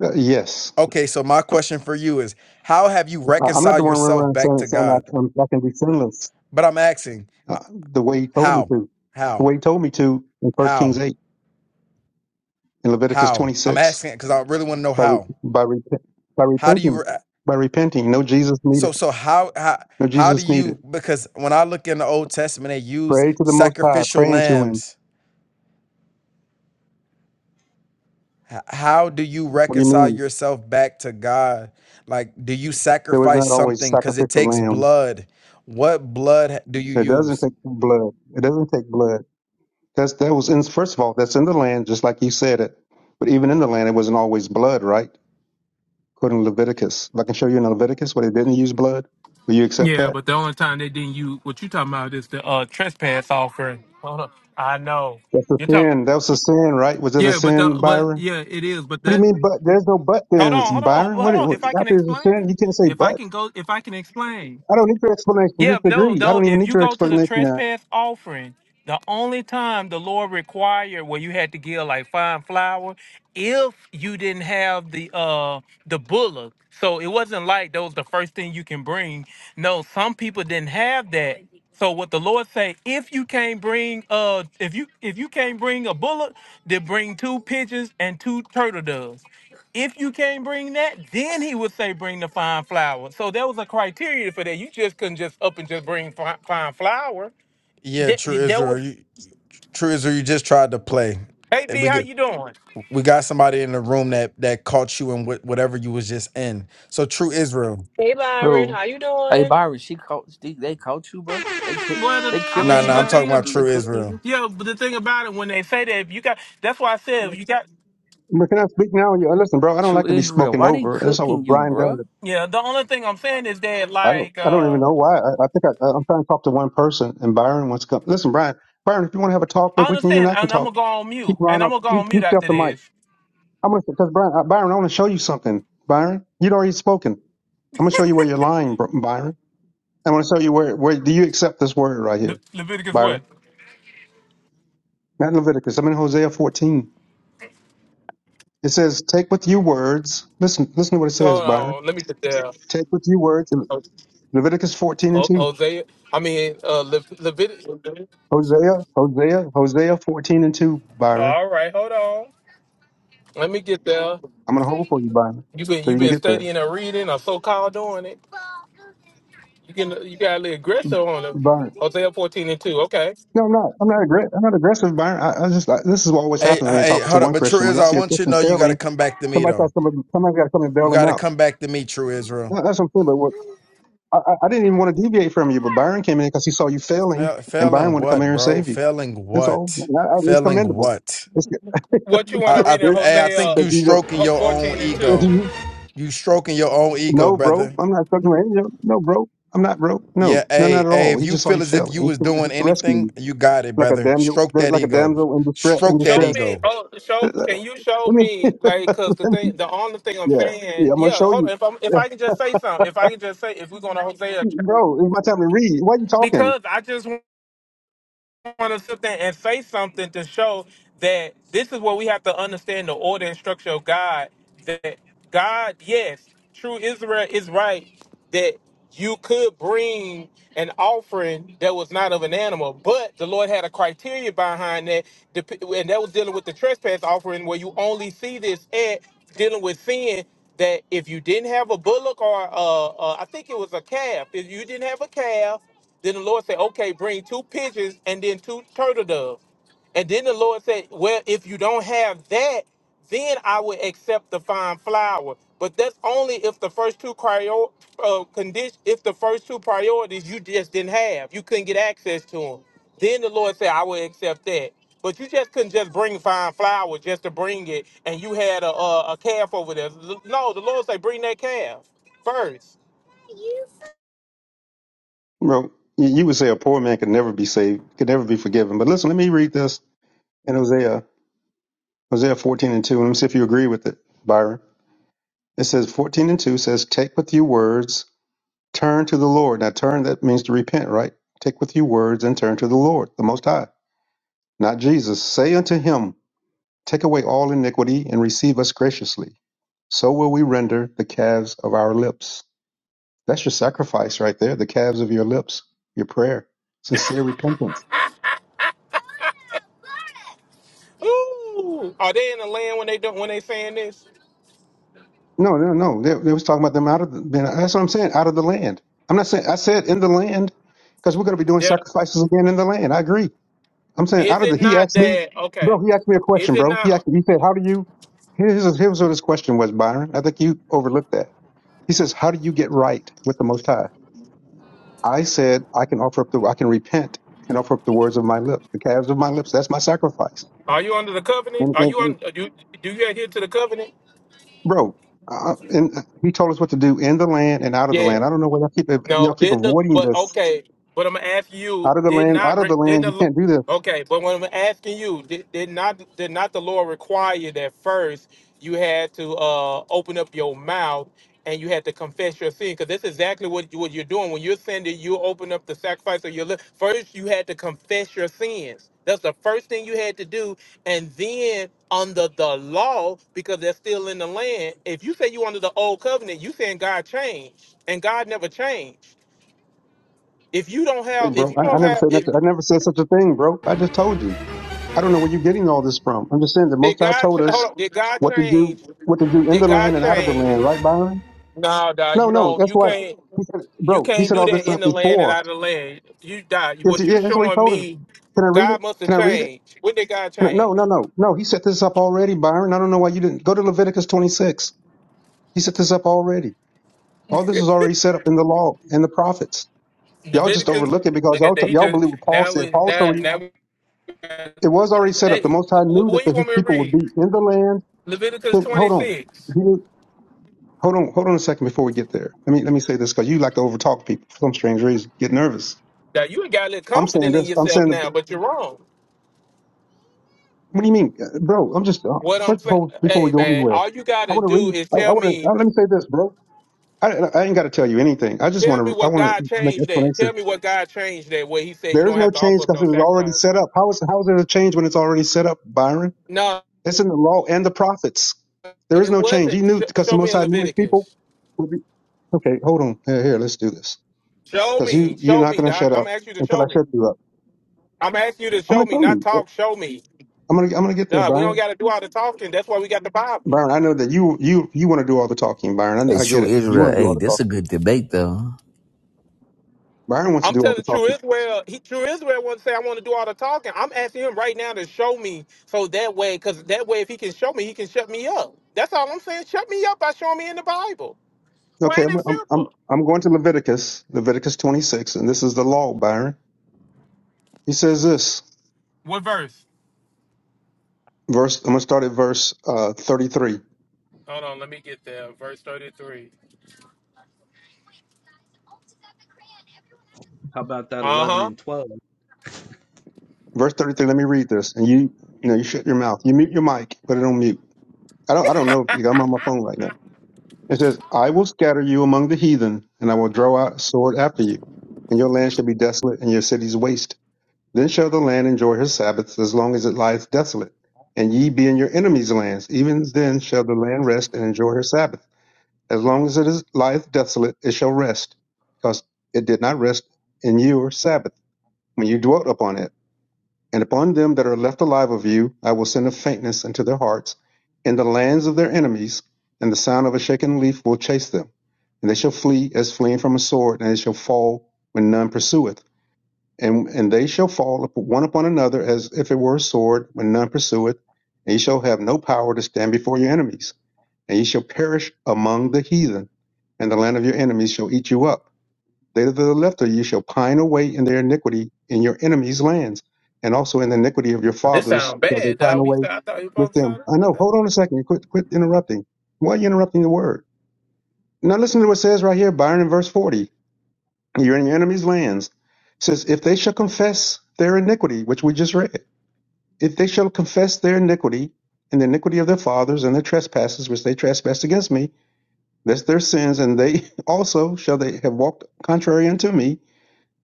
Speaker 11: Uh, yes,
Speaker 3: Okay, so my question for you is how have you
Speaker 11: I, I'm not the
Speaker 3: reconciled
Speaker 11: one running
Speaker 3: yourself
Speaker 11: around
Speaker 3: back
Speaker 11: saying,
Speaker 3: to
Speaker 11: saying I,
Speaker 3: God?
Speaker 11: can, I can be sinless
Speaker 3: But I'm asking
Speaker 11: uh, the way he told me
Speaker 3: how?
Speaker 11: to. The
Speaker 3: How?
Speaker 11: way he told me to in First
Speaker 3: How?
Speaker 11: Kings eight in Leviticus
Speaker 3: How? I'm
Speaker 11: 26
Speaker 3: asking because I really want to know
Speaker 11: by re,
Speaker 3: how.
Speaker 11: by repent by
Speaker 3: How do you
Speaker 11: repenting
Speaker 3: re-
Speaker 11: by repenting. No Jesus
Speaker 3: so
Speaker 11: needed.
Speaker 3: so how how
Speaker 11: No
Speaker 3: how do
Speaker 11: Jesus needed.
Speaker 3: you because when I look in the Old Testament they use
Speaker 11: Pray to the Most High.
Speaker 3: sacrificial
Speaker 11: Praying to Him.
Speaker 3: lambs H- How do you
Speaker 11: What do you
Speaker 3: reconcile
Speaker 11: mean?
Speaker 3: yourself back to God? Like, do you
Speaker 11: There was not
Speaker 3: sacrifice
Speaker 11: always
Speaker 3: something? Because it
Speaker 11: sacrificial
Speaker 3: takes
Speaker 11: lamb
Speaker 3: blood. What blood h- do you
Speaker 11: It doesn't
Speaker 3: use?
Speaker 11: take blood. It doesn't take blood. That's that was in first of all, that's in the land, just like you said it. But even in the land, it wasn't always blood, right? According to Leviticus, if I can show you in Leviticus where they didn't use blood, will you accept
Speaker 9: Yeah,
Speaker 11: that?
Speaker 9: but the only time they didn't use what you talking about is the uh trespass offering. Hold on. I know.
Speaker 11: That's a
Speaker 9: You're talking about
Speaker 11: sin. That was a sin, right? Was it a
Speaker 9: Yeah, but the
Speaker 11: sin,
Speaker 9: but
Speaker 11: Byron?
Speaker 9: yeah, it is, but
Speaker 11: What do you
Speaker 9: that
Speaker 11: mean? But there's no but
Speaker 9: Hold
Speaker 11: thens,
Speaker 9: on, hold on,
Speaker 11: Byron.
Speaker 9: well,
Speaker 11: What,
Speaker 9: hold on.
Speaker 11: what
Speaker 9: If I can
Speaker 11: after it's a
Speaker 9: explain,
Speaker 11: sin, you can't say
Speaker 9: if I
Speaker 11: but.
Speaker 9: can go if I can explain.
Speaker 11: I don't need your explanation. You
Speaker 9: Yeah,
Speaker 11: just
Speaker 9: no,
Speaker 11: agree. I
Speaker 9: no.
Speaker 11: don't even
Speaker 9: If
Speaker 11: need
Speaker 9: you
Speaker 11: your
Speaker 9: go to the
Speaker 11: explanation now.
Speaker 9: trespass offering, the only time the Lord required where you had to give like fine flour, if you didn't have the uh the bullock, so it wasn't like that was the first thing you can bring. No, some people didn't have that. So what the Lord say, if you can't bring uh if you if you can't bring a bullock, then bring two pigeons and two turtle doves. If you can't bring that, then he would say bring the fine flour. So there was a criteria for that. You just couldn't just up and just bring fi- fine flour.
Speaker 3: Yeah,
Speaker 9: That,
Speaker 3: true
Speaker 9: that
Speaker 3: Israel.
Speaker 9: was.
Speaker 3: You, true Israel, you just tried to play.
Speaker 9: Hey
Speaker 3: And
Speaker 9: D,
Speaker 3: We
Speaker 9: how
Speaker 3: get,
Speaker 9: you doing?
Speaker 3: we got somebody in the room that that caught you in wh- whatever you was just in. So true Israel.
Speaker 12: Hey, Byron.
Speaker 6: Bro,
Speaker 12: How you
Speaker 6: hey
Speaker 12: doing?
Speaker 6: Byron, she caught. They, they caught you, bro. They ki-
Speaker 9: Well, the,
Speaker 6: they
Speaker 9: I
Speaker 3: No,
Speaker 6: killing
Speaker 3: nah,
Speaker 6: you,
Speaker 9: mean
Speaker 3: no, nah,
Speaker 9: the
Speaker 3: I'm
Speaker 6: Byron.
Speaker 3: talking
Speaker 9: thing.
Speaker 3: about
Speaker 6: They
Speaker 3: true
Speaker 9: ab-
Speaker 6: cooking
Speaker 3: Israel.
Speaker 6: you.
Speaker 9: Yeah, but the thing about it when they say that if you got. That's why I said if you got.
Speaker 11: But can I speak now? Yeah, Listen, bro, I don't
Speaker 6: True
Speaker 11: like to be
Speaker 6: Israel,
Speaker 11: spoken
Speaker 6: why they
Speaker 11: over. That's not
Speaker 6: cooking
Speaker 11: what
Speaker 6: you,
Speaker 11: Brian
Speaker 6: bro?
Speaker 11: does.
Speaker 9: Yeah, the only thing I'm saying is that
Speaker 11: I don't.
Speaker 9: like
Speaker 11: I don't even
Speaker 9: uh
Speaker 11: know why. I, I think I, I'm trying to talk to one person, and Byron wants to come. Listen, Brian. Byron, if you want to have a talk,
Speaker 9: I
Speaker 11: look, we can. You and
Speaker 9: understand,
Speaker 11: I can
Speaker 9: and I'm gonna
Speaker 11: talk.
Speaker 9: go on
Speaker 11: Keep
Speaker 9: mute, and
Speaker 11: Ron
Speaker 9: I'm
Speaker 11: up.
Speaker 9: gonna go
Speaker 11: You,
Speaker 9: on
Speaker 11: you
Speaker 9: mute
Speaker 11: stay off
Speaker 9: after
Speaker 11: the mic.
Speaker 9: this.
Speaker 11: I'm gonna because Brian. Uh, Byron, I want to show you something. Byron, you'd already spoken. I'm gonna show you where you're lying, Br- Byron. I want to show you where. Where do you accept this word right
Speaker 9: Le-
Speaker 11: here,
Speaker 9: Leviticus what?
Speaker 11: Byron? Not in Leviticus. I'm in Hosea 14. It says, "Take with you words." Listen. Listen to what it says,
Speaker 9: Hold
Speaker 11: Byron.
Speaker 9: on, let me sit there.
Speaker 11: Take with you words. In Leviticus 14 and
Speaker 9: Ho-
Speaker 11: 2.
Speaker 9: Hosea, I mean uh, Le- Leviticus.
Speaker 11: Hosea, Hosea, Hosea 14 and 2, Byron.
Speaker 9: All right, hold on. Let me get there.
Speaker 11: I'm gonna hold for you, Byron,
Speaker 9: You been
Speaker 11: so
Speaker 9: you
Speaker 11: you can
Speaker 9: been
Speaker 11: get there,
Speaker 9: studying and reading or so called doing it. You can you got a little aggressive on them.
Speaker 11: Byron.
Speaker 9: Hosea fourteen and two. Okay.
Speaker 11: No, I'm not. I'm not aggressive. I'm not aggressive, Byron. I, I just I, this is what always
Speaker 3: Hey,
Speaker 11: happens when
Speaker 3: uh,
Speaker 11: you're
Speaker 3: hey,
Speaker 11: talking to
Speaker 3: hold up.
Speaker 11: one
Speaker 3: But
Speaker 11: Christian.
Speaker 3: true
Speaker 11: When y'all
Speaker 3: Israel, I
Speaker 11: see a
Speaker 3: want you to
Speaker 11: Christian
Speaker 3: know you got to
Speaker 11: sailing,
Speaker 3: come back to me
Speaker 11: somebody thought
Speaker 3: though.
Speaker 11: somebody somebody got to come and bail
Speaker 3: You
Speaker 11: him
Speaker 3: got to
Speaker 11: out.
Speaker 3: come back to me, true Israel.
Speaker 11: No, that's what I'm saying. But what I, I I didn't even want to deviate from you, but Byron came in because he saw you failing,
Speaker 3: Fail,
Speaker 11: and Byron
Speaker 3: failing
Speaker 11: wanted to come here
Speaker 3: what,
Speaker 11: and
Speaker 3: bro?
Speaker 11: save you.
Speaker 3: Failing
Speaker 11: That's all.
Speaker 3: what?
Speaker 11: I, I, it's
Speaker 3: Failing
Speaker 11: commendable.
Speaker 3: what?
Speaker 11: It's good.
Speaker 9: What you
Speaker 11: *laughs*
Speaker 9: want
Speaker 3: I,
Speaker 9: to
Speaker 11: That's
Speaker 3: I,
Speaker 9: read in
Speaker 11: good
Speaker 3: hey, I
Speaker 9: Hosea
Speaker 3: think
Speaker 11: that
Speaker 3: you
Speaker 11: you don't.
Speaker 3: stroking
Speaker 9: Oh,
Speaker 3: your own
Speaker 9: 14 and two?
Speaker 11: That
Speaker 3: ego.
Speaker 11: you
Speaker 3: You stroking your own ego,
Speaker 11: no, bro.
Speaker 3: brother.
Speaker 11: I'm not talking about you. No, bro. I'm not, bro. No,
Speaker 3: Yeah,
Speaker 11: no, not
Speaker 3: hey,
Speaker 11: at
Speaker 3: hey,
Speaker 11: all.
Speaker 3: if
Speaker 11: He
Speaker 3: you
Speaker 11: just saw you
Speaker 3: feel as if
Speaker 11: failing.
Speaker 3: you
Speaker 11: He
Speaker 3: was
Speaker 11: came
Speaker 3: doing
Speaker 11: to rescue you.
Speaker 3: anything, you got it,
Speaker 11: like a
Speaker 3: brother.
Speaker 11: damn you,
Speaker 3: Stroke that
Speaker 11: like a
Speaker 3: ego.
Speaker 11: damsel in distress. In
Speaker 3: Stroke
Speaker 9: Show
Speaker 3: that
Speaker 11: distress.
Speaker 9: me.
Speaker 3: ego.
Speaker 9: Oh, show.
Speaker 11: Let
Speaker 9: Can you show
Speaker 11: me.
Speaker 9: me? Like, cause the thing, the only thing I'm
Speaker 11: Yeah,
Speaker 9: saying.
Speaker 11: yeah. I'm gonna
Speaker 9: Yeah.
Speaker 11: show
Speaker 9: Hold on.
Speaker 11: you,
Speaker 9: If I'm if
Speaker 11: yeah.
Speaker 9: I can just say something. If I can just say if we're gonna Hosea,
Speaker 11: bro. It's my time to read. Why you talking,
Speaker 9: because I just want to sit there and say something to show that this is what we have to understand the order and structure of God. That God, yes, true Israel is right that you could bring an offering that was not of an animal, but the Lord had a criteria behind that, dep- and that was dealing with the trespass offering, where you only see this at dealing with sin. That if you didn't have a bullock or uh, uh, I think it was a calf, if you didn't have a calf, then the Lord said, "Okay, bring two pigeons and then two turtle doves." And then the Lord said, Well, if you don't have that, then I will accept the fine flour. But that's only if the first two prior uh, condition, if the first two priorities you just didn't have, you couldn't get access to them. Then the Lord said, I will accept that. But you just couldn't just bring fine flour just to bring it, and you had a, a, a calf over there. L- No, the Lord said, bring that calf first.
Speaker 11: bro? You, you would say a poor man could never be saved, could never be forgiven. But listen, let me read this in Hosea, Hosea 14 and 2. Let me see if you agree with it, Byron. It says 14 and 2 says, "Take with you words, turn to the Lord." Now, turn that means to repent, right? Take with you words and turn to the Lord, the Most High, not Jesus. Say unto Him. Take away all iniquity and receive us graciously. So will we render the calves of our lips. That's your sacrifice right there, the calves of your lips, your prayer, sincere repentance.
Speaker 9: Ooh, are they in the land when they do, when they saying this?
Speaker 11: No, no, no. They, they was talking about them out of the, man, that's what I'm saying, out of the land. I'm not saying, I said in the land, because we're going to be doing sacrifices again in the land. I agree. I'm saying
Speaker 9: Is
Speaker 11: out of
Speaker 9: it
Speaker 11: the, he
Speaker 9: not
Speaker 11: asked me,
Speaker 9: that okay?
Speaker 11: bro, he asked me a
Speaker 9: Is
Speaker 11: question,
Speaker 9: it
Speaker 11: bro. He
Speaker 9: not?
Speaker 11: asked me, he said, how do you, here's, here's what his question was, Byron. I think you overlooked that. He says, how do you get right with the Most High? I said, I can offer up the, I can repent and offer up the words of my lips, the calves of my lips. That's my sacrifice.
Speaker 9: Are you under the covenant?
Speaker 11: And,
Speaker 9: Are
Speaker 11: and,
Speaker 9: you
Speaker 11: and
Speaker 9: on? Do do you adhere to the covenant?
Speaker 11: bro, uh, and uh, he told us what to do in the land and out of the
Speaker 9: Yeah.
Speaker 11: land. I don't know why y'all keep
Speaker 9: No,
Speaker 11: y'all keep
Speaker 9: didn't the
Speaker 11: avoiding
Speaker 9: but
Speaker 11: this.
Speaker 9: okay, but I'm asking you,
Speaker 11: Out of the
Speaker 9: did
Speaker 11: land,
Speaker 9: not
Speaker 11: out of
Speaker 9: re-
Speaker 11: the
Speaker 9: didn't
Speaker 11: land.
Speaker 9: the
Speaker 11: You
Speaker 9: lo-
Speaker 11: can't do this.
Speaker 9: okay, but when I'm asking you, did, did not did not the law require that first you had to uh open up your mouth and you had to confess your sin because that's exactly what you, what you're doing when you're saying that you open up the sacrifice of your lips. First, you had to confess your sins. That's the first thing you had to do, and then under the law, because they're still in the land. If you say you under the old covenant, you saying God changed and God never changed. If you don't
Speaker 11: Okay,
Speaker 9: have, if
Speaker 11: bro.
Speaker 9: you
Speaker 11: I, I
Speaker 9: don't
Speaker 11: never
Speaker 9: have,
Speaker 11: said
Speaker 9: if
Speaker 11: that. I never said such a thing, bro. I just told you. I don't know where you're getting all this from. I'm just saying the
Speaker 9: did
Speaker 11: Most High
Speaker 9: God ch-
Speaker 11: told
Speaker 9: hold
Speaker 11: us
Speaker 9: on, did God
Speaker 11: what to do,
Speaker 9: change?
Speaker 11: what to do in
Speaker 9: Did
Speaker 11: the
Speaker 9: God
Speaker 11: land and out of the
Speaker 9: change?
Speaker 11: land, right, Byron?
Speaker 9: No, dog,
Speaker 11: No,
Speaker 9: you
Speaker 11: no.
Speaker 9: don't.
Speaker 11: That's
Speaker 9: You
Speaker 11: why
Speaker 9: can't.
Speaker 11: he said,
Speaker 9: You
Speaker 11: bro. He
Speaker 9: can't
Speaker 11: said
Speaker 9: do
Speaker 11: all this
Speaker 9: that in
Speaker 11: stuff
Speaker 9: the land and
Speaker 11: before.
Speaker 9: out of the land. You die.
Speaker 11: Yes,
Speaker 9: What you
Speaker 11: yeah, that's what he
Speaker 9: showing
Speaker 11: told us.
Speaker 9: me?
Speaker 11: Can I read
Speaker 9: God
Speaker 11: it?
Speaker 9: must have
Speaker 11: Can I read it?
Speaker 9: changed. When did God
Speaker 11: Can I? No,
Speaker 9: change?
Speaker 11: no, no, no. He set this up already, Byron. I don't know why you didn't go to Leviticus 26. He set this up already. All this is already set up in the law and the prophets. Y'all just
Speaker 9: Leviticus.
Speaker 11: overlook it because
Speaker 9: Look at
Speaker 11: y'all
Speaker 9: that.
Speaker 11: t-
Speaker 9: He
Speaker 11: y'all
Speaker 9: just
Speaker 11: believe what Paul
Speaker 9: now
Speaker 11: said.
Speaker 9: we
Speaker 11: Paul
Speaker 9: now
Speaker 11: told you
Speaker 9: now. We,
Speaker 11: it was already set up.
Speaker 9: hey,
Speaker 11: The Most High
Speaker 9: wh-
Speaker 11: knew
Speaker 9: what
Speaker 11: that
Speaker 9: you
Speaker 11: the, his
Speaker 9: want me to
Speaker 11: people would
Speaker 9: read?
Speaker 11: be in the land.
Speaker 9: Leviticus
Speaker 11: But
Speaker 9: twenty
Speaker 11: hold on.
Speaker 9: six.
Speaker 11: He knew- hold on. Hold on a second before we get there. Let me let me say this because you like to overtalk people for some strange reason. Get nervous.
Speaker 9: Now you ain't got a little
Speaker 11: I'm saying
Speaker 9: confident in
Speaker 11: this. I'm
Speaker 9: yourself
Speaker 11: saying.
Speaker 9: now, but you're wrong.
Speaker 11: What do you mean, Uh, bro? I'm just uh,
Speaker 9: What I'm
Speaker 11: first
Speaker 9: saying,
Speaker 11: before before we
Speaker 9: hey
Speaker 11: go
Speaker 9: man,
Speaker 11: anywhere.
Speaker 9: all you
Speaker 11: I
Speaker 9: gotta
Speaker 11: want to
Speaker 9: do
Speaker 11: read.
Speaker 9: is
Speaker 11: I, I
Speaker 9: tell
Speaker 11: want to.
Speaker 9: me,
Speaker 11: uh, Let me say this, bro. I, I ain't got to tell you anything. I just
Speaker 9: tell
Speaker 11: want
Speaker 9: me
Speaker 11: to. I
Speaker 9: what
Speaker 11: want
Speaker 9: God
Speaker 11: to make an
Speaker 9: changed that. Tell
Speaker 11: explanation.
Speaker 9: me what God changed that where He said you
Speaker 11: There is
Speaker 9: don't
Speaker 11: no
Speaker 9: have to
Speaker 11: change
Speaker 9: offer up
Speaker 11: because
Speaker 9: no
Speaker 11: it was already
Speaker 9: sacrifice.
Speaker 11: set up. How is how is there a change when it's already set up, Byron?
Speaker 9: No,
Speaker 11: It's in the law and the prophets. There is
Speaker 9: it
Speaker 11: no change. He
Speaker 9: wasn't.
Speaker 11: knew
Speaker 9: Sh-
Speaker 11: because
Speaker 9: show
Speaker 11: the
Speaker 9: me
Speaker 11: Most
Speaker 9: in
Speaker 11: High knew his people
Speaker 9: Leviticus.
Speaker 11: would be. Okay, hold on. Here, here. Let's do this
Speaker 9: Show
Speaker 11: because you
Speaker 9: me,
Speaker 11: you're
Speaker 9: show
Speaker 11: not
Speaker 9: me,
Speaker 11: going to
Speaker 9: Doc.
Speaker 11: shut
Speaker 9: I'm
Speaker 11: up
Speaker 9: gonna ask you to
Speaker 11: until
Speaker 9: show
Speaker 11: I
Speaker 9: me.
Speaker 11: shut you up.
Speaker 9: I'm gonna ask you to
Speaker 11: I'm
Speaker 9: show
Speaker 11: going to
Speaker 9: me,
Speaker 11: tell
Speaker 9: not
Speaker 11: you.
Speaker 9: talk. Show me,
Speaker 11: I'm going to I'm going to get there,
Speaker 9: Doc. We
Speaker 11: Byron.
Speaker 9: don't gotta do all the talking. That's why we got the Bible.
Speaker 11: Byron, I know that you you you want to do all the talking, Byron.
Speaker 6: hey,
Speaker 11: I, I get
Speaker 6: true
Speaker 11: it. You want
Speaker 6: Israel.
Speaker 11: to do all
Speaker 6: Hey,
Speaker 11: the
Speaker 6: this a
Speaker 11: talking.
Speaker 6: good debate though.
Speaker 11: Byron wants to
Speaker 9: I'm
Speaker 11: do all the
Speaker 9: telling True
Speaker 11: talking.
Speaker 9: Israel, he, True Israel wants to say, I want to do all the talking. I'm asking him right now to show me so that way, because that way, if he can show me, he can shut me up. That's all I'm saying. Shut me up by showing me in the Bible.
Speaker 11: Okay,
Speaker 9: Plain
Speaker 11: I'm
Speaker 9: and
Speaker 11: I'm I'm
Speaker 9: simple.
Speaker 11: I'm going to Leviticus, Leviticus 26, and this is the law, Byron. He says this
Speaker 9: What verse?
Speaker 11: verse. I'm going to start at verse uh, 33.
Speaker 9: Hold on, let me get there. Verse 33.
Speaker 10: how about that
Speaker 9: Uh
Speaker 10: 11
Speaker 9: huh.
Speaker 10: and 12
Speaker 11: Verse 33. Let me read this, and you you know you shut your mouth. You mute your mic. Put it on mute. I don't I don't know. if- I'm on my phone right now. It says, "I will scatter you among the heathen, and I will draw out a sword after you, and your land shall be desolate, and your cities waste." Then shall the land enjoy her Sabbaths as long as it lies desolate, and ye be in your enemies' lands. Even then shall the land rest and enjoy her Sabbath. As long as it is, lieth desolate, it shall rest, because it did not rest in your Sabbath, when you dwelt upon it. And upon them that are left alive of you, I will send a faintness into their hearts, in the lands of their enemies, and the sound of a shaken leaf will chase them. And they shall flee as fleeing from a sword, and they shall fall when none pursueth and and they shall fall up one upon another as if it were a sword when none pursueth and ye shall have no power to stand before your enemies and ye shall perish among the heathen and the land of your enemies shall eat you up they that are left of you shall pine away in their iniquity in your enemies lands and also in the iniquity of your
Speaker 9: This
Speaker 11: fathers
Speaker 9: sounds
Speaker 11: shall they
Speaker 9: bad,
Speaker 11: pine
Speaker 9: dog. You
Speaker 11: away
Speaker 9: said I thought you were
Speaker 11: with
Speaker 9: supposed to
Speaker 11: them
Speaker 9: sound
Speaker 11: i
Speaker 9: good,
Speaker 11: know
Speaker 9: dog.
Speaker 11: hold on a second quit quit interrupting why are you interrupting the word now listen to what it says right here byron in verse 40 you're in your enemy's lands. It says, if they shall confess their iniquity, which we just read, if they shall confess their iniquity and the iniquity of their fathers and their trespasses, which they trespassed against me, that's their sins, and they *laughs* also shall they have walked contrary unto me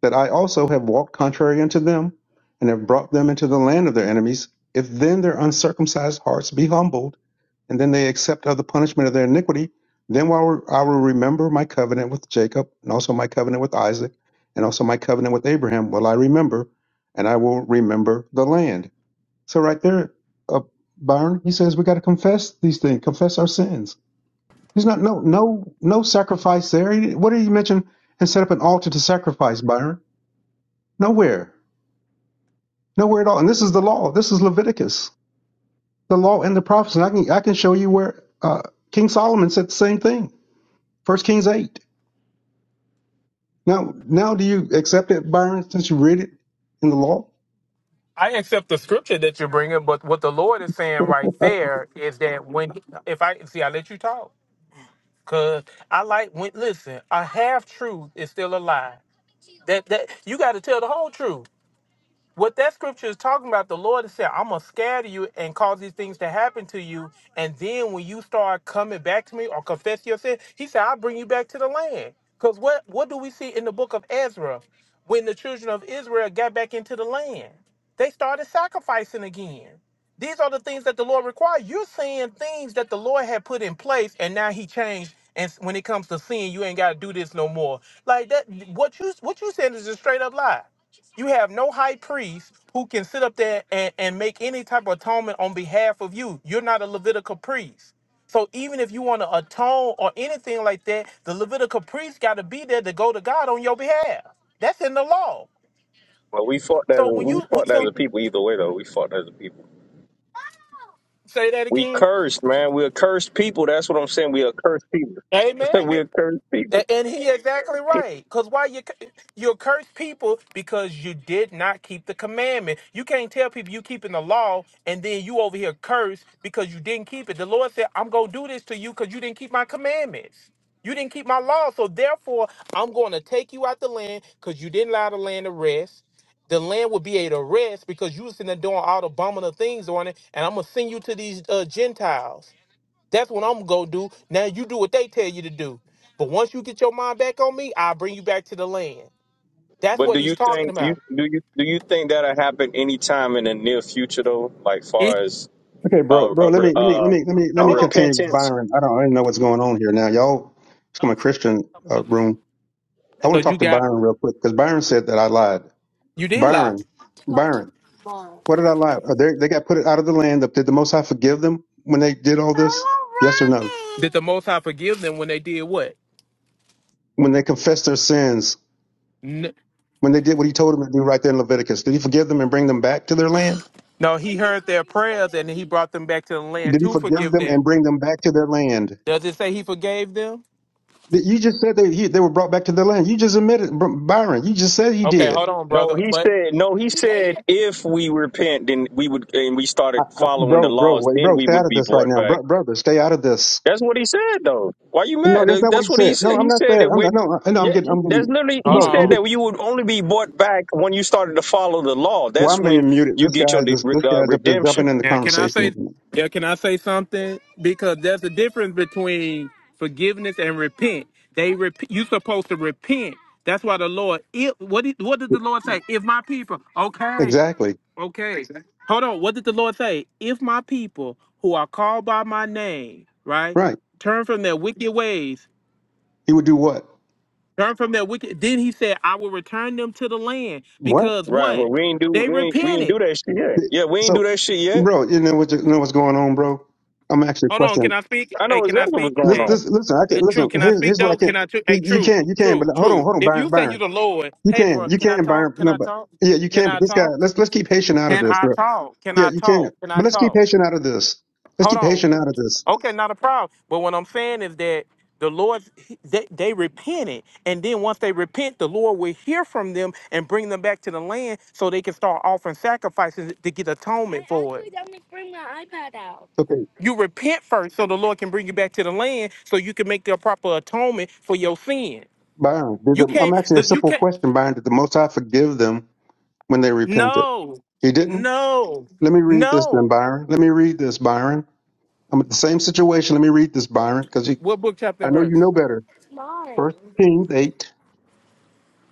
Speaker 11: that I also have walked contrary unto them, and have brought them into the land of their enemies. If then their uncircumcised hearts be humbled, and then they accept of the punishment of their iniquity, then will I I will remember my covenant with Jacob, and also my covenant with Isaac, and also my covenant with Abraham will I remember, and I will remember the land. So right there, uh, Byron, he says we got to confess these things, confess our sins. He's not no no no sacrifice there. He- What did he mention? And set up an altar to sacrifice, Byron. Nowhere. Nowhere at all. And this is the law. This is Leviticus, the law and the prophets. And I can I can show you where uh, King Solomon said the same thing. First Kings eight. Now now do you accept it, Byron, since you read it in the law?
Speaker 9: I accept the scripture that you're bringing, but what the Lord is
Speaker 11: *laughs*
Speaker 9: saying right
Speaker 11: okay,
Speaker 9: there is that when, if I see, I let you talk, cause I like when. Listen, a half truth is still a lie. That that you got to tell the whole truth. What that scripture is talking about, the Lord has said, I'm going to scatter you and cause these things to happen to you. And then when you start coming back to me or confess your sin, he said, I'll bring you back to the land. Because what, what do we see in the book of Ezra when the children of Israel got back into the land? They started sacrificing again. These are the things that the Lord required. You're seeing things that the Lord had put in place, and now He changed. And s- when it comes to sin, you ain't got to do this no more. Like that, what you what you saying is a straight up lie. You have no high priest who can sit up there and, and make any type of atonement on behalf of you. You're not a Levitical priest. So even if you want to atone or anything like that, the Levitical priest got to be there to go to God on your behalf. That's in the law.
Speaker 13: Well, we fought as
Speaker 9: So
Speaker 13: a,
Speaker 9: when
Speaker 13: we
Speaker 9: you
Speaker 13: fought as
Speaker 9: so
Speaker 13: a people either way though. We fought as a people.
Speaker 9: say that
Speaker 13: We
Speaker 9: again,
Speaker 13: cursed, man. We're cursed people. That's what I'm saying. We are cursed people. *laughs*
Speaker 9: Amen.
Speaker 13: We're cursed people.
Speaker 9: A- And he exactly right. Cause why you c- you curse people because you did not keep the commandment. You can't tell people you keeping the law and then you over here curse because you didn't keep it. The Lord said, "I'm gonna do this to you because you didn't keep my commandments. You didn't keep my law. So therefore, I'm gonna take you out the land because you didn't allow the land to rest. The land will be able to rest because you was in there doing all the abominable things on it, and I'm gonna send you to these uh, Gentiles." That's what I'm gonna do. Now you do what they tell you to do. But once you get your mind back on me, I'll bring you back to the land. That's
Speaker 13: But
Speaker 9: what
Speaker 13: do
Speaker 9: he's
Speaker 13: you
Speaker 9: talking
Speaker 13: think you
Speaker 9: about.
Speaker 13: do you do you think that'll happen anytime in the near future though? Like far
Speaker 9: It
Speaker 13: as uh
Speaker 11: bro,
Speaker 13: a,
Speaker 11: bro, let me
Speaker 13: re-
Speaker 11: let me
Speaker 13: uh
Speaker 11: let me let me
Speaker 13: a
Speaker 11: let me
Speaker 9: oh
Speaker 11: continue with
Speaker 13: repentance.
Speaker 11: Byron. I don't I don't know what's going on here now. Y'all it's my Christian uh, room. I want
Speaker 9: because
Speaker 11: to
Speaker 9: you
Speaker 11: talk to
Speaker 9: got
Speaker 11: Byron real quick because Byron said that I lied.
Speaker 9: you did lie.
Speaker 11: Byron, Byron. What did I lie? Are they, they got put out of the land. Did the Most High forgive them when they did all this? Yes or no?
Speaker 9: Did the Most High forgive them when they did what?
Speaker 11: When they confessed their sins,
Speaker 9: N-
Speaker 11: when they did what he told them to do right there in Leviticus, did he forgive them and bring them back to their land?
Speaker 9: No, he heard their prayers and he brought them back to the land
Speaker 11: Did he
Speaker 9: to
Speaker 11: forgive
Speaker 9: forgive
Speaker 11: them and
Speaker 9: them.
Speaker 11: bring them back to their land?
Speaker 9: Does it say he forgave them?
Speaker 11: Did- You just said they, he, they were brought back to their land. You just admitted, Br- Byron, you just said he
Speaker 9: Okay,
Speaker 11: did.
Speaker 9: hold on,
Speaker 13: No,
Speaker 9: brother.
Speaker 13: he
Speaker 9: But
Speaker 13: said. No, he said. If we repent, then we would, and we started following the
Speaker 11: Bro, bro,
Speaker 13: laws,
Speaker 11: wait,
Speaker 13: then
Speaker 11: bro,
Speaker 13: we
Speaker 11: stay out
Speaker 13: would
Speaker 11: of
Speaker 13: be
Speaker 11: this right
Speaker 13: brought
Speaker 11: now.
Speaker 13: back.
Speaker 11: Bro, brother, stay out of this.
Speaker 13: That's what he said, though. Why you
Speaker 11: No,
Speaker 13: mad?
Speaker 11: that's
Speaker 13: That-
Speaker 11: not what he
Speaker 13: That's what he
Speaker 11: said. No,
Speaker 13: said. He
Speaker 11: I'm not
Speaker 13: said
Speaker 11: saying.
Speaker 13: that
Speaker 11: I'm,
Speaker 13: when,
Speaker 11: not, no, I- no, I'm
Speaker 13: yeah,
Speaker 11: getting, I'm
Speaker 13: that's
Speaker 11: getting,
Speaker 13: literally, he
Speaker 9: hold
Speaker 11: bro, I'm
Speaker 13: said
Speaker 9: on.
Speaker 11: getting.
Speaker 13: that you would only be bought back when you started to follow the law.
Speaker 11: Why
Speaker 13: That's
Speaker 11: am I
Speaker 13: when
Speaker 11: being muted?
Speaker 13: you
Speaker 11: This
Speaker 13: get your
Speaker 11: guy's
Speaker 13: de-
Speaker 11: this,
Speaker 13: re-
Speaker 11: this
Speaker 13: uh,
Speaker 11: guy's up just
Speaker 13: redemption.
Speaker 11: jumping in the
Speaker 9: Yeah, can I say
Speaker 11: conversation.
Speaker 9: yeah, can I say something? Because there's a difference between forgiveness and repent. They rep- you supposed to repent. That's why the Lord if what did, what did the Lord say? If my people okay,
Speaker 11: Exactly.
Speaker 9: okay. Hold on, what did the Lord say? If my people who are called by my name, right,
Speaker 11: Right.
Speaker 9: turn from their wicked ways,
Speaker 11: He would do what?
Speaker 9: turn from their wicked then he said, I will return them to the land
Speaker 11: What?
Speaker 9: because
Speaker 13: Right.
Speaker 9: what?
Speaker 13: Well, we ain't do,
Speaker 9: They
Speaker 13: we ain't, we ain't do
Speaker 9: repented.
Speaker 13: that shit yet. Yeah, we ain't do
Speaker 11: So,
Speaker 13: that shit yet.
Speaker 11: bro, you know what? You know what's going on, bro? I'm actually
Speaker 9: Hold on, can
Speaker 11: questioning.
Speaker 9: I speak?
Speaker 13: I
Speaker 9: Hey,
Speaker 13: know
Speaker 9: can I
Speaker 13: exactly
Speaker 9: speak?
Speaker 13: what's going
Speaker 11: This,
Speaker 9: Hey.
Speaker 13: on.
Speaker 11: this, listen, I can not
Speaker 9: It, true.
Speaker 11: listen.
Speaker 9: Can I
Speaker 11: Here's,
Speaker 9: speak
Speaker 11: here's what I
Speaker 9: though?
Speaker 11: can't.
Speaker 9: Can I? Tr-
Speaker 11: You,
Speaker 9: hey,
Speaker 11: you
Speaker 9: true,
Speaker 11: can't. You can. But
Speaker 9: true,
Speaker 11: hold on,
Speaker 9: true.
Speaker 11: hold on,
Speaker 9: If
Speaker 11: Byron.
Speaker 9: you say you
Speaker 11: Byron,
Speaker 9: the Lord,
Speaker 11: you
Speaker 9: hey,
Speaker 11: can.
Speaker 9: bro,
Speaker 11: You
Speaker 9: can I
Speaker 11: can, Byron.
Speaker 9: talk? Can
Speaker 11: No,
Speaker 9: I
Speaker 11: but
Speaker 9: talk?
Speaker 11: yeah, you
Speaker 9: Can
Speaker 11: can.
Speaker 9: I
Speaker 11: But this guy,
Speaker 9: talk?
Speaker 11: let's let's keep Haitian out of
Speaker 9: Can
Speaker 11: this,
Speaker 9: I
Speaker 11: bro.
Speaker 9: talk? Can
Speaker 11: Yeah,
Speaker 9: I
Speaker 11: you
Speaker 9: talk?
Speaker 11: can.
Speaker 9: Can I
Speaker 11: But let's keep
Speaker 9: talk?
Speaker 11: Haitian out of this. Let's
Speaker 9: Hold
Speaker 11: keep
Speaker 9: on.
Speaker 11: Haitian out of this.
Speaker 9: Okay, not a problem. But what I'm saying is that the Lord, he- they, they repented. And then once they repent, the Lord will hear from them and bring them back to the land so they can start offering sacrifices to get atonement for it.
Speaker 11: Okay,
Speaker 9: You repent first so the Lord can bring you back to the land so you can make the proper atonement for your sin.
Speaker 11: Byron. Did
Speaker 9: You
Speaker 11: the, I'm
Speaker 9: can't,
Speaker 11: asking a
Speaker 9: the- you
Speaker 11: simple
Speaker 9: can't,
Speaker 11: question, Byron. Did the Most High forgive them when they repented?
Speaker 9: no,
Speaker 11: He didn't.
Speaker 9: no,
Speaker 11: Let me read this, then,
Speaker 9: no.
Speaker 11: Byron. Let me read this, Byron. I'm at the same situation. Let me read this, Byron, because I
Speaker 9: What book, chapter, and
Speaker 11: know you
Speaker 9: verse?
Speaker 11: know better. First Kings 8,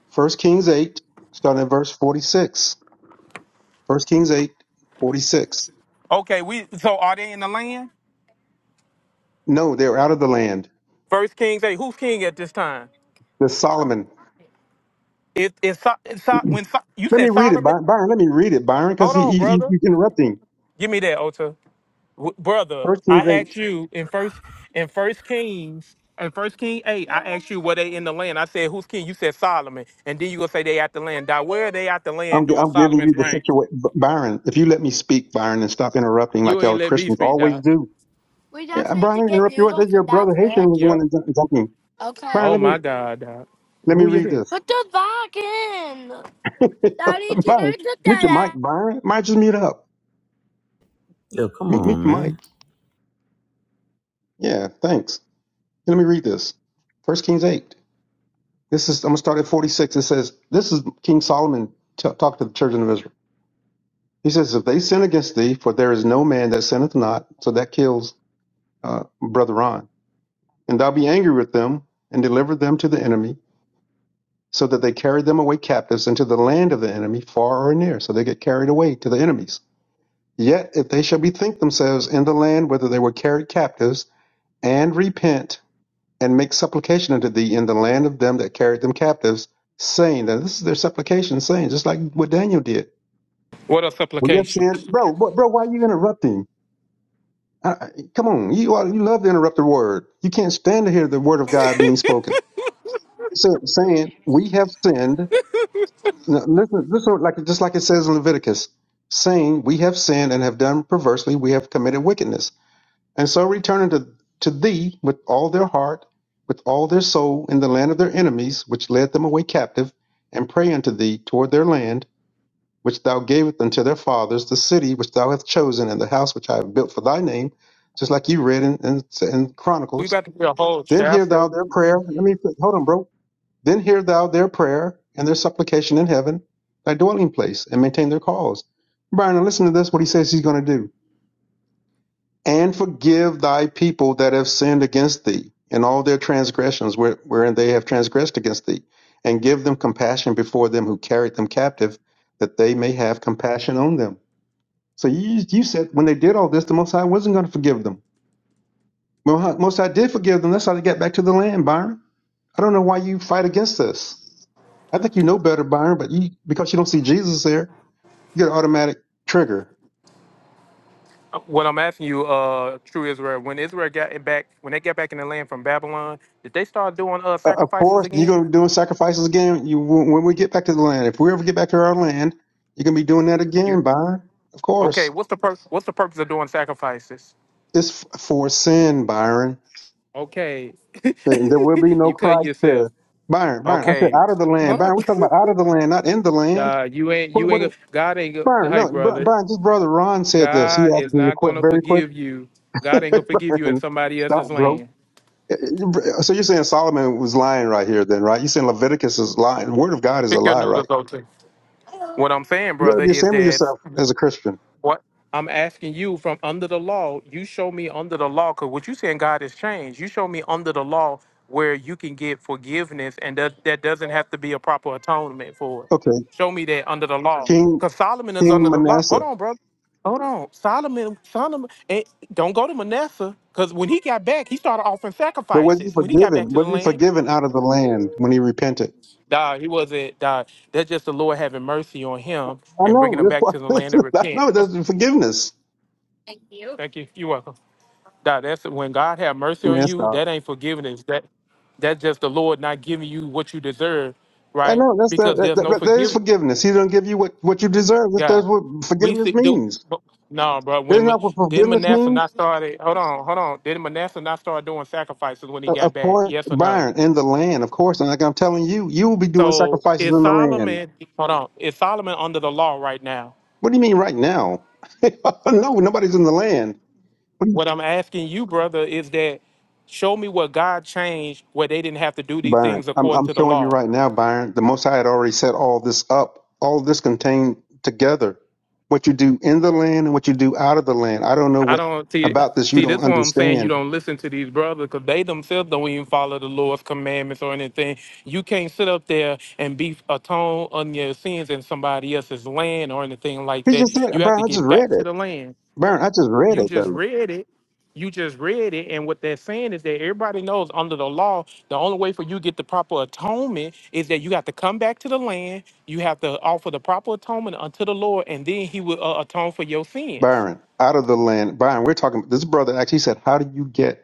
Speaker 11: First Kings 8, starting at verse 46. First Kings 8, 46.
Speaker 9: Okay, we, so are they in the land?
Speaker 11: No, they're out of the land.
Speaker 9: First Kings 8. Who's king at this time?
Speaker 11: There's Solomon.
Speaker 9: It, it's, So- it's So- when So- you
Speaker 11: Let me
Speaker 9: said
Speaker 11: read it,
Speaker 9: Solomon.
Speaker 11: By- Byron. Let me read it, Byron, because
Speaker 9: Hold
Speaker 11: he,
Speaker 9: on,
Speaker 11: he, he-
Speaker 9: brother.
Speaker 11: he's interrupting.
Speaker 9: Give me that, Ota. W- brother,
Speaker 11: First
Speaker 9: I
Speaker 11: Kings
Speaker 9: asked
Speaker 11: 8.
Speaker 9: you in first in First Kings in First King eight. I asked you were they in the land. I said who's king? You said Solomon, and then you gonna say they at the land. Dog, where are they at the
Speaker 11: I'm,
Speaker 9: land
Speaker 11: gi-
Speaker 9: during
Speaker 11: I'm giving you
Speaker 9: Solomon's
Speaker 11: the
Speaker 9: reign?
Speaker 11: situation. Byron, if you let me speak, Byron, and stop interrupting like
Speaker 9: You
Speaker 11: y'all
Speaker 9: ain't let me
Speaker 11: Christians
Speaker 9: speak,
Speaker 11: always
Speaker 9: dog.
Speaker 11: do. Yeah, Byron, I interrupt you. What? That's Your brother Haitian was the one
Speaker 9: Yep.
Speaker 11: that jumped in. Byron,
Speaker 9: Oh
Speaker 11: let me,
Speaker 9: my God, dog.
Speaker 11: let me
Speaker 9: Move your
Speaker 11: read
Speaker 9: head.
Speaker 11: this. *laughs* Byron, mute your mic, Byron. Might just mute up.
Speaker 6: Yo, come
Speaker 11: Mute, mute
Speaker 6: on,
Speaker 11: your
Speaker 6: man.
Speaker 11: mic. Yeah, thanks. Let me read this. First Kings eight. This is I'm gonna start at 46. It says this is King Solomon t- talk to the children of Israel. He says, "If they sin against thee, for there is no man that sinneth not, so that kills uh, brother on, and thou be angry with them and deliver them to the enemy, so that they carry them away captives into the land of the enemy, far or near, so they get carried away to the enemies." Yet if they shall bethink themselves in the land whither they were carried captives, and repent, and make supplication unto thee in the land of them that carried them captives, saying that this is their supplication, saying just like what Daniel did.
Speaker 9: What a
Speaker 11: We have
Speaker 9: supplication.
Speaker 11: sinned, bro. Bro, bro why are you interrupting? I, I- come on, you are, you love to interrupt the word. You can't stand to hear the word of God being spoken. So, saying we have sinned. Now, listen, listen, like just like it says in Leviticus, saying we have sinned and have done perversely, we have committed wickedness and so returning to, to thee with all their heart, with all their soul, in the land of their enemies, which led them away captive, and pray unto thee toward their land, which thou gavest unto their fathers, the city which thou hast chosen, and the house which I have built for thy name, just like you read in, in, in
Speaker 9: We
Speaker 11: Chronicles.
Speaker 9: about to do a whole
Speaker 11: Then hear thou
Speaker 9: chapter.
Speaker 11: their prayer. Let me hold on, bro. Then hear thou their prayer and their supplication in heaven, thy dwelling place, and maintain their cause. Brian, now listen to this. What he says he's going to do and forgive thy people that have sinned against thee, and all their transgressions where, wherein they have transgressed against thee, and give them compassion before them who carried them captive, that they may have compassion on them. So you, you said when they did all this, the Most High wasn't going to forgive them. Well, huh, Most High did forgive them. That's how they got back to the land, Byron. I don't know why you fight against this. I think you know better, Byron, but you because you don't see Jesus there, you get an automatic trigger.
Speaker 9: What I'm asking you, uh, true Israel, when Israel got it back, when they got back in the land from Babylon, did they start doing uh
Speaker 11: Uh, of
Speaker 9: sacrifices
Speaker 11: course, you're
Speaker 9: again?
Speaker 11: going to be doing sacrifices again. You when when we get back to the land, if we ever get back to our land, you're going to be doing that
Speaker 9: You
Speaker 11: again, Byron. Of
Speaker 9: okay?
Speaker 11: course,
Speaker 9: What's the pur- What's the purpose of doing sacrifices?
Speaker 11: it's f- for sin, Byron.
Speaker 9: Okay.
Speaker 11: Then There will be
Speaker 9: *laughs*
Speaker 11: no
Speaker 9: you cutting
Speaker 11: Christ
Speaker 9: yourself.
Speaker 11: there, Byron. Byron, I said
Speaker 9: Okay.
Speaker 11: out of the land,
Speaker 9: Hold on.
Speaker 11: Byron.
Speaker 9: *laughs*
Speaker 11: We're talking about out of the land, not in the land.
Speaker 9: Nah, you ain't
Speaker 11: What?
Speaker 9: you
Speaker 11: What?
Speaker 9: ain't go- God ain't go-
Speaker 11: Byron,
Speaker 9: hey
Speaker 11: no, Br-
Speaker 9: brother.
Speaker 11: Byron. Just brother Ron said this. He
Speaker 9: God
Speaker 11: asked
Speaker 9: is
Speaker 11: me to
Speaker 9: not
Speaker 11: quit
Speaker 9: gonna
Speaker 11: very quick.
Speaker 9: forgive you.
Speaker 11: *laughs*
Speaker 9: God ain't gonna forgive you in
Speaker 11: Byron,
Speaker 9: somebody else's
Speaker 11: stop, bro.
Speaker 9: land.
Speaker 11: Uh, uh, So you're saying Solomon was lying right here, then, right? You're saying Leviticus is lying. The word of God is a
Speaker 9: Pick your
Speaker 11: lie, right?
Speaker 9: noodles, okay. What I'm saying,
Speaker 11: You gotta
Speaker 9: brother,
Speaker 11: be
Speaker 9: is
Speaker 11: ashamed of
Speaker 9: that
Speaker 11: yourself as a Christian.
Speaker 9: What I'm asking you from under the law, you show me under the law, because what you saying God has changed. You show me under the law where you can get forgiveness and that, that doesn't have to be a proper atonement for it.
Speaker 11: Okay,
Speaker 9: Show me that under the law.
Speaker 11: King
Speaker 9: Because Solomon is
Speaker 11: King
Speaker 9: under the law. Hold
Speaker 11: Manasseh.
Speaker 9: on, brother. Hold on. Solomon, Solomon, eh, don't go to Manasseh. Because when he got back, he started offering
Speaker 11: But was he
Speaker 9: sacrifices. When he got back
Speaker 11: forgiven?
Speaker 9: to the
Speaker 11: Was he
Speaker 9: land,
Speaker 11: forgiven out of the land when he repented?
Speaker 9: nah, he wasn't, nah, that's just the Lord having mercy on him
Speaker 11: I
Speaker 9: and bringing
Speaker 11: know.
Speaker 9: him
Speaker 11: That's
Speaker 9: back
Speaker 11: why.
Speaker 9: to the land and
Speaker 11: *laughs* I
Speaker 9: repent.
Speaker 11: know.
Speaker 9: Oh,
Speaker 11: That's forgiveness.
Speaker 9: thank you. You're welcome. That that's when God have mercy on
Speaker 11: Man,
Speaker 9: you.
Speaker 11: stop.
Speaker 9: That ain't forgiveness. That that's just the Lord not giving you what you deserve,
Speaker 11: I
Speaker 9: right?
Speaker 11: know. That's that.
Speaker 9: Because there's
Speaker 11: That,
Speaker 9: no
Speaker 11: that, that is
Speaker 9: forgiveness,
Speaker 11: forgiveness. He don't give you what, what you deserve. That's, that's
Speaker 9: God.
Speaker 11: what
Speaker 9: We
Speaker 11: forgiveness
Speaker 9: see do
Speaker 11: means.
Speaker 9: but- no, bro. When
Speaker 11: That's
Speaker 9: Ma-
Speaker 11: not what
Speaker 9: did
Speaker 11: forgiveness
Speaker 9: Manasseh not
Speaker 11: means.
Speaker 9: started? Hold on, hold on. Did Manasseh not start doing sacrifices when he
Speaker 11: Of
Speaker 9: got
Speaker 11: of
Speaker 9: back?
Speaker 11: course,
Speaker 9: Yes or no?
Speaker 11: Byron, in the land, of course. And like I'm telling you, you will be doing
Speaker 9: So
Speaker 11: sacrifices
Speaker 9: is
Speaker 11: in the land.
Speaker 9: Solomon? Hold on. Is Solomon under the law right now?
Speaker 11: What do you mean right now? *laughs* no, nobody's in the land.
Speaker 9: What I'm asking you, brother, is that show me what God changed where they didn't have to do these
Speaker 11: Byron,
Speaker 9: things
Speaker 11: I'm,
Speaker 9: according
Speaker 11: I'm
Speaker 9: to the
Speaker 11: showing you
Speaker 9: law.
Speaker 11: right now, Byron. The Most High had already set all this up, all this contained together. What you do in the land and what you do out of the land. I don't know
Speaker 9: I
Speaker 11: what
Speaker 9: don't see
Speaker 11: about this you
Speaker 9: see this
Speaker 11: don't
Speaker 9: one. I'm saying. You
Speaker 11: understand.
Speaker 9: don't listen to these brothers because they themselves don't even follow the Lord's commandments or anything. You can't sit up there and be atone on your sins in somebody else's land or anything like
Speaker 11: He
Speaker 9: that.
Speaker 11: just said,
Speaker 9: You have to
Speaker 11: Byron, I just
Speaker 9: get back
Speaker 11: read
Speaker 9: to
Speaker 11: it.
Speaker 9: the land.
Speaker 11: Byron, I just read
Speaker 9: You
Speaker 11: it
Speaker 9: just
Speaker 11: though.
Speaker 9: read it. You just read it, and what they're saying is that everybody knows under the law, the only way for you to get the proper atonement is that you have to come back to the land. You have to offer the proper atonement unto the Lord, and then He will uh, atone for your sins
Speaker 11: Byron, out of the land. Byron, we're talking. This brother actually said, How do you get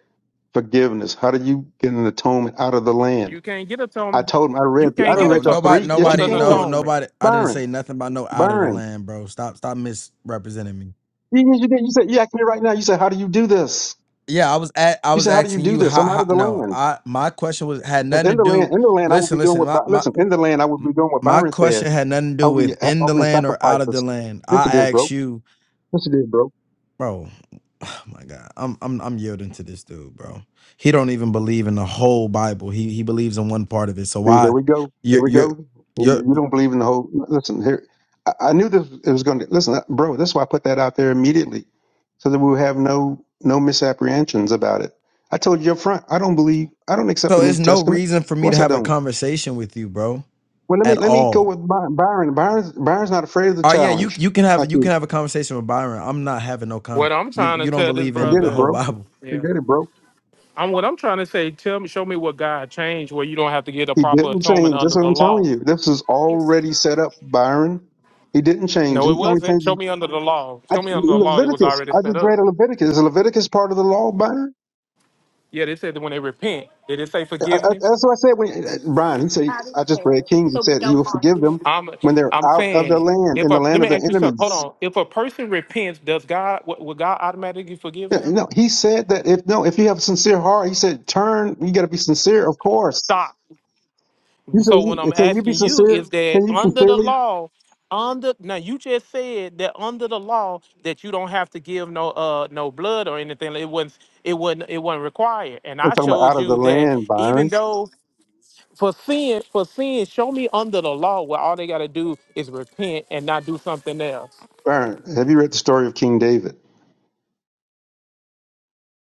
Speaker 11: forgiveness? How do you get an atonement out of the land?
Speaker 9: You can't get
Speaker 11: I
Speaker 9: atonement.
Speaker 11: told him I
Speaker 9: You
Speaker 11: read you. I
Speaker 9: can't
Speaker 11: didn't
Speaker 9: get
Speaker 11: read
Speaker 3: Bro,
Speaker 11: y'all
Speaker 9: atonement.
Speaker 3: nobody,
Speaker 11: three. Yes,
Speaker 9: What's
Speaker 11: you
Speaker 3: nobody,
Speaker 9: an
Speaker 3: no,
Speaker 11: can.
Speaker 9: atonement?
Speaker 3: nobody. I didn't
Speaker 11: Byron,
Speaker 3: say nothing about no out of the
Speaker 11: Byron.
Speaker 3: land, bro. Stop, stop misrepresenting me.
Speaker 11: Yes, you you, did. You said, You asked me right now. You said, How do you do this?
Speaker 3: Yeah, I was at, I
Speaker 11: You
Speaker 3: was
Speaker 11: said, "How do you
Speaker 3: asking
Speaker 11: do
Speaker 3: you
Speaker 11: this?
Speaker 3: how,
Speaker 11: I'm out
Speaker 3: how.
Speaker 11: of the
Speaker 3: No,
Speaker 11: land."
Speaker 3: I, my question was had
Speaker 11: Because
Speaker 3: nothing
Speaker 11: in
Speaker 3: to
Speaker 11: the land,
Speaker 3: do.
Speaker 11: in the land, I would be
Speaker 3: Listen,
Speaker 11: doing
Speaker 3: listen.
Speaker 11: what.
Speaker 3: My,
Speaker 11: By-
Speaker 3: my,
Speaker 11: Listen, in the land, I would
Speaker 3: M-
Speaker 11: be doing what
Speaker 3: My
Speaker 11: Byron said.
Speaker 3: question had nothing to
Speaker 11: I
Speaker 3: do
Speaker 11: would be
Speaker 3: with
Speaker 11: ha-
Speaker 3: in the
Speaker 11: offering
Speaker 3: land or out of the
Speaker 11: sacrifices.
Speaker 3: land.
Speaker 11: Yes, you
Speaker 3: I
Speaker 11: did,
Speaker 3: asked
Speaker 11: bro.
Speaker 3: you,
Speaker 11: Yes, you did, bro.
Speaker 3: bro. *sighs* Oh my God, I'm I'm I'm yielding to this dude, bro. He don't even believe in the whole Bible. He he believes in one part of it. So
Speaker 11: See, here
Speaker 3: why,
Speaker 11: we go. Here
Speaker 3: you're
Speaker 11: we
Speaker 3: you're
Speaker 11: go.
Speaker 3: you're
Speaker 11: You you don't believe in the whole. Listen, here. I, I knew this it was going to. Listen, uh, bro. That's why I put that out there immediately, so that we would have no no misapprehensions about it. I told you up front. I don't believe. I don't accept
Speaker 3: so
Speaker 11: the New
Speaker 3: it's no
Speaker 11: Testament.
Speaker 3: reason for
Speaker 11: Of
Speaker 3: me to
Speaker 11: course, I
Speaker 3: have a
Speaker 11: don't.
Speaker 3: conversation with you, bro,
Speaker 11: Well, let
Speaker 3: at
Speaker 11: me let me go
Speaker 3: all.
Speaker 11: with By- Byron. Byron's Byron's not afraid of the
Speaker 3: Oh yeah, you
Speaker 11: challenge.
Speaker 3: you can
Speaker 11: like
Speaker 3: have you
Speaker 11: you.
Speaker 3: can have a conversation with Byron. I'm not having no
Speaker 9: What
Speaker 3: comment.
Speaker 9: I'm
Speaker 3: You
Speaker 9: trying to
Speaker 3: you don't
Speaker 9: tell this
Speaker 3: believe
Speaker 11: I get
Speaker 3: in the
Speaker 11: it,
Speaker 3: whole
Speaker 9: brother,
Speaker 11: bro.
Speaker 3: Bible.
Speaker 11: I
Speaker 9: yeah.
Speaker 11: get it, bro.
Speaker 9: I'm what I'm trying to say. Tell me, show me what God changed where you don't have to get a
Speaker 11: He
Speaker 9: proper
Speaker 11: didn't
Speaker 9: atonement
Speaker 11: change. That's
Speaker 9: under
Speaker 11: what
Speaker 9: the
Speaker 11: I'm telling
Speaker 9: law.
Speaker 11: you. This is already set up, Byron. He didn't change.
Speaker 9: No, it
Speaker 11: He only
Speaker 9: wasn't. Show
Speaker 11: changes.
Speaker 9: me under the law.
Speaker 11: I,
Speaker 9: Show me under the law. It was
Speaker 11: Leviticus.
Speaker 9: already
Speaker 11: I
Speaker 9: set
Speaker 11: just
Speaker 9: up.
Speaker 11: read a Leviticus. Is Leviticus part of the law, Byron?
Speaker 9: Yeah, they said that when they repent, did it say
Speaker 11: I, I,
Speaker 9: forgiveness?
Speaker 11: that's what I said when uh, Brian. He said I just read Kings. He said he will forgive them
Speaker 9: I'm,
Speaker 11: when they're
Speaker 9: I'm
Speaker 11: out of their
Speaker 9: saying
Speaker 11: land
Speaker 9: if
Speaker 11: in the
Speaker 9: a let
Speaker 11: land
Speaker 9: me
Speaker 11: of their
Speaker 9: ask you something. Hold
Speaker 11: enemies.
Speaker 9: on. If a person repents, does God would would God automatically forgive
Speaker 11: Yeah,
Speaker 9: them?
Speaker 11: no, he said that if no, if you have a sincere heart, he said turn. You got to be sincere, of course.
Speaker 9: Stop.
Speaker 11: You
Speaker 9: So when I'm
Speaker 11: said, can you be
Speaker 9: asking you
Speaker 11: sincere?
Speaker 9: is that
Speaker 11: Can you
Speaker 9: under the
Speaker 11: sincerely?
Speaker 9: law, under now you just said that under the law that you don't have to give no uh no blood or anything. It wasn't it wasn't it wasn't required. And
Speaker 11: I'm
Speaker 9: I
Speaker 11: talking about
Speaker 9: showed
Speaker 11: out of the
Speaker 9: you that
Speaker 11: land,
Speaker 9: even
Speaker 11: Byron.
Speaker 9: though for sin for sin, show me under the law where all they gotta do is repent and not do something else.
Speaker 11: Burn. Have you read the story of King David?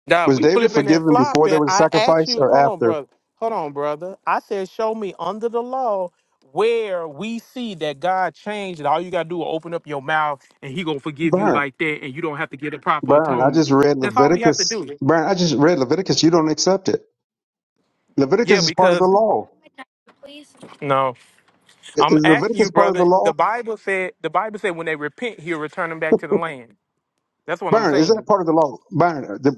Speaker 9: God,
Speaker 11: Was
Speaker 9: we
Speaker 11: David
Speaker 9: flipping and
Speaker 11: forgiven before there
Speaker 9: flopping.
Speaker 11: was a
Speaker 9: I asked
Speaker 11: sacrifice
Speaker 9: you,
Speaker 11: or
Speaker 9: hold on,
Speaker 11: after?
Speaker 9: brother. Hold on, brother. I said, show me under the law where we see that God changed and all you gotta do is open up your mouth and he gonna forgive you
Speaker 11: Burn.
Speaker 9: like that and you don't have to get a proper
Speaker 11: Burn. I
Speaker 9: atonement.
Speaker 11: just read
Speaker 9: That's all we have to
Speaker 11: Leviticus.
Speaker 9: do.
Speaker 11: Burn. I just read Leviticus. You don't accept it. Leviticus
Speaker 9: Yeah,
Speaker 11: is part of the
Speaker 9: because
Speaker 11: law.
Speaker 9: no,
Speaker 11: I-
Speaker 9: I'm
Speaker 11: Is
Speaker 9: asking you,
Speaker 11: Leviticus part of the
Speaker 9: brother.
Speaker 11: law?
Speaker 9: The Bible said the Bible said when they repent, he'll return them back to the land. That's what I'm
Speaker 11: Burn. Is
Speaker 9: saying.
Speaker 11: that part of the law? Burn. The,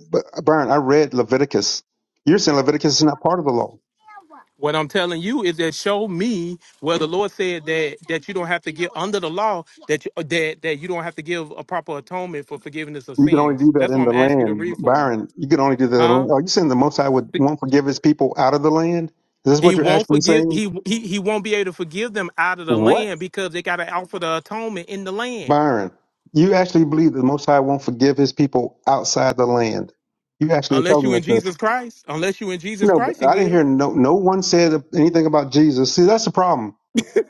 Speaker 11: burn. I read Leviticus. You're saying Leviticus is not part of the law.
Speaker 9: What I'm telling you is that show me where the Lord said that that you don't have to get under the law that you, uh, that that you don't have to give a proper atonement for forgiveness of
Speaker 11: You can only do
Speaker 9: sins.
Speaker 11: that
Speaker 9: That's why
Speaker 11: in the
Speaker 9: I'm asking you to
Speaker 11: land.
Speaker 9: read for me,
Speaker 11: Byron, you can only do that. in the
Speaker 9: huh?
Speaker 11: land. Are you saying the Most High would, won't forgive his people out of the land? Is this
Speaker 9: He
Speaker 11: what you're
Speaker 9: won't
Speaker 11: actually
Speaker 9: forgive.
Speaker 11: saying?
Speaker 9: He he he won't be able to forgive them out of the
Speaker 11: What?
Speaker 9: land because they got to offer the atonement in the land.
Speaker 11: Byron, you actually believe the Most High won't forgive His people outside the land. You actually
Speaker 9: Unless you
Speaker 11: telling
Speaker 9: in
Speaker 11: us this.
Speaker 9: Jesus Christ, unless you in Jesus
Speaker 11: No,
Speaker 9: Christ, he
Speaker 11: but I didn't
Speaker 9: will.
Speaker 11: hear no no one said anything about Jesus. See, that's the problem.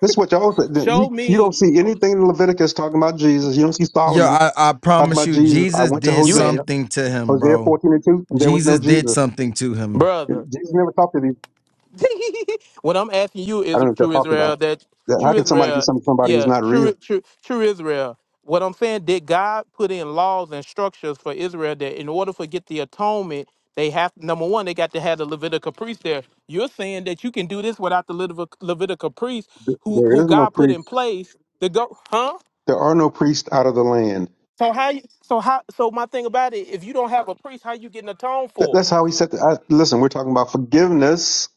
Speaker 11: This is what y'all said. You,
Speaker 9: Show
Speaker 11: you don't
Speaker 9: me
Speaker 11: see anything in Leviticus talking about Jesus. You don't see
Speaker 3: Yeah,
Speaker 11: Solomon
Speaker 3: I, I
Speaker 11: talking
Speaker 3: promise
Speaker 11: about
Speaker 3: you,
Speaker 11: Jesus. I
Speaker 3: Jesus
Speaker 11: went to
Speaker 3: did
Speaker 9: you
Speaker 11: Hosea,
Speaker 9: ain't
Speaker 3: something to him,
Speaker 11: Hosea
Speaker 3: bro.
Speaker 11: 14 and 2, and there was no
Speaker 3: Jesus did
Speaker 11: Jesus.
Speaker 3: something to him.
Speaker 9: brother.
Speaker 11: Jesus never talked to these.
Speaker 9: *laughs* what I'm asking you
Speaker 11: I
Speaker 9: is
Speaker 11: don't know what they're
Speaker 9: true
Speaker 11: talking about.
Speaker 9: Israel that
Speaker 11: That-
Speaker 9: true
Speaker 11: How can somebody do
Speaker 9: Israel,
Speaker 11: something to somebody who's
Speaker 9: yeah,
Speaker 11: not
Speaker 9: true
Speaker 11: real?
Speaker 9: true true Israel. What I'm saying, did God put in laws and structures for Israel that in order for get the atonement, they have number one, they got to have the Levitical priest there. You're saying that you can do this without the Levit- Levitical priest
Speaker 11: Th-
Speaker 9: who
Speaker 11: There
Speaker 9: who
Speaker 11: is no
Speaker 9: God put
Speaker 11: priest.
Speaker 9: in place to go, huh?
Speaker 11: There are no priests out of the land.
Speaker 9: So how you so how so my thing about it, if you don't have a priest, how you getting atoned
Speaker 11: That-
Speaker 9: for?
Speaker 11: That's how he said. The, I, listen, we're talking about forgiveness,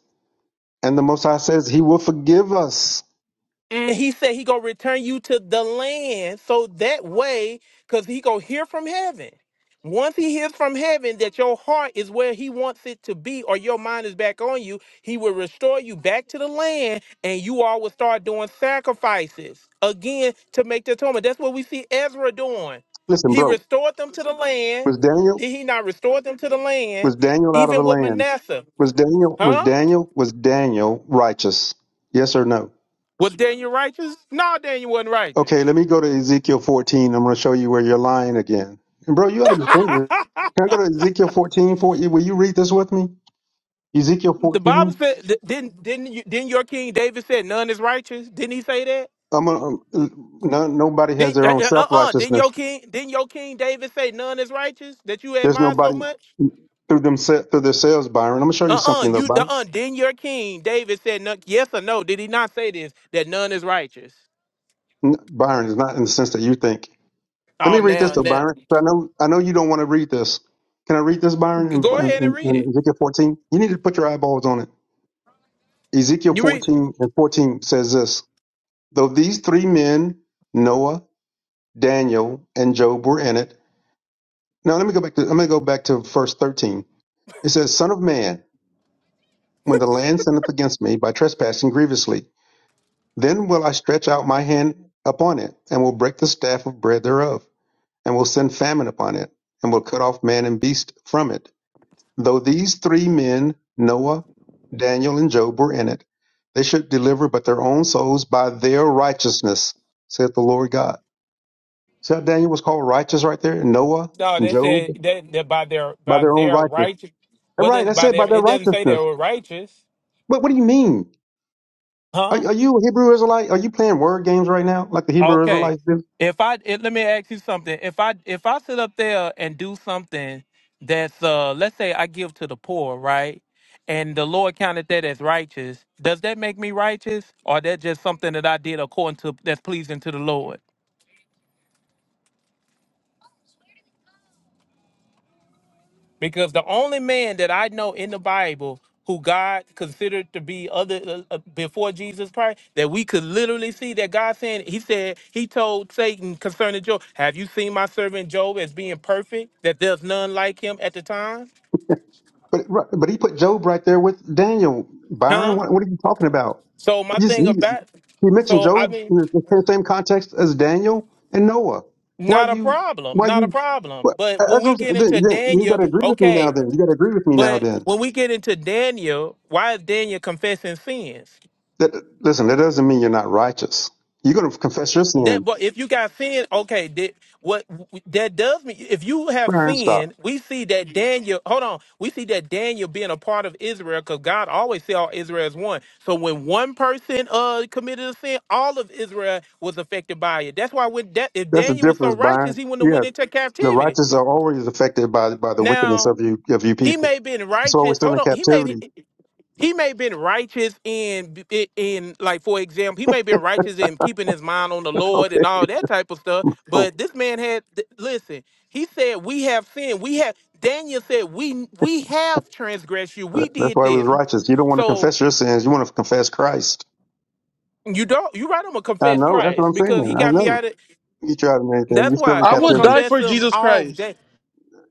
Speaker 11: and the Most High says He will forgive us.
Speaker 9: And he said he gonna return you to the land so that way, because he gonna hear from heaven. Once he hears from heaven that your heart is where he wants it to be, or your mind is back on you, he will restore you back to the land, and you all will start doing sacrifices again to make the atonement. That's what we see Ezra doing.
Speaker 11: Listen,
Speaker 9: He
Speaker 11: bro,
Speaker 9: restored them to the land.
Speaker 11: was Daniel
Speaker 9: Did he not restore them to the land?
Speaker 11: was Daniel out of the
Speaker 9: Even with
Speaker 11: land?
Speaker 9: Manasseh,
Speaker 11: Was Daniel was
Speaker 9: huh?
Speaker 11: Daniel was Daniel righteous? Yes or no?
Speaker 9: Was Daniel righteous? No, Daniel wasn't righteous.
Speaker 11: Okay, let me go to Ezekiel 14. I'm going to show you where you're lying again. And bro, you ought to be serious.
Speaker 9: *laughs*
Speaker 11: Can I go to Ezekiel 14 for you? Will you read this with me? Ezekiel
Speaker 9: The Bible
Speaker 11: 14.
Speaker 9: said, th- didn't didn't you, didn't your King David said none is righteous? Didn't he say that?
Speaker 11: I'm gonna, um, no, nobody has
Speaker 9: Didn't
Speaker 11: their
Speaker 9: uh
Speaker 11: own
Speaker 9: uh uh,
Speaker 11: self
Speaker 9: uh, didn't
Speaker 11: righteousness.
Speaker 9: your King didn't your King David say none is righteous that you
Speaker 11: There's
Speaker 9: admire so
Speaker 11: nobody
Speaker 9: much?
Speaker 11: through them through themselves, Byron. I'm gonna show you
Speaker 9: Uh uh
Speaker 11: something though,
Speaker 9: you uh
Speaker 11: Byron.
Speaker 9: uh didn't your King David said none, yes or no? Did he not say this that none is righteous?
Speaker 11: N- Byron is not in the sense that you think. Let
Speaker 9: Oh
Speaker 11: me read this
Speaker 9: now
Speaker 11: though,
Speaker 9: now
Speaker 11: Byron. 'cause I know I know you don't want to read this. Can I read this, Byron?
Speaker 9: go
Speaker 11: In,
Speaker 9: ahead and
Speaker 11: in,
Speaker 9: read
Speaker 11: in
Speaker 9: it.
Speaker 11: Ezekiel 14, you need to put your eyeballs on it. Ezekiel
Speaker 9: You read
Speaker 11: 14 and 14 says this: Though these three men, Noah, Daniel, and Job, were in it. Now let me go back to I'm gonna go back to verse 13. It says, "Son of man, when the land sinneth against me by trespassing grievously." Then will I stretch out my hand upon it, and will break the staff of bread thereof, and will send famine upon it, and will cut off man and beast from it. Though these three men, Noah, Daniel, and Job, were in it, they should deliver but their own souls by their righteousness, saith the Lord God. See how Daniel was called righteous right there? Noah
Speaker 9: no
Speaker 11: and
Speaker 9: they
Speaker 11: Job,
Speaker 9: said that, that by their
Speaker 11: by
Speaker 9: by
Speaker 11: their own
Speaker 9: their
Speaker 11: righteousness.
Speaker 9: righteous
Speaker 11: Right,
Speaker 9: whether
Speaker 11: that's
Speaker 9: by
Speaker 11: it, by
Speaker 9: their
Speaker 11: their
Speaker 9: it doesn't say they
Speaker 11: righteousness.
Speaker 9: were righteous
Speaker 11: But what do you mean? Are,
Speaker 9: huh
Speaker 11: are you a Hebrew Israelite? Are you playing word games right now, like the Hebrew
Speaker 9: Okay.
Speaker 11: Israelites do?
Speaker 9: If I it, let me ask you something. If I if I sit up there and do something that's uh let's say I give to the poor, right? And the Lord counted that as righteous. Does that make me righteous, or that just something that I did according to that's pleasing to the Lord? because the only man that I know in the Bible who God considered to be other uh, uh, before Jesus Christ, that we could literally see that God saying, He said, He told Satan concerning Job, Have you seen my servant Job as being perfect? That there's none like him at the time?
Speaker 11: But right, but he put Job right there with Daniel. Byron,
Speaker 9: Huh?
Speaker 11: what, what are you talking about?
Speaker 9: So my
Speaker 11: It just he,
Speaker 9: thing about
Speaker 11: he mentioned
Speaker 9: so I
Speaker 11: Job in
Speaker 9: mean,
Speaker 11: the in the same context as Daniel and Noah. Why
Speaker 9: not a
Speaker 11: you
Speaker 9: problem,
Speaker 11: why
Speaker 9: not a
Speaker 11: you
Speaker 9: problem.
Speaker 11: what,
Speaker 9: But when
Speaker 11: as
Speaker 9: we
Speaker 11: I'm,
Speaker 9: get
Speaker 11: saying, then,
Speaker 9: into
Speaker 11: then you got
Speaker 9: Daniel,
Speaker 11: to agree with me now.
Speaker 9: okay.
Speaker 11: Then you got to agree with me now.
Speaker 9: But
Speaker 11: Then
Speaker 9: when we get into Daniel, why is Daniel confessing sins?
Speaker 11: that listen, that doesn't mean you're not righteous. You're going to confess your
Speaker 9: That,
Speaker 11: sins.
Speaker 9: but if you got sin, okay, that what that does mean. If you have
Speaker 11: Byron, stop.
Speaker 9: sin, we see that Daniel. Hold on, we see that Daniel being a part of Israel because God always see all Israel as one. So when one person uh committed a sin, all of Israel was affected by it. That's why when that if
Speaker 11: That's the
Speaker 9: Daniel was so
Speaker 11: difference,
Speaker 9: righteous,
Speaker 11: Byron.
Speaker 9: he wouldn't have
Speaker 11: Yeah,
Speaker 9: went into
Speaker 11: the
Speaker 9: captivity.
Speaker 11: righteous are always affected by by the wickedness
Speaker 9: Now
Speaker 11: of you of you
Speaker 9: he
Speaker 11: people.
Speaker 9: may have been
Speaker 11: So we're
Speaker 9: righteous.
Speaker 11: still
Speaker 9: Hold
Speaker 11: in
Speaker 9: on, he may
Speaker 11: captivity.
Speaker 9: be. He may have been righteous in in in, like for example, he may have been righteous in keeping his mind on the
Speaker 11: *laughs*
Speaker 9: Lord and all that type of stuff.
Speaker 11: Okay.
Speaker 9: But this man had th- listen. He said, "We have sinned. We have." Daniel said, "We we have transgressed you. We
Speaker 11: That's
Speaker 9: did
Speaker 11: why he was
Speaker 9: this."
Speaker 11: righteous. You don't want to
Speaker 9: So
Speaker 11: confess your sins. You want to confess Christ.
Speaker 9: you don't. You right? I'm gonna
Speaker 11: I
Speaker 9: confess
Speaker 11: know. That's what
Speaker 9: Christ
Speaker 11: I'm
Speaker 9: because
Speaker 11: saying.
Speaker 9: he
Speaker 11: I
Speaker 9: got me
Speaker 11: know.
Speaker 9: out of.
Speaker 11: You tried and anything.
Speaker 9: That's
Speaker 11: You're still
Speaker 9: why
Speaker 11: in
Speaker 1: I
Speaker 9: I'm gonna
Speaker 1: would
Speaker 11: captivity.
Speaker 1: die
Speaker 9: confess
Speaker 1: for
Speaker 9: him
Speaker 1: Jesus
Speaker 9: all
Speaker 1: Christ.
Speaker 9: day.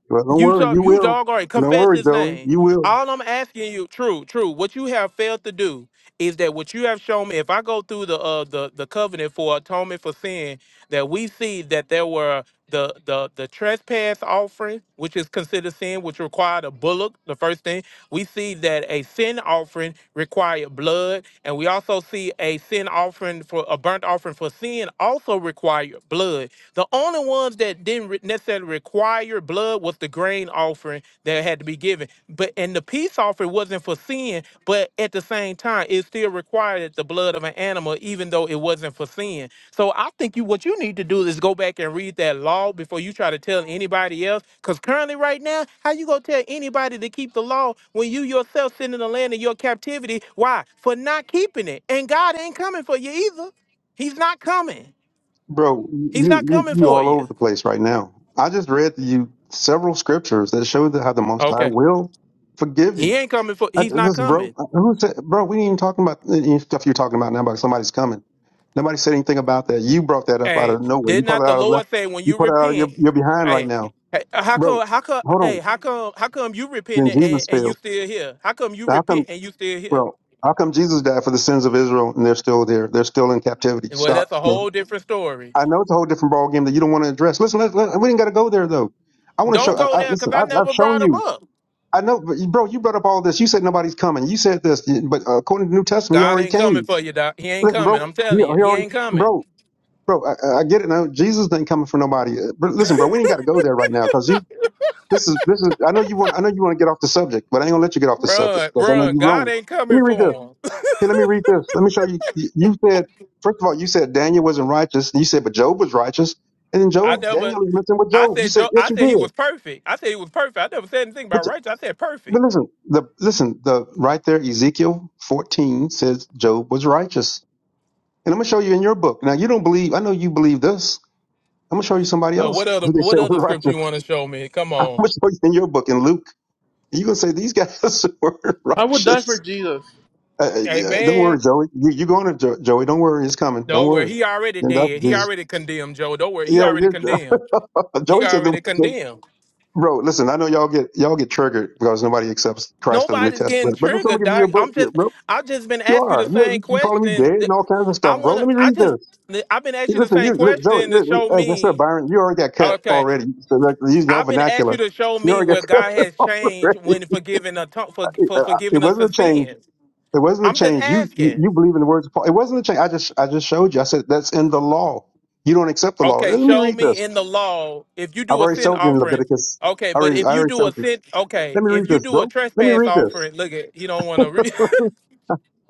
Speaker 11: Well, don't
Speaker 9: You
Speaker 11: worry.
Speaker 9: talk,
Speaker 11: You
Speaker 9: you
Speaker 11: will.
Speaker 9: dog already
Speaker 11: Don't
Speaker 9: confess
Speaker 11: worry,
Speaker 9: his
Speaker 11: Joey.
Speaker 9: name.
Speaker 11: You will.
Speaker 9: All I'm asking you, true, true, what you have failed to do is that what you have shown me, if I go through the uh the, the covenant for atonement for sin, that we see that there were the the the trespass offering, which is considered sin, which required a bullock, the first thing. We see that a sin offering required blood, and we also see a sin offering for a burnt offering for sin also required blood. The only ones that didn't re- necessarily require blood was the grain offering that had to be given. But and the peace offering wasn't for sin, but at the same time, it still required the blood of an animal, even though it wasn't for sin. So I think you what you need to do is go back and read that law before you try to tell anybody else. Because currently, right now, how you gonna tell anybody to keep the law when you yourself sit in the land of your captivity? Why? For not keeping it. And God ain't coming for you either. He's not coming.
Speaker 11: Bro,
Speaker 9: He's
Speaker 11: you,
Speaker 9: not
Speaker 11: you,
Speaker 9: coming
Speaker 11: you
Speaker 9: for
Speaker 11: all over
Speaker 9: you.
Speaker 11: the place right now. I just read to you several scriptures that show that how the Most High
Speaker 9: Okay.
Speaker 11: will forgive
Speaker 9: He
Speaker 11: you.
Speaker 9: ain't coming for
Speaker 11: I,
Speaker 9: he's not
Speaker 11: this, bro,
Speaker 9: coming.
Speaker 11: who said, bro, we ain't even talking about any stuff you're talking about now about somebody's coming. Nobody said anything about that. You brought that up out
Speaker 9: Hey,
Speaker 11: of nowhere.
Speaker 9: did
Speaker 11: You put
Speaker 9: not
Speaker 11: it
Speaker 9: the
Speaker 11: out of
Speaker 9: Lord
Speaker 11: left.
Speaker 9: say when
Speaker 11: You
Speaker 9: you
Speaker 11: put it out of your,
Speaker 9: repent,
Speaker 11: you're behind right
Speaker 9: hey,
Speaker 11: now.
Speaker 9: hey, uh, how
Speaker 11: bro,
Speaker 9: come how come
Speaker 11: hold on.
Speaker 9: hey, how come how come you repent
Speaker 11: Then
Speaker 9: and,
Speaker 11: Jesus
Speaker 9: and you
Speaker 11: failed.
Speaker 9: still here? How come you
Speaker 11: How come?
Speaker 9: repent and you still here?
Speaker 11: Well, how come Jesus died for the sins of Israel and they're still there? They're still in captivity.
Speaker 9: Well,
Speaker 11: Stop,
Speaker 9: that's a whole
Speaker 11: man.
Speaker 9: different story.
Speaker 11: I know it's a whole different ball game that you don't want to address. Listen, let, let, we didn't got to go there though. I want to show.
Speaker 9: Don't go
Speaker 11: I, I,
Speaker 9: there because
Speaker 11: listen,
Speaker 9: I
Speaker 11: I've, I've
Speaker 9: never
Speaker 11: shown
Speaker 9: brought him
Speaker 11: you.
Speaker 9: up.
Speaker 11: I know, but you- bro, you brought up all this. You said nobody's coming. You said this, but uh, according to the New Testament, he
Speaker 9: God
Speaker 11: already
Speaker 9: ain't coming
Speaker 11: came.
Speaker 9: for you, Doc. He ain't
Speaker 11: Listen,
Speaker 9: coming.
Speaker 11: bro,
Speaker 9: I'm
Speaker 11: he, he
Speaker 9: telling you, he
Speaker 11: already,
Speaker 9: ain't coming.
Speaker 11: bro, bro. I, I I get it now. Jesus ain't coming for nobody. Uh, But listen, bro, we ain't got to go there right now because you This is this is. I know you want. I know you want to get off the subject, but I ain't gonna let you get off the subject
Speaker 9: Run,
Speaker 11: because I know
Speaker 9: run.
Speaker 11: you're
Speaker 9: God
Speaker 11: wrong.
Speaker 9: ain't
Speaker 11: Let
Speaker 9: coming
Speaker 11: me read this.
Speaker 9: for him.
Speaker 11: Here, let me read this. Let me show you. You you said first of all, you said Daniel wasn't righteous, and you said, but Job was righteous, and then
Speaker 9: *laughs* I
Speaker 11: Job,
Speaker 9: never
Speaker 11: Daniel is messing with
Speaker 9: I
Speaker 11: Job. You
Speaker 9: said
Speaker 11: said
Speaker 9: Joe
Speaker 11: yes,
Speaker 9: I
Speaker 11: you
Speaker 9: said he
Speaker 11: did.
Speaker 9: was perfect. I said he was perfect. I never said anything
Speaker 11: But
Speaker 9: about righteous. I said perfect.
Speaker 11: but listen, the listen the right there Ezekiel 14 says Job was righteous, and I'm gonna show you in your book. Now you don't believe. I know you believe this. I'm gonna show you somebody
Speaker 9: Now,
Speaker 11: else
Speaker 9: what
Speaker 11: *laughs*
Speaker 9: other
Speaker 11: who they
Speaker 9: what
Speaker 11: say was
Speaker 9: other scripture you
Speaker 11: righteous.
Speaker 9: want
Speaker 11: *laughs*
Speaker 9: to show me? Come
Speaker 11: I'm
Speaker 9: on.
Speaker 11: gonna show you in your book in Luke. You're gonna say these guys *laughs* were
Speaker 1: I would die for
Speaker 11: righteous
Speaker 1: Jesus.
Speaker 11: Uh, uh, yeah, don't worry,
Speaker 9: Amen.
Speaker 11: Joey. You you going to jo- Joey? Don't worry, he's coming. Don't
Speaker 9: Don't worry.
Speaker 11: worry.
Speaker 9: He already
Speaker 11: Then that's
Speaker 9: did. He
Speaker 11: Jesus.
Speaker 9: already condemned Joe. Don't worry. He
Speaker 11: Yeah,
Speaker 9: already condemned.
Speaker 11: yeah. *laughs*
Speaker 9: He
Speaker 11: Joey said the
Speaker 9: already condemned.
Speaker 11: *laughs* bro. Listen, I know y'all get y'all get triggered because nobody accepts Christ of the New
Speaker 9: Nobody's getting
Speaker 11: Testament. But listen, I'm
Speaker 9: triggered,
Speaker 11: gonna give you a
Speaker 9: Doc.
Speaker 11: book,
Speaker 9: I'm
Speaker 11: yeah,
Speaker 9: just
Speaker 11: bro.
Speaker 9: I've just been
Speaker 11: You
Speaker 9: asking you
Speaker 11: are
Speaker 9: the
Speaker 11: you
Speaker 9: same
Speaker 11: you you calling me
Speaker 9: question.
Speaker 11: dead and all kinds of
Speaker 9: I
Speaker 11: stuff, bro.
Speaker 9: wanna
Speaker 11: Let me
Speaker 9: I
Speaker 11: read
Speaker 9: just
Speaker 11: this.
Speaker 9: I've been
Speaker 11: Hey,
Speaker 9: asking you the
Speaker 11: Listen, you
Speaker 9: same
Speaker 11: look, Joey.
Speaker 9: question to
Speaker 11: Look,
Speaker 9: show
Speaker 11: as I said,
Speaker 9: me.
Speaker 11: Byron, you already got cut
Speaker 9: Okay.
Speaker 11: already. So like, using your
Speaker 9: I've been asking
Speaker 11: vernacular,
Speaker 9: you to show
Speaker 11: you
Speaker 9: me
Speaker 11: already got
Speaker 9: where
Speaker 11: *laughs*
Speaker 9: God has
Speaker 11: cut
Speaker 9: changed
Speaker 11: already.
Speaker 9: when forgiving a ton- for, for
Speaker 11: Uh, It
Speaker 9: forgiving us
Speaker 11: wasn't
Speaker 9: for
Speaker 11: a change.
Speaker 9: sins.
Speaker 11: It wasn't a
Speaker 9: I'm just
Speaker 11: change. You you
Speaker 9: asking.
Speaker 11: you believe in the words of Paul. It wasn't a change. I just I just showed you. I said that's in the law. You don't accept the law.
Speaker 9: Okay,
Speaker 11: Let me
Speaker 9: show
Speaker 11: read
Speaker 9: me
Speaker 11: this.
Speaker 9: in the law if you
Speaker 11: I've
Speaker 9: do a
Speaker 11: already
Speaker 9: sin
Speaker 11: showed you in
Speaker 9: offering.
Speaker 11: Leviticus.
Speaker 9: Okay,
Speaker 11: I
Speaker 9: but
Speaker 11: already I
Speaker 9: if you
Speaker 11: already
Speaker 9: do a
Speaker 11: showed you.
Speaker 9: sin, okay,
Speaker 11: Let me
Speaker 9: if
Speaker 11: read
Speaker 9: you
Speaker 11: this,
Speaker 9: do a
Speaker 11: bro. Let me
Speaker 9: trespass
Speaker 11: read this.
Speaker 9: offering, look at you don't want to. Re-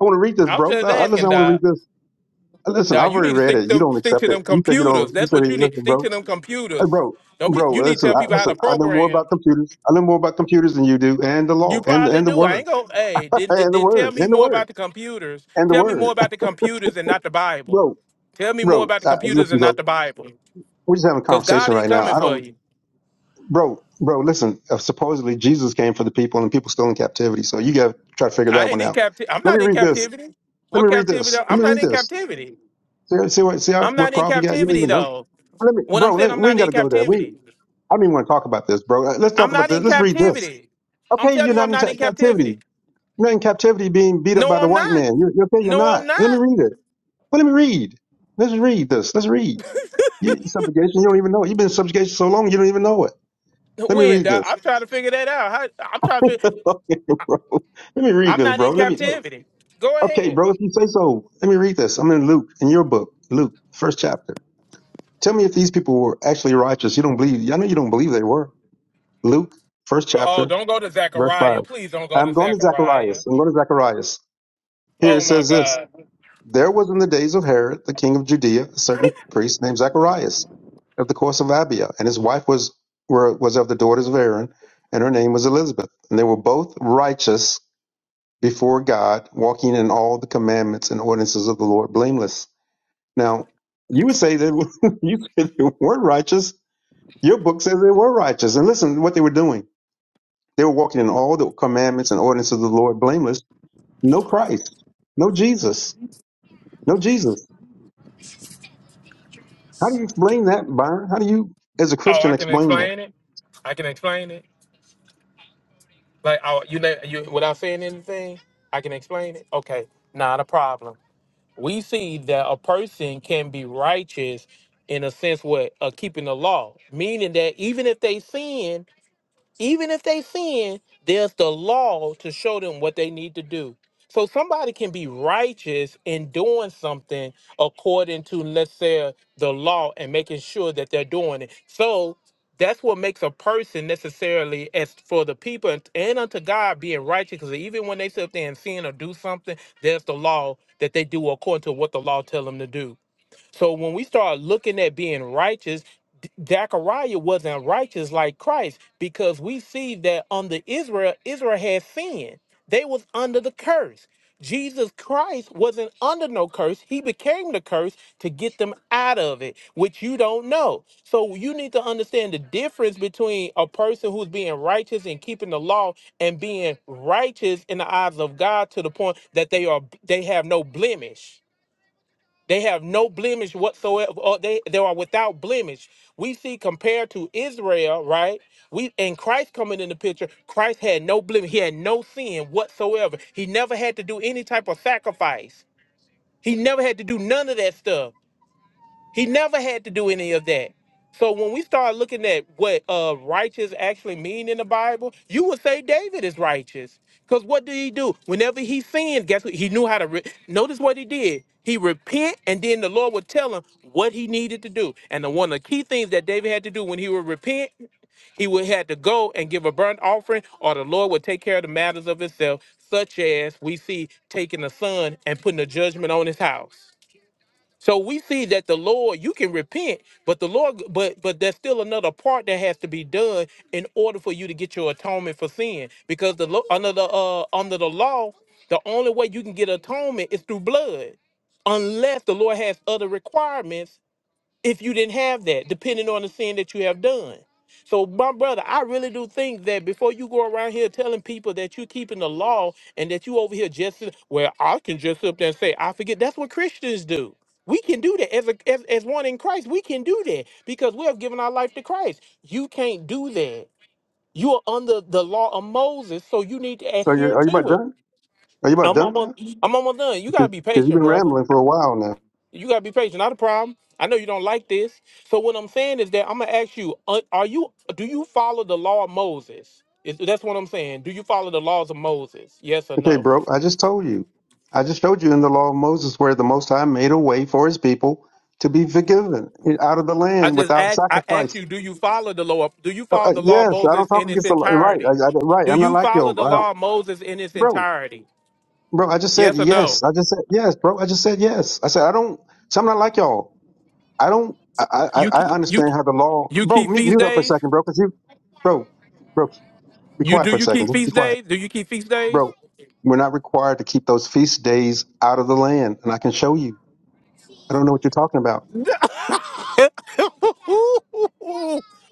Speaker 11: I want to read
Speaker 9: *laughs*
Speaker 11: this,
Speaker 9: I'm
Speaker 11: bro.
Speaker 9: just
Speaker 11: Uh, listen,
Speaker 9: asking,
Speaker 11: I want to read
Speaker 9: Doc.
Speaker 11: this. Uh, Listen,
Speaker 9: Doc,
Speaker 11: I've
Speaker 9: you need
Speaker 11: already
Speaker 9: to
Speaker 11: read
Speaker 9: stick to
Speaker 11: it. You
Speaker 9: them,
Speaker 11: don't
Speaker 9: stick
Speaker 11: accept
Speaker 9: to
Speaker 11: it.
Speaker 9: them
Speaker 11: You said you
Speaker 9: computers.
Speaker 11: don't. You
Speaker 9: That's
Speaker 11: said,
Speaker 9: what
Speaker 11: hey,
Speaker 9: you need.
Speaker 11: listen,
Speaker 9: Stick to
Speaker 11: bro.
Speaker 9: them
Speaker 11: Hey,
Speaker 9: computers.
Speaker 11: bro,
Speaker 9: Don't be.
Speaker 11: bro.
Speaker 9: You need to
Speaker 11: Listen,
Speaker 9: tell
Speaker 11: I,
Speaker 9: people how to
Speaker 11: listen. I know more about
Speaker 9: program.
Speaker 11: computers. I know more about computers than you do, and the
Speaker 9: You
Speaker 11: law, and
Speaker 9: probably
Speaker 11: and the
Speaker 9: do. I
Speaker 11: word,
Speaker 9: ain't gonna. Hey,
Speaker 11: *laughs*
Speaker 9: then then
Speaker 11: and the
Speaker 9: then tell
Speaker 11: word,
Speaker 9: me
Speaker 11: and the
Speaker 9: more
Speaker 11: word,
Speaker 9: about the computers.
Speaker 11: and the
Speaker 9: Tell me more
Speaker 11: word, *laughs*
Speaker 9: about the computers and not the Bible.
Speaker 11: bro,
Speaker 9: Tell me more
Speaker 11: bro.
Speaker 9: about the
Speaker 11: Uh,
Speaker 9: computers and
Speaker 11: listen, bro.
Speaker 9: not the Bible.
Speaker 11: We're just having a
Speaker 9: Cause God
Speaker 11: conversation
Speaker 9: ain't
Speaker 11: right now.
Speaker 9: coming
Speaker 11: I don't
Speaker 9: for you.
Speaker 11: bro, bro, listen. Uh, supposedly Jesus came for the people, and people still in captivity. So you got to try to figure
Speaker 9: I
Speaker 11: that
Speaker 9: ain't
Speaker 11: one
Speaker 9: in
Speaker 11: out.
Speaker 9: captivity. I'm
Speaker 11: Let me
Speaker 9: not in
Speaker 11: read this.
Speaker 9: captivity.
Speaker 11: Let
Speaker 9: What
Speaker 11: me read
Speaker 9: captivity?
Speaker 11: this. Let
Speaker 9: I'm
Speaker 11: me
Speaker 9: not
Speaker 11: read
Speaker 9: in
Speaker 11: this.
Speaker 9: captivity.
Speaker 11: See, see what? See how,
Speaker 9: I'm not
Speaker 11: what
Speaker 9: in
Speaker 11: problem you got? You don't
Speaker 9: captivity
Speaker 11: even know.
Speaker 9: though.
Speaker 11: Let me,
Speaker 9: When I'm
Speaker 11: bro.
Speaker 9: saying
Speaker 11: Let,
Speaker 9: I'm
Speaker 11: we ain't
Speaker 9: not
Speaker 11: got
Speaker 9: in
Speaker 11: to go there. We.
Speaker 9: captivity,
Speaker 11: I don't even want to talk about this, bro. Uh, Let's
Speaker 9: I'm
Speaker 11: talk
Speaker 9: not
Speaker 11: about this.
Speaker 9: in
Speaker 11: Let's read this.
Speaker 9: captivity. I'm
Speaker 11: Okay,
Speaker 9: telling
Speaker 11: you're
Speaker 9: you,
Speaker 11: not
Speaker 9: I'm
Speaker 11: in
Speaker 9: not
Speaker 11: ta-
Speaker 9: in
Speaker 11: captivity.
Speaker 9: captivity.
Speaker 11: You're not in captivity, being beat up
Speaker 9: No,
Speaker 11: by the
Speaker 9: I'm
Speaker 11: white
Speaker 9: not.
Speaker 11: man. You're, you're okay. You're
Speaker 9: No, I'm
Speaker 11: not. Let
Speaker 9: not.
Speaker 11: me read it. Well, let me read. Let's read this. Let's read. You, subjugation. You don't even know. it. You've been in subjugation so long. You don't even know it. Let me
Speaker 9: When
Speaker 11: read
Speaker 9: dawg?
Speaker 11: this.
Speaker 9: I'm trying to figure that out. How- I'm trying to. Figure,
Speaker 11: *laughs* okay, bro. Let me read
Speaker 9: I'm
Speaker 11: this,
Speaker 9: not
Speaker 11: bro.
Speaker 9: in
Speaker 11: Let me.
Speaker 9: captivity. Go
Speaker 11: Okay,
Speaker 9: ahead.
Speaker 11: bro. If you say so, let me read this. I'm in Luke, in your book, Luke, first chapter. Tell me if these people were actually righteous. You don't believe. I know you don't believe they were. Luke, first
Speaker 9: Oh,
Speaker 11: chapter,
Speaker 9: don't go to
Speaker 11: verse
Speaker 9: Zechariah.
Speaker 11: five.
Speaker 9: Please don't go to
Speaker 11: I'm going to
Speaker 9: Zechariah.
Speaker 11: Zacharias. I'm going to Zacharias. Here it
Speaker 9: Oh my
Speaker 11: says this.
Speaker 9: God.
Speaker 11: There was in the days of Herod, the king of Judea, a certain priest named Zacharias of the course of Abia, and his wife was were, was of the daughters of Aaron, and her name was Elizabeth, and they were both righteous before God, walking in all the commandments and ordinances of the Lord blameless. Now, you would say that *laughs* you said they weren't righteous. Your book says they were righteous. And listen to what they were doing. They were walking in all the commandments and ordinances of the Lord blameless. No Christ, no Jesus, no Jesus. How do you explain that, Byron? How do you, as a
Speaker 9: Oh, I
Speaker 11: Christian,
Speaker 9: can
Speaker 11: explain that?
Speaker 9: explain it. I can explain it. Like, oh, you know, you without saying anything, I can explain it. Okay, not a problem. We see that a person can be righteous in a sense what uh, keeping the law, meaning that even if they sin, even if they sin, there's the law to show them what they need to do. So somebody can be righteous in doing something according to, let's say, the law and making sure that they're doing it. So that's what makes a person necessarily as for the people and, and unto God being righteous. Because even when they sit up there and sin or do something, there's the law that they do according to what the law tell them to do. So when we start looking at being righteous, D- Zechariah wasn't righteous like Christ because we see that under Israel, Israel had sin. They was under the curse. Jesus Christ wasn't under no curse. He became the curse to get them out of it, which you don't know. So you need to understand the difference between a person who's being righteous and keeping the law and being righteous in the eyes of God to the point that they are they have no blemish. They have no blemish whatsoever. Or they, they are without blemish. We see compared to Israel, right? We and Christ coming in the picture, Christ had no blemish. He had no sin whatsoever. He never had to do any type of sacrifice. He never had to do none of that stuff. He never had to do any of that. So when we start looking at what uh, righteous actually mean in the Bible, you would say David is righteous. Because what did he do? Whenever he sinned, guess what? He knew how to. Re- Notice what he did. He repent, and then the Lord would tell him what he needed to do. And the one of the key things that David had to do when he would repent, he would had to go and give a burnt offering, or the Lord would take care of the matters of himself, such as we see taking a son and putting a judgment on his house. So we see that the Lord, you can repent, but the Lord, but but there's still another part that has to be done in order for you to get your atonement for sin. Because the lo- under the uh, under the law, the only way you can get atonement is through blood, unless the Lord has other requirements if you didn't have that, depending on the sin that you have done. So, my brother, I really do think that before you go around here telling people that you're keeping the law and that you over here just well, I can just up there and say I forget. That's what Christians do. We can do that as a as, as one in Christ. We can do that because we have given our life to Christ. You can't do that. You are under the law of Moses, so you need to
Speaker 11: So
Speaker 9: adhere
Speaker 11: you're, are you about
Speaker 9: to it.
Speaker 11: done? Are you about
Speaker 9: I'm
Speaker 11: done
Speaker 9: almost,
Speaker 11: now?
Speaker 9: I'm almost done. You gotta
Speaker 11: Because
Speaker 9: be
Speaker 11: 'cause you've
Speaker 9: patient,
Speaker 11: been
Speaker 9: brother.
Speaker 11: rambling for a while
Speaker 9: You gotta be patient. Not a problem. I know you don't like this. So what I'm saying is that I'm gonna ask you: uh, Are you? Do you follow the law of Moses? Is, that's what I'm saying. Do you follow the laws of Moses? Yes or
Speaker 11: Okay,
Speaker 9: no?
Speaker 11: bro, I just told you. I just showed you in the law of Moses where the Most High made a way for his people to be forgiven out of the
Speaker 9: I
Speaker 11: land
Speaker 9: just
Speaker 11: without
Speaker 9: ask. I ask
Speaker 11: sacrifice.
Speaker 9: you: Do you follow the law? Do you
Speaker 11: Uh,
Speaker 9: follow
Speaker 11: uh,
Speaker 9: the law of
Speaker 11: yes, I don't
Speaker 9: Moses
Speaker 11: talk
Speaker 9: in its
Speaker 11: against the law. Right,
Speaker 9: entirety?
Speaker 11: I, I, right.
Speaker 9: Do
Speaker 11: I'm not
Speaker 9: you
Speaker 11: like
Speaker 9: follow
Speaker 11: yo.
Speaker 9: the
Speaker 11: I don't,
Speaker 9: law of Moses in its
Speaker 11: bro,
Speaker 9: entirety?
Speaker 11: bro, I just said
Speaker 9: Yes or
Speaker 11: yes.
Speaker 9: no?
Speaker 11: I just said yes, bro. I just said yes. I said, I don't, so I'm not like y'all. I don't, I, I, I
Speaker 9: You
Speaker 11: I
Speaker 9: ke- you
Speaker 11: understand how the law,
Speaker 9: you
Speaker 11: bro,
Speaker 9: keep
Speaker 11: mute,
Speaker 9: feast
Speaker 11: mute up for a
Speaker 9: days.
Speaker 11: second, bro, because you, bro, bro, be
Speaker 9: You
Speaker 11: quiet
Speaker 9: do
Speaker 11: for a
Speaker 9: you
Speaker 11: second.
Speaker 9: keep
Speaker 11: Just be
Speaker 9: feast
Speaker 11: quiet.
Speaker 9: days? Do you keep feast days?
Speaker 11: Bro, we're not required to keep those feast days out of the land, and I can show you. I don't know what you're talking about.
Speaker 9: *laughs*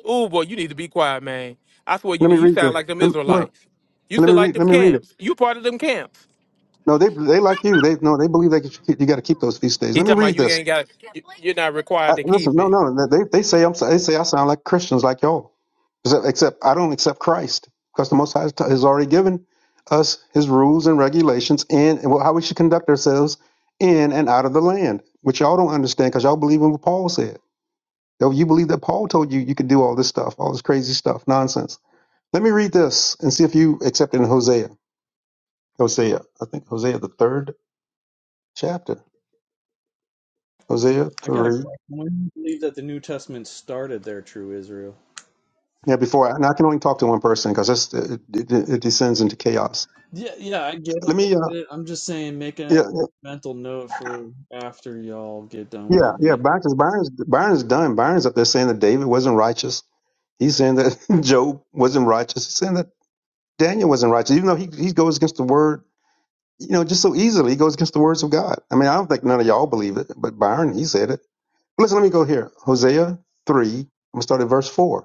Speaker 9: Ooh, boy, you need to be quiet, man. I swear you
Speaker 11: Let me
Speaker 9: need. You
Speaker 11: read
Speaker 9: sound
Speaker 11: this.
Speaker 9: like them
Speaker 11: Let me, well,
Speaker 9: Israelites. You
Speaker 11: let me
Speaker 9: sound like
Speaker 11: read.
Speaker 9: them
Speaker 11: Let me read it.
Speaker 9: camps. You part of them camps.
Speaker 11: No, they they like you. They no, they believe they should keep, you got to keep those feast days.
Speaker 9: He
Speaker 11: Let me
Speaker 9: talking about
Speaker 11: read
Speaker 9: you
Speaker 11: this.
Speaker 9: ain't got. you- You're not
Speaker 11: I,
Speaker 9: required to
Speaker 11: listen,
Speaker 9: keep
Speaker 11: no,
Speaker 9: it.
Speaker 11: no, they they say I'm they say I sound like Christians like y'all. Except, except I don't accept Christ because the Most High has t- has already given us His rules and regulations in and how we should conduct ourselves in and out of the land, which y'all don't understand because y'all believe in what Paul said. Yo, You believe that Paul told you you could do all this stuff, all this crazy stuff, nonsense. Let me read this and see if you accept it in Hosea. Hosea, I think Hosea the third chapter, Hosea
Speaker 10: I got a
Speaker 11: three.
Speaker 10: question. When do you believe that the New Testament started there, true Israel?
Speaker 11: Yeah, before and I can only talk to one person because it, it, it descends into chaos.
Speaker 10: Yeah, yeah, I get it.
Speaker 11: Let me,
Speaker 10: I
Speaker 11: uh,
Speaker 10: get it. I'm just saying, make a
Speaker 11: yeah,
Speaker 10: mental note for after y'all get done with
Speaker 11: yeah,
Speaker 10: your
Speaker 11: yeah.
Speaker 10: get.
Speaker 11: Byron's Byron's Byron's done. Byron's up there saying that David wasn't righteous. He's saying that *laughs* Job wasn't righteous. He's saying that Daniel wasn't righteous, even though he he goes against the word, you know, just so easily. He goes against the words of God. I mean, I don't think none of y'all believe it, but Byron he said it. Listen, let me go here. Hosea three. I'm gonna start at verse four.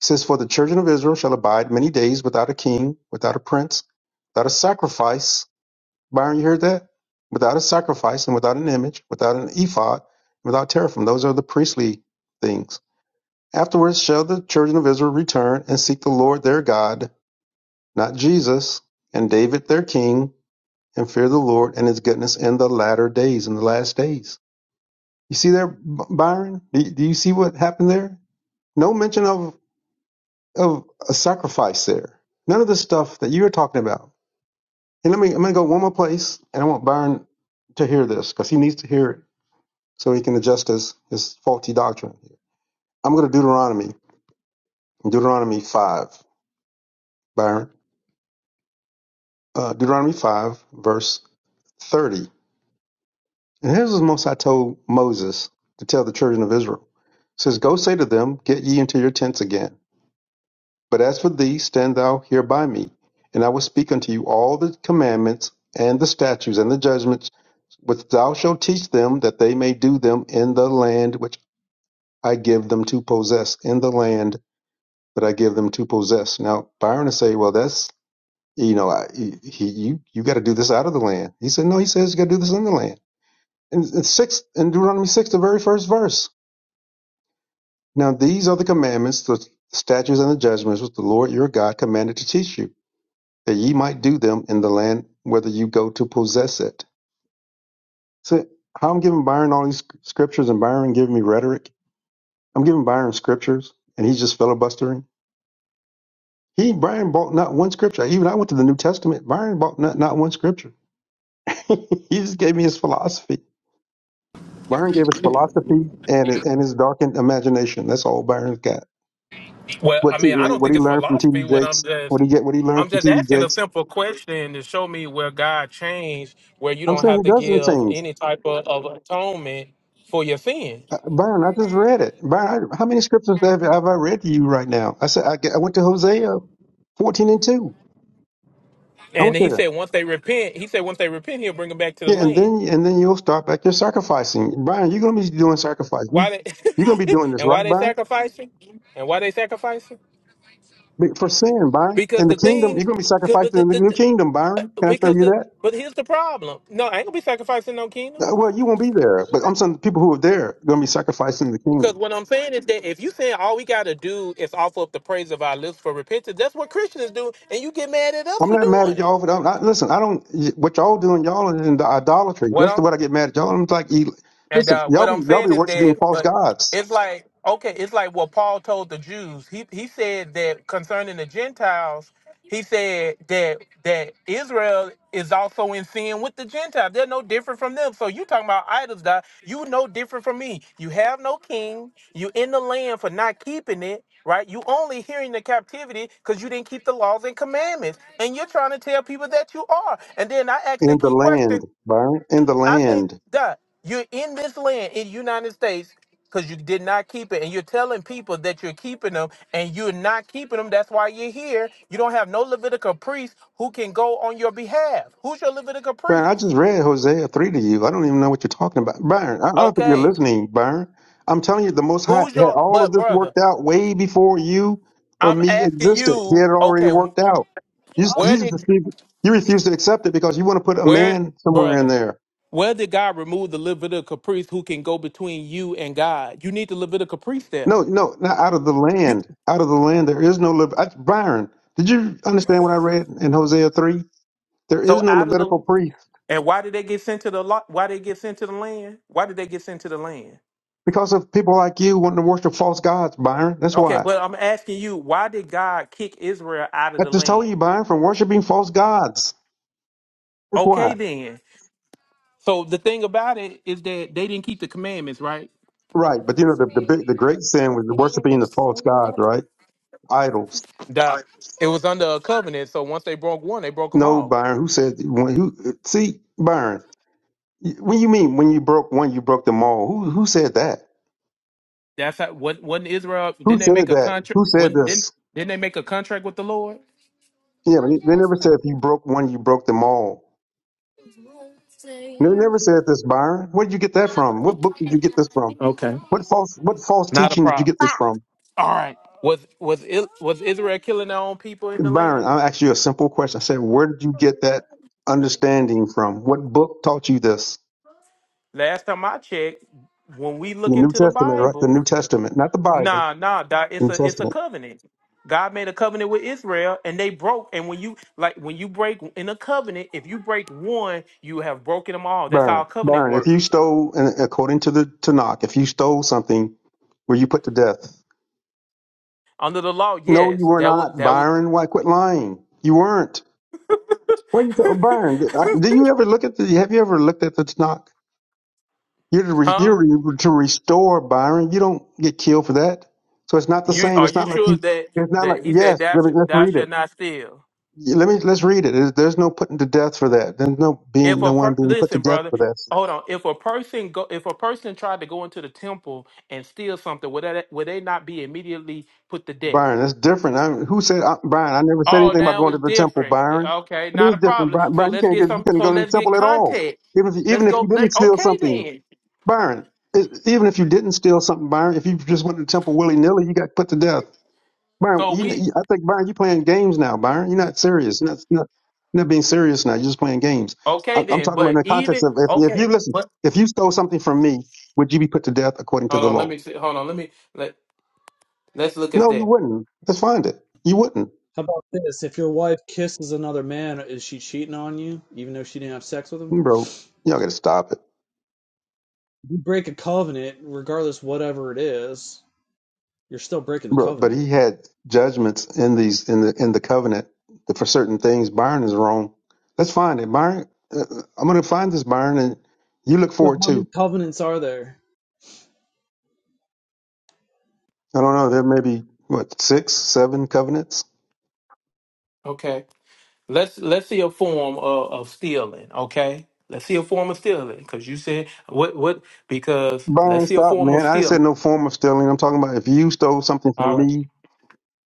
Speaker 11: says, For the children of Israel shall abide many days without a king, without a prince, without a sacrifice. Byron, you heard that? Without a sacrifice and without an image, without an ephod, without teraphim. Those are the priestly things. Afterwards shall the children of Israel return and seek the Lord their God, not Jesus, and David their king, and fear the Lord and his goodness in the latter days, in the last days. You see there, B- Byron? Do do you see what happened there? No mention of of a sacrifice there. None of the stuff that you're talking about. And let me, I'm going to go one more place, and I want Byron to hear this because he needs to hear it so he can adjust his, his faulty doctrine. I'm going to Deuteronomy, Deuteronomy 5, Byron. Uh, Deuteronomy 5, verse 30. And here's what Most I told Moses to tell the children of Israel. It says, Go say to them, Get ye into your tents again. But as for thee, stand thou here by me, and I will speak unto you all the commandments, and the statutes, and the judgments, which thou shalt teach them, that they may do them in the land which I give them to possess, in the land that I give them to possess. Now, Byron would say, well, that's, you know, I, he, you, you got to do this out of the land. He said, no, he says you got to do this in the land. And it's six, in Deuteronomy 6, the very first verse. Now, these are the commandments, the statutes, and the judgments which the Lord your God commanded to teach you that ye might do them in the land whether you go to possess it. So how I'm giving Byron all these scriptures and Byron giving me rhetoric. I'm giving Byron scriptures and he's just filibustering. He Byron bought not one scripture. Even I went to the New Testament. Byron bought not, not one scripture. *laughs* he just gave me his philosophy. Byron gave his philosophy and and his darkened imagination. That's all Byron's got.
Speaker 9: Well,
Speaker 11: What
Speaker 9: I
Speaker 11: T,
Speaker 9: mean, I don't
Speaker 11: what
Speaker 9: think
Speaker 11: he
Speaker 9: it's
Speaker 11: learned from
Speaker 9: philosophy.
Speaker 11: T.D.
Speaker 9: When I'm
Speaker 11: Jakes. What
Speaker 9: just,
Speaker 11: he get? What he
Speaker 9: I'm
Speaker 11: learned from
Speaker 9: just
Speaker 11: T.D.
Speaker 9: asking a
Speaker 11: Jakes.
Speaker 9: simple question to show me where God changed, where you
Speaker 11: I'm
Speaker 9: don't
Speaker 11: saying
Speaker 9: have
Speaker 11: he
Speaker 9: to
Speaker 11: doesn't
Speaker 9: give
Speaker 11: change.
Speaker 9: any type of, of atonement for your sin.
Speaker 11: Uh, Byron, I just read it. Byron, I- how many scriptures have, have I read to you right now? I said I, g- I went to Hosea fourteen and two. I
Speaker 9: And
Speaker 11: went
Speaker 9: he
Speaker 11: there.
Speaker 9: said once they repent, he said once they repent, he'll bring them back to the
Speaker 11: Yeah, and
Speaker 9: land.
Speaker 11: then and then you'll start back your sacrificing. Byron, you're gonna be doing sacrifice. You,
Speaker 9: Why
Speaker 11: you're gonna be
Speaker 9: they
Speaker 11: doing
Speaker 9: *laughs*
Speaker 11: this,
Speaker 9: and why
Speaker 11: right,
Speaker 9: they
Speaker 11: Byron?
Speaker 9: sacrificing? And why they sacrificing?
Speaker 11: Be- For sin, Byron.
Speaker 9: Because
Speaker 11: In the
Speaker 9: the
Speaker 11: kingdom,
Speaker 9: thing,
Speaker 11: you're gonna be
Speaker 9: cause, but
Speaker 11: sacrificing
Speaker 9: the,
Speaker 11: in the
Speaker 9: the,
Speaker 11: new
Speaker 9: the-
Speaker 11: kingdom, Byron.
Speaker 9: uh,
Speaker 11: Can I tell
Speaker 9: because
Speaker 11: you
Speaker 9: the,
Speaker 11: that?
Speaker 9: but here's the problem. No, I ain't gonna be sacrificing no kingdom.
Speaker 11: Uh, Well, you won't be there, but I'm saying the people who are there are gonna be sacrificing in the
Speaker 9: Because
Speaker 11: kingdom.
Speaker 9: what I'm saying is that if you saying all we gotta do is offer up the praise of our lips for repentance, that's what Christians do, and you get mad at us
Speaker 11: I'm
Speaker 9: for
Speaker 11: not mad
Speaker 9: doing
Speaker 11: at y'all for that. I, listen, I don't. What y'all doing? Y'all is in the idolatry. That's
Speaker 9: it.
Speaker 11: what I get mad at y'all. I'm like, you-
Speaker 9: And
Speaker 11: listen,
Speaker 9: uh, what
Speaker 11: y'all be
Speaker 9: I'm
Speaker 11: y'all
Speaker 9: saying
Speaker 11: be
Speaker 9: is
Speaker 11: worshiping
Speaker 9: that,
Speaker 11: false
Speaker 9: but
Speaker 11: gods
Speaker 9: it's like okay, it's like what Paul told the Jews. He he said that concerning the Gentiles, he said that that Israel is also in sin with the Gentiles. They're no different from them. So you talking about idols, die? You no different from me. You have no king. You in the land for not keeping it. Right, you only hearing the captivity because you didn't keep the laws and commandments, and you're trying to tell people that you are. And then I asked
Speaker 11: in
Speaker 9: the
Speaker 11: the
Speaker 9: key question:
Speaker 11: land, Byron. In the
Speaker 9: I think
Speaker 11: land,
Speaker 9: that you're in this land in the United States because you did not keep it, and you're telling people that you're keeping them, and you're not keeping them. That's why you're here. You don't have no Levitical priest who can go on your behalf. Who's your Levitical
Speaker 11: Byron. I
Speaker 9: priest?
Speaker 11: just read Hosea three to you. I don't even know what you're talking about, Byron. I, I don't think you're
Speaker 9: Okay,
Speaker 11: listening, Byron. I'm telling you, the Most High
Speaker 9: who's
Speaker 11: had
Speaker 9: your?
Speaker 11: all of
Speaker 9: But
Speaker 11: this
Speaker 9: brother,
Speaker 11: worked out way before you or
Speaker 9: I'm
Speaker 11: me
Speaker 9: asking
Speaker 11: existed. He
Speaker 9: you.
Speaker 11: had it already
Speaker 9: Okay,
Speaker 11: worked out. You
Speaker 9: where
Speaker 11: you, just-
Speaker 9: did
Speaker 11: you refuse to accept it because you want to put a
Speaker 9: where
Speaker 11: man somewhere in
Speaker 9: brother?
Speaker 11: there.
Speaker 9: Where did God remove the Levitical priest who can go between you and God? You need the Levitical priest there.
Speaker 11: No, no, not out of the
Speaker 9: You
Speaker 11: land. Out of the land, there is no Lev- I, Byron. Did you understand what I read in Hosea three? There is
Speaker 9: so
Speaker 11: no
Speaker 9: out of the
Speaker 11: Levitical priest
Speaker 9: And why did they get sent to the lot? Why they get sent to the land? Why did they get sent to the land?
Speaker 11: because of people like you wanting to worship false gods, Byron. That's
Speaker 9: Okay,
Speaker 11: why.
Speaker 9: but I'm asking you, why did God kick Israel out of
Speaker 11: I
Speaker 9: the
Speaker 11: just told
Speaker 9: land?
Speaker 11: you, Byron, from worshiping false gods. That's why.
Speaker 9: Okay, then. So the thing about it is that they didn't keep the commandments, right?
Speaker 11: Right, but you know the the big, the great sin was worshiping the false gods, right? Idols.
Speaker 9: That it was under a covenant. So once they broke one, they broke them
Speaker 11: No,
Speaker 9: all.
Speaker 11: Byron. Who said? When, who? See, Byron. When you mean when you broke one, you broke them all. Who who said that?
Speaker 9: That's how. When not Israel
Speaker 11: Who
Speaker 9: didn't they
Speaker 11: said
Speaker 9: make a
Speaker 11: that?
Speaker 9: contract?
Speaker 11: Who said
Speaker 9: When
Speaker 11: this?
Speaker 9: didn't didn't they make a contract with the Lord?
Speaker 11: Yeah, but they never said if you broke one, you broke them all. They never said this, Byron. Where did you get that from? What book did you get this from?
Speaker 9: Okay,
Speaker 11: What false what false
Speaker 9: not a
Speaker 11: teaching did you
Speaker 9: problem.
Speaker 11: get this from?
Speaker 9: All right. Was was I- was Israel killing their own people in the
Speaker 11: Byron,
Speaker 9: land?
Speaker 11: I asked you a simple question. I said, where did you get that understanding from? What book taught you this?
Speaker 9: Last time I checked, when we
Speaker 11: The
Speaker 9: look
Speaker 11: New
Speaker 9: into the
Speaker 11: Testament, right? The
Speaker 9: Bible,
Speaker 11: New Testament, not the Bible.
Speaker 9: nah, nah, Doc, it's
Speaker 11: New
Speaker 9: a it's a
Speaker 11: Testament.
Speaker 9: covenant. God made a covenant with Israel, and they broke. And when you like, when you break in a covenant, if you break one, you have broken them all. That's how
Speaker 11: Byron,
Speaker 9: a covenant
Speaker 11: Byron, if you
Speaker 9: works
Speaker 11: stole, and according to the Tanakh, if you stole something, were you put to death?
Speaker 9: under the law.
Speaker 11: No, you
Speaker 9: Yes,
Speaker 11: were
Speaker 9: that would
Speaker 11: not,
Speaker 9: that would,
Speaker 11: Byron. Why quit lying? You weren't. What you tell Byron? Did, I-
Speaker 9: *laughs*
Speaker 11: did you ever look at the? Have you ever looked at the Tanakh? You're to, re,
Speaker 9: huh?
Speaker 11: you're re- to restore Byron. You don't get killed for that. So it's not the
Speaker 9: You
Speaker 11: same.
Speaker 9: are
Speaker 11: It's
Speaker 9: you
Speaker 11: not like
Speaker 9: sure
Speaker 11: you.
Speaker 9: that
Speaker 11: It's not like
Speaker 9: that he said
Speaker 11: yes.
Speaker 9: that
Speaker 11: Let me,
Speaker 9: thou sh-
Speaker 11: let's
Speaker 9: thou
Speaker 11: read it.
Speaker 9: shalt not steal?
Speaker 11: Yeah, Let me let's read it. There's there's no putting to death for that. There's no
Speaker 9: If
Speaker 11: being
Speaker 9: a
Speaker 11: no
Speaker 9: per-
Speaker 11: one being put to
Speaker 9: listen,
Speaker 11: death
Speaker 9: brother,
Speaker 11: for that.
Speaker 9: hold on. If a person go, if a person tried to go into the temple and steal something, would that would they not be immediately put to death?
Speaker 11: Byron, that's different. I, who said I, Byron? I never said
Speaker 9: Oh,
Speaker 11: anything about
Speaker 9: now
Speaker 11: going
Speaker 9: it's
Speaker 11: to the temple,
Speaker 9: different.
Speaker 11: Byron.
Speaker 9: Okay,
Speaker 11: But it
Speaker 9: not
Speaker 11: is
Speaker 9: a
Speaker 11: different,
Speaker 9: problem.
Speaker 11: Byron.
Speaker 9: So
Speaker 11: Byron you
Speaker 9: let's
Speaker 11: can't
Speaker 9: get
Speaker 11: get, you
Speaker 9: some.
Speaker 11: couldn't
Speaker 9: So
Speaker 11: go to the
Speaker 9: let's get
Speaker 11: temple at all.
Speaker 9: context.
Speaker 11: Even if you,
Speaker 9: Let's
Speaker 11: even if
Speaker 9: go.
Speaker 11: you didn't
Speaker 9: Let
Speaker 11: steal
Speaker 9: okay
Speaker 11: something,
Speaker 9: then.
Speaker 11: Byron, i- even if you didn't steal something, Byron, if you just went to the temple willy nilly, you got put to death. Byron,
Speaker 9: So
Speaker 11: you,
Speaker 9: we
Speaker 11: you- I think Byron, you're playing games now. Byron, you're not serious. You're not, you're not, you're not being serious now. You're just playing games. I,
Speaker 9: okay
Speaker 11: I'm
Speaker 9: then.
Speaker 11: talking about in
Speaker 9: But
Speaker 11: the
Speaker 9: even
Speaker 11: context of if, if you
Speaker 9: okay.
Speaker 11: listen,
Speaker 9: But
Speaker 11: if you stole something from me, would you be put to death according to
Speaker 9: hold
Speaker 11: the
Speaker 9: on. Let
Speaker 11: law?
Speaker 9: me see. Hold on. Let me let let's look
Speaker 11: No,
Speaker 9: at
Speaker 11: you
Speaker 9: that.
Speaker 11: wouldn't. Let's find it. You wouldn't,
Speaker 10: How about this? If your wife kisses another man, is she cheating on you, even though she didn't have sex with him?
Speaker 11: bro. Y'all got to stop it.
Speaker 10: You break a covenant, regardless whatever it is, you're still breaking the
Speaker 11: Bro, but
Speaker 10: covenant.
Speaker 11: he had judgments in these in the in the covenant that for certain things Byron is wrong. Let's find it, Byron. Uh, I'm going to find this Byron, and you look
Speaker 10: So
Speaker 11: for it
Speaker 10: how many
Speaker 11: too.
Speaker 10: covenants are there?
Speaker 11: I don't know. There may be what six, seven covenants.
Speaker 9: Okay. Let's let's see a form of, of stealing, okay? Let's see a form of stealing, because you said what what because let's
Speaker 11: Byron,
Speaker 9: see a
Speaker 11: stop,
Speaker 9: form of
Speaker 11: man. I didn't say
Speaker 9: stealing.
Speaker 11: no form of stealing. I'm talking about if you stole something
Speaker 9: All
Speaker 11: from
Speaker 9: right.
Speaker 11: me,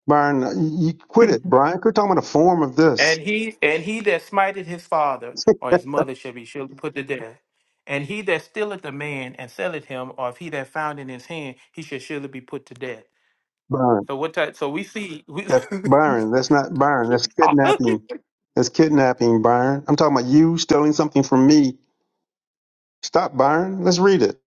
Speaker 11: Byron, uh, you you quit it, Brian. we're talking about a form of this,
Speaker 9: And he and he that smited his father or his mother shall be surely put to death. And he that stealeth a man and selleth him, or if he that found in his hand, he shall surely be put to death.
Speaker 11: Byron.
Speaker 9: So what type? So we see. We,
Speaker 11: That's
Speaker 9: *laughs*
Speaker 11: Byron. That's not Byron. That's kidnapping. That's kidnapping, Byron. I'm talking about you stealing something from me. Stop, Byron. Let's read it.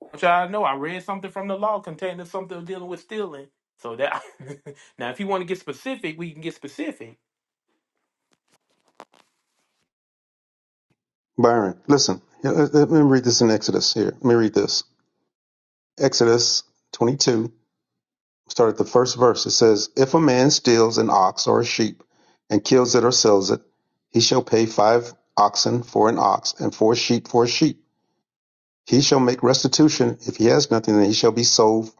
Speaker 9: which I know I read something from the law containing something dealing with stealing. So that *laughs* now, if you want to get specific, we can get specific.
Speaker 11: Byron, listen. Yeah, Let let me read this in Exodus here. Let me read this. Exodus 22, start at the first verse. It says, If a man steals an ox or a sheep and kills it or sells it, he shall pay five oxen for an ox and four sheep for a sheep. He shall make restitution. If he has nothing, then he shall be sold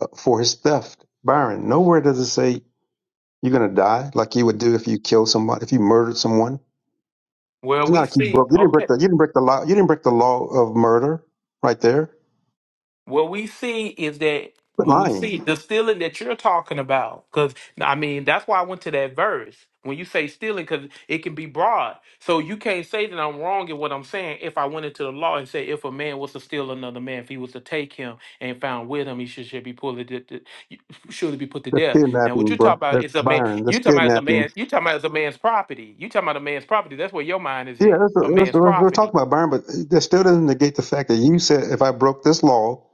Speaker 11: uh, for his theft. Byron, nowhere does it say you're going to die like you would do if you kill somebody, if you murdered someone.
Speaker 9: Well,
Speaker 11: It's not
Speaker 9: we
Speaker 11: like you
Speaker 9: see,
Speaker 11: broke. You didn't break
Speaker 9: okay.
Speaker 11: the. You didn't break the law. You didn't break the law of murder, right there.
Speaker 9: What we see is that
Speaker 11: But
Speaker 9: when we
Speaker 11: lying.
Speaker 9: see the stealing that you're talking about, because I mean, that's why I went to that verse. When you say stealing, because it can be broad. So you can't say that I'm wrong in what I'm saying if I went into the law and say if a man was to steal another man, if he was to take him and found with him, he should, should be pulled, to- to- surely be put to
Speaker 11: That's
Speaker 9: death. Now, what
Speaker 11: kidnapping,
Speaker 9: you're
Speaker 11: bro.
Speaker 9: talking about
Speaker 11: That's
Speaker 9: is a man,
Speaker 11: Byron.
Speaker 9: you're
Speaker 11: That's
Speaker 9: talking about as a man,
Speaker 11: kidnapping.
Speaker 9: you're talking about as a man's property. You're talking about a man's property. That's where your mind is
Speaker 11: Yeah,
Speaker 9: at,
Speaker 11: that's,
Speaker 9: a
Speaker 11: that's,
Speaker 9: man's
Speaker 11: that's, we're
Speaker 9: property.
Speaker 11: talking about Byron, but that still doesn't negate the fact that you said if I broke this law,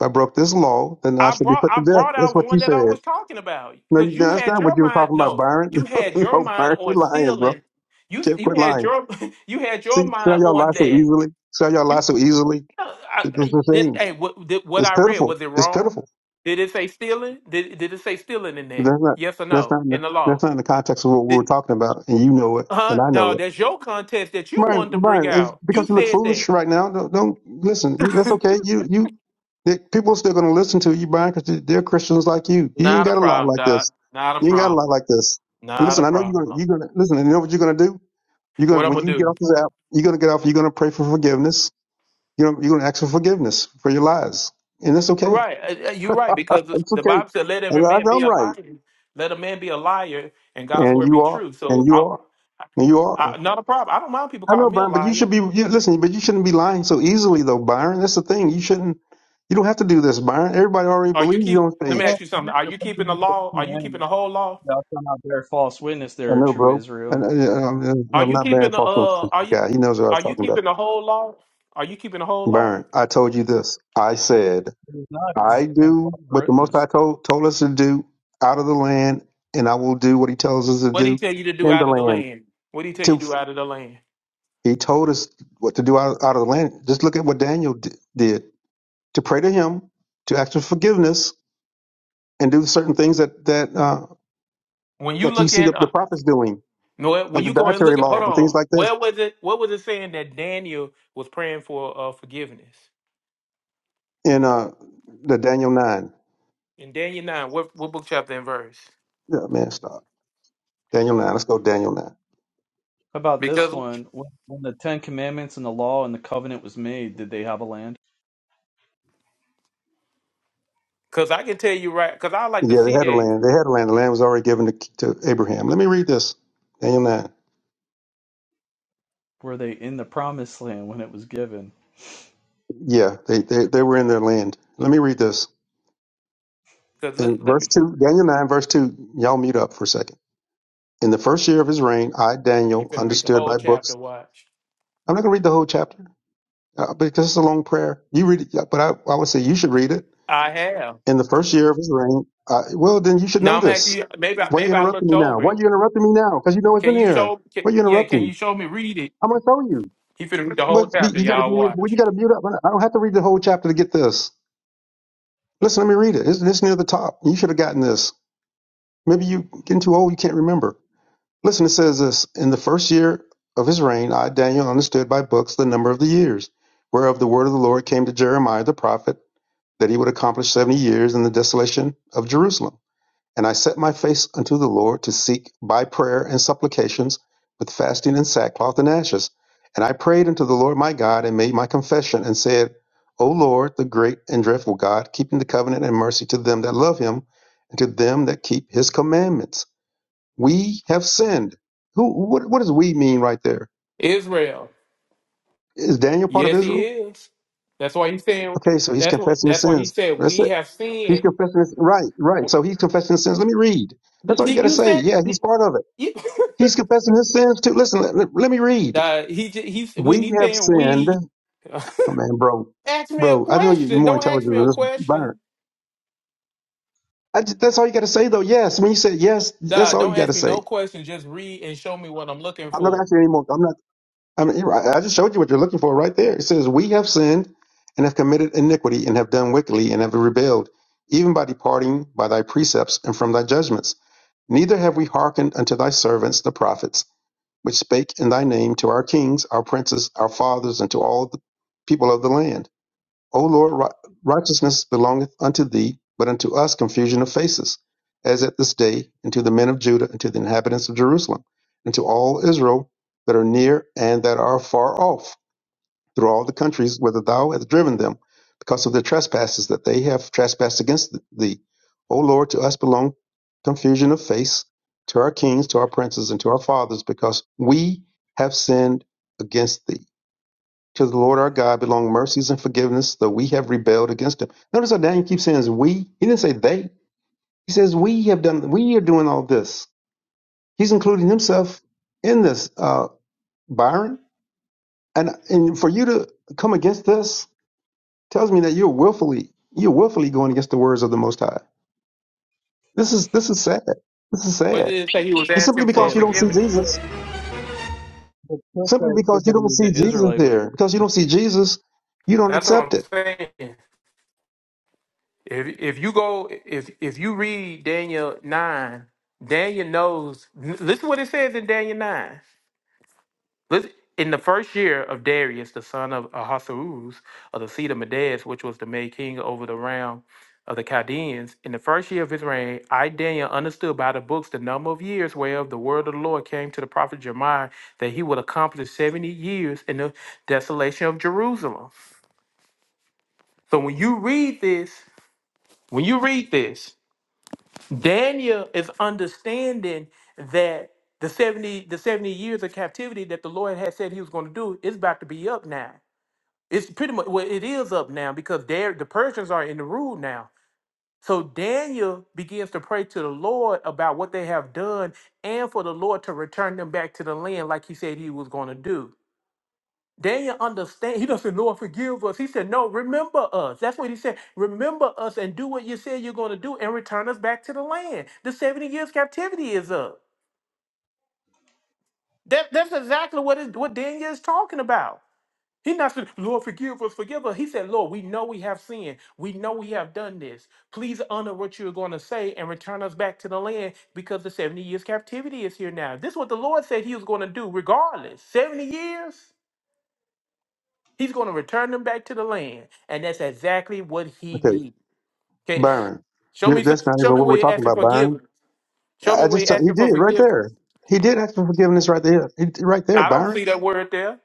Speaker 11: if I broke this law, then I
Speaker 9: I
Speaker 11: should be
Speaker 9: brought
Speaker 11: put
Speaker 9: I
Speaker 11: to death.
Speaker 9: brought
Speaker 11: That's
Speaker 9: out
Speaker 11: what
Speaker 9: one
Speaker 11: you
Speaker 9: that I
Speaker 11: said.
Speaker 9: was talking about
Speaker 11: No, you,
Speaker 9: because
Speaker 11: no,
Speaker 9: you
Speaker 11: that's
Speaker 9: had
Speaker 11: not what
Speaker 9: your
Speaker 11: you were
Speaker 9: mind
Speaker 11: talking about,
Speaker 9: no
Speaker 11: Byron.
Speaker 9: you
Speaker 11: *laughs*
Speaker 9: had your
Speaker 11: no,
Speaker 9: mind
Speaker 11: Byron, you're
Speaker 9: on
Speaker 11: lying, bro.
Speaker 9: stealing you
Speaker 11: Can't
Speaker 9: you
Speaker 11: quit
Speaker 9: had
Speaker 11: lying.
Speaker 9: your *laughs* you had
Speaker 11: See,
Speaker 9: your
Speaker 11: see how
Speaker 9: mind
Speaker 11: y'all
Speaker 9: on
Speaker 11: lie so
Speaker 9: that
Speaker 11: easily. See how y'all lie
Speaker 9: you
Speaker 11: so easily.
Speaker 9: uh, I,
Speaker 11: It's just
Speaker 9: I,
Speaker 11: a
Speaker 9: did,
Speaker 11: shame.
Speaker 9: hey what did, what
Speaker 11: It's
Speaker 9: I read
Speaker 11: pitiful.
Speaker 9: was it
Speaker 11: It's pitiful.
Speaker 9: wrong did it say stealing did did it say stealing in
Speaker 11: That's
Speaker 9: there
Speaker 11: not
Speaker 9: yes or
Speaker 11: that's
Speaker 9: no
Speaker 11: not in the
Speaker 9: in the
Speaker 11: that's
Speaker 9: law
Speaker 11: not in the context of what we were
Speaker 9: did,
Speaker 11: talking about, and you know it, and
Speaker 9: huh
Speaker 11: I
Speaker 9: no
Speaker 11: know it.
Speaker 9: that's your contest that you
Speaker 11: Byron,
Speaker 9: wanted to bring
Speaker 11: Byron, if,
Speaker 9: out you
Speaker 11: because you look
Speaker 9: said
Speaker 11: foolish
Speaker 9: that
Speaker 11: right now, don't, don't listen. That's okay. You you the, people are still going to listen to you, Byron, because they're Christians like you.
Speaker 9: *laughs*
Speaker 11: You ain't
Speaker 9: not a
Speaker 11: got to lie
Speaker 9: problem
Speaker 11: like
Speaker 9: doc
Speaker 11: this.
Speaker 9: not a
Speaker 11: You ain't got to lie
Speaker 9: problem
Speaker 11: like this. And
Speaker 9: not a
Speaker 11: listen, I know you're gonna
Speaker 9: problem
Speaker 11: you're gonna listen. And you know what you're gonna do? You're
Speaker 9: what
Speaker 11: gonna
Speaker 9: I'm
Speaker 11: when
Speaker 9: gonna
Speaker 11: you get
Speaker 9: do
Speaker 11: off this app, you're gonna get off. You're gonna pray for forgiveness. You're gonna, you're gonna ask for forgiveness for your lies, and that's
Speaker 9: You're
Speaker 11: okay.
Speaker 9: Right, Uh, uh, you're right because
Speaker 11: It's
Speaker 9: the
Speaker 11: okay.
Speaker 9: Bible said, "Let every
Speaker 11: And I,
Speaker 9: man be
Speaker 11: I'm
Speaker 9: a
Speaker 11: right.
Speaker 9: liar, let a man be a liar, and God's
Speaker 11: And
Speaker 9: word
Speaker 11: you
Speaker 9: be
Speaker 11: are.
Speaker 9: true." So,
Speaker 11: And you
Speaker 9: I,
Speaker 11: are. And you are.
Speaker 9: I, not a problem. I don't mind people
Speaker 11: I know,
Speaker 9: calling me a
Speaker 11: Byron, but you
Speaker 9: liar.
Speaker 11: should be, you, listen, but you shouldn't be lying so easily, though, Byron. That's the thing. You shouldn't, you don't have to do this, Byron. Everybody already
Speaker 9: Are you
Speaker 11: believes you
Speaker 9: keep?
Speaker 11: on
Speaker 9: Let me
Speaker 11: stage.
Speaker 9: ask
Speaker 10: Well,
Speaker 9: you something.
Speaker 10: they're
Speaker 9: Are you keeping the
Speaker 10: breaking the
Speaker 9: law? Are you keeping
Speaker 10: commandments.
Speaker 9: the whole law?
Speaker 10: Thou shalt not bear false witness
Speaker 11: I
Speaker 10: there,
Speaker 11: know,
Speaker 10: true
Speaker 11: bro.
Speaker 10: Israel.
Speaker 11: And, uh, I'm,
Speaker 9: Are
Speaker 11: I'm
Speaker 9: you
Speaker 11: not Byron
Speaker 9: keeping the
Speaker 11: Foster,
Speaker 9: uh?
Speaker 11: this
Speaker 9: Are you
Speaker 11: guy. He knows what I was
Speaker 9: are you
Speaker 11: talking about.
Speaker 9: keeping the whole law? Are you keeping the whole law?
Speaker 11: Byron, I told you this. I said,
Speaker 10: It is not. It's
Speaker 11: I do
Speaker 10: false
Speaker 11: what the most
Speaker 10: witness.
Speaker 11: High told, told us to do out of the land, and I will do what he tells us to
Speaker 9: What did he
Speaker 11: do
Speaker 9: tell you to do
Speaker 11: in the
Speaker 9: out of the
Speaker 11: land.
Speaker 9: land? What did he tell you
Speaker 11: To,
Speaker 9: to do out of the land?
Speaker 11: he told us what to do out, out of the land. Just look at what Daniel d- did. to pray to Him, to ask for forgiveness, and do certain things that that uh,
Speaker 9: When you
Speaker 11: like you
Speaker 9: look
Speaker 11: see the,
Speaker 9: at
Speaker 11: the
Speaker 9: uh,
Speaker 11: prophets doing,
Speaker 9: no, when
Speaker 11: like the
Speaker 9: you go and
Speaker 11: dietary
Speaker 9: look at, hold
Speaker 11: law and things
Speaker 9: on,
Speaker 11: like that
Speaker 9: where was it? What was it saying that Daniel was praying for uh, forgiveness?
Speaker 11: in uh, the Daniel nine.
Speaker 9: In Daniel 9, what, what book, chapter, and verse?
Speaker 11: Yeah, man, stop Daniel nine. Let's go Daniel nine.
Speaker 10: How about this
Speaker 9: Because
Speaker 10: one? When when the Ten Commandments and the law and the covenant was made, did they have a land?
Speaker 9: cause I can tell you right, because I like to
Speaker 11: Yeah,
Speaker 9: see
Speaker 11: they had a
Speaker 9: that.
Speaker 11: land. They had a land. The land was already given to, to Abraham. Let me read this. Daniel nine.
Speaker 10: Were they in the promised land when it was given?
Speaker 11: Yeah, they, they they were in their land. Let me read this
Speaker 9: Because
Speaker 11: in
Speaker 9: let, let
Speaker 11: verse
Speaker 9: me,
Speaker 11: two. Daniel nine, verse two. Y'all mute up for a second. In the first year of his reign, I
Speaker 9: you
Speaker 11: Daniel
Speaker 9: finna read the
Speaker 11: understood
Speaker 9: whole
Speaker 11: by books.
Speaker 9: chapter, watch.
Speaker 11: I'm not going to read the whole chapter. uh, because it's a long prayer. You read it, yeah, but I, I would say you should read it
Speaker 9: I have.
Speaker 11: in the first year of his reign. Uh, well, then you should
Speaker 9: No,
Speaker 11: know
Speaker 9: I'm asking
Speaker 11: this.
Speaker 9: you, maybe I,
Speaker 11: Why are you
Speaker 9: maybe I
Speaker 11: interrupting
Speaker 9: looked
Speaker 11: me now?
Speaker 9: over
Speaker 11: Why are
Speaker 9: it.
Speaker 11: you interrupting me now? Because you know it's
Speaker 9: Can
Speaker 11: in
Speaker 9: you
Speaker 11: here.
Speaker 9: show, can,
Speaker 11: Why are you
Speaker 9: yeah, can
Speaker 11: interrupting? me?
Speaker 9: you show me, read it?
Speaker 11: I'm going to tell you.
Speaker 9: He finna read the whole
Speaker 11: But be-
Speaker 9: chapter,
Speaker 11: you got to be,
Speaker 9: y'all
Speaker 11: well,
Speaker 9: watch.
Speaker 11: you got to mute up. I don't have to read the whole chapter to get this. Listen, let me read it. It's, it's near the top. You should have gotten this. Maybe you getting too old. You can't remember. Listen, it says this: In the first year of his reign, I Daniel understood by books the number of the years, whereof the word of the Lord came to Jeremiah the prophet that he would accomplish 70 years in the desolation of Jerusalem. And I set my face unto the Lord to seek by prayer and supplications with fasting and sackcloth and ashes. And I prayed unto the Lord my God and made my confession and said, O Lord, the great and dreadful God, keeping the covenant and mercy to them that love him and to them that keep his commandments. We have sinned. Who, what, what does we mean right there?
Speaker 9: Israel,
Speaker 11: Is Daniel part of
Speaker 9: yes, he
Speaker 11: Israel?
Speaker 9: is. That's why he said,
Speaker 11: Okay, so he's
Speaker 9: that's what,
Speaker 11: confessing his
Speaker 9: that's why he
Speaker 11: sins.
Speaker 9: said,
Speaker 11: That's it.
Speaker 9: we have
Speaker 11: He's
Speaker 9: sinned.
Speaker 11: confessing his right, right. So he's confessing his sins. Let me read. That's all you
Speaker 9: Did
Speaker 11: got to
Speaker 9: you
Speaker 11: say.
Speaker 9: say,
Speaker 11: Yeah, he's part of it.
Speaker 9: *laughs* you-
Speaker 11: He's confessing his sins too. Listen, let, let, let me read.
Speaker 9: uh, he, j- he's,
Speaker 11: We
Speaker 9: when he
Speaker 11: have
Speaker 9: saying
Speaker 11: sinned.
Speaker 9: we, *laughs*
Speaker 11: Oh man, bro,
Speaker 9: Ask me a
Speaker 11: bro. I know you- you're
Speaker 9: question.
Speaker 11: more
Speaker 9: Don't ask
Speaker 11: intelligent
Speaker 9: me
Speaker 11: than
Speaker 9: a
Speaker 11: this,
Speaker 9: question.
Speaker 11: Byron. I, ju- that's all you got to say, though. Yes, when you said yes,
Speaker 9: Nah,
Speaker 11: that's all you
Speaker 9: don't
Speaker 11: got to
Speaker 9: ask me
Speaker 11: say.
Speaker 9: no question. Just read and show me what I'm looking
Speaker 11: I'm not
Speaker 9: for.
Speaker 11: asking anymore. I'm not. I mean, you're right. I just showed you what you're looking for right there. It says, "We have sinned and have committed iniquity and have done wickedly and have rebelled, even by departing by thy precepts and from thy judgments. Neither have we hearkened unto thy servants the prophets, which spake in thy name to our kings, our princes, our fathers, and to all the people of the land. O Lord, righteousness belongeth unto thee, but unto us confusion of faces, as at this day, and to the men of Judah, and to the inhabitants of Jerusalem, and to all Israel that are near and that are far off, through all the countries whither thou hast driven them, because of their trespasses that they have trespassed against thee. O Lord, to us belong confusion of face, to our kings, to our princes, and to our fathers, because we have sinned against thee. To the Lord our God belong mercies and forgiveness, though we have rebelled against him. Notice how Daniel keeps saying is we. He didn't say they. He says we have done, we are doing all this. He's including himself in this, uh, Byron. And, and for you to come against this tells me that you're willfully, you're willfully going against the words of the Most High. This is, this is sad. This is
Speaker 9: What
Speaker 11: sad.
Speaker 9: did it say he was
Speaker 11: And simply
Speaker 9: asking
Speaker 10: Hey,
Speaker 9: for
Speaker 11: because you
Speaker 10: if a
Speaker 11: don't see
Speaker 9: forgiveness?
Speaker 11: Jesus,
Speaker 10: if
Speaker 11: simply because you don't see
Speaker 10: the
Speaker 11: Jesus
Speaker 10: Israelite would have
Speaker 11: there, because you don't see Jesus, you don't
Speaker 9: That's what
Speaker 11: accept
Speaker 9: I'm
Speaker 11: it.
Speaker 9: saying. If if you go if if you read Daniel nine, Daniel knows. Listen what it says in Daniel nine. Lis- In the first year of Darius, the son of Ahasuerus, of the seed of Medes, which was to make king over the realm of the Chaldeans, in the first year of his reign, I, Daniel, understood by the books the number of years whereof the word of the Lord came to the prophet Jeremiah that he would accomplish 70 years in the desolation of Jerusalem. So when you read this, when you read this, Daniel is understanding that the 70 the 70 years of captivity that the Lord had said he was going to do is about to be up now. It's pretty much well, it is up now because there the Persians are in the rule now. So Daniel begins to pray to the Lord about what they have done and for the Lord to return them back to the land like he said he was going to do. Daniel understand. He doesn't say, Lord, forgive us. He said, No, remember us. That's what he said. Remember us and do what you said you're going to do and return us back to the land. The 70 years captivity is up. That, that's exactly what, it, what Daniel is talking about. He not said, Lord, forgive us, forgive us. He said, Lord, we know we have sinned. We know we have done this. Please honor what you're going to say and return us back to the land because the 70 years captivity is here now. This is what the Lord said he was going to do regardless. 70 years, he's going to return them back to the land. And that's exactly what he
Speaker 11: Okay.
Speaker 9: did. Okay, *laughs*
Speaker 11: Byron.
Speaker 9: *sighs* show
Speaker 11: You're,
Speaker 9: me,
Speaker 11: that's not
Speaker 9: show
Speaker 11: even
Speaker 9: me
Speaker 11: what we're
Speaker 9: where you're
Speaker 11: talking
Speaker 9: asking
Speaker 11: about,
Speaker 9: for
Speaker 11: Byron.
Speaker 9: forgiveness. Show me
Speaker 11: I
Speaker 9: where
Speaker 11: just
Speaker 9: you're
Speaker 11: told- he
Speaker 9: asking for
Speaker 11: did right
Speaker 9: forgiveness.
Speaker 11: there. He did ask for forgiveness right there. He, did right there,
Speaker 9: I don't see
Speaker 11: Byron.
Speaker 9: that word there.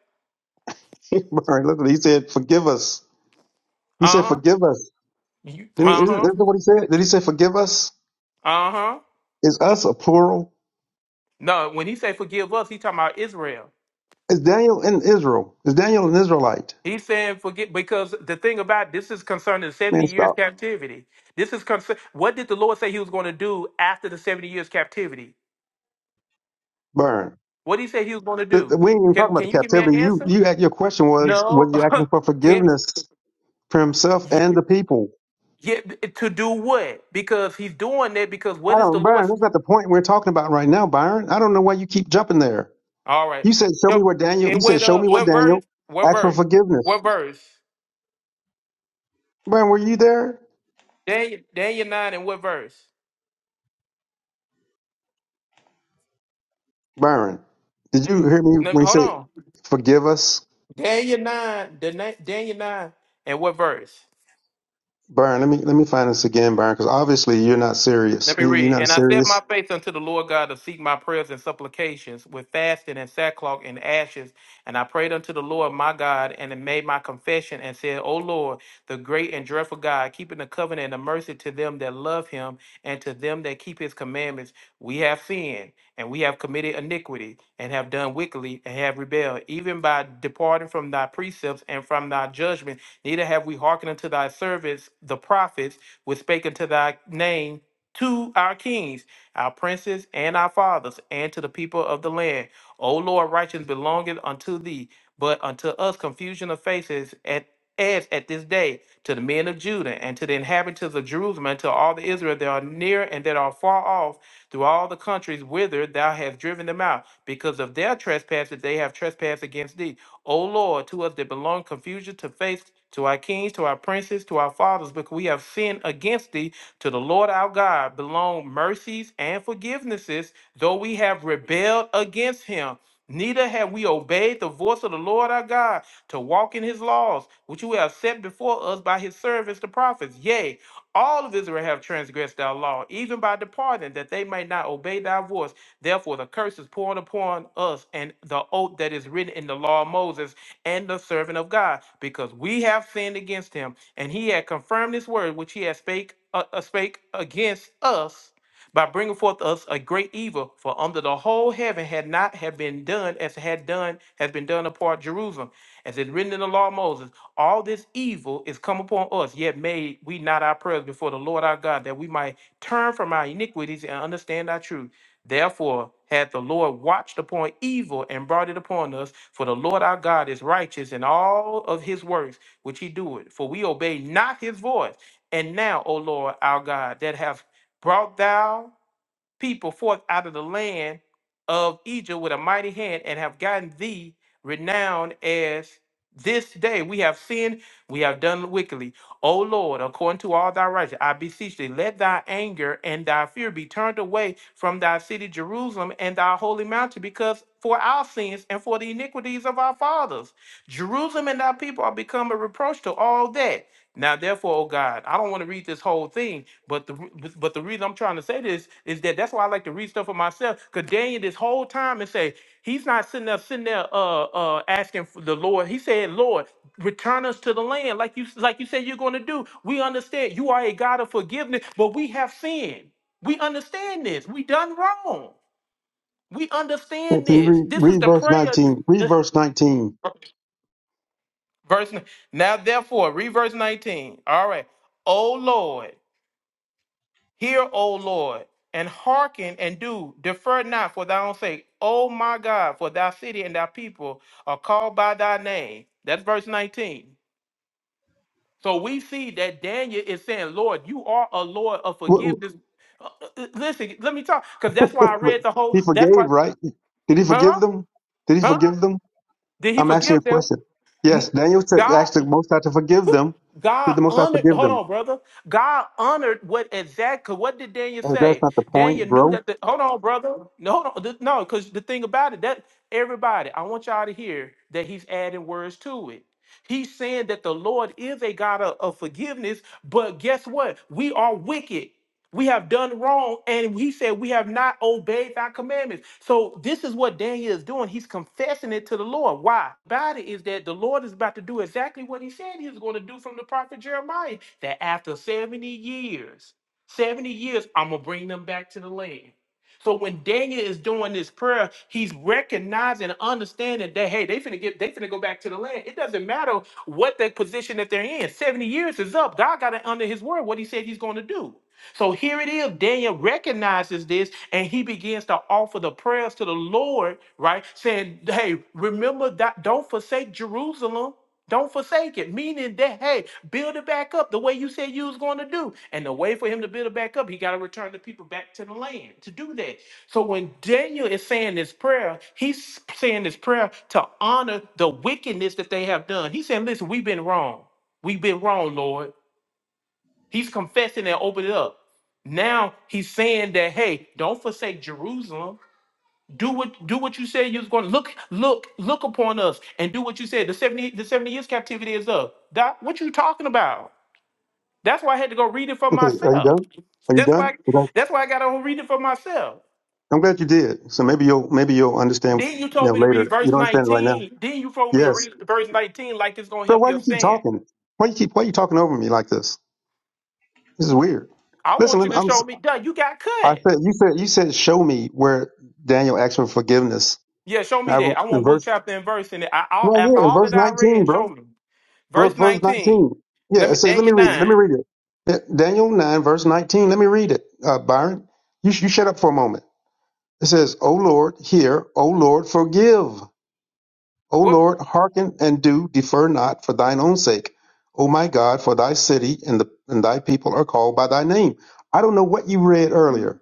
Speaker 11: *laughs* Byron, look what he said. Forgive us. He
Speaker 9: Uh
Speaker 11: said,
Speaker 9: huh.
Speaker 11: "Forgive us." Didn't he,
Speaker 9: Uh
Speaker 11: isn't
Speaker 9: huh.
Speaker 11: that what he said? Did he say, "Forgive us"?
Speaker 9: Uh huh.
Speaker 11: Is us a plural?
Speaker 9: No, when he say forgive us, he talking about Israel.
Speaker 11: Is Daniel in Israel? Is Daniel an Israelite?
Speaker 9: He's saying, forget, because the thing about this is concerning the 70
Speaker 11: Man,
Speaker 9: years
Speaker 11: stop,
Speaker 9: captivity. This is concern. What did the Lord say he was going to do after the 70 years captivity?
Speaker 11: Byron.
Speaker 9: What did he say he was going to
Speaker 11: Th- th-
Speaker 9: do?
Speaker 11: We ain't even
Speaker 9: Can,
Speaker 11: talking about
Speaker 9: can
Speaker 11: the
Speaker 9: you give me an
Speaker 11: captivity. You,
Speaker 9: answer?
Speaker 11: you, act- your question was,
Speaker 9: No.
Speaker 11: was he asking for
Speaker 9: *laughs* can,
Speaker 11: forgiveness for himself and the people?
Speaker 9: yeah, to do what? Because he's doing that because
Speaker 11: I
Speaker 9: what is the
Speaker 11: don't, Byron.
Speaker 9: Lord's?
Speaker 11: That's not the point we're talking about right now, Byron. I don't know why you keep jumping there.
Speaker 9: All right.
Speaker 11: You said, show me
Speaker 9: Yo,
Speaker 11: where Daniel, you
Speaker 9: And
Speaker 11: said,
Speaker 9: what,
Speaker 11: show
Speaker 9: uh,
Speaker 11: me where
Speaker 9: what verse?
Speaker 11: Daniel
Speaker 9: What
Speaker 11: asked for
Speaker 9: verse?
Speaker 11: forgiveness.
Speaker 9: What verse?
Speaker 11: Byron, were you there?
Speaker 9: Daniel, Daniel 9 and what verse?
Speaker 11: Byron, did you hear me
Speaker 9: No,
Speaker 11: when he
Speaker 9: hold
Speaker 11: said,
Speaker 9: on.
Speaker 11: forgive us?
Speaker 9: Daniel 9, the, na- Daniel 9 and what verse?
Speaker 11: Byron, let me, let me find this again, Byron, because obviously you're not serious.
Speaker 9: Let me
Speaker 11: You- You're
Speaker 9: read.
Speaker 11: not
Speaker 9: And I set
Speaker 11: serious.
Speaker 9: my face unto the Lord God to seek my prayers and supplications with fasting and sackcloth and ashes. And I prayed unto the Lord my God and made my confession and said, O Lord, the great and dreadful God, keeping the covenant and the mercy to them that love him and to them that keep his commandments, we have sinned and we have committed iniquity and have done wickedly and have rebelled, even by departing from thy precepts and from thy judgment. Neither have we hearkened unto thy servants, the prophets, which spake unto thy name to our kings, our princes, and our fathers, and to the people of the land. O Lord, righteousness belongeth unto thee, but unto us confusion of faces at as at this day to the men of Judah and to the inhabitants of Jerusalem and to all the Israel that are near and that are far off through all the countries whither thou hast driven them out because of their trespasses they have trespassed against thee O Lord, to us that belong confusion to face, to our kings, to our princes, to our fathers, because we have sinned against thee to the Lord our God belong mercies and forgivenesses, though we have rebelled against him. Neither have we obeyed the voice of the Lord our God to walk in his laws, which you have set before us by his servants, the prophets. Yea, all of Israel have transgressed thy law, even by departing, that they may not obey thy voice. Therefore, the curse is poured upon us, and the oath that is written in the law of Moses and the servant of God, because we have sinned against him and he had confirmed his word which he had spake, uh, uh, spake against us by bringing forth us a great evil for under the whole heaven had not have been done as had done has been done upon jerusalem as it written in the law of moses all this evil is come upon us yet made we not our prayers before the lord our god that we might turn from our iniquities and understand our truth Therefore, hath the Lord watched upon evil and brought it upon us, for the Lord our God is righteous in all of his works which he it? For we obey not his voice. And now, O Lord our God, that have brought thou people forth out of the land of Egypt with a mighty hand and have gotten thee renowned as this day. We have sinned, we have done wickedly. O Lord, according to all thy righteousness, I beseech thee, let thy anger and thy fear be turned away from thy city Jerusalem and thy holy mountain, because for our sins and for the iniquities of our fathers, Jerusalem and thy people are become a reproach to all that. Now, therefore, O God, I don't want to read this whole thing, but the re- but the reason I'm trying to say this is that that's why I like to read stuff for myself. Cause Daniel this whole time and say he's not sitting there sitting there uh uh asking for the Lord. He said, Lord, return us to the land like you like you said you're going to do. We understand you are a God of forgiveness, but we have sinned. We understand this. We done wrong. We
Speaker 11: Can
Speaker 9: understand
Speaker 11: you
Speaker 9: this.
Speaker 11: read,
Speaker 9: This is
Speaker 11: read
Speaker 9: the
Speaker 11: verse
Speaker 9: prayer.
Speaker 11: 19? Read verse 19.
Speaker 9: *laughs* Verse n- now therefore read verse 19. All right. Oh Lord. Hear, O Lord, and hearken and do. Defer not for thy own sake. O my God, for thy city and thy people are called by thy name. That's verse 19. So we see that Daniel is saying, Lord, you are a Lord of
Speaker 11: What-
Speaker 9: forgiveness. Uh, uh, uh, Listen, let me talk, because that's why I
Speaker 11: what-
Speaker 9: read
Speaker 11: *laughs*
Speaker 9: the whole.
Speaker 11: He
Speaker 9: That's
Speaker 11: forgave,
Speaker 9: why,
Speaker 11: right? Did he
Speaker 9: huh?
Speaker 11: forgive them? Did he
Speaker 9: Huh?
Speaker 11: forgive them?
Speaker 9: Did he
Speaker 11: I'm asking you a
Speaker 9: forgive them?
Speaker 11: question. Yes,
Speaker 9: N-
Speaker 11: Daniel said,
Speaker 9: God.
Speaker 11: asked the Most High to forgive them. Did
Speaker 9: God
Speaker 11: the Most High
Speaker 9: honored,
Speaker 11: forgive
Speaker 9: hold
Speaker 11: them?
Speaker 9: on, brother. God honored what exact, cause what did Daniel
Speaker 11: Uh, that's
Speaker 9: say?
Speaker 11: not the point,
Speaker 9: Daniel knew
Speaker 11: bro.
Speaker 9: that the, hold on, brother. No, hold on, th- no, because the thing about it, that everybody, I want y'all to hear that he's adding words to it. He's saying that the Lord is a God of, of forgiveness, but guess what? We are wicked we have done wrong and he said we have not obeyed thy commandments so this is what daniel is doing he's confessing it to the lord why about it is that the lord is about to do exactly what he said he was going to do from the prophet jeremiah that after 70 years 70 years i'm going to bring them back to the land so when daniel is doing this prayer he's recognizing and understanding that hey they finna get they finna go back to the land it doesn't matter what the position that they're in 70 years is up god got it under his word what he said he's going to do so here it is. Daniel recognizes this and he begins to offer the prayers to the Lord, right? Saying, hey, remember that don't forsake Jerusalem. Don't forsake it. Meaning that, hey, build it back up the way you said you was going to do. And the way for him to build it back up, he got to return the people back to the land to do that. So when Daniel is saying this prayer, he's saying this prayer to honor the wickedness that they have done. He's saying, listen, we've been wrong. We've been wrong, Lord. He's confessing and opened it up. Now he's saying that, hey, don't forsake Jerusalem. Do what do what you said you was going to look, look, look upon us and do what you said. The 70 the 70 years captivity is up. Doc, what you talking about? That's why I had to go read it for
Speaker 11: Okay, are you
Speaker 9: myself.
Speaker 11: done? Are you
Speaker 9: That's
Speaker 11: done?
Speaker 9: why
Speaker 11: You done?
Speaker 9: that's why I got to read it for myself.
Speaker 11: I'm glad you did. So maybe you'll maybe you'll understand
Speaker 9: Then
Speaker 11: you
Speaker 9: you told
Speaker 11: know
Speaker 9: me to read
Speaker 11: later. You
Speaker 9: verse
Speaker 11: don't understand it right now.
Speaker 9: 19. Then you told me to
Speaker 11: Yes.
Speaker 9: read verse 19 like it's gonna
Speaker 11: But
Speaker 9: help
Speaker 11: why do
Speaker 9: your
Speaker 11: you keep
Speaker 9: sin.
Speaker 11: talking? Why you keep why you talking over me like this? This is weird.
Speaker 9: I
Speaker 11: Listen,
Speaker 9: want you
Speaker 11: let me,
Speaker 9: to
Speaker 11: I'm
Speaker 9: show
Speaker 11: s-
Speaker 9: me, duh, you got
Speaker 11: I
Speaker 9: cut.
Speaker 11: said you said you said show me where Daniel asked for forgiveness.
Speaker 9: Yeah, show
Speaker 11: And
Speaker 9: me
Speaker 11: I
Speaker 9: that. I
Speaker 11: in
Speaker 9: want book,
Speaker 11: verse
Speaker 9: chapter, and verse in it. I, I,
Speaker 11: right
Speaker 9: after
Speaker 11: here in
Speaker 9: all
Speaker 11: verse
Speaker 9: that I
Speaker 11: 19,
Speaker 9: read, show
Speaker 11: bro.
Speaker 9: me.
Speaker 11: Bro,
Speaker 9: Verse
Speaker 11: verse
Speaker 9: 19.
Speaker 11: 19. Yeah,
Speaker 9: Let
Speaker 11: it
Speaker 9: me,
Speaker 11: says let me
Speaker 9: Daniel
Speaker 11: read it. Let me
Speaker 9: 9.
Speaker 11: read it. Yeah, Daniel 9 verse 19. Let me read it. Uh, Byron, you you shut up for a moment. It says, O Lord, hear, O Lord, forgive. O
Speaker 9: What?
Speaker 11: Lord, hearken and do, defer not for thine own sake. O my God, for thy city and, the, and thy people are called by thy name. I don't know what you read earlier.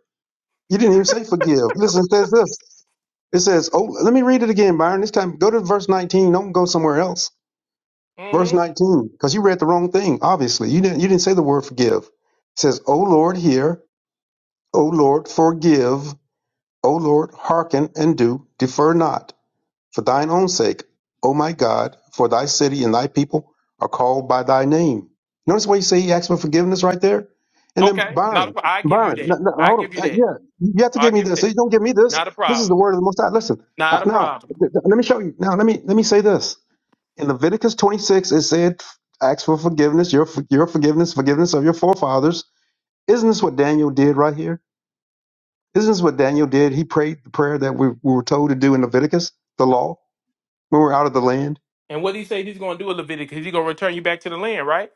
Speaker 11: You didn't even say forgive. Listen, it says this. It says, oh, let me read it again, Byron. This time, go to verse 19. Don't go somewhere else. Verse
Speaker 9: Mm-hmm.
Speaker 11: 19, because you read the wrong thing, obviously. You didn't, you didn't say the word forgive. It says, O Lord, hear. O Lord, forgive. O Lord, hearken and do, defer not. For thine own sake, O my God, for thy city and thy people are called by thy name. Notice why you say he asked for forgiveness right there? And then
Speaker 9: Okay. Not a,
Speaker 11: Byron,
Speaker 9: pro- I give you
Speaker 11: Byron, no,
Speaker 9: that.
Speaker 11: no,
Speaker 9: I
Speaker 11: hold
Speaker 9: give you
Speaker 11: on. Uh,
Speaker 9: that.
Speaker 11: yeah, you have to
Speaker 9: I
Speaker 11: give me
Speaker 9: give you
Speaker 11: this.
Speaker 9: that.
Speaker 11: You don't give me this.
Speaker 9: Not a
Speaker 11: This is the
Speaker 9: problem.
Speaker 11: word of the Most High. Listen, uh,
Speaker 9: Not a
Speaker 11: now,
Speaker 9: problem.
Speaker 11: th- th- let me show you. Now, let me let me say this. In Leviticus 26, it said, ask for forgiveness, your, for- your forgiveness, forgiveness of your forefathers. Isn't this what Daniel did right here? Isn't this what Daniel did? He prayed the prayer that we, we were told to do in Leviticus, the law, when we we're out of the land.
Speaker 9: And what he say he's going to do with Leviticus, he's going to return you back to the land, right?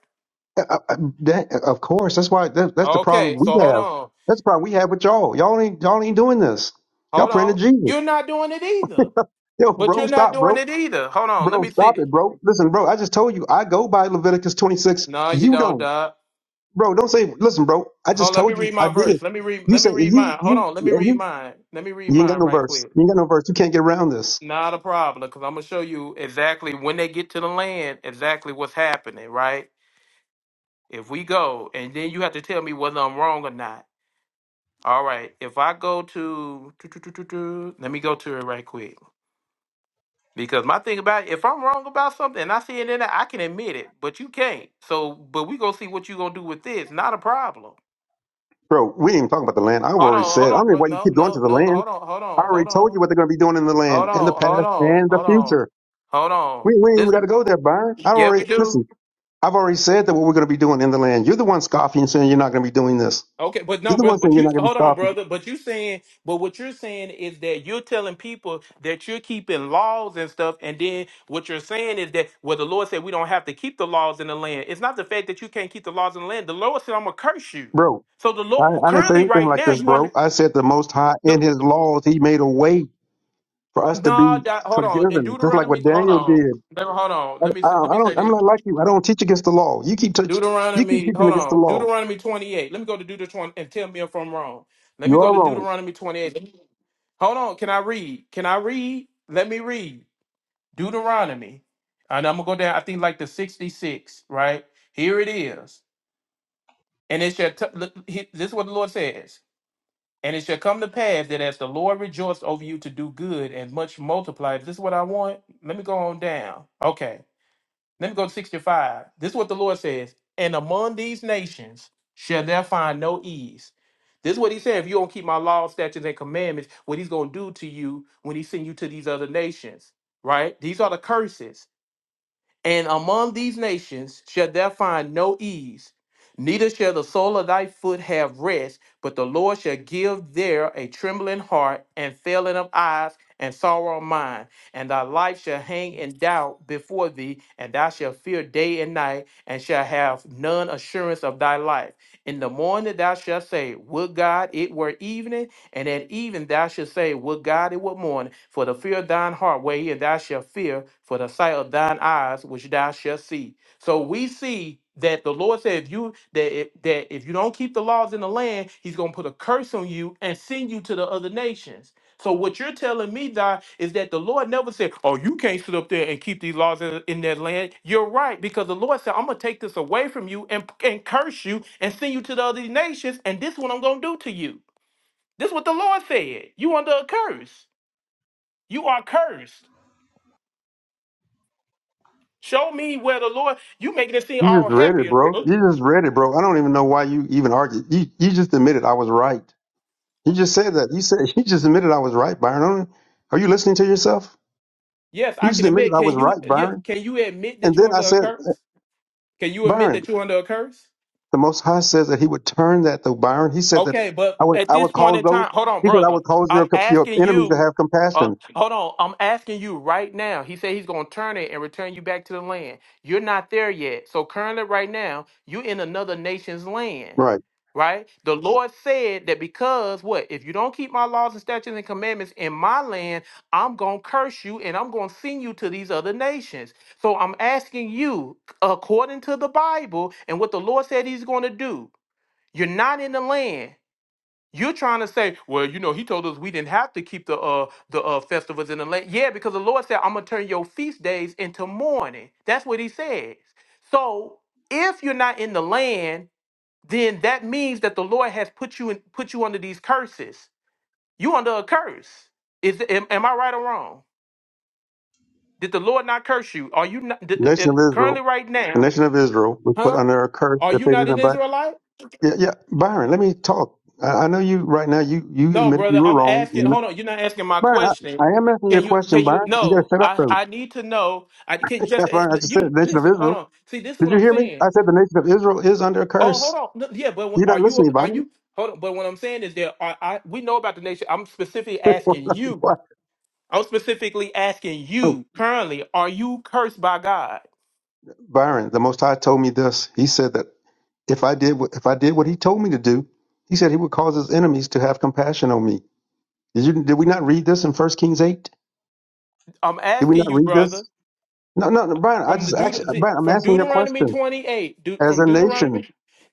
Speaker 11: Uh, uh, uh, That, uh, of course, that's why that, that's the problem
Speaker 9: Okay,
Speaker 11: we
Speaker 9: so hold
Speaker 11: have.
Speaker 9: on.
Speaker 11: That's the problem we have with y'all. Y'all ain't y'all ain't doing this. Y'all
Speaker 9: Hold
Speaker 11: praying to
Speaker 9: on.
Speaker 11: Jesus.
Speaker 9: You're not doing it either.
Speaker 11: Yo,
Speaker 9: But
Speaker 11: bro,
Speaker 9: you're not
Speaker 11: stop,
Speaker 9: doing
Speaker 11: bro,
Speaker 9: it either. Hold on. Let
Speaker 11: bro,
Speaker 9: me
Speaker 11: stop
Speaker 9: see.
Speaker 11: it, bro. Listen, bro, I just told you I go by Leviticus twenty six.
Speaker 9: No, you
Speaker 11: You
Speaker 9: don't,
Speaker 11: don't,
Speaker 9: Doc.
Speaker 11: bro. Don't say. Listen, bro, I
Speaker 9: Hold,
Speaker 11: just
Speaker 9: let me
Speaker 11: told you
Speaker 9: read
Speaker 11: I
Speaker 9: my
Speaker 11: did.
Speaker 9: verse. Let me read.
Speaker 11: You
Speaker 9: Let me
Speaker 11: said
Speaker 9: read
Speaker 11: you
Speaker 9: mine. Hold
Speaker 11: you
Speaker 9: on. Let me
Speaker 11: and
Speaker 9: read
Speaker 11: you
Speaker 9: mine. Let me read
Speaker 11: you ain't got
Speaker 9: mine
Speaker 11: no
Speaker 9: right
Speaker 11: verse.
Speaker 9: quick.
Speaker 11: You ain't got no verse. You can't get around this,
Speaker 9: Not a problem, because I'm gonna show you exactly when they get to the land, exactly what's happening. Right? If we go, and then you have to tell me whether I'm wrong or not. All right. If I go to, let me go to it right quick. Because my thing about it, if I'm wrong about something and I see it in there, I can admit it, but you can't. So, but we gonna see what you gonna do with this. Not a problem.
Speaker 11: bro. We ain't even talking about the land. I've
Speaker 9: Hold
Speaker 11: already
Speaker 9: on,
Speaker 11: said.
Speaker 9: hold
Speaker 11: I don't
Speaker 9: on,
Speaker 11: know
Speaker 9: bro.
Speaker 11: why you
Speaker 9: No,
Speaker 11: keep going to
Speaker 9: no,
Speaker 11: the
Speaker 9: no.
Speaker 11: land.
Speaker 9: Hold on, hold
Speaker 11: I
Speaker 9: on,
Speaker 11: already
Speaker 9: hold
Speaker 11: told
Speaker 9: on.
Speaker 11: you what they're going to be doing in the
Speaker 9: Hold
Speaker 11: land,
Speaker 9: on,
Speaker 11: in the
Speaker 9: hold
Speaker 11: past,
Speaker 9: on,
Speaker 11: and the
Speaker 9: hold
Speaker 11: future.
Speaker 9: on, hold on.
Speaker 11: We, we ain't
Speaker 9: This,
Speaker 11: even got to go there, Byron. I
Speaker 9: yeah, we
Speaker 11: already
Speaker 9: do.
Speaker 11: listen. I've already said that what we're going to be doing in the land. You're the one scoffing and saying you're not going to be doing this.
Speaker 9: Okay, but no,
Speaker 11: You're the one
Speaker 9: brother.
Speaker 11: saying
Speaker 9: But
Speaker 11: you're
Speaker 9: you
Speaker 11: not going to be
Speaker 9: hold on,
Speaker 11: scoffing,
Speaker 9: brother. But you saying, but what you're saying is that you're telling people that you're keeping laws and stuff, and then what you're saying is that well, the Lord said we don't have to keep the laws in the land. It's not the fact that you can't keep the laws in the land. The Lord said I'm gonna curse you.
Speaker 11: bro.
Speaker 9: So the
Speaker 11: I,
Speaker 9: Lord well,
Speaker 11: I didn't say
Speaker 9: currently
Speaker 11: anything
Speaker 9: right
Speaker 11: like
Speaker 9: now
Speaker 11: this,
Speaker 9: you want
Speaker 11: bro. I said the Most High
Speaker 9: to
Speaker 11: in His laws He made a way for us to
Speaker 9: no.
Speaker 11: be
Speaker 9: That, hold on. In
Speaker 11: forgiven, just like
Speaker 9: Deuteronomy,
Speaker 11: what
Speaker 9: hold
Speaker 11: Daniel
Speaker 9: on.
Speaker 11: did.
Speaker 9: Let me- Hold on.
Speaker 11: I,
Speaker 9: Let me
Speaker 11: I,
Speaker 9: say- let
Speaker 11: I
Speaker 9: me say
Speaker 11: don't.
Speaker 9: this.
Speaker 11: I'm not like you. I don't teach against the law. You keep touch. You keep
Speaker 9: Deuteronomy,
Speaker 11: teaching
Speaker 9: hold
Speaker 11: against the
Speaker 9: on.
Speaker 11: law.
Speaker 9: Deuteronomy 28. Let me go to Deuteronomy and tell me if I'm wrong. Let me
Speaker 11: You
Speaker 9: go
Speaker 11: are
Speaker 9: to
Speaker 11: wrong.
Speaker 9: Deuteronomy 28. Let me- Hold on. Can I read? Can I read? Let me read. Deuteronomy. And I'm going to go down, I think like the 66, right? Here it is. And it shall, t- look, he- this is what the Lord says. And it shall come to pass that as the Lord rejoiced over you to do good and much multiplied. This is what I want. Let me go on down. Okay. Let me go to 65. This is what the Lord says. And among these nations shall there find no ease. This is what he said. If you don't keep my laws, statutes, and commandments, what he's going to do to you when he send you to these other nations, right? These are the curses. And among these nations shall thou find no ease, neither shall the sole of thy foot have rest, but the Lord shall give there a trembling heart, and failing of eyes, and sorrow of mind. And thy life shall hang in doubt before thee, and thou shalt fear day and night, and shall have none assurance of thy life. In the morning thou shalt say, Would God it were evening! And at even thou shalt say, Would God it would mourn for the fear of thine heart, wherein thou shalt fear for the sight of thine eyes, which thou shalt see. So we see that the Lord said, if you that if, that if you don't keep the laws in the land, He's going to put a curse on you and send you to the other nations. So what you're telling me, Doc, is that the Lord never said, "Oh, you can't sit up there and keep these laws in, in that land." You're right because the Lord said, "I'm gonna take this away from you and and curse you and send you to the other nations, and this is what I'm gonna do to you." This is what the Lord said. You under a curse. You are cursed. Show me where the Lord. You making it seem
Speaker 11: You
Speaker 9: all
Speaker 11: just read it,
Speaker 9: happy.
Speaker 11: bro. You just read it, bro. I don't even know why you even argued. You you just admitted I was right. You just said that. You said *laughs* you just admitted I was right, Byron. Are you listening to yourself?
Speaker 9: Yes,
Speaker 11: You
Speaker 9: I
Speaker 11: just
Speaker 9: can
Speaker 11: admitted
Speaker 9: admit.
Speaker 11: I was
Speaker 9: Can you?
Speaker 11: right,
Speaker 9: Yeah,
Speaker 11: Byron.
Speaker 9: can you admit
Speaker 11: And
Speaker 9: that you're
Speaker 11: then I
Speaker 9: under a
Speaker 11: said,
Speaker 9: curse? Can you admit
Speaker 11: Byron,
Speaker 9: that you're under a curse?
Speaker 11: the Most High says that He would turn that though, Byron. He said that
Speaker 9: Okay, but
Speaker 11: I would
Speaker 9: at
Speaker 11: I
Speaker 9: this
Speaker 11: would
Speaker 9: point
Speaker 11: cause
Speaker 9: in time,
Speaker 11: those.
Speaker 9: hold on,
Speaker 11: He said I
Speaker 9: brother.
Speaker 11: would cause
Speaker 9: I'm
Speaker 11: your your
Speaker 9: asking
Speaker 11: enemies to
Speaker 9: you.
Speaker 11: have
Speaker 9: Uh,
Speaker 11: compassion.
Speaker 9: hold on. I'm asking you right now. He said he's gonna turn it and return you back to the land. You're not there yet. So currently, right now, you're in another nation's land.
Speaker 11: Right,
Speaker 9: right? The Lord said that because what? If you don't keep my laws and statutes and commandments in my land, I'm going to curse you and I'm going to send you to these other nations. So I'm asking you, according to the Bible and what the Lord said he's going to do, you're not in the land. You're trying to say, well, you know, he told us we didn't have to keep the uh the uh festivals in the land. Yeah, because the Lord said, I'm gonna turn your feast days into mourning. That's what he says. So if you're not in the land, then that means that the Lord has put you in, put you under these curses. You under a curse. Is am, am I right or wrong? Did the Lord not curse you? Are you not d- uh, uh,
Speaker 11: nation of
Speaker 9: currently
Speaker 11: Israel,
Speaker 9: right
Speaker 11: the
Speaker 9: now?
Speaker 11: nation of Israel was put
Speaker 9: Huh?
Speaker 11: under a curse
Speaker 9: Are
Speaker 11: if
Speaker 9: you
Speaker 11: they
Speaker 9: not an
Speaker 11: didn't. But
Speaker 9: Israelite?
Speaker 11: yeah, yeah, Byron, let me talk. I, I know you right now. You you
Speaker 9: No,
Speaker 11: admitted
Speaker 9: brother.
Speaker 11: you were
Speaker 9: I'm
Speaker 11: wrong.
Speaker 9: asking. Hold on. You're not asking my
Speaker 11: Byron, I,
Speaker 9: question.
Speaker 11: I am asking your
Speaker 9: Can you?
Speaker 11: question,
Speaker 9: Can you?
Speaker 11: Byron. You gotta
Speaker 9: No.
Speaker 11: shut up,
Speaker 9: I
Speaker 11: though.
Speaker 9: I need to know. I can
Speaker 11: *laughs*
Speaker 9: just
Speaker 11: Byron. I just said
Speaker 9: you
Speaker 11: nation of
Speaker 9: listen. Hold
Speaker 11: Israel.
Speaker 9: on. See, this is
Speaker 11: Did
Speaker 9: what
Speaker 11: you
Speaker 9: I'm
Speaker 11: hear me?
Speaker 9: saying.
Speaker 11: I said the nation of Israel is under a
Speaker 9: Oh, hold
Speaker 11: curse.
Speaker 9: on. No, yeah, but when-
Speaker 11: You're
Speaker 9: are
Speaker 11: not
Speaker 9: you?
Speaker 11: listening,
Speaker 9: Are
Speaker 11: Byron.
Speaker 9: you? Hold on. But what I'm saying is that are, I we know about the nation. I'm specifically
Speaker 11: *laughs*
Speaker 9: asking you.
Speaker 11: Why?
Speaker 9: I'm specifically asking
Speaker 11: oh,
Speaker 9: you currently, are you cursed by God?
Speaker 11: Byron, the Most High told me this. He said that if I did what, if I did what He told me to do, He said He would cause His enemies to have compassion on me. Did you? Did we not read this in First Kings eight?
Speaker 9: I'm
Speaker 11: Did we
Speaker 9: asking
Speaker 11: not
Speaker 9: you,
Speaker 11: read
Speaker 9: brother,
Speaker 11: this? No, no, no, Byron. I
Speaker 9: from the
Speaker 11: just actually,
Speaker 9: Deut-
Speaker 11: Byron, I'm
Speaker 9: from
Speaker 11: asking you a
Speaker 9: Deuteronomy
Speaker 11: question.
Speaker 9: 28, Deut-
Speaker 11: As
Speaker 9: from
Speaker 11: a nation,
Speaker 9: Deuteronomy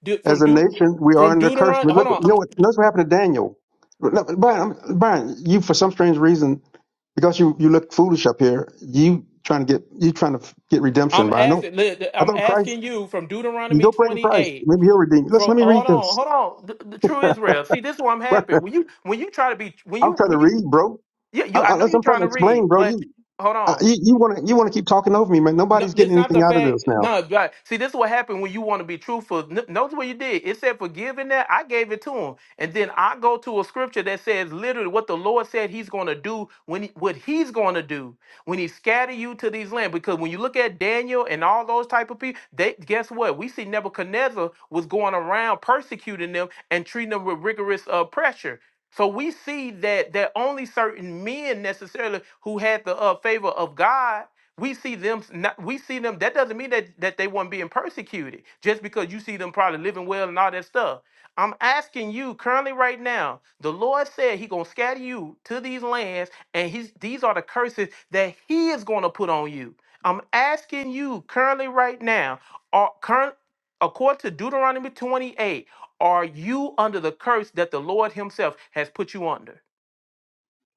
Speaker 9: Deut- from
Speaker 11: as a
Speaker 9: Deut-
Speaker 11: nation, we are
Speaker 9: from
Speaker 11: under curse.
Speaker 9: Deuteronomy.
Speaker 11: But
Speaker 9: Hold
Speaker 11: look,
Speaker 9: on,
Speaker 11: you know
Speaker 9: I'm
Speaker 11: what? Notice what happened to Daniel. No, Brian, I'm, Brian, you for some strange reason because you you look foolish up here. You trying to get you trying to get redemption,
Speaker 9: I'm
Speaker 11: Byron. Don't,
Speaker 9: asking li-
Speaker 11: I
Speaker 9: I'm
Speaker 11: thought Christ.
Speaker 9: asking you from
Speaker 11: You
Speaker 9: Deuteronomy
Speaker 11: go pray to Christ.
Speaker 9: 28.
Speaker 11: Maybe He'll redeem. you.
Speaker 9: From
Speaker 11: Listen, let me
Speaker 9: hold
Speaker 11: read
Speaker 9: on,
Speaker 11: this.
Speaker 9: hold on, the, the true Israel. See, this is what I'm
Speaker 11: *laughs*
Speaker 9: happy when you when you try to be when
Speaker 11: I'm
Speaker 9: you
Speaker 11: trying to
Speaker 9: when you
Speaker 11: read, bro.
Speaker 9: yeah
Speaker 11: I, I,
Speaker 9: you I know
Speaker 11: that's-
Speaker 9: you're
Speaker 11: I'm trying
Speaker 9: trying
Speaker 11: to
Speaker 9: to read,
Speaker 11: explain, bro.
Speaker 9: but
Speaker 11: You
Speaker 9: hold
Speaker 11: I,
Speaker 9: on.
Speaker 11: you you want to you want to keep talking over me, man.
Speaker 9: No,
Speaker 11: Nobody's getting
Speaker 9: it's not
Speaker 11: anything
Speaker 9: the
Speaker 11: out of
Speaker 9: fact.
Speaker 11: this now.
Speaker 9: No, right. See, this is what happened when you want to be truthful. N- Notice what you did. It said forgive in that. I gave it to him. And then I go to a scripture that says literally what the Lord said he's going to do when he, what he's going to do when he scatter you to these lands. Because when you look at Daniel and all those type of people, they guess what? We see Nebuchadnezzar was going around persecuting them and treating them with rigorous uh, pressure. So we see that that only certain men necessarily who had the uh, favor of God we see them s- not, we see them that doesn't mean that that they weren't being persecuted just because you see them probably living well and all that stuff i'm asking you currently right now the lord said he gonna scatter you to these lands and he's these are the curses that he is gonna put on you i'm asking you currently right now are current according to deuteronomy 28 are you under the curse that the lord himself has put you under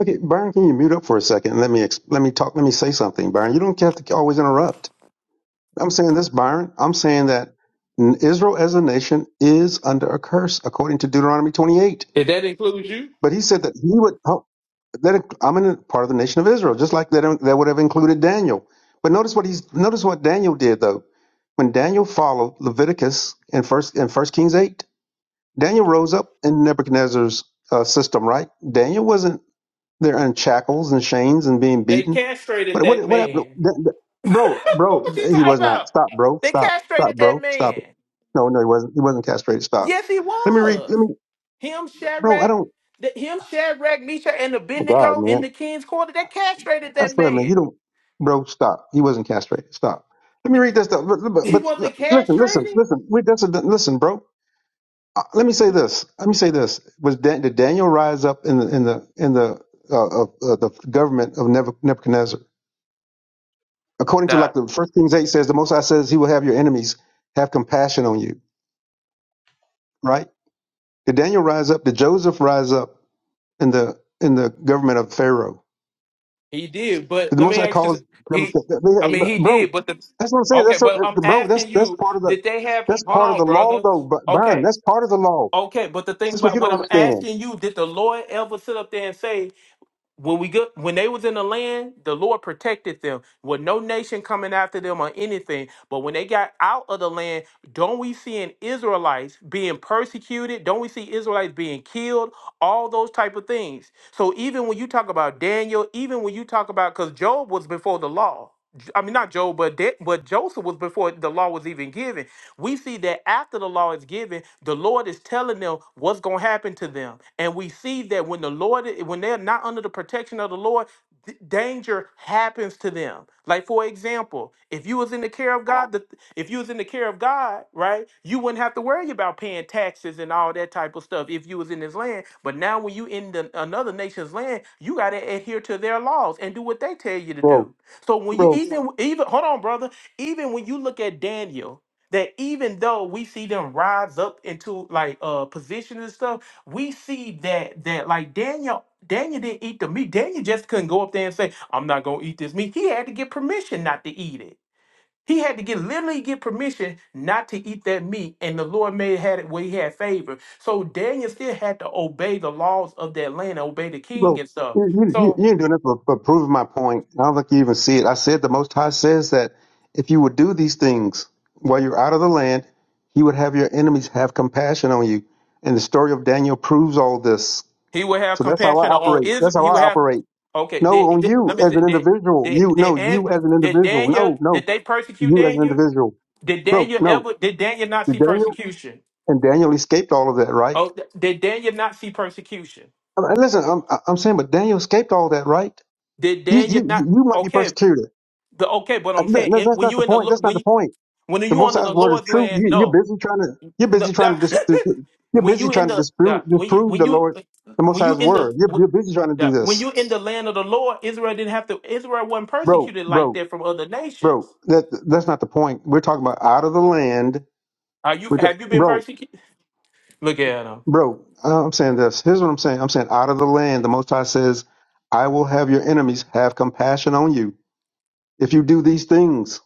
Speaker 11: Okay, Byron, can you mute up for a second and let me ex- let me talk? Let me say something, Byron. You don't have to always interrupt. I'm saying this, Byron. I'm saying that n- Israel as a nation is under a curse according to Deuteronomy 28.
Speaker 9: If that includes you,
Speaker 11: But he said that he would. oh, That I'm in a part of the nation of Israel, just like that, that would have included Daniel. But notice what he's notice what Daniel did though. When Daniel followed Leviticus in first in First Kings eight, Daniel rose up in Nebuchadnezzar's uh, system. Right? Daniel wasn't there in shackles and chains and being
Speaker 9: they
Speaker 11: beaten.
Speaker 9: castrated
Speaker 11: What
Speaker 9: that
Speaker 11: what what happened,
Speaker 9: man.
Speaker 11: Da- Da- bro?
Speaker 9: what
Speaker 11: Bro,
Speaker 9: you
Speaker 11: he
Speaker 9: talking
Speaker 11: was not.
Speaker 9: about?
Speaker 11: Stop, bro.
Speaker 9: They
Speaker 11: Stop. Stop,
Speaker 9: castrated that
Speaker 11: bro. Stop it.
Speaker 9: man.
Speaker 11: No, no, he wasn't. He wasn't castrated. Stop.
Speaker 9: Yes, he
Speaker 11: Let me read. Let
Speaker 9: was.
Speaker 11: me,
Speaker 9: Him,
Speaker 11: bro. I
Speaker 9: Shadrach,
Speaker 11: don't.
Speaker 9: th- him, Shadrach, Misha, and
Speaker 11: Oh God,
Speaker 9: Abednego
Speaker 11: man.
Speaker 9: in the king's quarter. They castrated
Speaker 11: I
Speaker 9: that
Speaker 11: swear, man, you
Speaker 9: man.
Speaker 11: don't, bro. Stop. He wasn't castrated. Stop. Let me read this stuff. But, but,
Speaker 9: He
Speaker 11: but
Speaker 9: wasn't
Speaker 11: listen, listen,
Speaker 9: castrated.
Speaker 11: listen. Wait, that's a, listen, bro. Uh, let me say this. Let me say this. Was Dan, did Daniel rise up in the in the in the uh, uh, uh, the government of Nebu- Nebuchadnezzar? According to
Speaker 9: Nah,
Speaker 11: like the First Kings eight says, the Most High says He will have your enemies have compassion on you. Right? Did Daniel rise up? Did Joseph rise up in the in the government of Pharaoh?
Speaker 9: he did. But
Speaker 11: Did the
Speaker 9: let
Speaker 11: Most
Speaker 9: me
Speaker 11: High
Speaker 9: ask you,
Speaker 11: calls them,
Speaker 9: he, I mean, he
Speaker 11: bro?
Speaker 9: did. But the,
Speaker 11: That's what I'm saying.
Speaker 9: okay,
Speaker 11: That's
Speaker 9: but
Speaker 11: what,
Speaker 9: I'm
Speaker 11: bro. That's
Speaker 9: asking
Speaker 11: that's
Speaker 9: you,
Speaker 11: part of the
Speaker 9: did they have?
Speaker 11: that's
Speaker 9: Hold
Speaker 11: part of
Speaker 9: on,
Speaker 11: the law,
Speaker 9: brother.
Speaker 11: though, Bu- Byron.
Speaker 9: Okay,
Speaker 11: That's part of the law.
Speaker 9: okay. But the thing
Speaker 11: That's what
Speaker 9: about
Speaker 11: you
Speaker 9: what
Speaker 11: don't
Speaker 9: I'm
Speaker 11: understand,
Speaker 9: asking you, did the Lord ever sit up there and say? when we go, when they was in the land, the Lord protected them with no nation coming after them or anything. But when they got out of the land, don't we see in Israelites being persecuted? Don't we see Israelites being killed? All those type of things. So even when you talk about Daniel, even when you talk about because Job was before the law. J- I mean, not Job, but De- but Joseph was before the law was even given. We see that after the law is given, the Lord is telling them what's going to happen to them. And we see that when the Lord, when they're not under the protection of the Lord, d- danger happens to them. Like for example, if you was in the care of God, the, if you was in the care of God, right, you wouldn't have to worry about paying taxes and all that type of stuff if you was in His land. But now when you in the, another nation's land, you got to adhere to their laws and do what they tell you to
Speaker 11: bro,
Speaker 9: do. So when you
Speaker 11: bro,
Speaker 9: even even hold on, brother, even when you look at Daniel, that even though we see them rise up into like uh positions and stuff, we see that that like Daniel Daniel didn't eat the meat. Daniel just couldn't go up there and say, I'm not gonna eat this meat. He had to get permission not to eat it. He had to get literally get permission not to eat that meat, and the Lord made had it where he had favor. So Daniel still had to obey the laws of that land, obey the king
Speaker 11: bro.
Speaker 9: and stuff.
Speaker 11: You, you, you
Speaker 9: So
Speaker 11: you ain't doing it for, for proving my point. I don't think you even see it. I said the Most High says that if you would do these things while you're out of the land, He would have your enemies have compassion on you. And the story of Daniel proves all this.
Speaker 9: He will have
Speaker 11: So that's how
Speaker 9: compassion
Speaker 11: I
Speaker 9: on
Speaker 11: operate.
Speaker 9: Israel.
Speaker 11: That's how
Speaker 9: He will
Speaker 11: I
Speaker 9: have.
Speaker 11: operate.
Speaker 9: Okay,
Speaker 11: No,
Speaker 9: did,
Speaker 11: on
Speaker 9: did-
Speaker 11: you
Speaker 9: let me
Speaker 11: as
Speaker 9: say
Speaker 11: an
Speaker 9: did
Speaker 11: individual.
Speaker 9: did
Speaker 11: You
Speaker 9: did,
Speaker 11: no,
Speaker 9: An-
Speaker 11: you as an
Speaker 9: did
Speaker 11: individual.
Speaker 9: Daniel
Speaker 11: No,
Speaker 9: did
Speaker 11: no,
Speaker 9: they persecute
Speaker 11: you as an
Speaker 9: Daniel?
Speaker 11: individual,
Speaker 9: Did
Speaker 11: bro.
Speaker 9: Daniel
Speaker 11: No,
Speaker 9: ever? Did Daniel not see
Speaker 11: Daniel
Speaker 9: persecution?
Speaker 11: and Daniel escaped all of that, right?
Speaker 9: Oh, th- did Daniel not see persecution?
Speaker 11: I mean, listen, I'm I'm saying, but Daniel escaped all that, right?
Speaker 9: Did
Speaker 11: You
Speaker 9: Daniel
Speaker 11: you
Speaker 9: not?
Speaker 11: you might be
Speaker 9: Okay,
Speaker 11: persecuted.
Speaker 9: the okay, but
Speaker 11: Uh,
Speaker 9: I'm
Speaker 11: No,
Speaker 9: saying
Speaker 11: no,
Speaker 9: it,
Speaker 11: that's
Speaker 9: when
Speaker 11: not
Speaker 9: you
Speaker 11: the
Speaker 9: in the
Speaker 11: point.
Speaker 9: lo-
Speaker 11: That's not
Speaker 9: when
Speaker 11: the
Speaker 9: you,
Speaker 11: point.
Speaker 9: when
Speaker 11: The
Speaker 9: you
Speaker 11: Most
Speaker 9: under
Speaker 11: High's
Speaker 9: the
Speaker 11: word is
Speaker 9: Lord's
Speaker 11: true.
Speaker 9: land,
Speaker 11: You, you're
Speaker 9: no,
Speaker 11: busy trying to you're
Speaker 9: no.
Speaker 11: busy
Speaker 9: *laughs*
Speaker 11: trying to dis,
Speaker 9: no.
Speaker 11: you're
Speaker 9: when
Speaker 11: busy
Speaker 9: you in
Speaker 11: trying to
Speaker 9: the,
Speaker 11: dispute
Speaker 9: the when you
Speaker 11: disprove
Speaker 9: when
Speaker 11: the
Speaker 9: you
Speaker 11: Lord, the Most
Speaker 9: when you
Speaker 11: High's
Speaker 9: in the
Speaker 11: word. You're,
Speaker 9: when,
Speaker 11: you're busy trying to
Speaker 9: yeah,
Speaker 11: do
Speaker 9: when
Speaker 11: this,
Speaker 9: you in the land of the Lord, Israel didn't have to. Israel wasn't
Speaker 11: bro,
Speaker 9: persecuted like
Speaker 11: bro,
Speaker 9: that from other
Speaker 11: bro.
Speaker 9: nations.
Speaker 11: That that's not the point. We're talking about out of the land.
Speaker 9: Are you?
Speaker 11: We're ta-
Speaker 9: Have you been
Speaker 11: bro.
Speaker 9: persecuted? Look at them.
Speaker 11: Bro, uh, I'm saying this. Here's what I'm saying. I'm saying out of the land, the Most High says, I will have your enemies have compassion on you if you do these things.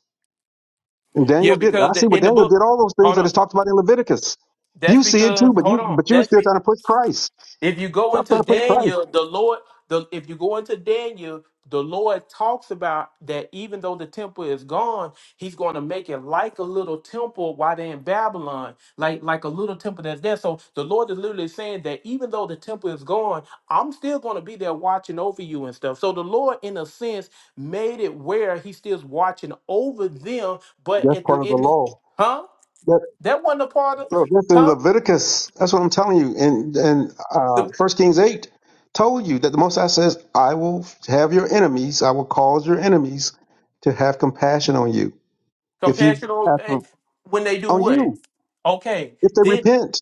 Speaker 11: And
Speaker 9: Yeah,
Speaker 11: Daniel did it.
Speaker 9: because
Speaker 11: I
Speaker 9: the,
Speaker 11: see what
Speaker 9: in the
Speaker 11: Daniel
Speaker 9: book,
Speaker 11: did, all those things
Speaker 9: hold
Speaker 11: that
Speaker 9: on.
Speaker 11: is talked about in Leviticus.
Speaker 9: That's
Speaker 11: You see it too,
Speaker 9: because
Speaker 11: but
Speaker 9: hold
Speaker 11: you
Speaker 9: on.
Speaker 11: but you're
Speaker 9: That's
Speaker 11: still
Speaker 9: be,
Speaker 11: trying to push Christ.
Speaker 9: If you go
Speaker 11: Stop
Speaker 9: into
Speaker 11: trying to push Christ.
Speaker 9: Daniel, the Lord, the if you go into Daniel, the Lord talks about that even though the temple is gone, he's going to make it like a little temple while they're in Babylon, like like a little temple that's there. So the Lord is literally saying that even though the temple is gone, I'm still going to be there watching over you and stuff. So the Lord, in a sense, made it where he still's watching over them, but
Speaker 11: That's
Speaker 9: at the
Speaker 11: part of the
Speaker 9: end,
Speaker 11: law.
Speaker 9: huh?
Speaker 11: That
Speaker 9: That wasn't a part of,
Speaker 11: bro, that's in
Speaker 9: huh?
Speaker 11: Leviticus. That's what I'm telling you. And and uh
Speaker 9: The
Speaker 11: first Kings eight told you that the Most High says, I will have your enemies, I will cause your enemies to have compassion on you. If you
Speaker 9: compassion,
Speaker 11: ask
Speaker 9: eh,
Speaker 11: for,
Speaker 9: when they do
Speaker 11: on
Speaker 9: what?
Speaker 11: you,
Speaker 9: Okay,
Speaker 11: if they
Speaker 9: did
Speaker 11: repent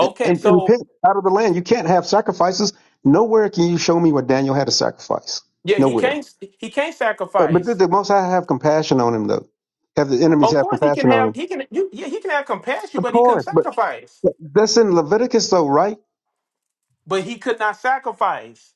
Speaker 11: and, and
Speaker 9: So
Speaker 11: repent out of the land, you can't have sacrifices. Nowhere can you show me where Daniel had a sacrifice.
Speaker 9: yeah, he
Speaker 11: Nowhere.
Speaker 9: can't he can't
Speaker 11: But, but
Speaker 9: sacrifice.
Speaker 11: did the Most High have compassion on him, though? Have the enemies
Speaker 9: Of
Speaker 11: have
Speaker 9: course, he can
Speaker 11: compassion on
Speaker 9: have
Speaker 11: him?
Speaker 9: he can you yeah he can have compassion,
Speaker 11: Of
Speaker 9: but he couldn't
Speaker 11: course, but
Speaker 9: sacrifice.
Speaker 11: but that's in Leviticus, though, right?
Speaker 9: But he could not sacrifice.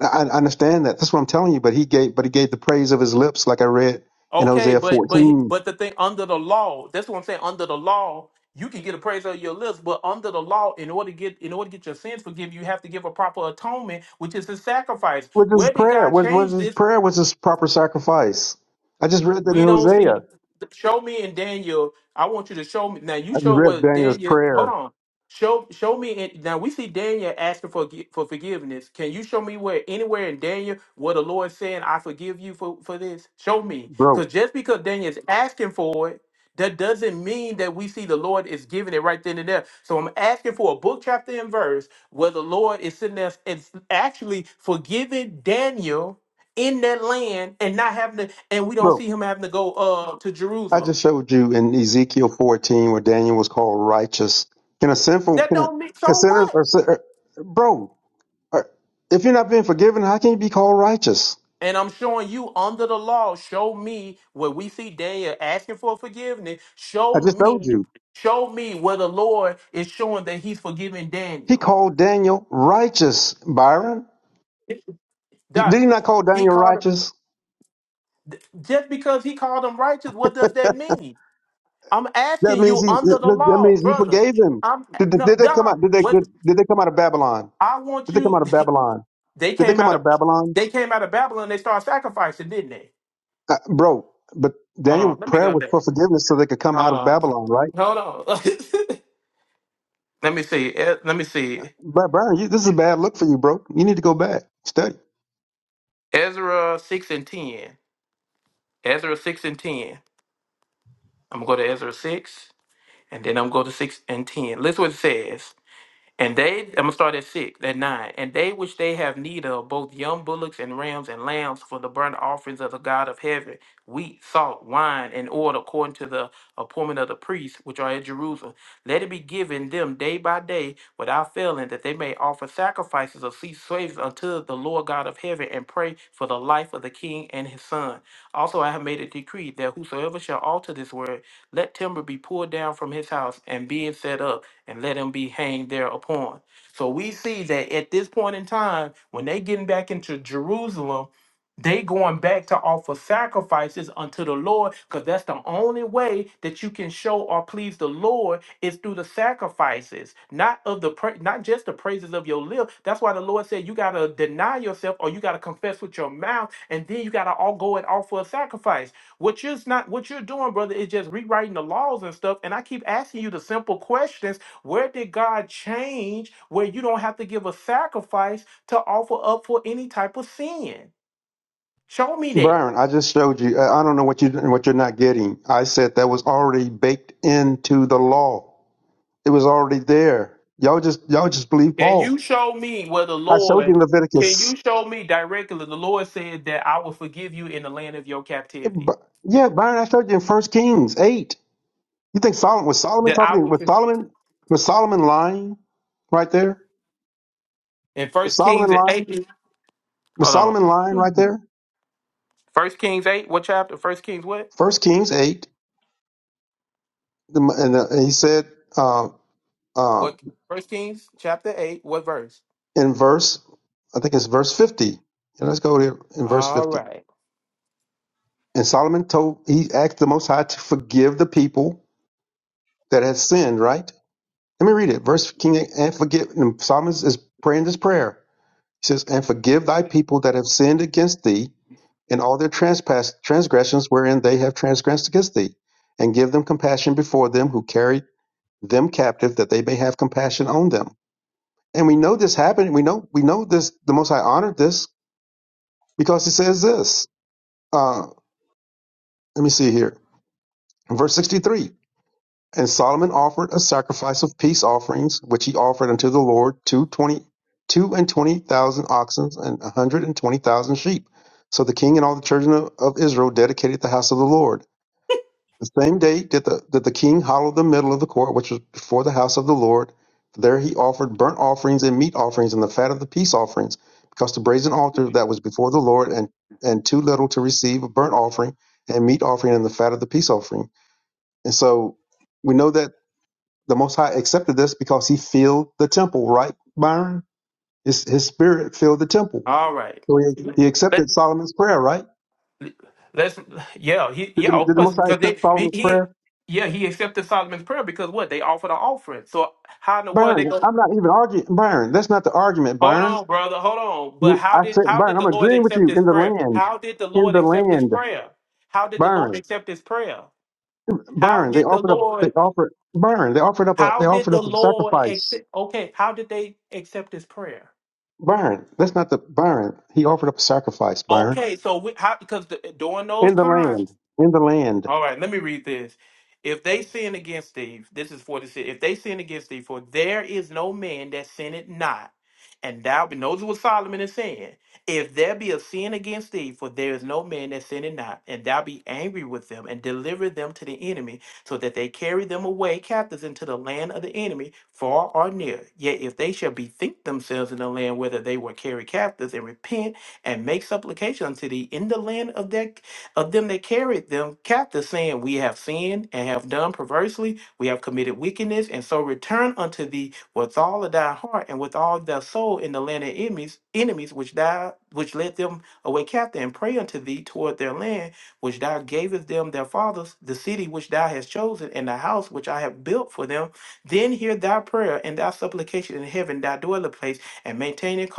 Speaker 11: I, I understand that. That's what I'm telling you. But he gave, but he gave the praise of his lips, like I read in
Speaker 9: Okay,
Speaker 11: Hosea
Speaker 9: but but he-
Speaker 11: 14.
Speaker 9: but the thing under the law, that's what I'm saying. Under the law, you can get a praise on your lips, but under the law, in order to get in order to get your sins forgiven, you have to give a proper atonement, which is a sacrifice.
Speaker 11: What is his
Speaker 9: Where did
Speaker 11: prayer?
Speaker 9: God
Speaker 11: What was
Speaker 9: change
Speaker 11: his
Speaker 9: this?
Speaker 11: prayer? Was his proper sacrifice? I just read that in
Speaker 9: We don't
Speaker 11: Hosea.
Speaker 9: see. Show me and Daniel. I want you to show me now. You
Speaker 11: I just
Speaker 9: show
Speaker 11: read
Speaker 9: what
Speaker 11: Daniel's
Speaker 9: Daniel. Hold
Speaker 11: prayer
Speaker 9: on. Show show me and now we see Daniel asking for gi- for forgiveness. Can you show me where anywhere in Daniel where the Lord saying I forgive you for for this? Show me,
Speaker 11: broke.
Speaker 9: because just because Daniel's asking for it, that doesn't mean that we see the Lord is giving it right then and there. So I'm asking for a book chapter and verse where the Lord is sitting there and actually forgiving Daniel in that land and not having to and we don't
Speaker 11: Bro,
Speaker 9: see him having to go uh to
Speaker 11: I
Speaker 9: Jerusalem.
Speaker 11: just showed you in Ezekiel 14 where Daniel was called righteous. Can a sinful,
Speaker 9: That
Speaker 11: can a,
Speaker 9: don't mean
Speaker 11: can
Speaker 9: so
Speaker 11: sinners
Speaker 9: what?
Speaker 11: or sin- or- bro, or- if you're not being forgiven, how can you be called righteous?
Speaker 9: And I'm showing you under the law, show me where we see Daniel asking for forgiveness.
Speaker 11: I
Speaker 9: Show
Speaker 11: just told
Speaker 9: me,
Speaker 11: you.
Speaker 9: show me where the Lord is showing that he's forgiving
Speaker 11: He
Speaker 9: Daniel.
Speaker 11: called Daniel righteous, Byron.
Speaker 9: That
Speaker 11: Did he not call
Speaker 9: he
Speaker 11: Daniel
Speaker 9: called him
Speaker 11: righteous?
Speaker 9: just because he called him righteous, what does that mean? I'm
Speaker 11: That
Speaker 9: asking
Speaker 11: means
Speaker 9: you
Speaker 11: he,
Speaker 9: under the
Speaker 11: that that
Speaker 9: law,
Speaker 11: means he
Speaker 9: brother.
Speaker 11: forgave him.
Speaker 9: I'm
Speaker 11: Did, did,
Speaker 9: no
Speaker 11: did they come out,
Speaker 9: dog.
Speaker 11: did they,
Speaker 9: What
Speaker 11: did, did they come out of Babylon?
Speaker 9: I want
Speaker 11: Did they come
Speaker 9: you.
Speaker 11: out
Speaker 9: *laughs*
Speaker 11: of Babylon?
Speaker 9: They
Speaker 11: Did they
Speaker 9: came
Speaker 11: come
Speaker 9: out
Speaker 11: out
Speaker 9: of
Speaker 11: of Babylon?
Speaker 9: they came out of Babylon. They started sacrificing, didn't they?
Speaker 11: Uh, bro, but
Speaker 9: Hold on,
Speaker 11: Daniel's
Speaker 9: let me
Speaker 11: prayer
Speaker 9: go
Speaker 11: was
Speaker 9: there.
Speaker 11: for forgiveness so they could come out
Speaker 9: Hold
Speaker 11: of
Speaker 9: on,
Speaker 11: Babylon, right?
Speaker 9: hold on. *laughs* let me see. Eh, Let me see.
Speaker 11: But Byron, you, this is a bad look for you, bro. You need to go back study.
Speaker 9: Ezra six and ten. Ezra six and ten. I'm gonna go to Ezra six, and then I'm gonna go to six and ten. Listen what it says. And they, I'm gonna start at six, at nine. And they which they have need of, both young bullocks and rams and lambs for the burnt offerings of the God of heaven, wheat, salt, wine, and oil, according to the appointment of the priests which are at Jerusalem. Let it be given them day by day without failing, that they may offer sacrifices of cease slaves unto the Lord God of heaven and pray for the life of the king and his son. Also, I have made a decree that whosoever shall alter this word, let timber be pulled down from his house and being set up and let him be hanged thereupon. So we see that at this point in time, when they getting back into Jerusalem, they going back to offer sacrifices unto the Lord, because that's the only way that you can show or please the Lord is through the sacrifices, not of the pra- not just the praises of your lips. That's why the Lord said you gotta deny yourself or you gotta confess with your mouth, and then you gotta all go and offer a sacrifice. What you're not what you're doing, brother, is just rewriting the laws and stuff. And I keep asking you the simple questions where did God change where you don't have to give a sacrifice to offer up for any type of sin? Show me that.
Speaker 11: Byron, I just showed you. I I don't know what you what you're not getting. I said that was already baked into the law. It was already there. Y'all just y'all just believe
Speaker 9: Can
Speaker 11: Paul.
Speaker 9: you show me where the
Speaker 11: I showed you
Speaker 9: Lord,
Speaker 11: in
Speaker 9: can you
Speaker 11: Leviticus.
Speaker 9: show me directly? The Lord said that I will forgive you in the land of your captivity.
Speaker 11: But- Yeah, Byron, I showed you in First Kings eight. You think Solomon was Solomon
Speaker 9: That I
Speaker 11: talking?
Speaker 9: will,
Speaker 11: Was Solomon was Solomon lying right there?
Speaker 9: in
Speaker 11: Was
Speaker 9: First Kings
Speaker 11: Solomon
Speaker 9: at
Speaker 11: lying?
Speaker 9: 8,
Speaker 11: Was
Speaker 9: hold on.
Speaker 11: Solomon lying right there?
Speaker 9: First Kings 8, what chapter? First Kings what?
Speaker 11: First Kings eight, the, and, uh, and he said. uh, Uh,
Speaker 9: What? First Kings chapter 8, what verse?
Speaker 11: in verse, I think it's verse 50. Yeah, let's go there in verse
Speaker 9: All
Speaker 11: 50.
Speaker 9: right.
Speaker 11: And Solomon told, he asked the Most High to forgive the people that had sinned, right? Let me read it. Verse King and forgive. And Solomon is praying this prayer. He says, And forgive thy people that have sinned against thee and all their transpass, transgressions wherein they have transgressed against thee, and give them compassion before them who carried them captive, that they may have compassion on them. And we know this happened. We know we know this. The Most High honored this because He says this. Uh, let me see here. Verse 63. And Solomon offered a sacrifice of peace offerings, which he offered unto the Lord two twenty, two and twenty thousand oxen and a hundred and twenty thousand sheep. So the king and all the children of, of Israel dedicated the house of the Lord. The same day did the, did the king hollow the middle of the court, which was before the house of the Lord. There he offered burnt offerings and meat offerings and the fat of the peace offerings, because the brazen altar that was before the Lord and, and too little to receive a burnt offering and meat offering and the fat of the peace offering. And so we know that the Most High accepted this because he filled the temple, right, Byron? His, his spirit filled the temple.
Speaker 9: All right.
Speaker 11: So he, he
Speaker 9: Let,
Speaker 11: accepted Solomon's prayer, right?
Speaker 9: Let's yeah, he
Speaker 11: Did
Speaker 9: yeah,
Speaker 11: the,
Speaker 9: of
Speaker 11: did the
Speaker 9: course.
Speaker 11: Most High
Speaker 9: Because they
Speaker 11: accept
Speaker 9: he,
Speaker 11: Solomon's
Speaker 9: he-
Speaker 11: prayer?
Speaker 9: yeah, he accepted Solomon's prayer because what? They offered an offering. So how in the world they
Speaker 11: Byron,
Speaker 9: go
Speaker 11: I'm not even arguing. Byron, that's not the argument,
Speaker 9: Hold
Speaker 11: Byron.
Speaker 9: on, brother, hold on. But
Speaker 11: We-
Speaker 9: how
Speaker 11: I
Speaker 9: did
Speaker 11: said,
Speaker 9: how did
Speaker 11: Byron,
Speaker 9: the
Speaker 11: I'm
Speaker 9: Lord
Speaker 11: agreeing with
Speaker 9: accept
Speaker 11: you
Speaker 9: his
Speaker 11: in the
Speaker 9: prayer?
Speaker 11: land,
Speaker 9: How did the
Speaker 11: in
Speaker 9: Lord
Speaker 11: the
Speaker 9: accept his
Speaker 11: land,
Speaker 9: prayer? How did the Lord
Speaker 11: Byron,
Speaker 9: accept his prayer? How
Speaker 11: Byron. They
Speaker 9: did the
Speaker 11: offered up, they
Speaker 9: Lord
Speaker 11: offered, Byron, they offered up a,
Speaker 9: how
Speaker 11: they
Speaker 9: did
Speaker 11: offered
Speaker 9: the
Speaker 11: up a
Speaker 9: Lord
Speaker 11: sacrifice,
Speaker 9: accept okay, how did they accept his prayer?
Speaker 11: Byron. That's not the Byron. He offered up a sacrifice, Byron,
Speaker 9: Okay, so we, how because the, during those
Speaker 11: in the
Speaker 9: times
Speaker 11: land, in the land.
Speaker 9: All right, let me read this. If they sin against thee, this is 46. If they sin against thee, for there is no man that sinneth not. And thou, and those what Solomon is saying, if there be a sin against thee, for there is no man that sinneth not, and thou be angry with them, and deliver them to the enemy, so that they carry them away captives into the land of the enemy, far or near. Yet if they shall bethink themselves in the land whither they were carried captives, and repent, and make supplication unto thee in the land of their of them that carried them captive, saying, We have sinned and have done perversely, we have committed wickedness, and so return unto thee with all of thy heart and with all thy soul in the land of enemies, enemies which thou which led them away captive, and pray unto thee toward their land, which thou gavest them their fathers, the city which thou hast chosen, and the house which I have built for them. Then hear thy prayer and thy supplication in heaven, thy dwelling place, and maintain it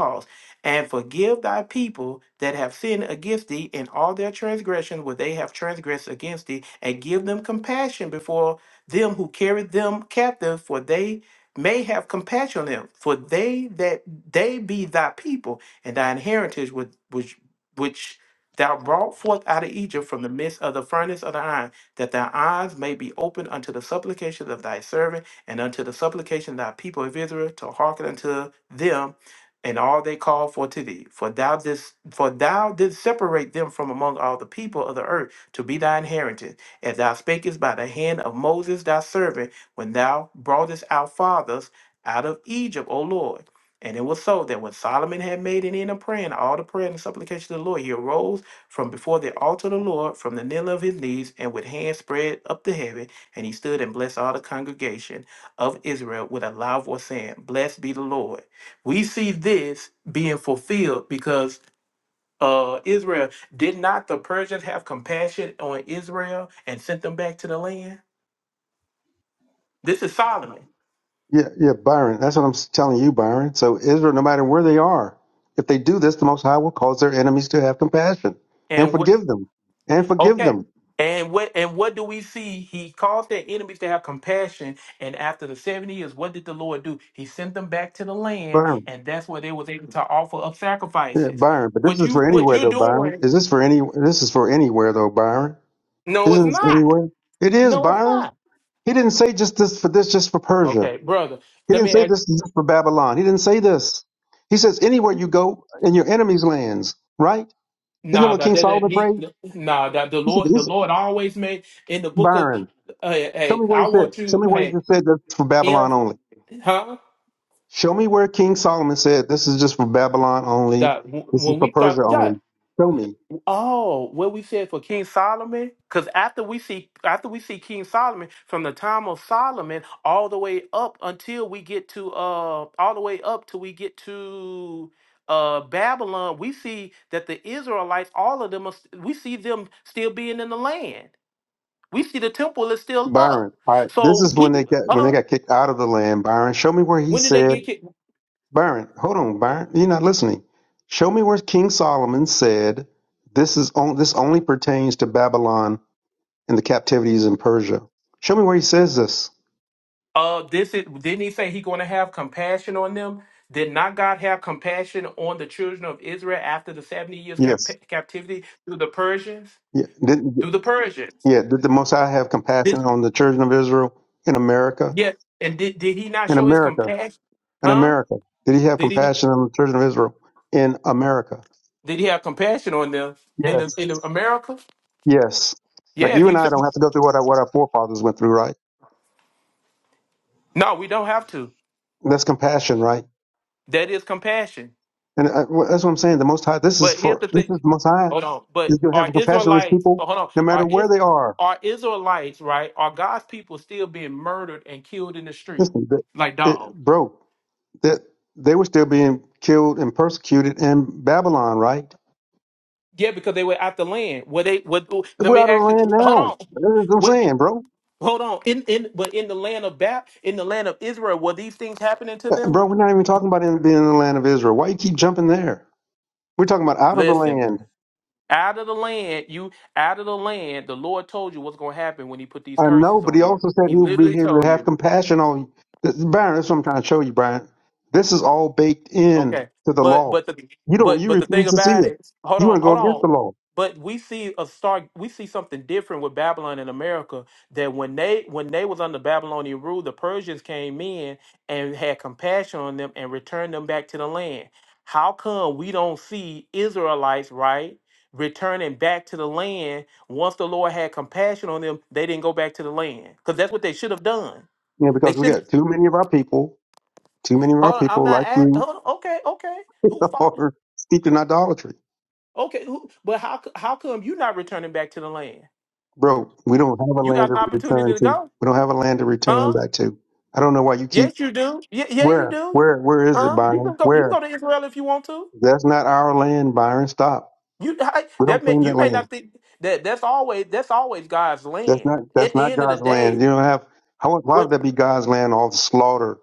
Speaker 9: and forgive thy people that have sinned against thee in all their transgressions where they have transgressed against thee, and give them compassion before them who carried them captive, for they may have compassion on them, for they that they be thy people, and thine heritage with which which thou brought forth out of Egypt from the midst of the furnace of the iron, that thy eyes may be opened unto the supplications of thy servant and unto the supplication of thy people of Israel to hearken unto them and all they call for to thee. For thou didst, for thou didst separate them from among all the people of the earth to be thy inheritance, as thou spakest by the hand of Moses thy servant, when thou broughtest our fathers out of Egypt, O Lord. And it was so that when Solomon had made an end of praying, all the prayer and supplication of the Lord, he arose from before the altar of the Lord, from the kneeling of his knees, and with hands spread up to heaven, and he stood and blessed all the congregation of Israel with a loud voice, saying, Blessed be the Lord we see this being fulfilled because uh, Israel did not the Persians have compassion on Israel and sent them back to the land? This is Solomon.
Speaker 11: Yeah, yeah, Byron. That's what I'm s- telling you, Byron. So Israel, no matter where they are, if they do this, the Most High will cause their enemies to have compassion and
Speaker 9: And what
Speaker 11: forgive them, and forgive
Speaker 9: okay.
Speaker 11: them,
Speaker 9: And what and what do we see? He caused their enemies to have compassion. And after the 70 years, what did the Lord do? He sent them back to the land,
Speaker 11: Byron.
Speaker 9: and that's where they was able to offer up
Speaker 11: Yeah,
Speaker 9: sacrifices.
Speaker 11: Byron, but this
Speaker 9: What
Speaker 11: is
Speaker 9: you
Speaker 11: for
Speaker 9: what
Speaker 11: anywhere
Speaker 9: you're
Speaker 11: though, Byron.
Speaker 9: doing?
Speaker 11: Is this for any? This is for anywhere though, Byron.
Speaker 9: No, it's
Speaker 11: Isn't this
Speaker 9: not.
Speaker 11: anywhere? It is,
Speaker 9: No, it's
Speaker 11: Byron.
Speaker 9: not.
Speaker 11: He didn't say just this for this, just for Persia.
Speaker 9: Okay, brother.
Speaker 11: He
Speaker 9: Let
Speaker 11: didn't
Speaker 9: me
Speaker 11: say
Speaker 9: ask.
Speaker 11: this is just for Babylon. He didn't say this. He says anywhere you go in your enemies' lands, right? Isn't that
Speaker 9: Nah,
Speaker 11: what
Speaker 9: that
Speaker 11: King
Speaker 9: didn't
Speaker 11: Solomon
Speaker 9: he.
Speaker 11: prayed?
Speaker 9: Nah, that the
Speaker 11: He said,
Speaker 9: Lord,
Speaker 11: he
Speaker 9: the
Speaker 11: said
Speaker 9: Lord always made in the book of.
Speaker 11: Byron,
Speaker 9: Hey,
Speaker 11: show
Speaker 9: hey
Speaker 11: me where he
Speaker 9: I
Speaker 11: said.
Speaker 9: want
Speaker 11: Show
Speaker 9: you.
Speaker 11: me where he
Speaker 9: Hey,
Speaker 11: just said that's for
Speaker 9: if
Speaker 11: Babylon only.
Speaker 9: huh?
Speaker 11: Show me where King Solomon said this is just for Babylon only.
Speaker 9: That w-
Speaker 11: This is
Speaker 9: when
Speaker 11: for
Speaker 9: we thought
Speaker 11: Persia only.
Speaker 9: that.
Speaker 11: Show me.
Speaker 9: Oh, what we said for King Solomon? Because after we see after we see King Solomon from the time of Solomon all the way up until we get to uh all the way up till we get to uh Babylon, we see that the Israelites, all of them, are, st- we see them still being in the land. We see the temple is still
Speaker 11: Byron,
Speaker 9: up.
Speaker 11: I, this
Speaker 9: So
Speaker 11: is when
Speaker 9: we
Speaker 11: they got when they
Speaker 9: uh
Speaker 11: got kicked out of the land. Byron, show me where he
Speaker 9: when did they
Speaker 11: said,
Speaker 9: get kicked?
Speaker 11: Byron, hold on, Byron, you're not listening. Show me where King Solomon said this is on, this only pertains to Babylon and the captivities in Persia. Show me where he says this.
Speaker 9: Uh this is didn't he say he gonna have compassion on them? Did not God have compassion on the children of Israel after the 70 years cap-
Speaker 11: Yes,
Speaker 9: captivity through the Persians?
Speaker 11: yeah, did,
Speaker 9: Through the Persians.
Speaker 11: yeah. Did the Most High have compassion
Speaker 9: This
Speaker 11: on the children of Israel in America?
Speaker 9: yes, and did, did he not
Speaker 11: In
Speaker 9: show his
Speaker 11: America,
Speaker 9: compassion?
Speaker 11: in
Speaker 9: Huh?
Speaker 11: America, did he have
Speaker 9: Did he not,
Speaker 11: compassion on the children of Israel in America?
Speaker 9: did he have compassion on them in the
Speaker 11: Yes.
Speaker 9: in the America?
Speaker 11: Yes. Like
Speaker 9: Yeah, if
Speaker 11: you
Speaker 9: you
Speaker 11: and I don't have to go through what our, what our forefathers went through, right?
Speaker 9: no, we don't have to.
Speaker 11: That's compassion, right?
Speaker 9: That is compassion.
Speaker 11: And uh, wh- that's what I'm saying. The Most High, this is
Speaker 9: But here's
Speaker 11: for,
Speaker 9: the
Speaker 11: this
Speaker 9: thing.
Speaker 11: is the Most High
Speaker 9: Hold on. But
Speaker 11: is going to
Speaker 9: are
Speaker 11: have compassion on his
Speaker 9: Israelites,
Speaker 11: people
Speaker 9: but hold on.
Speaker 11: no matter
Speaker 9: Are
Speaker 11: where
Speaker 9: is
Speaker 11: they are.
Speaker 9: are Israelites, right? Are God's people still being murdered and killed in the street?
Speaker 11: Listen, the,
Speaker 9: Like
Speaker 11: it,
Speaker 9: dog.
Speaker 11: bro, that they were still being killed and persecuted in Babylon, right?
Speaker 9: Yeah, because they were after land. Were they what let
Speaker 11: We're
Speaker 9: me
Speaker 11: out of the
Speaker 9: ask you
Speaker 11: land
Speaker 9: hold
Speaker 11: now.
Speaker 9: on.
Speaker 11: That's what I'm
Speaker 9: What
Speaker 11: saying, bro.
Speaker 9: hold on. In in but in the land of Bat in the land of Israel, were these things happening to
Speaker 11: Uh,
Speaker 9: them?
Speaker 11: Bro, we're not even talking about in- being in the land of Israel. Why you keep jumping there? We're talking about out of the
Speaker 9: Listen.
Speaker 11: land.
Speaker 9: Out of the land, you out of the land, the Lord told you what's gonna happen when he put these
Speaker 11: I know,
Speaker 9: curses
Speaker 11: but he
Speaker 9: on you.
Speaker 11: also said
Speaker 9: He
Speaker 11: he would be
Speaker 9: literally
Speaker 11: able to
Speaker 9: told
Speaker 11: have
Speaker 9: you.
Speaker 11: compassion on you. This, Brian, that's what I'm trying to show you, Brian. This is all baked in
Speaker 9: Okay.
Speaker 11: to the
Speaker 9: But
Speaker 11: law.
Speaker 9: but the
Speaker 11: You don't,
Speaker 9: but
Speaker 11: you
Speaker 9: but the
Speaker 11: refuse
Speaker 9: thing
Speaker 11: to see
Speaker 9: about
Speaker 11: it.
Speaker 9: it, hold
Speaker 11: You want
Speaker 9: on,
Speaker 11: to go
Speaker 9: hold
Speaker 11: against
Speaker 9: on.
Speaker 11: the law,
Speaker 9: But we see a start we see something different with Babylon in America that when they when they was under Babylonian rule, the Persians came in and had compassion on them and returned them back to the land. How come we don't see Israelites, right? Returning back to the land once the Lord had compassion on them, they didn't go back to the land because that's what they should have done.
Speaker 11: you know,
Speaker 9: They
Speaker 11: because we
Speaker 9: should have.
Speaker 11: got too many of our people, too many of our
Speaker 9: Hold on, I'm
Speaker 11: people
Speaker 9: not.
Speaker 11: like
Speaker 9: At,
Speaker 11: you
Speaker 9: hold on, okay, okay. Who
Speaker 11: *laughs*
Speaker 9: fought?
Speaker 11: are steeped in idolatry.
Speaker 9: Okay, who, but how c- how come you not returning back to the land?
Speaker 11: Bro, we don't have a
Speaker 9: You
Speaker 11: land
Speaker 9: got
Speaker 11: to
Speaker 9: an opportunity
Speaker 11: return
Speaker 9: to
Speaker 11: to.
Speaker 9: go,
Speaker 11: We don't have a land to return
Speaker 9: huh?
Speaker 11: back to. I don't know why you keep,
Speaker 9: Yes, you do. Yeah, yeah, you
Speaker 11: where,
Speaker 9: do,
Speaker 11: where, where is it,
Speaker 9: huh? You can
Speaker 11: Byron?
Speaker 9: go. You can go
Speaker 11: Where?
Speaker 9: to Israel if you want to.
Speaker 11: That's not our land, Byron. Stop.
Speaker 9: You I-
Speaker 11: We
Speaker 9: that
Speaker 11: don't
Speaker 9: may
Speaker 11: claim
Speaker 9: you
Speaker 11: that
Speaker 9: may
Speaker 11: land.
Speaker 9: not think that that's always that's always God's
Speaker 11: That's
Speaker 9: land.
Speaker 11: not
Speaker 9: At
Speaker 11: that's
Speaker 9: the
Speaker 11: not
Speaker 9: end of the
Speaker 11: God's
Speaker 9: day,
Speaker 11: land. You don't have how why
Speaker 9: what,
Speaker 11: would that be God's land? All the slaughter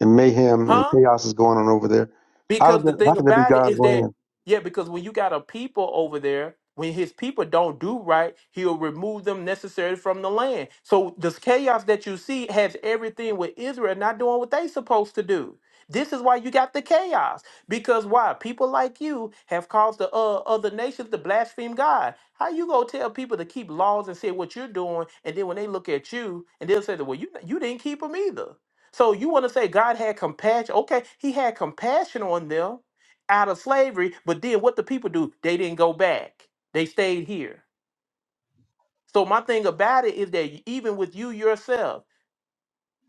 Speaker 11: and mayhem and
Speaker 9: huh?
Speaker 11: chaos is going on over there. How
Speaker 9: Because the
Speaker 11: that, how
Speaker 9: thing
Speaker 11: can that be
Speaker 9: about it
Speaker 11: God's
Speaker 9: is that,
Speaker 11: land?
Speaker 9: yeah, because when you got a people over there, when his people don't do right, he'll remove them necessarily from the land. So this chaos that you see has everything with Israel not doing what they supposed to do. This is why you got the chaos. Because why? People like you have caused the uh, other nations to blaspheme God. How you gonna tell people to keep laws and say what you're doing, and then when they look at you and they'll say, that, "Well, you you didn't keep them either." So you want to say God had compassion? Okay, He had compassion on them out of slavery, but then what the people do? They didn't go back. They stayed here. So my thing about it is that even with you yourself.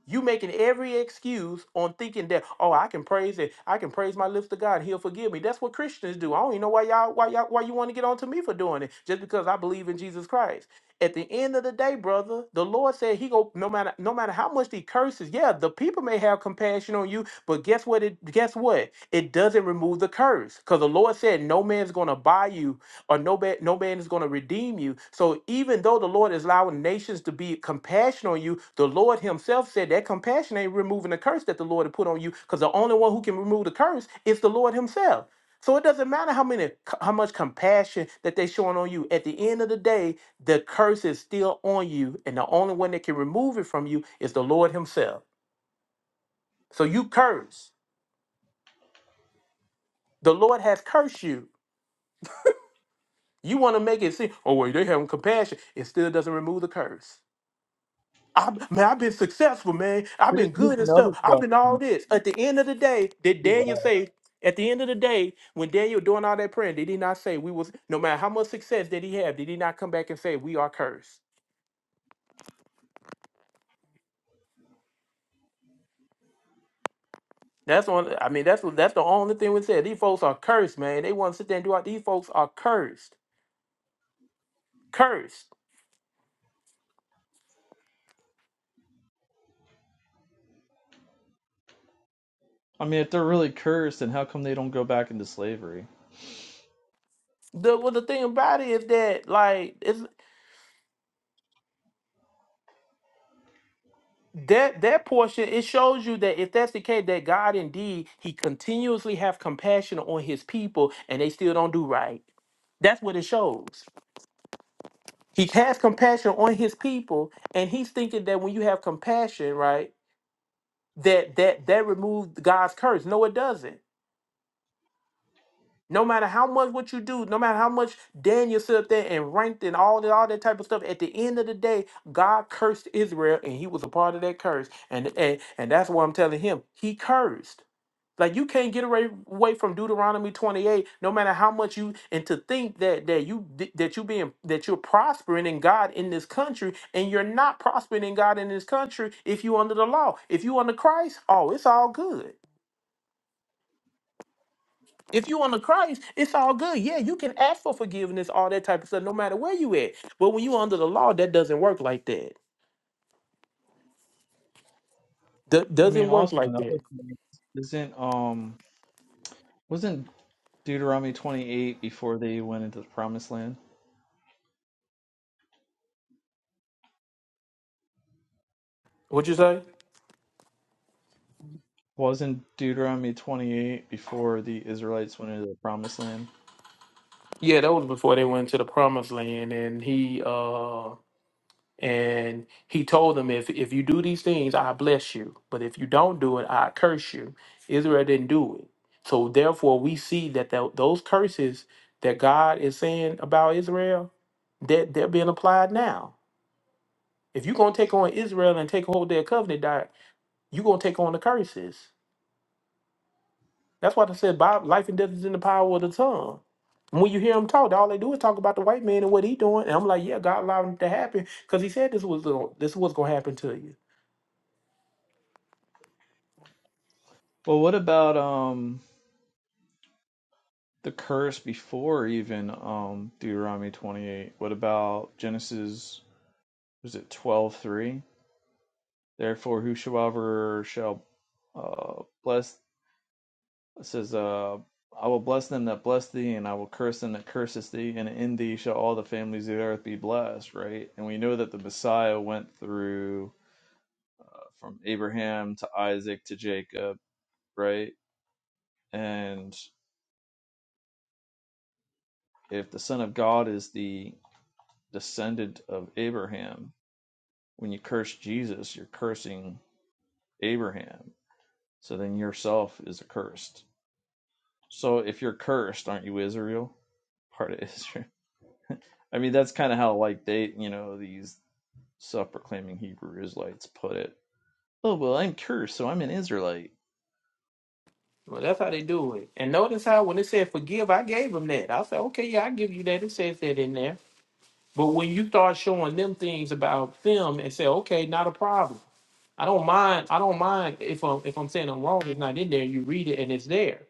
Speaker 9: You making every excuse on thinking that, oh, I can praise it. I can praise my lips to God. He'll forgive me. That's what Christians do. I don't even know why y'all why y'all why you want to get on to me for doing it. Just because I believe in Jesus Christ. At the end of the day, brother, the Lord said he go no matter no matter how much he curses, yeah, the people may have compassion on you, but guess what it guess what? It doesn't remove the curse. Because the Lord said no man's gonna buy you or no man, no man is going to redeem you. So even though the Lord is allowing nations to be compassionate on you, the Lord Himself said that compassion ain't removing the curse that the Lord had put on you, because the only one who can remove the curse is the Lord Himself. So it doesn't matter how many how much compassion that they showing on you. At the end of the day, the curse is still on you, and the only one that can remove it from you is the Lord Himself. So you curse. The Lord has cursed you. You want to make it seem, oh well, they having compassion. It still doesn't remove the curse. I man, I've been successful, man. I've
Speaker 10: Here-
Speaker 9: been
Speaker 10: here's
Speaker 9: good and
Speaker 10: another
Speaker 9: stuff. I've
Speaker 10: question.
Speaker 9: been all this. At the end of the day, did Daniel say? At the end of the day, when Daniel doing all that praying, did he not say we was no matter how much success did he have? Did he not come back and say we are cursed? That's on. I mean, that's what- that's the only thing we said. These folks are cursed, man. They want to sit there and do all. These folks are cursed, cursed.
Speaker 10: I mean, if they're really cursed, then how come they don't go back into slavery?
Speaker 9: The well, the thing about it is that like it's. that that portion it shows you that if that's the case that god indeed he continuously have compassion on his people and they still don't do right that's what it shows he has compassion on his people and he's thinking that when you have compassion right that that that removes god's curse no it doesn't No matter how much what you do, no matter how much Daniel stood up there and ranked and all that, all that type of stuff, at the end of the day, God cursed Israel and he was a part of that curse. And and, and that's why I'm telling him, he cursed. Like you can't get away, away from Deuteronomy 28, no matter how much you and to think that that you d- that you being that you're prospering in God in this country, and you're not prospering in God in this country if you under the law. If you under Christ, oh, it's all good. If you on the Christ, it's all good. Yeah, you can ask for forgiveness, all that type of stuff, no matter where you at. But when you under the law, that doesn't work like that. Do-
Speaker 10: I mean,
Speaker 9: doesn't work
Speaker 10: also
Speaker 9: like
Speaker 10: another
Speaker 9: that.
Speaker 10: thing isn't um wasn't Deuteronomy twenty eight before they went into the promised land?
Speaker 9: What you say?
Speaker 10: Wasn't Deuteronomy twenty eight before the Israelites went into the promised land?
Speaker 9: Yeah, that was before they went to the promised land, and he uh and he told them if if you do these things, I bless you. But if you don't do it, I curse you. Israel didn't do it. So therefore we see that tho- those curses that God is saying about Israel, that they're being applied now If you're gonna take on Israel and take hold their covenant diet, you're gonna take on the curses. That's why I said Bob, life and death is in the power of the tongue. And When you hear them talk, all they do is talk about the white man and what he doing. And I'm like, yeah, God allowed it to happen because he said this was gonna, this was gonna happen to you.
Speaker 10: Well, what about um? the curse before even um, Deuteronomy 28. What about Genesis? Was it 12 3? Therefore, whosoever shall uh, bless, it says, uh, I will bless them that bless thee, and I will curse them that curseth thee, and in thee shall all the families of the earth be blessed, right? And we know that the Messiah went through uh, from Abraham to Isaac to Jacob, right? And if the Son of God is the descendant of Abraham, When you curse Jesus, you're cursing Abraham. So then yourself is accursed. So if you're cursed, aren't you Israel? Part of *laughs* Israel. I mean, that's kind of how, like, they, you know, these self proclaiming Hebrew Israelites put it. Oh, well, I'm cursed, so I'm an Israelite.
Speaker 9: Well, that's how they do it. And notice how when it said forgive, I gave them that. I said, okay, yeah, I give you that. It says that in there. But when you start showing them things about them and say, okay, not a problem. I don't mind. I don't mind if I'm if I'm saying I'm wrong. It's not in there. You read it and it's there.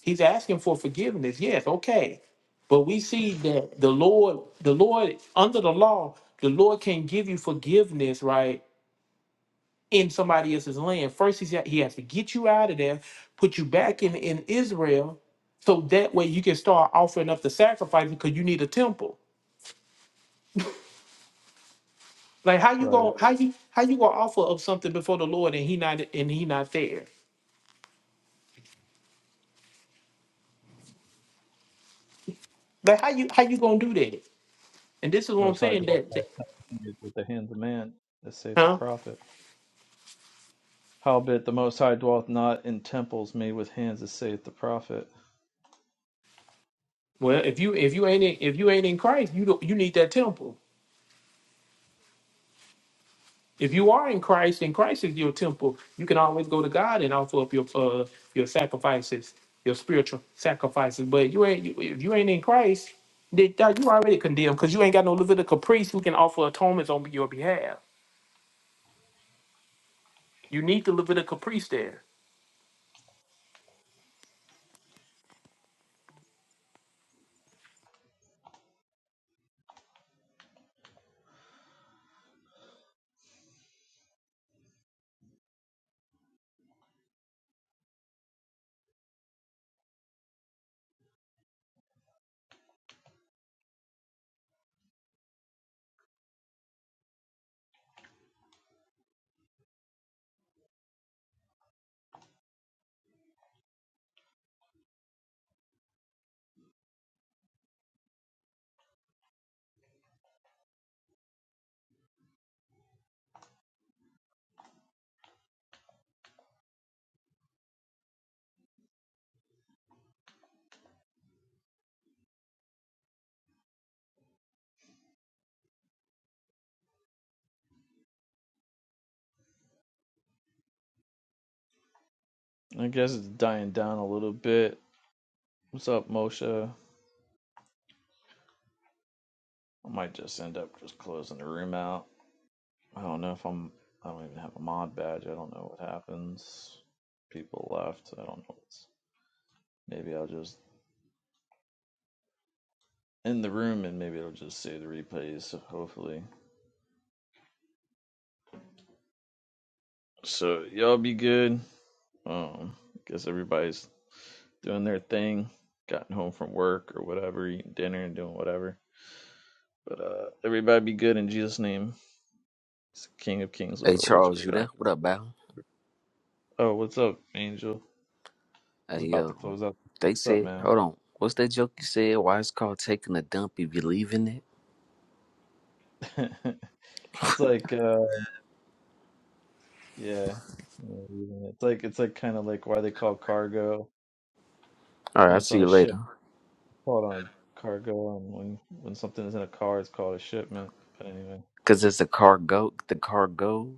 Speaker 9: He's asking for forgiveness. Yes, okay. But we see that the Lord, the Lord under the law, the Lord can give you forgiveness, right? In somebody else's land. First, he's, he has to get you out of there, put you back in in Israel, so that way you can start offering up the sacrifice because you need a temple. Like how you
Speaker 10: Right.
Speaker 9: gonna how you how you gonna offer up something before the Lord and he not and he not there? Like how you how you gonna do that? And this is what I'm
Speaker 10: Most High
Speaker 9: saying
Speaker 10: dwelt
Speaker 9: that, that-
Speaker 10: with the hands of man, as saith the
Speaker 9: huh?
Speaker 10: prophet. Howbeit the Most High dwelt not in temples made with hands, as saith the prophet.
Speaker 9: Well, if you if you ain't in, if you ain't in Christ, you don't, you need that temple. If you are in Christ and Christ is your temple, you can always go to God and offer up your uh, your sacrifices, your spiritual sacrifices. But you ain't you- if you ain't in Christ, then dog, you already condemned because you ain't got no Levitical priest who can offer atonements on your behalf. You need the Levitical priest there.
Speaker 10: I guess it's dying down a little bit. What's up, Moshe? I might just end up just closing the room out. I don't know if I'm. I don't even have a mod badge. I don't know what happens. People left. I don't know. What's, maybe I'll just end the room and maybe it'll just save the replays. So hopefully. So y'all be good. Um, guess everybody's doing their thing, gotten home from work or whatever, eating dinner and doing whatever. But uh, everybody be good in Jesus' name. He's the King of Kings, Lord
Speaker 6: Hey
Speaker 10: of Lords, the
Speaker 6: Charles,
Speaker 10: great
Speaker 6: you
Speaker 10: I.
Speaker 6: there? What up, Byron?
Speaker 10: Oh, what's up, Angel? I was
Speaker 6: Hey
Speaker 10: about to
Speaker 6: yo,
Speaker 10: close up.
Speaker 6: they
Speaker 10: What's up,
Speaker 6: said.
Speaker 10: man?
Speaker 6: Hold on. What's that joke you said? Why it's called taking a dump if you leaving it?
Speaker 10: *laughs* It's like uh yeah. Yeah, even- It's like it's like kind of like why they call cargo
Speaker 6: All right,
Speaker 10: when
Speaker 6: I'll
Speaker 10: it's
Speaker 6: see
Speaker 10: on a
Speaker 6: you later.
Speaker 10: ship, call it on a cargo, and when when something is in a car, it's called a shipment. But anyway.
Speaker 6: Cause it's a cargo, the cargo.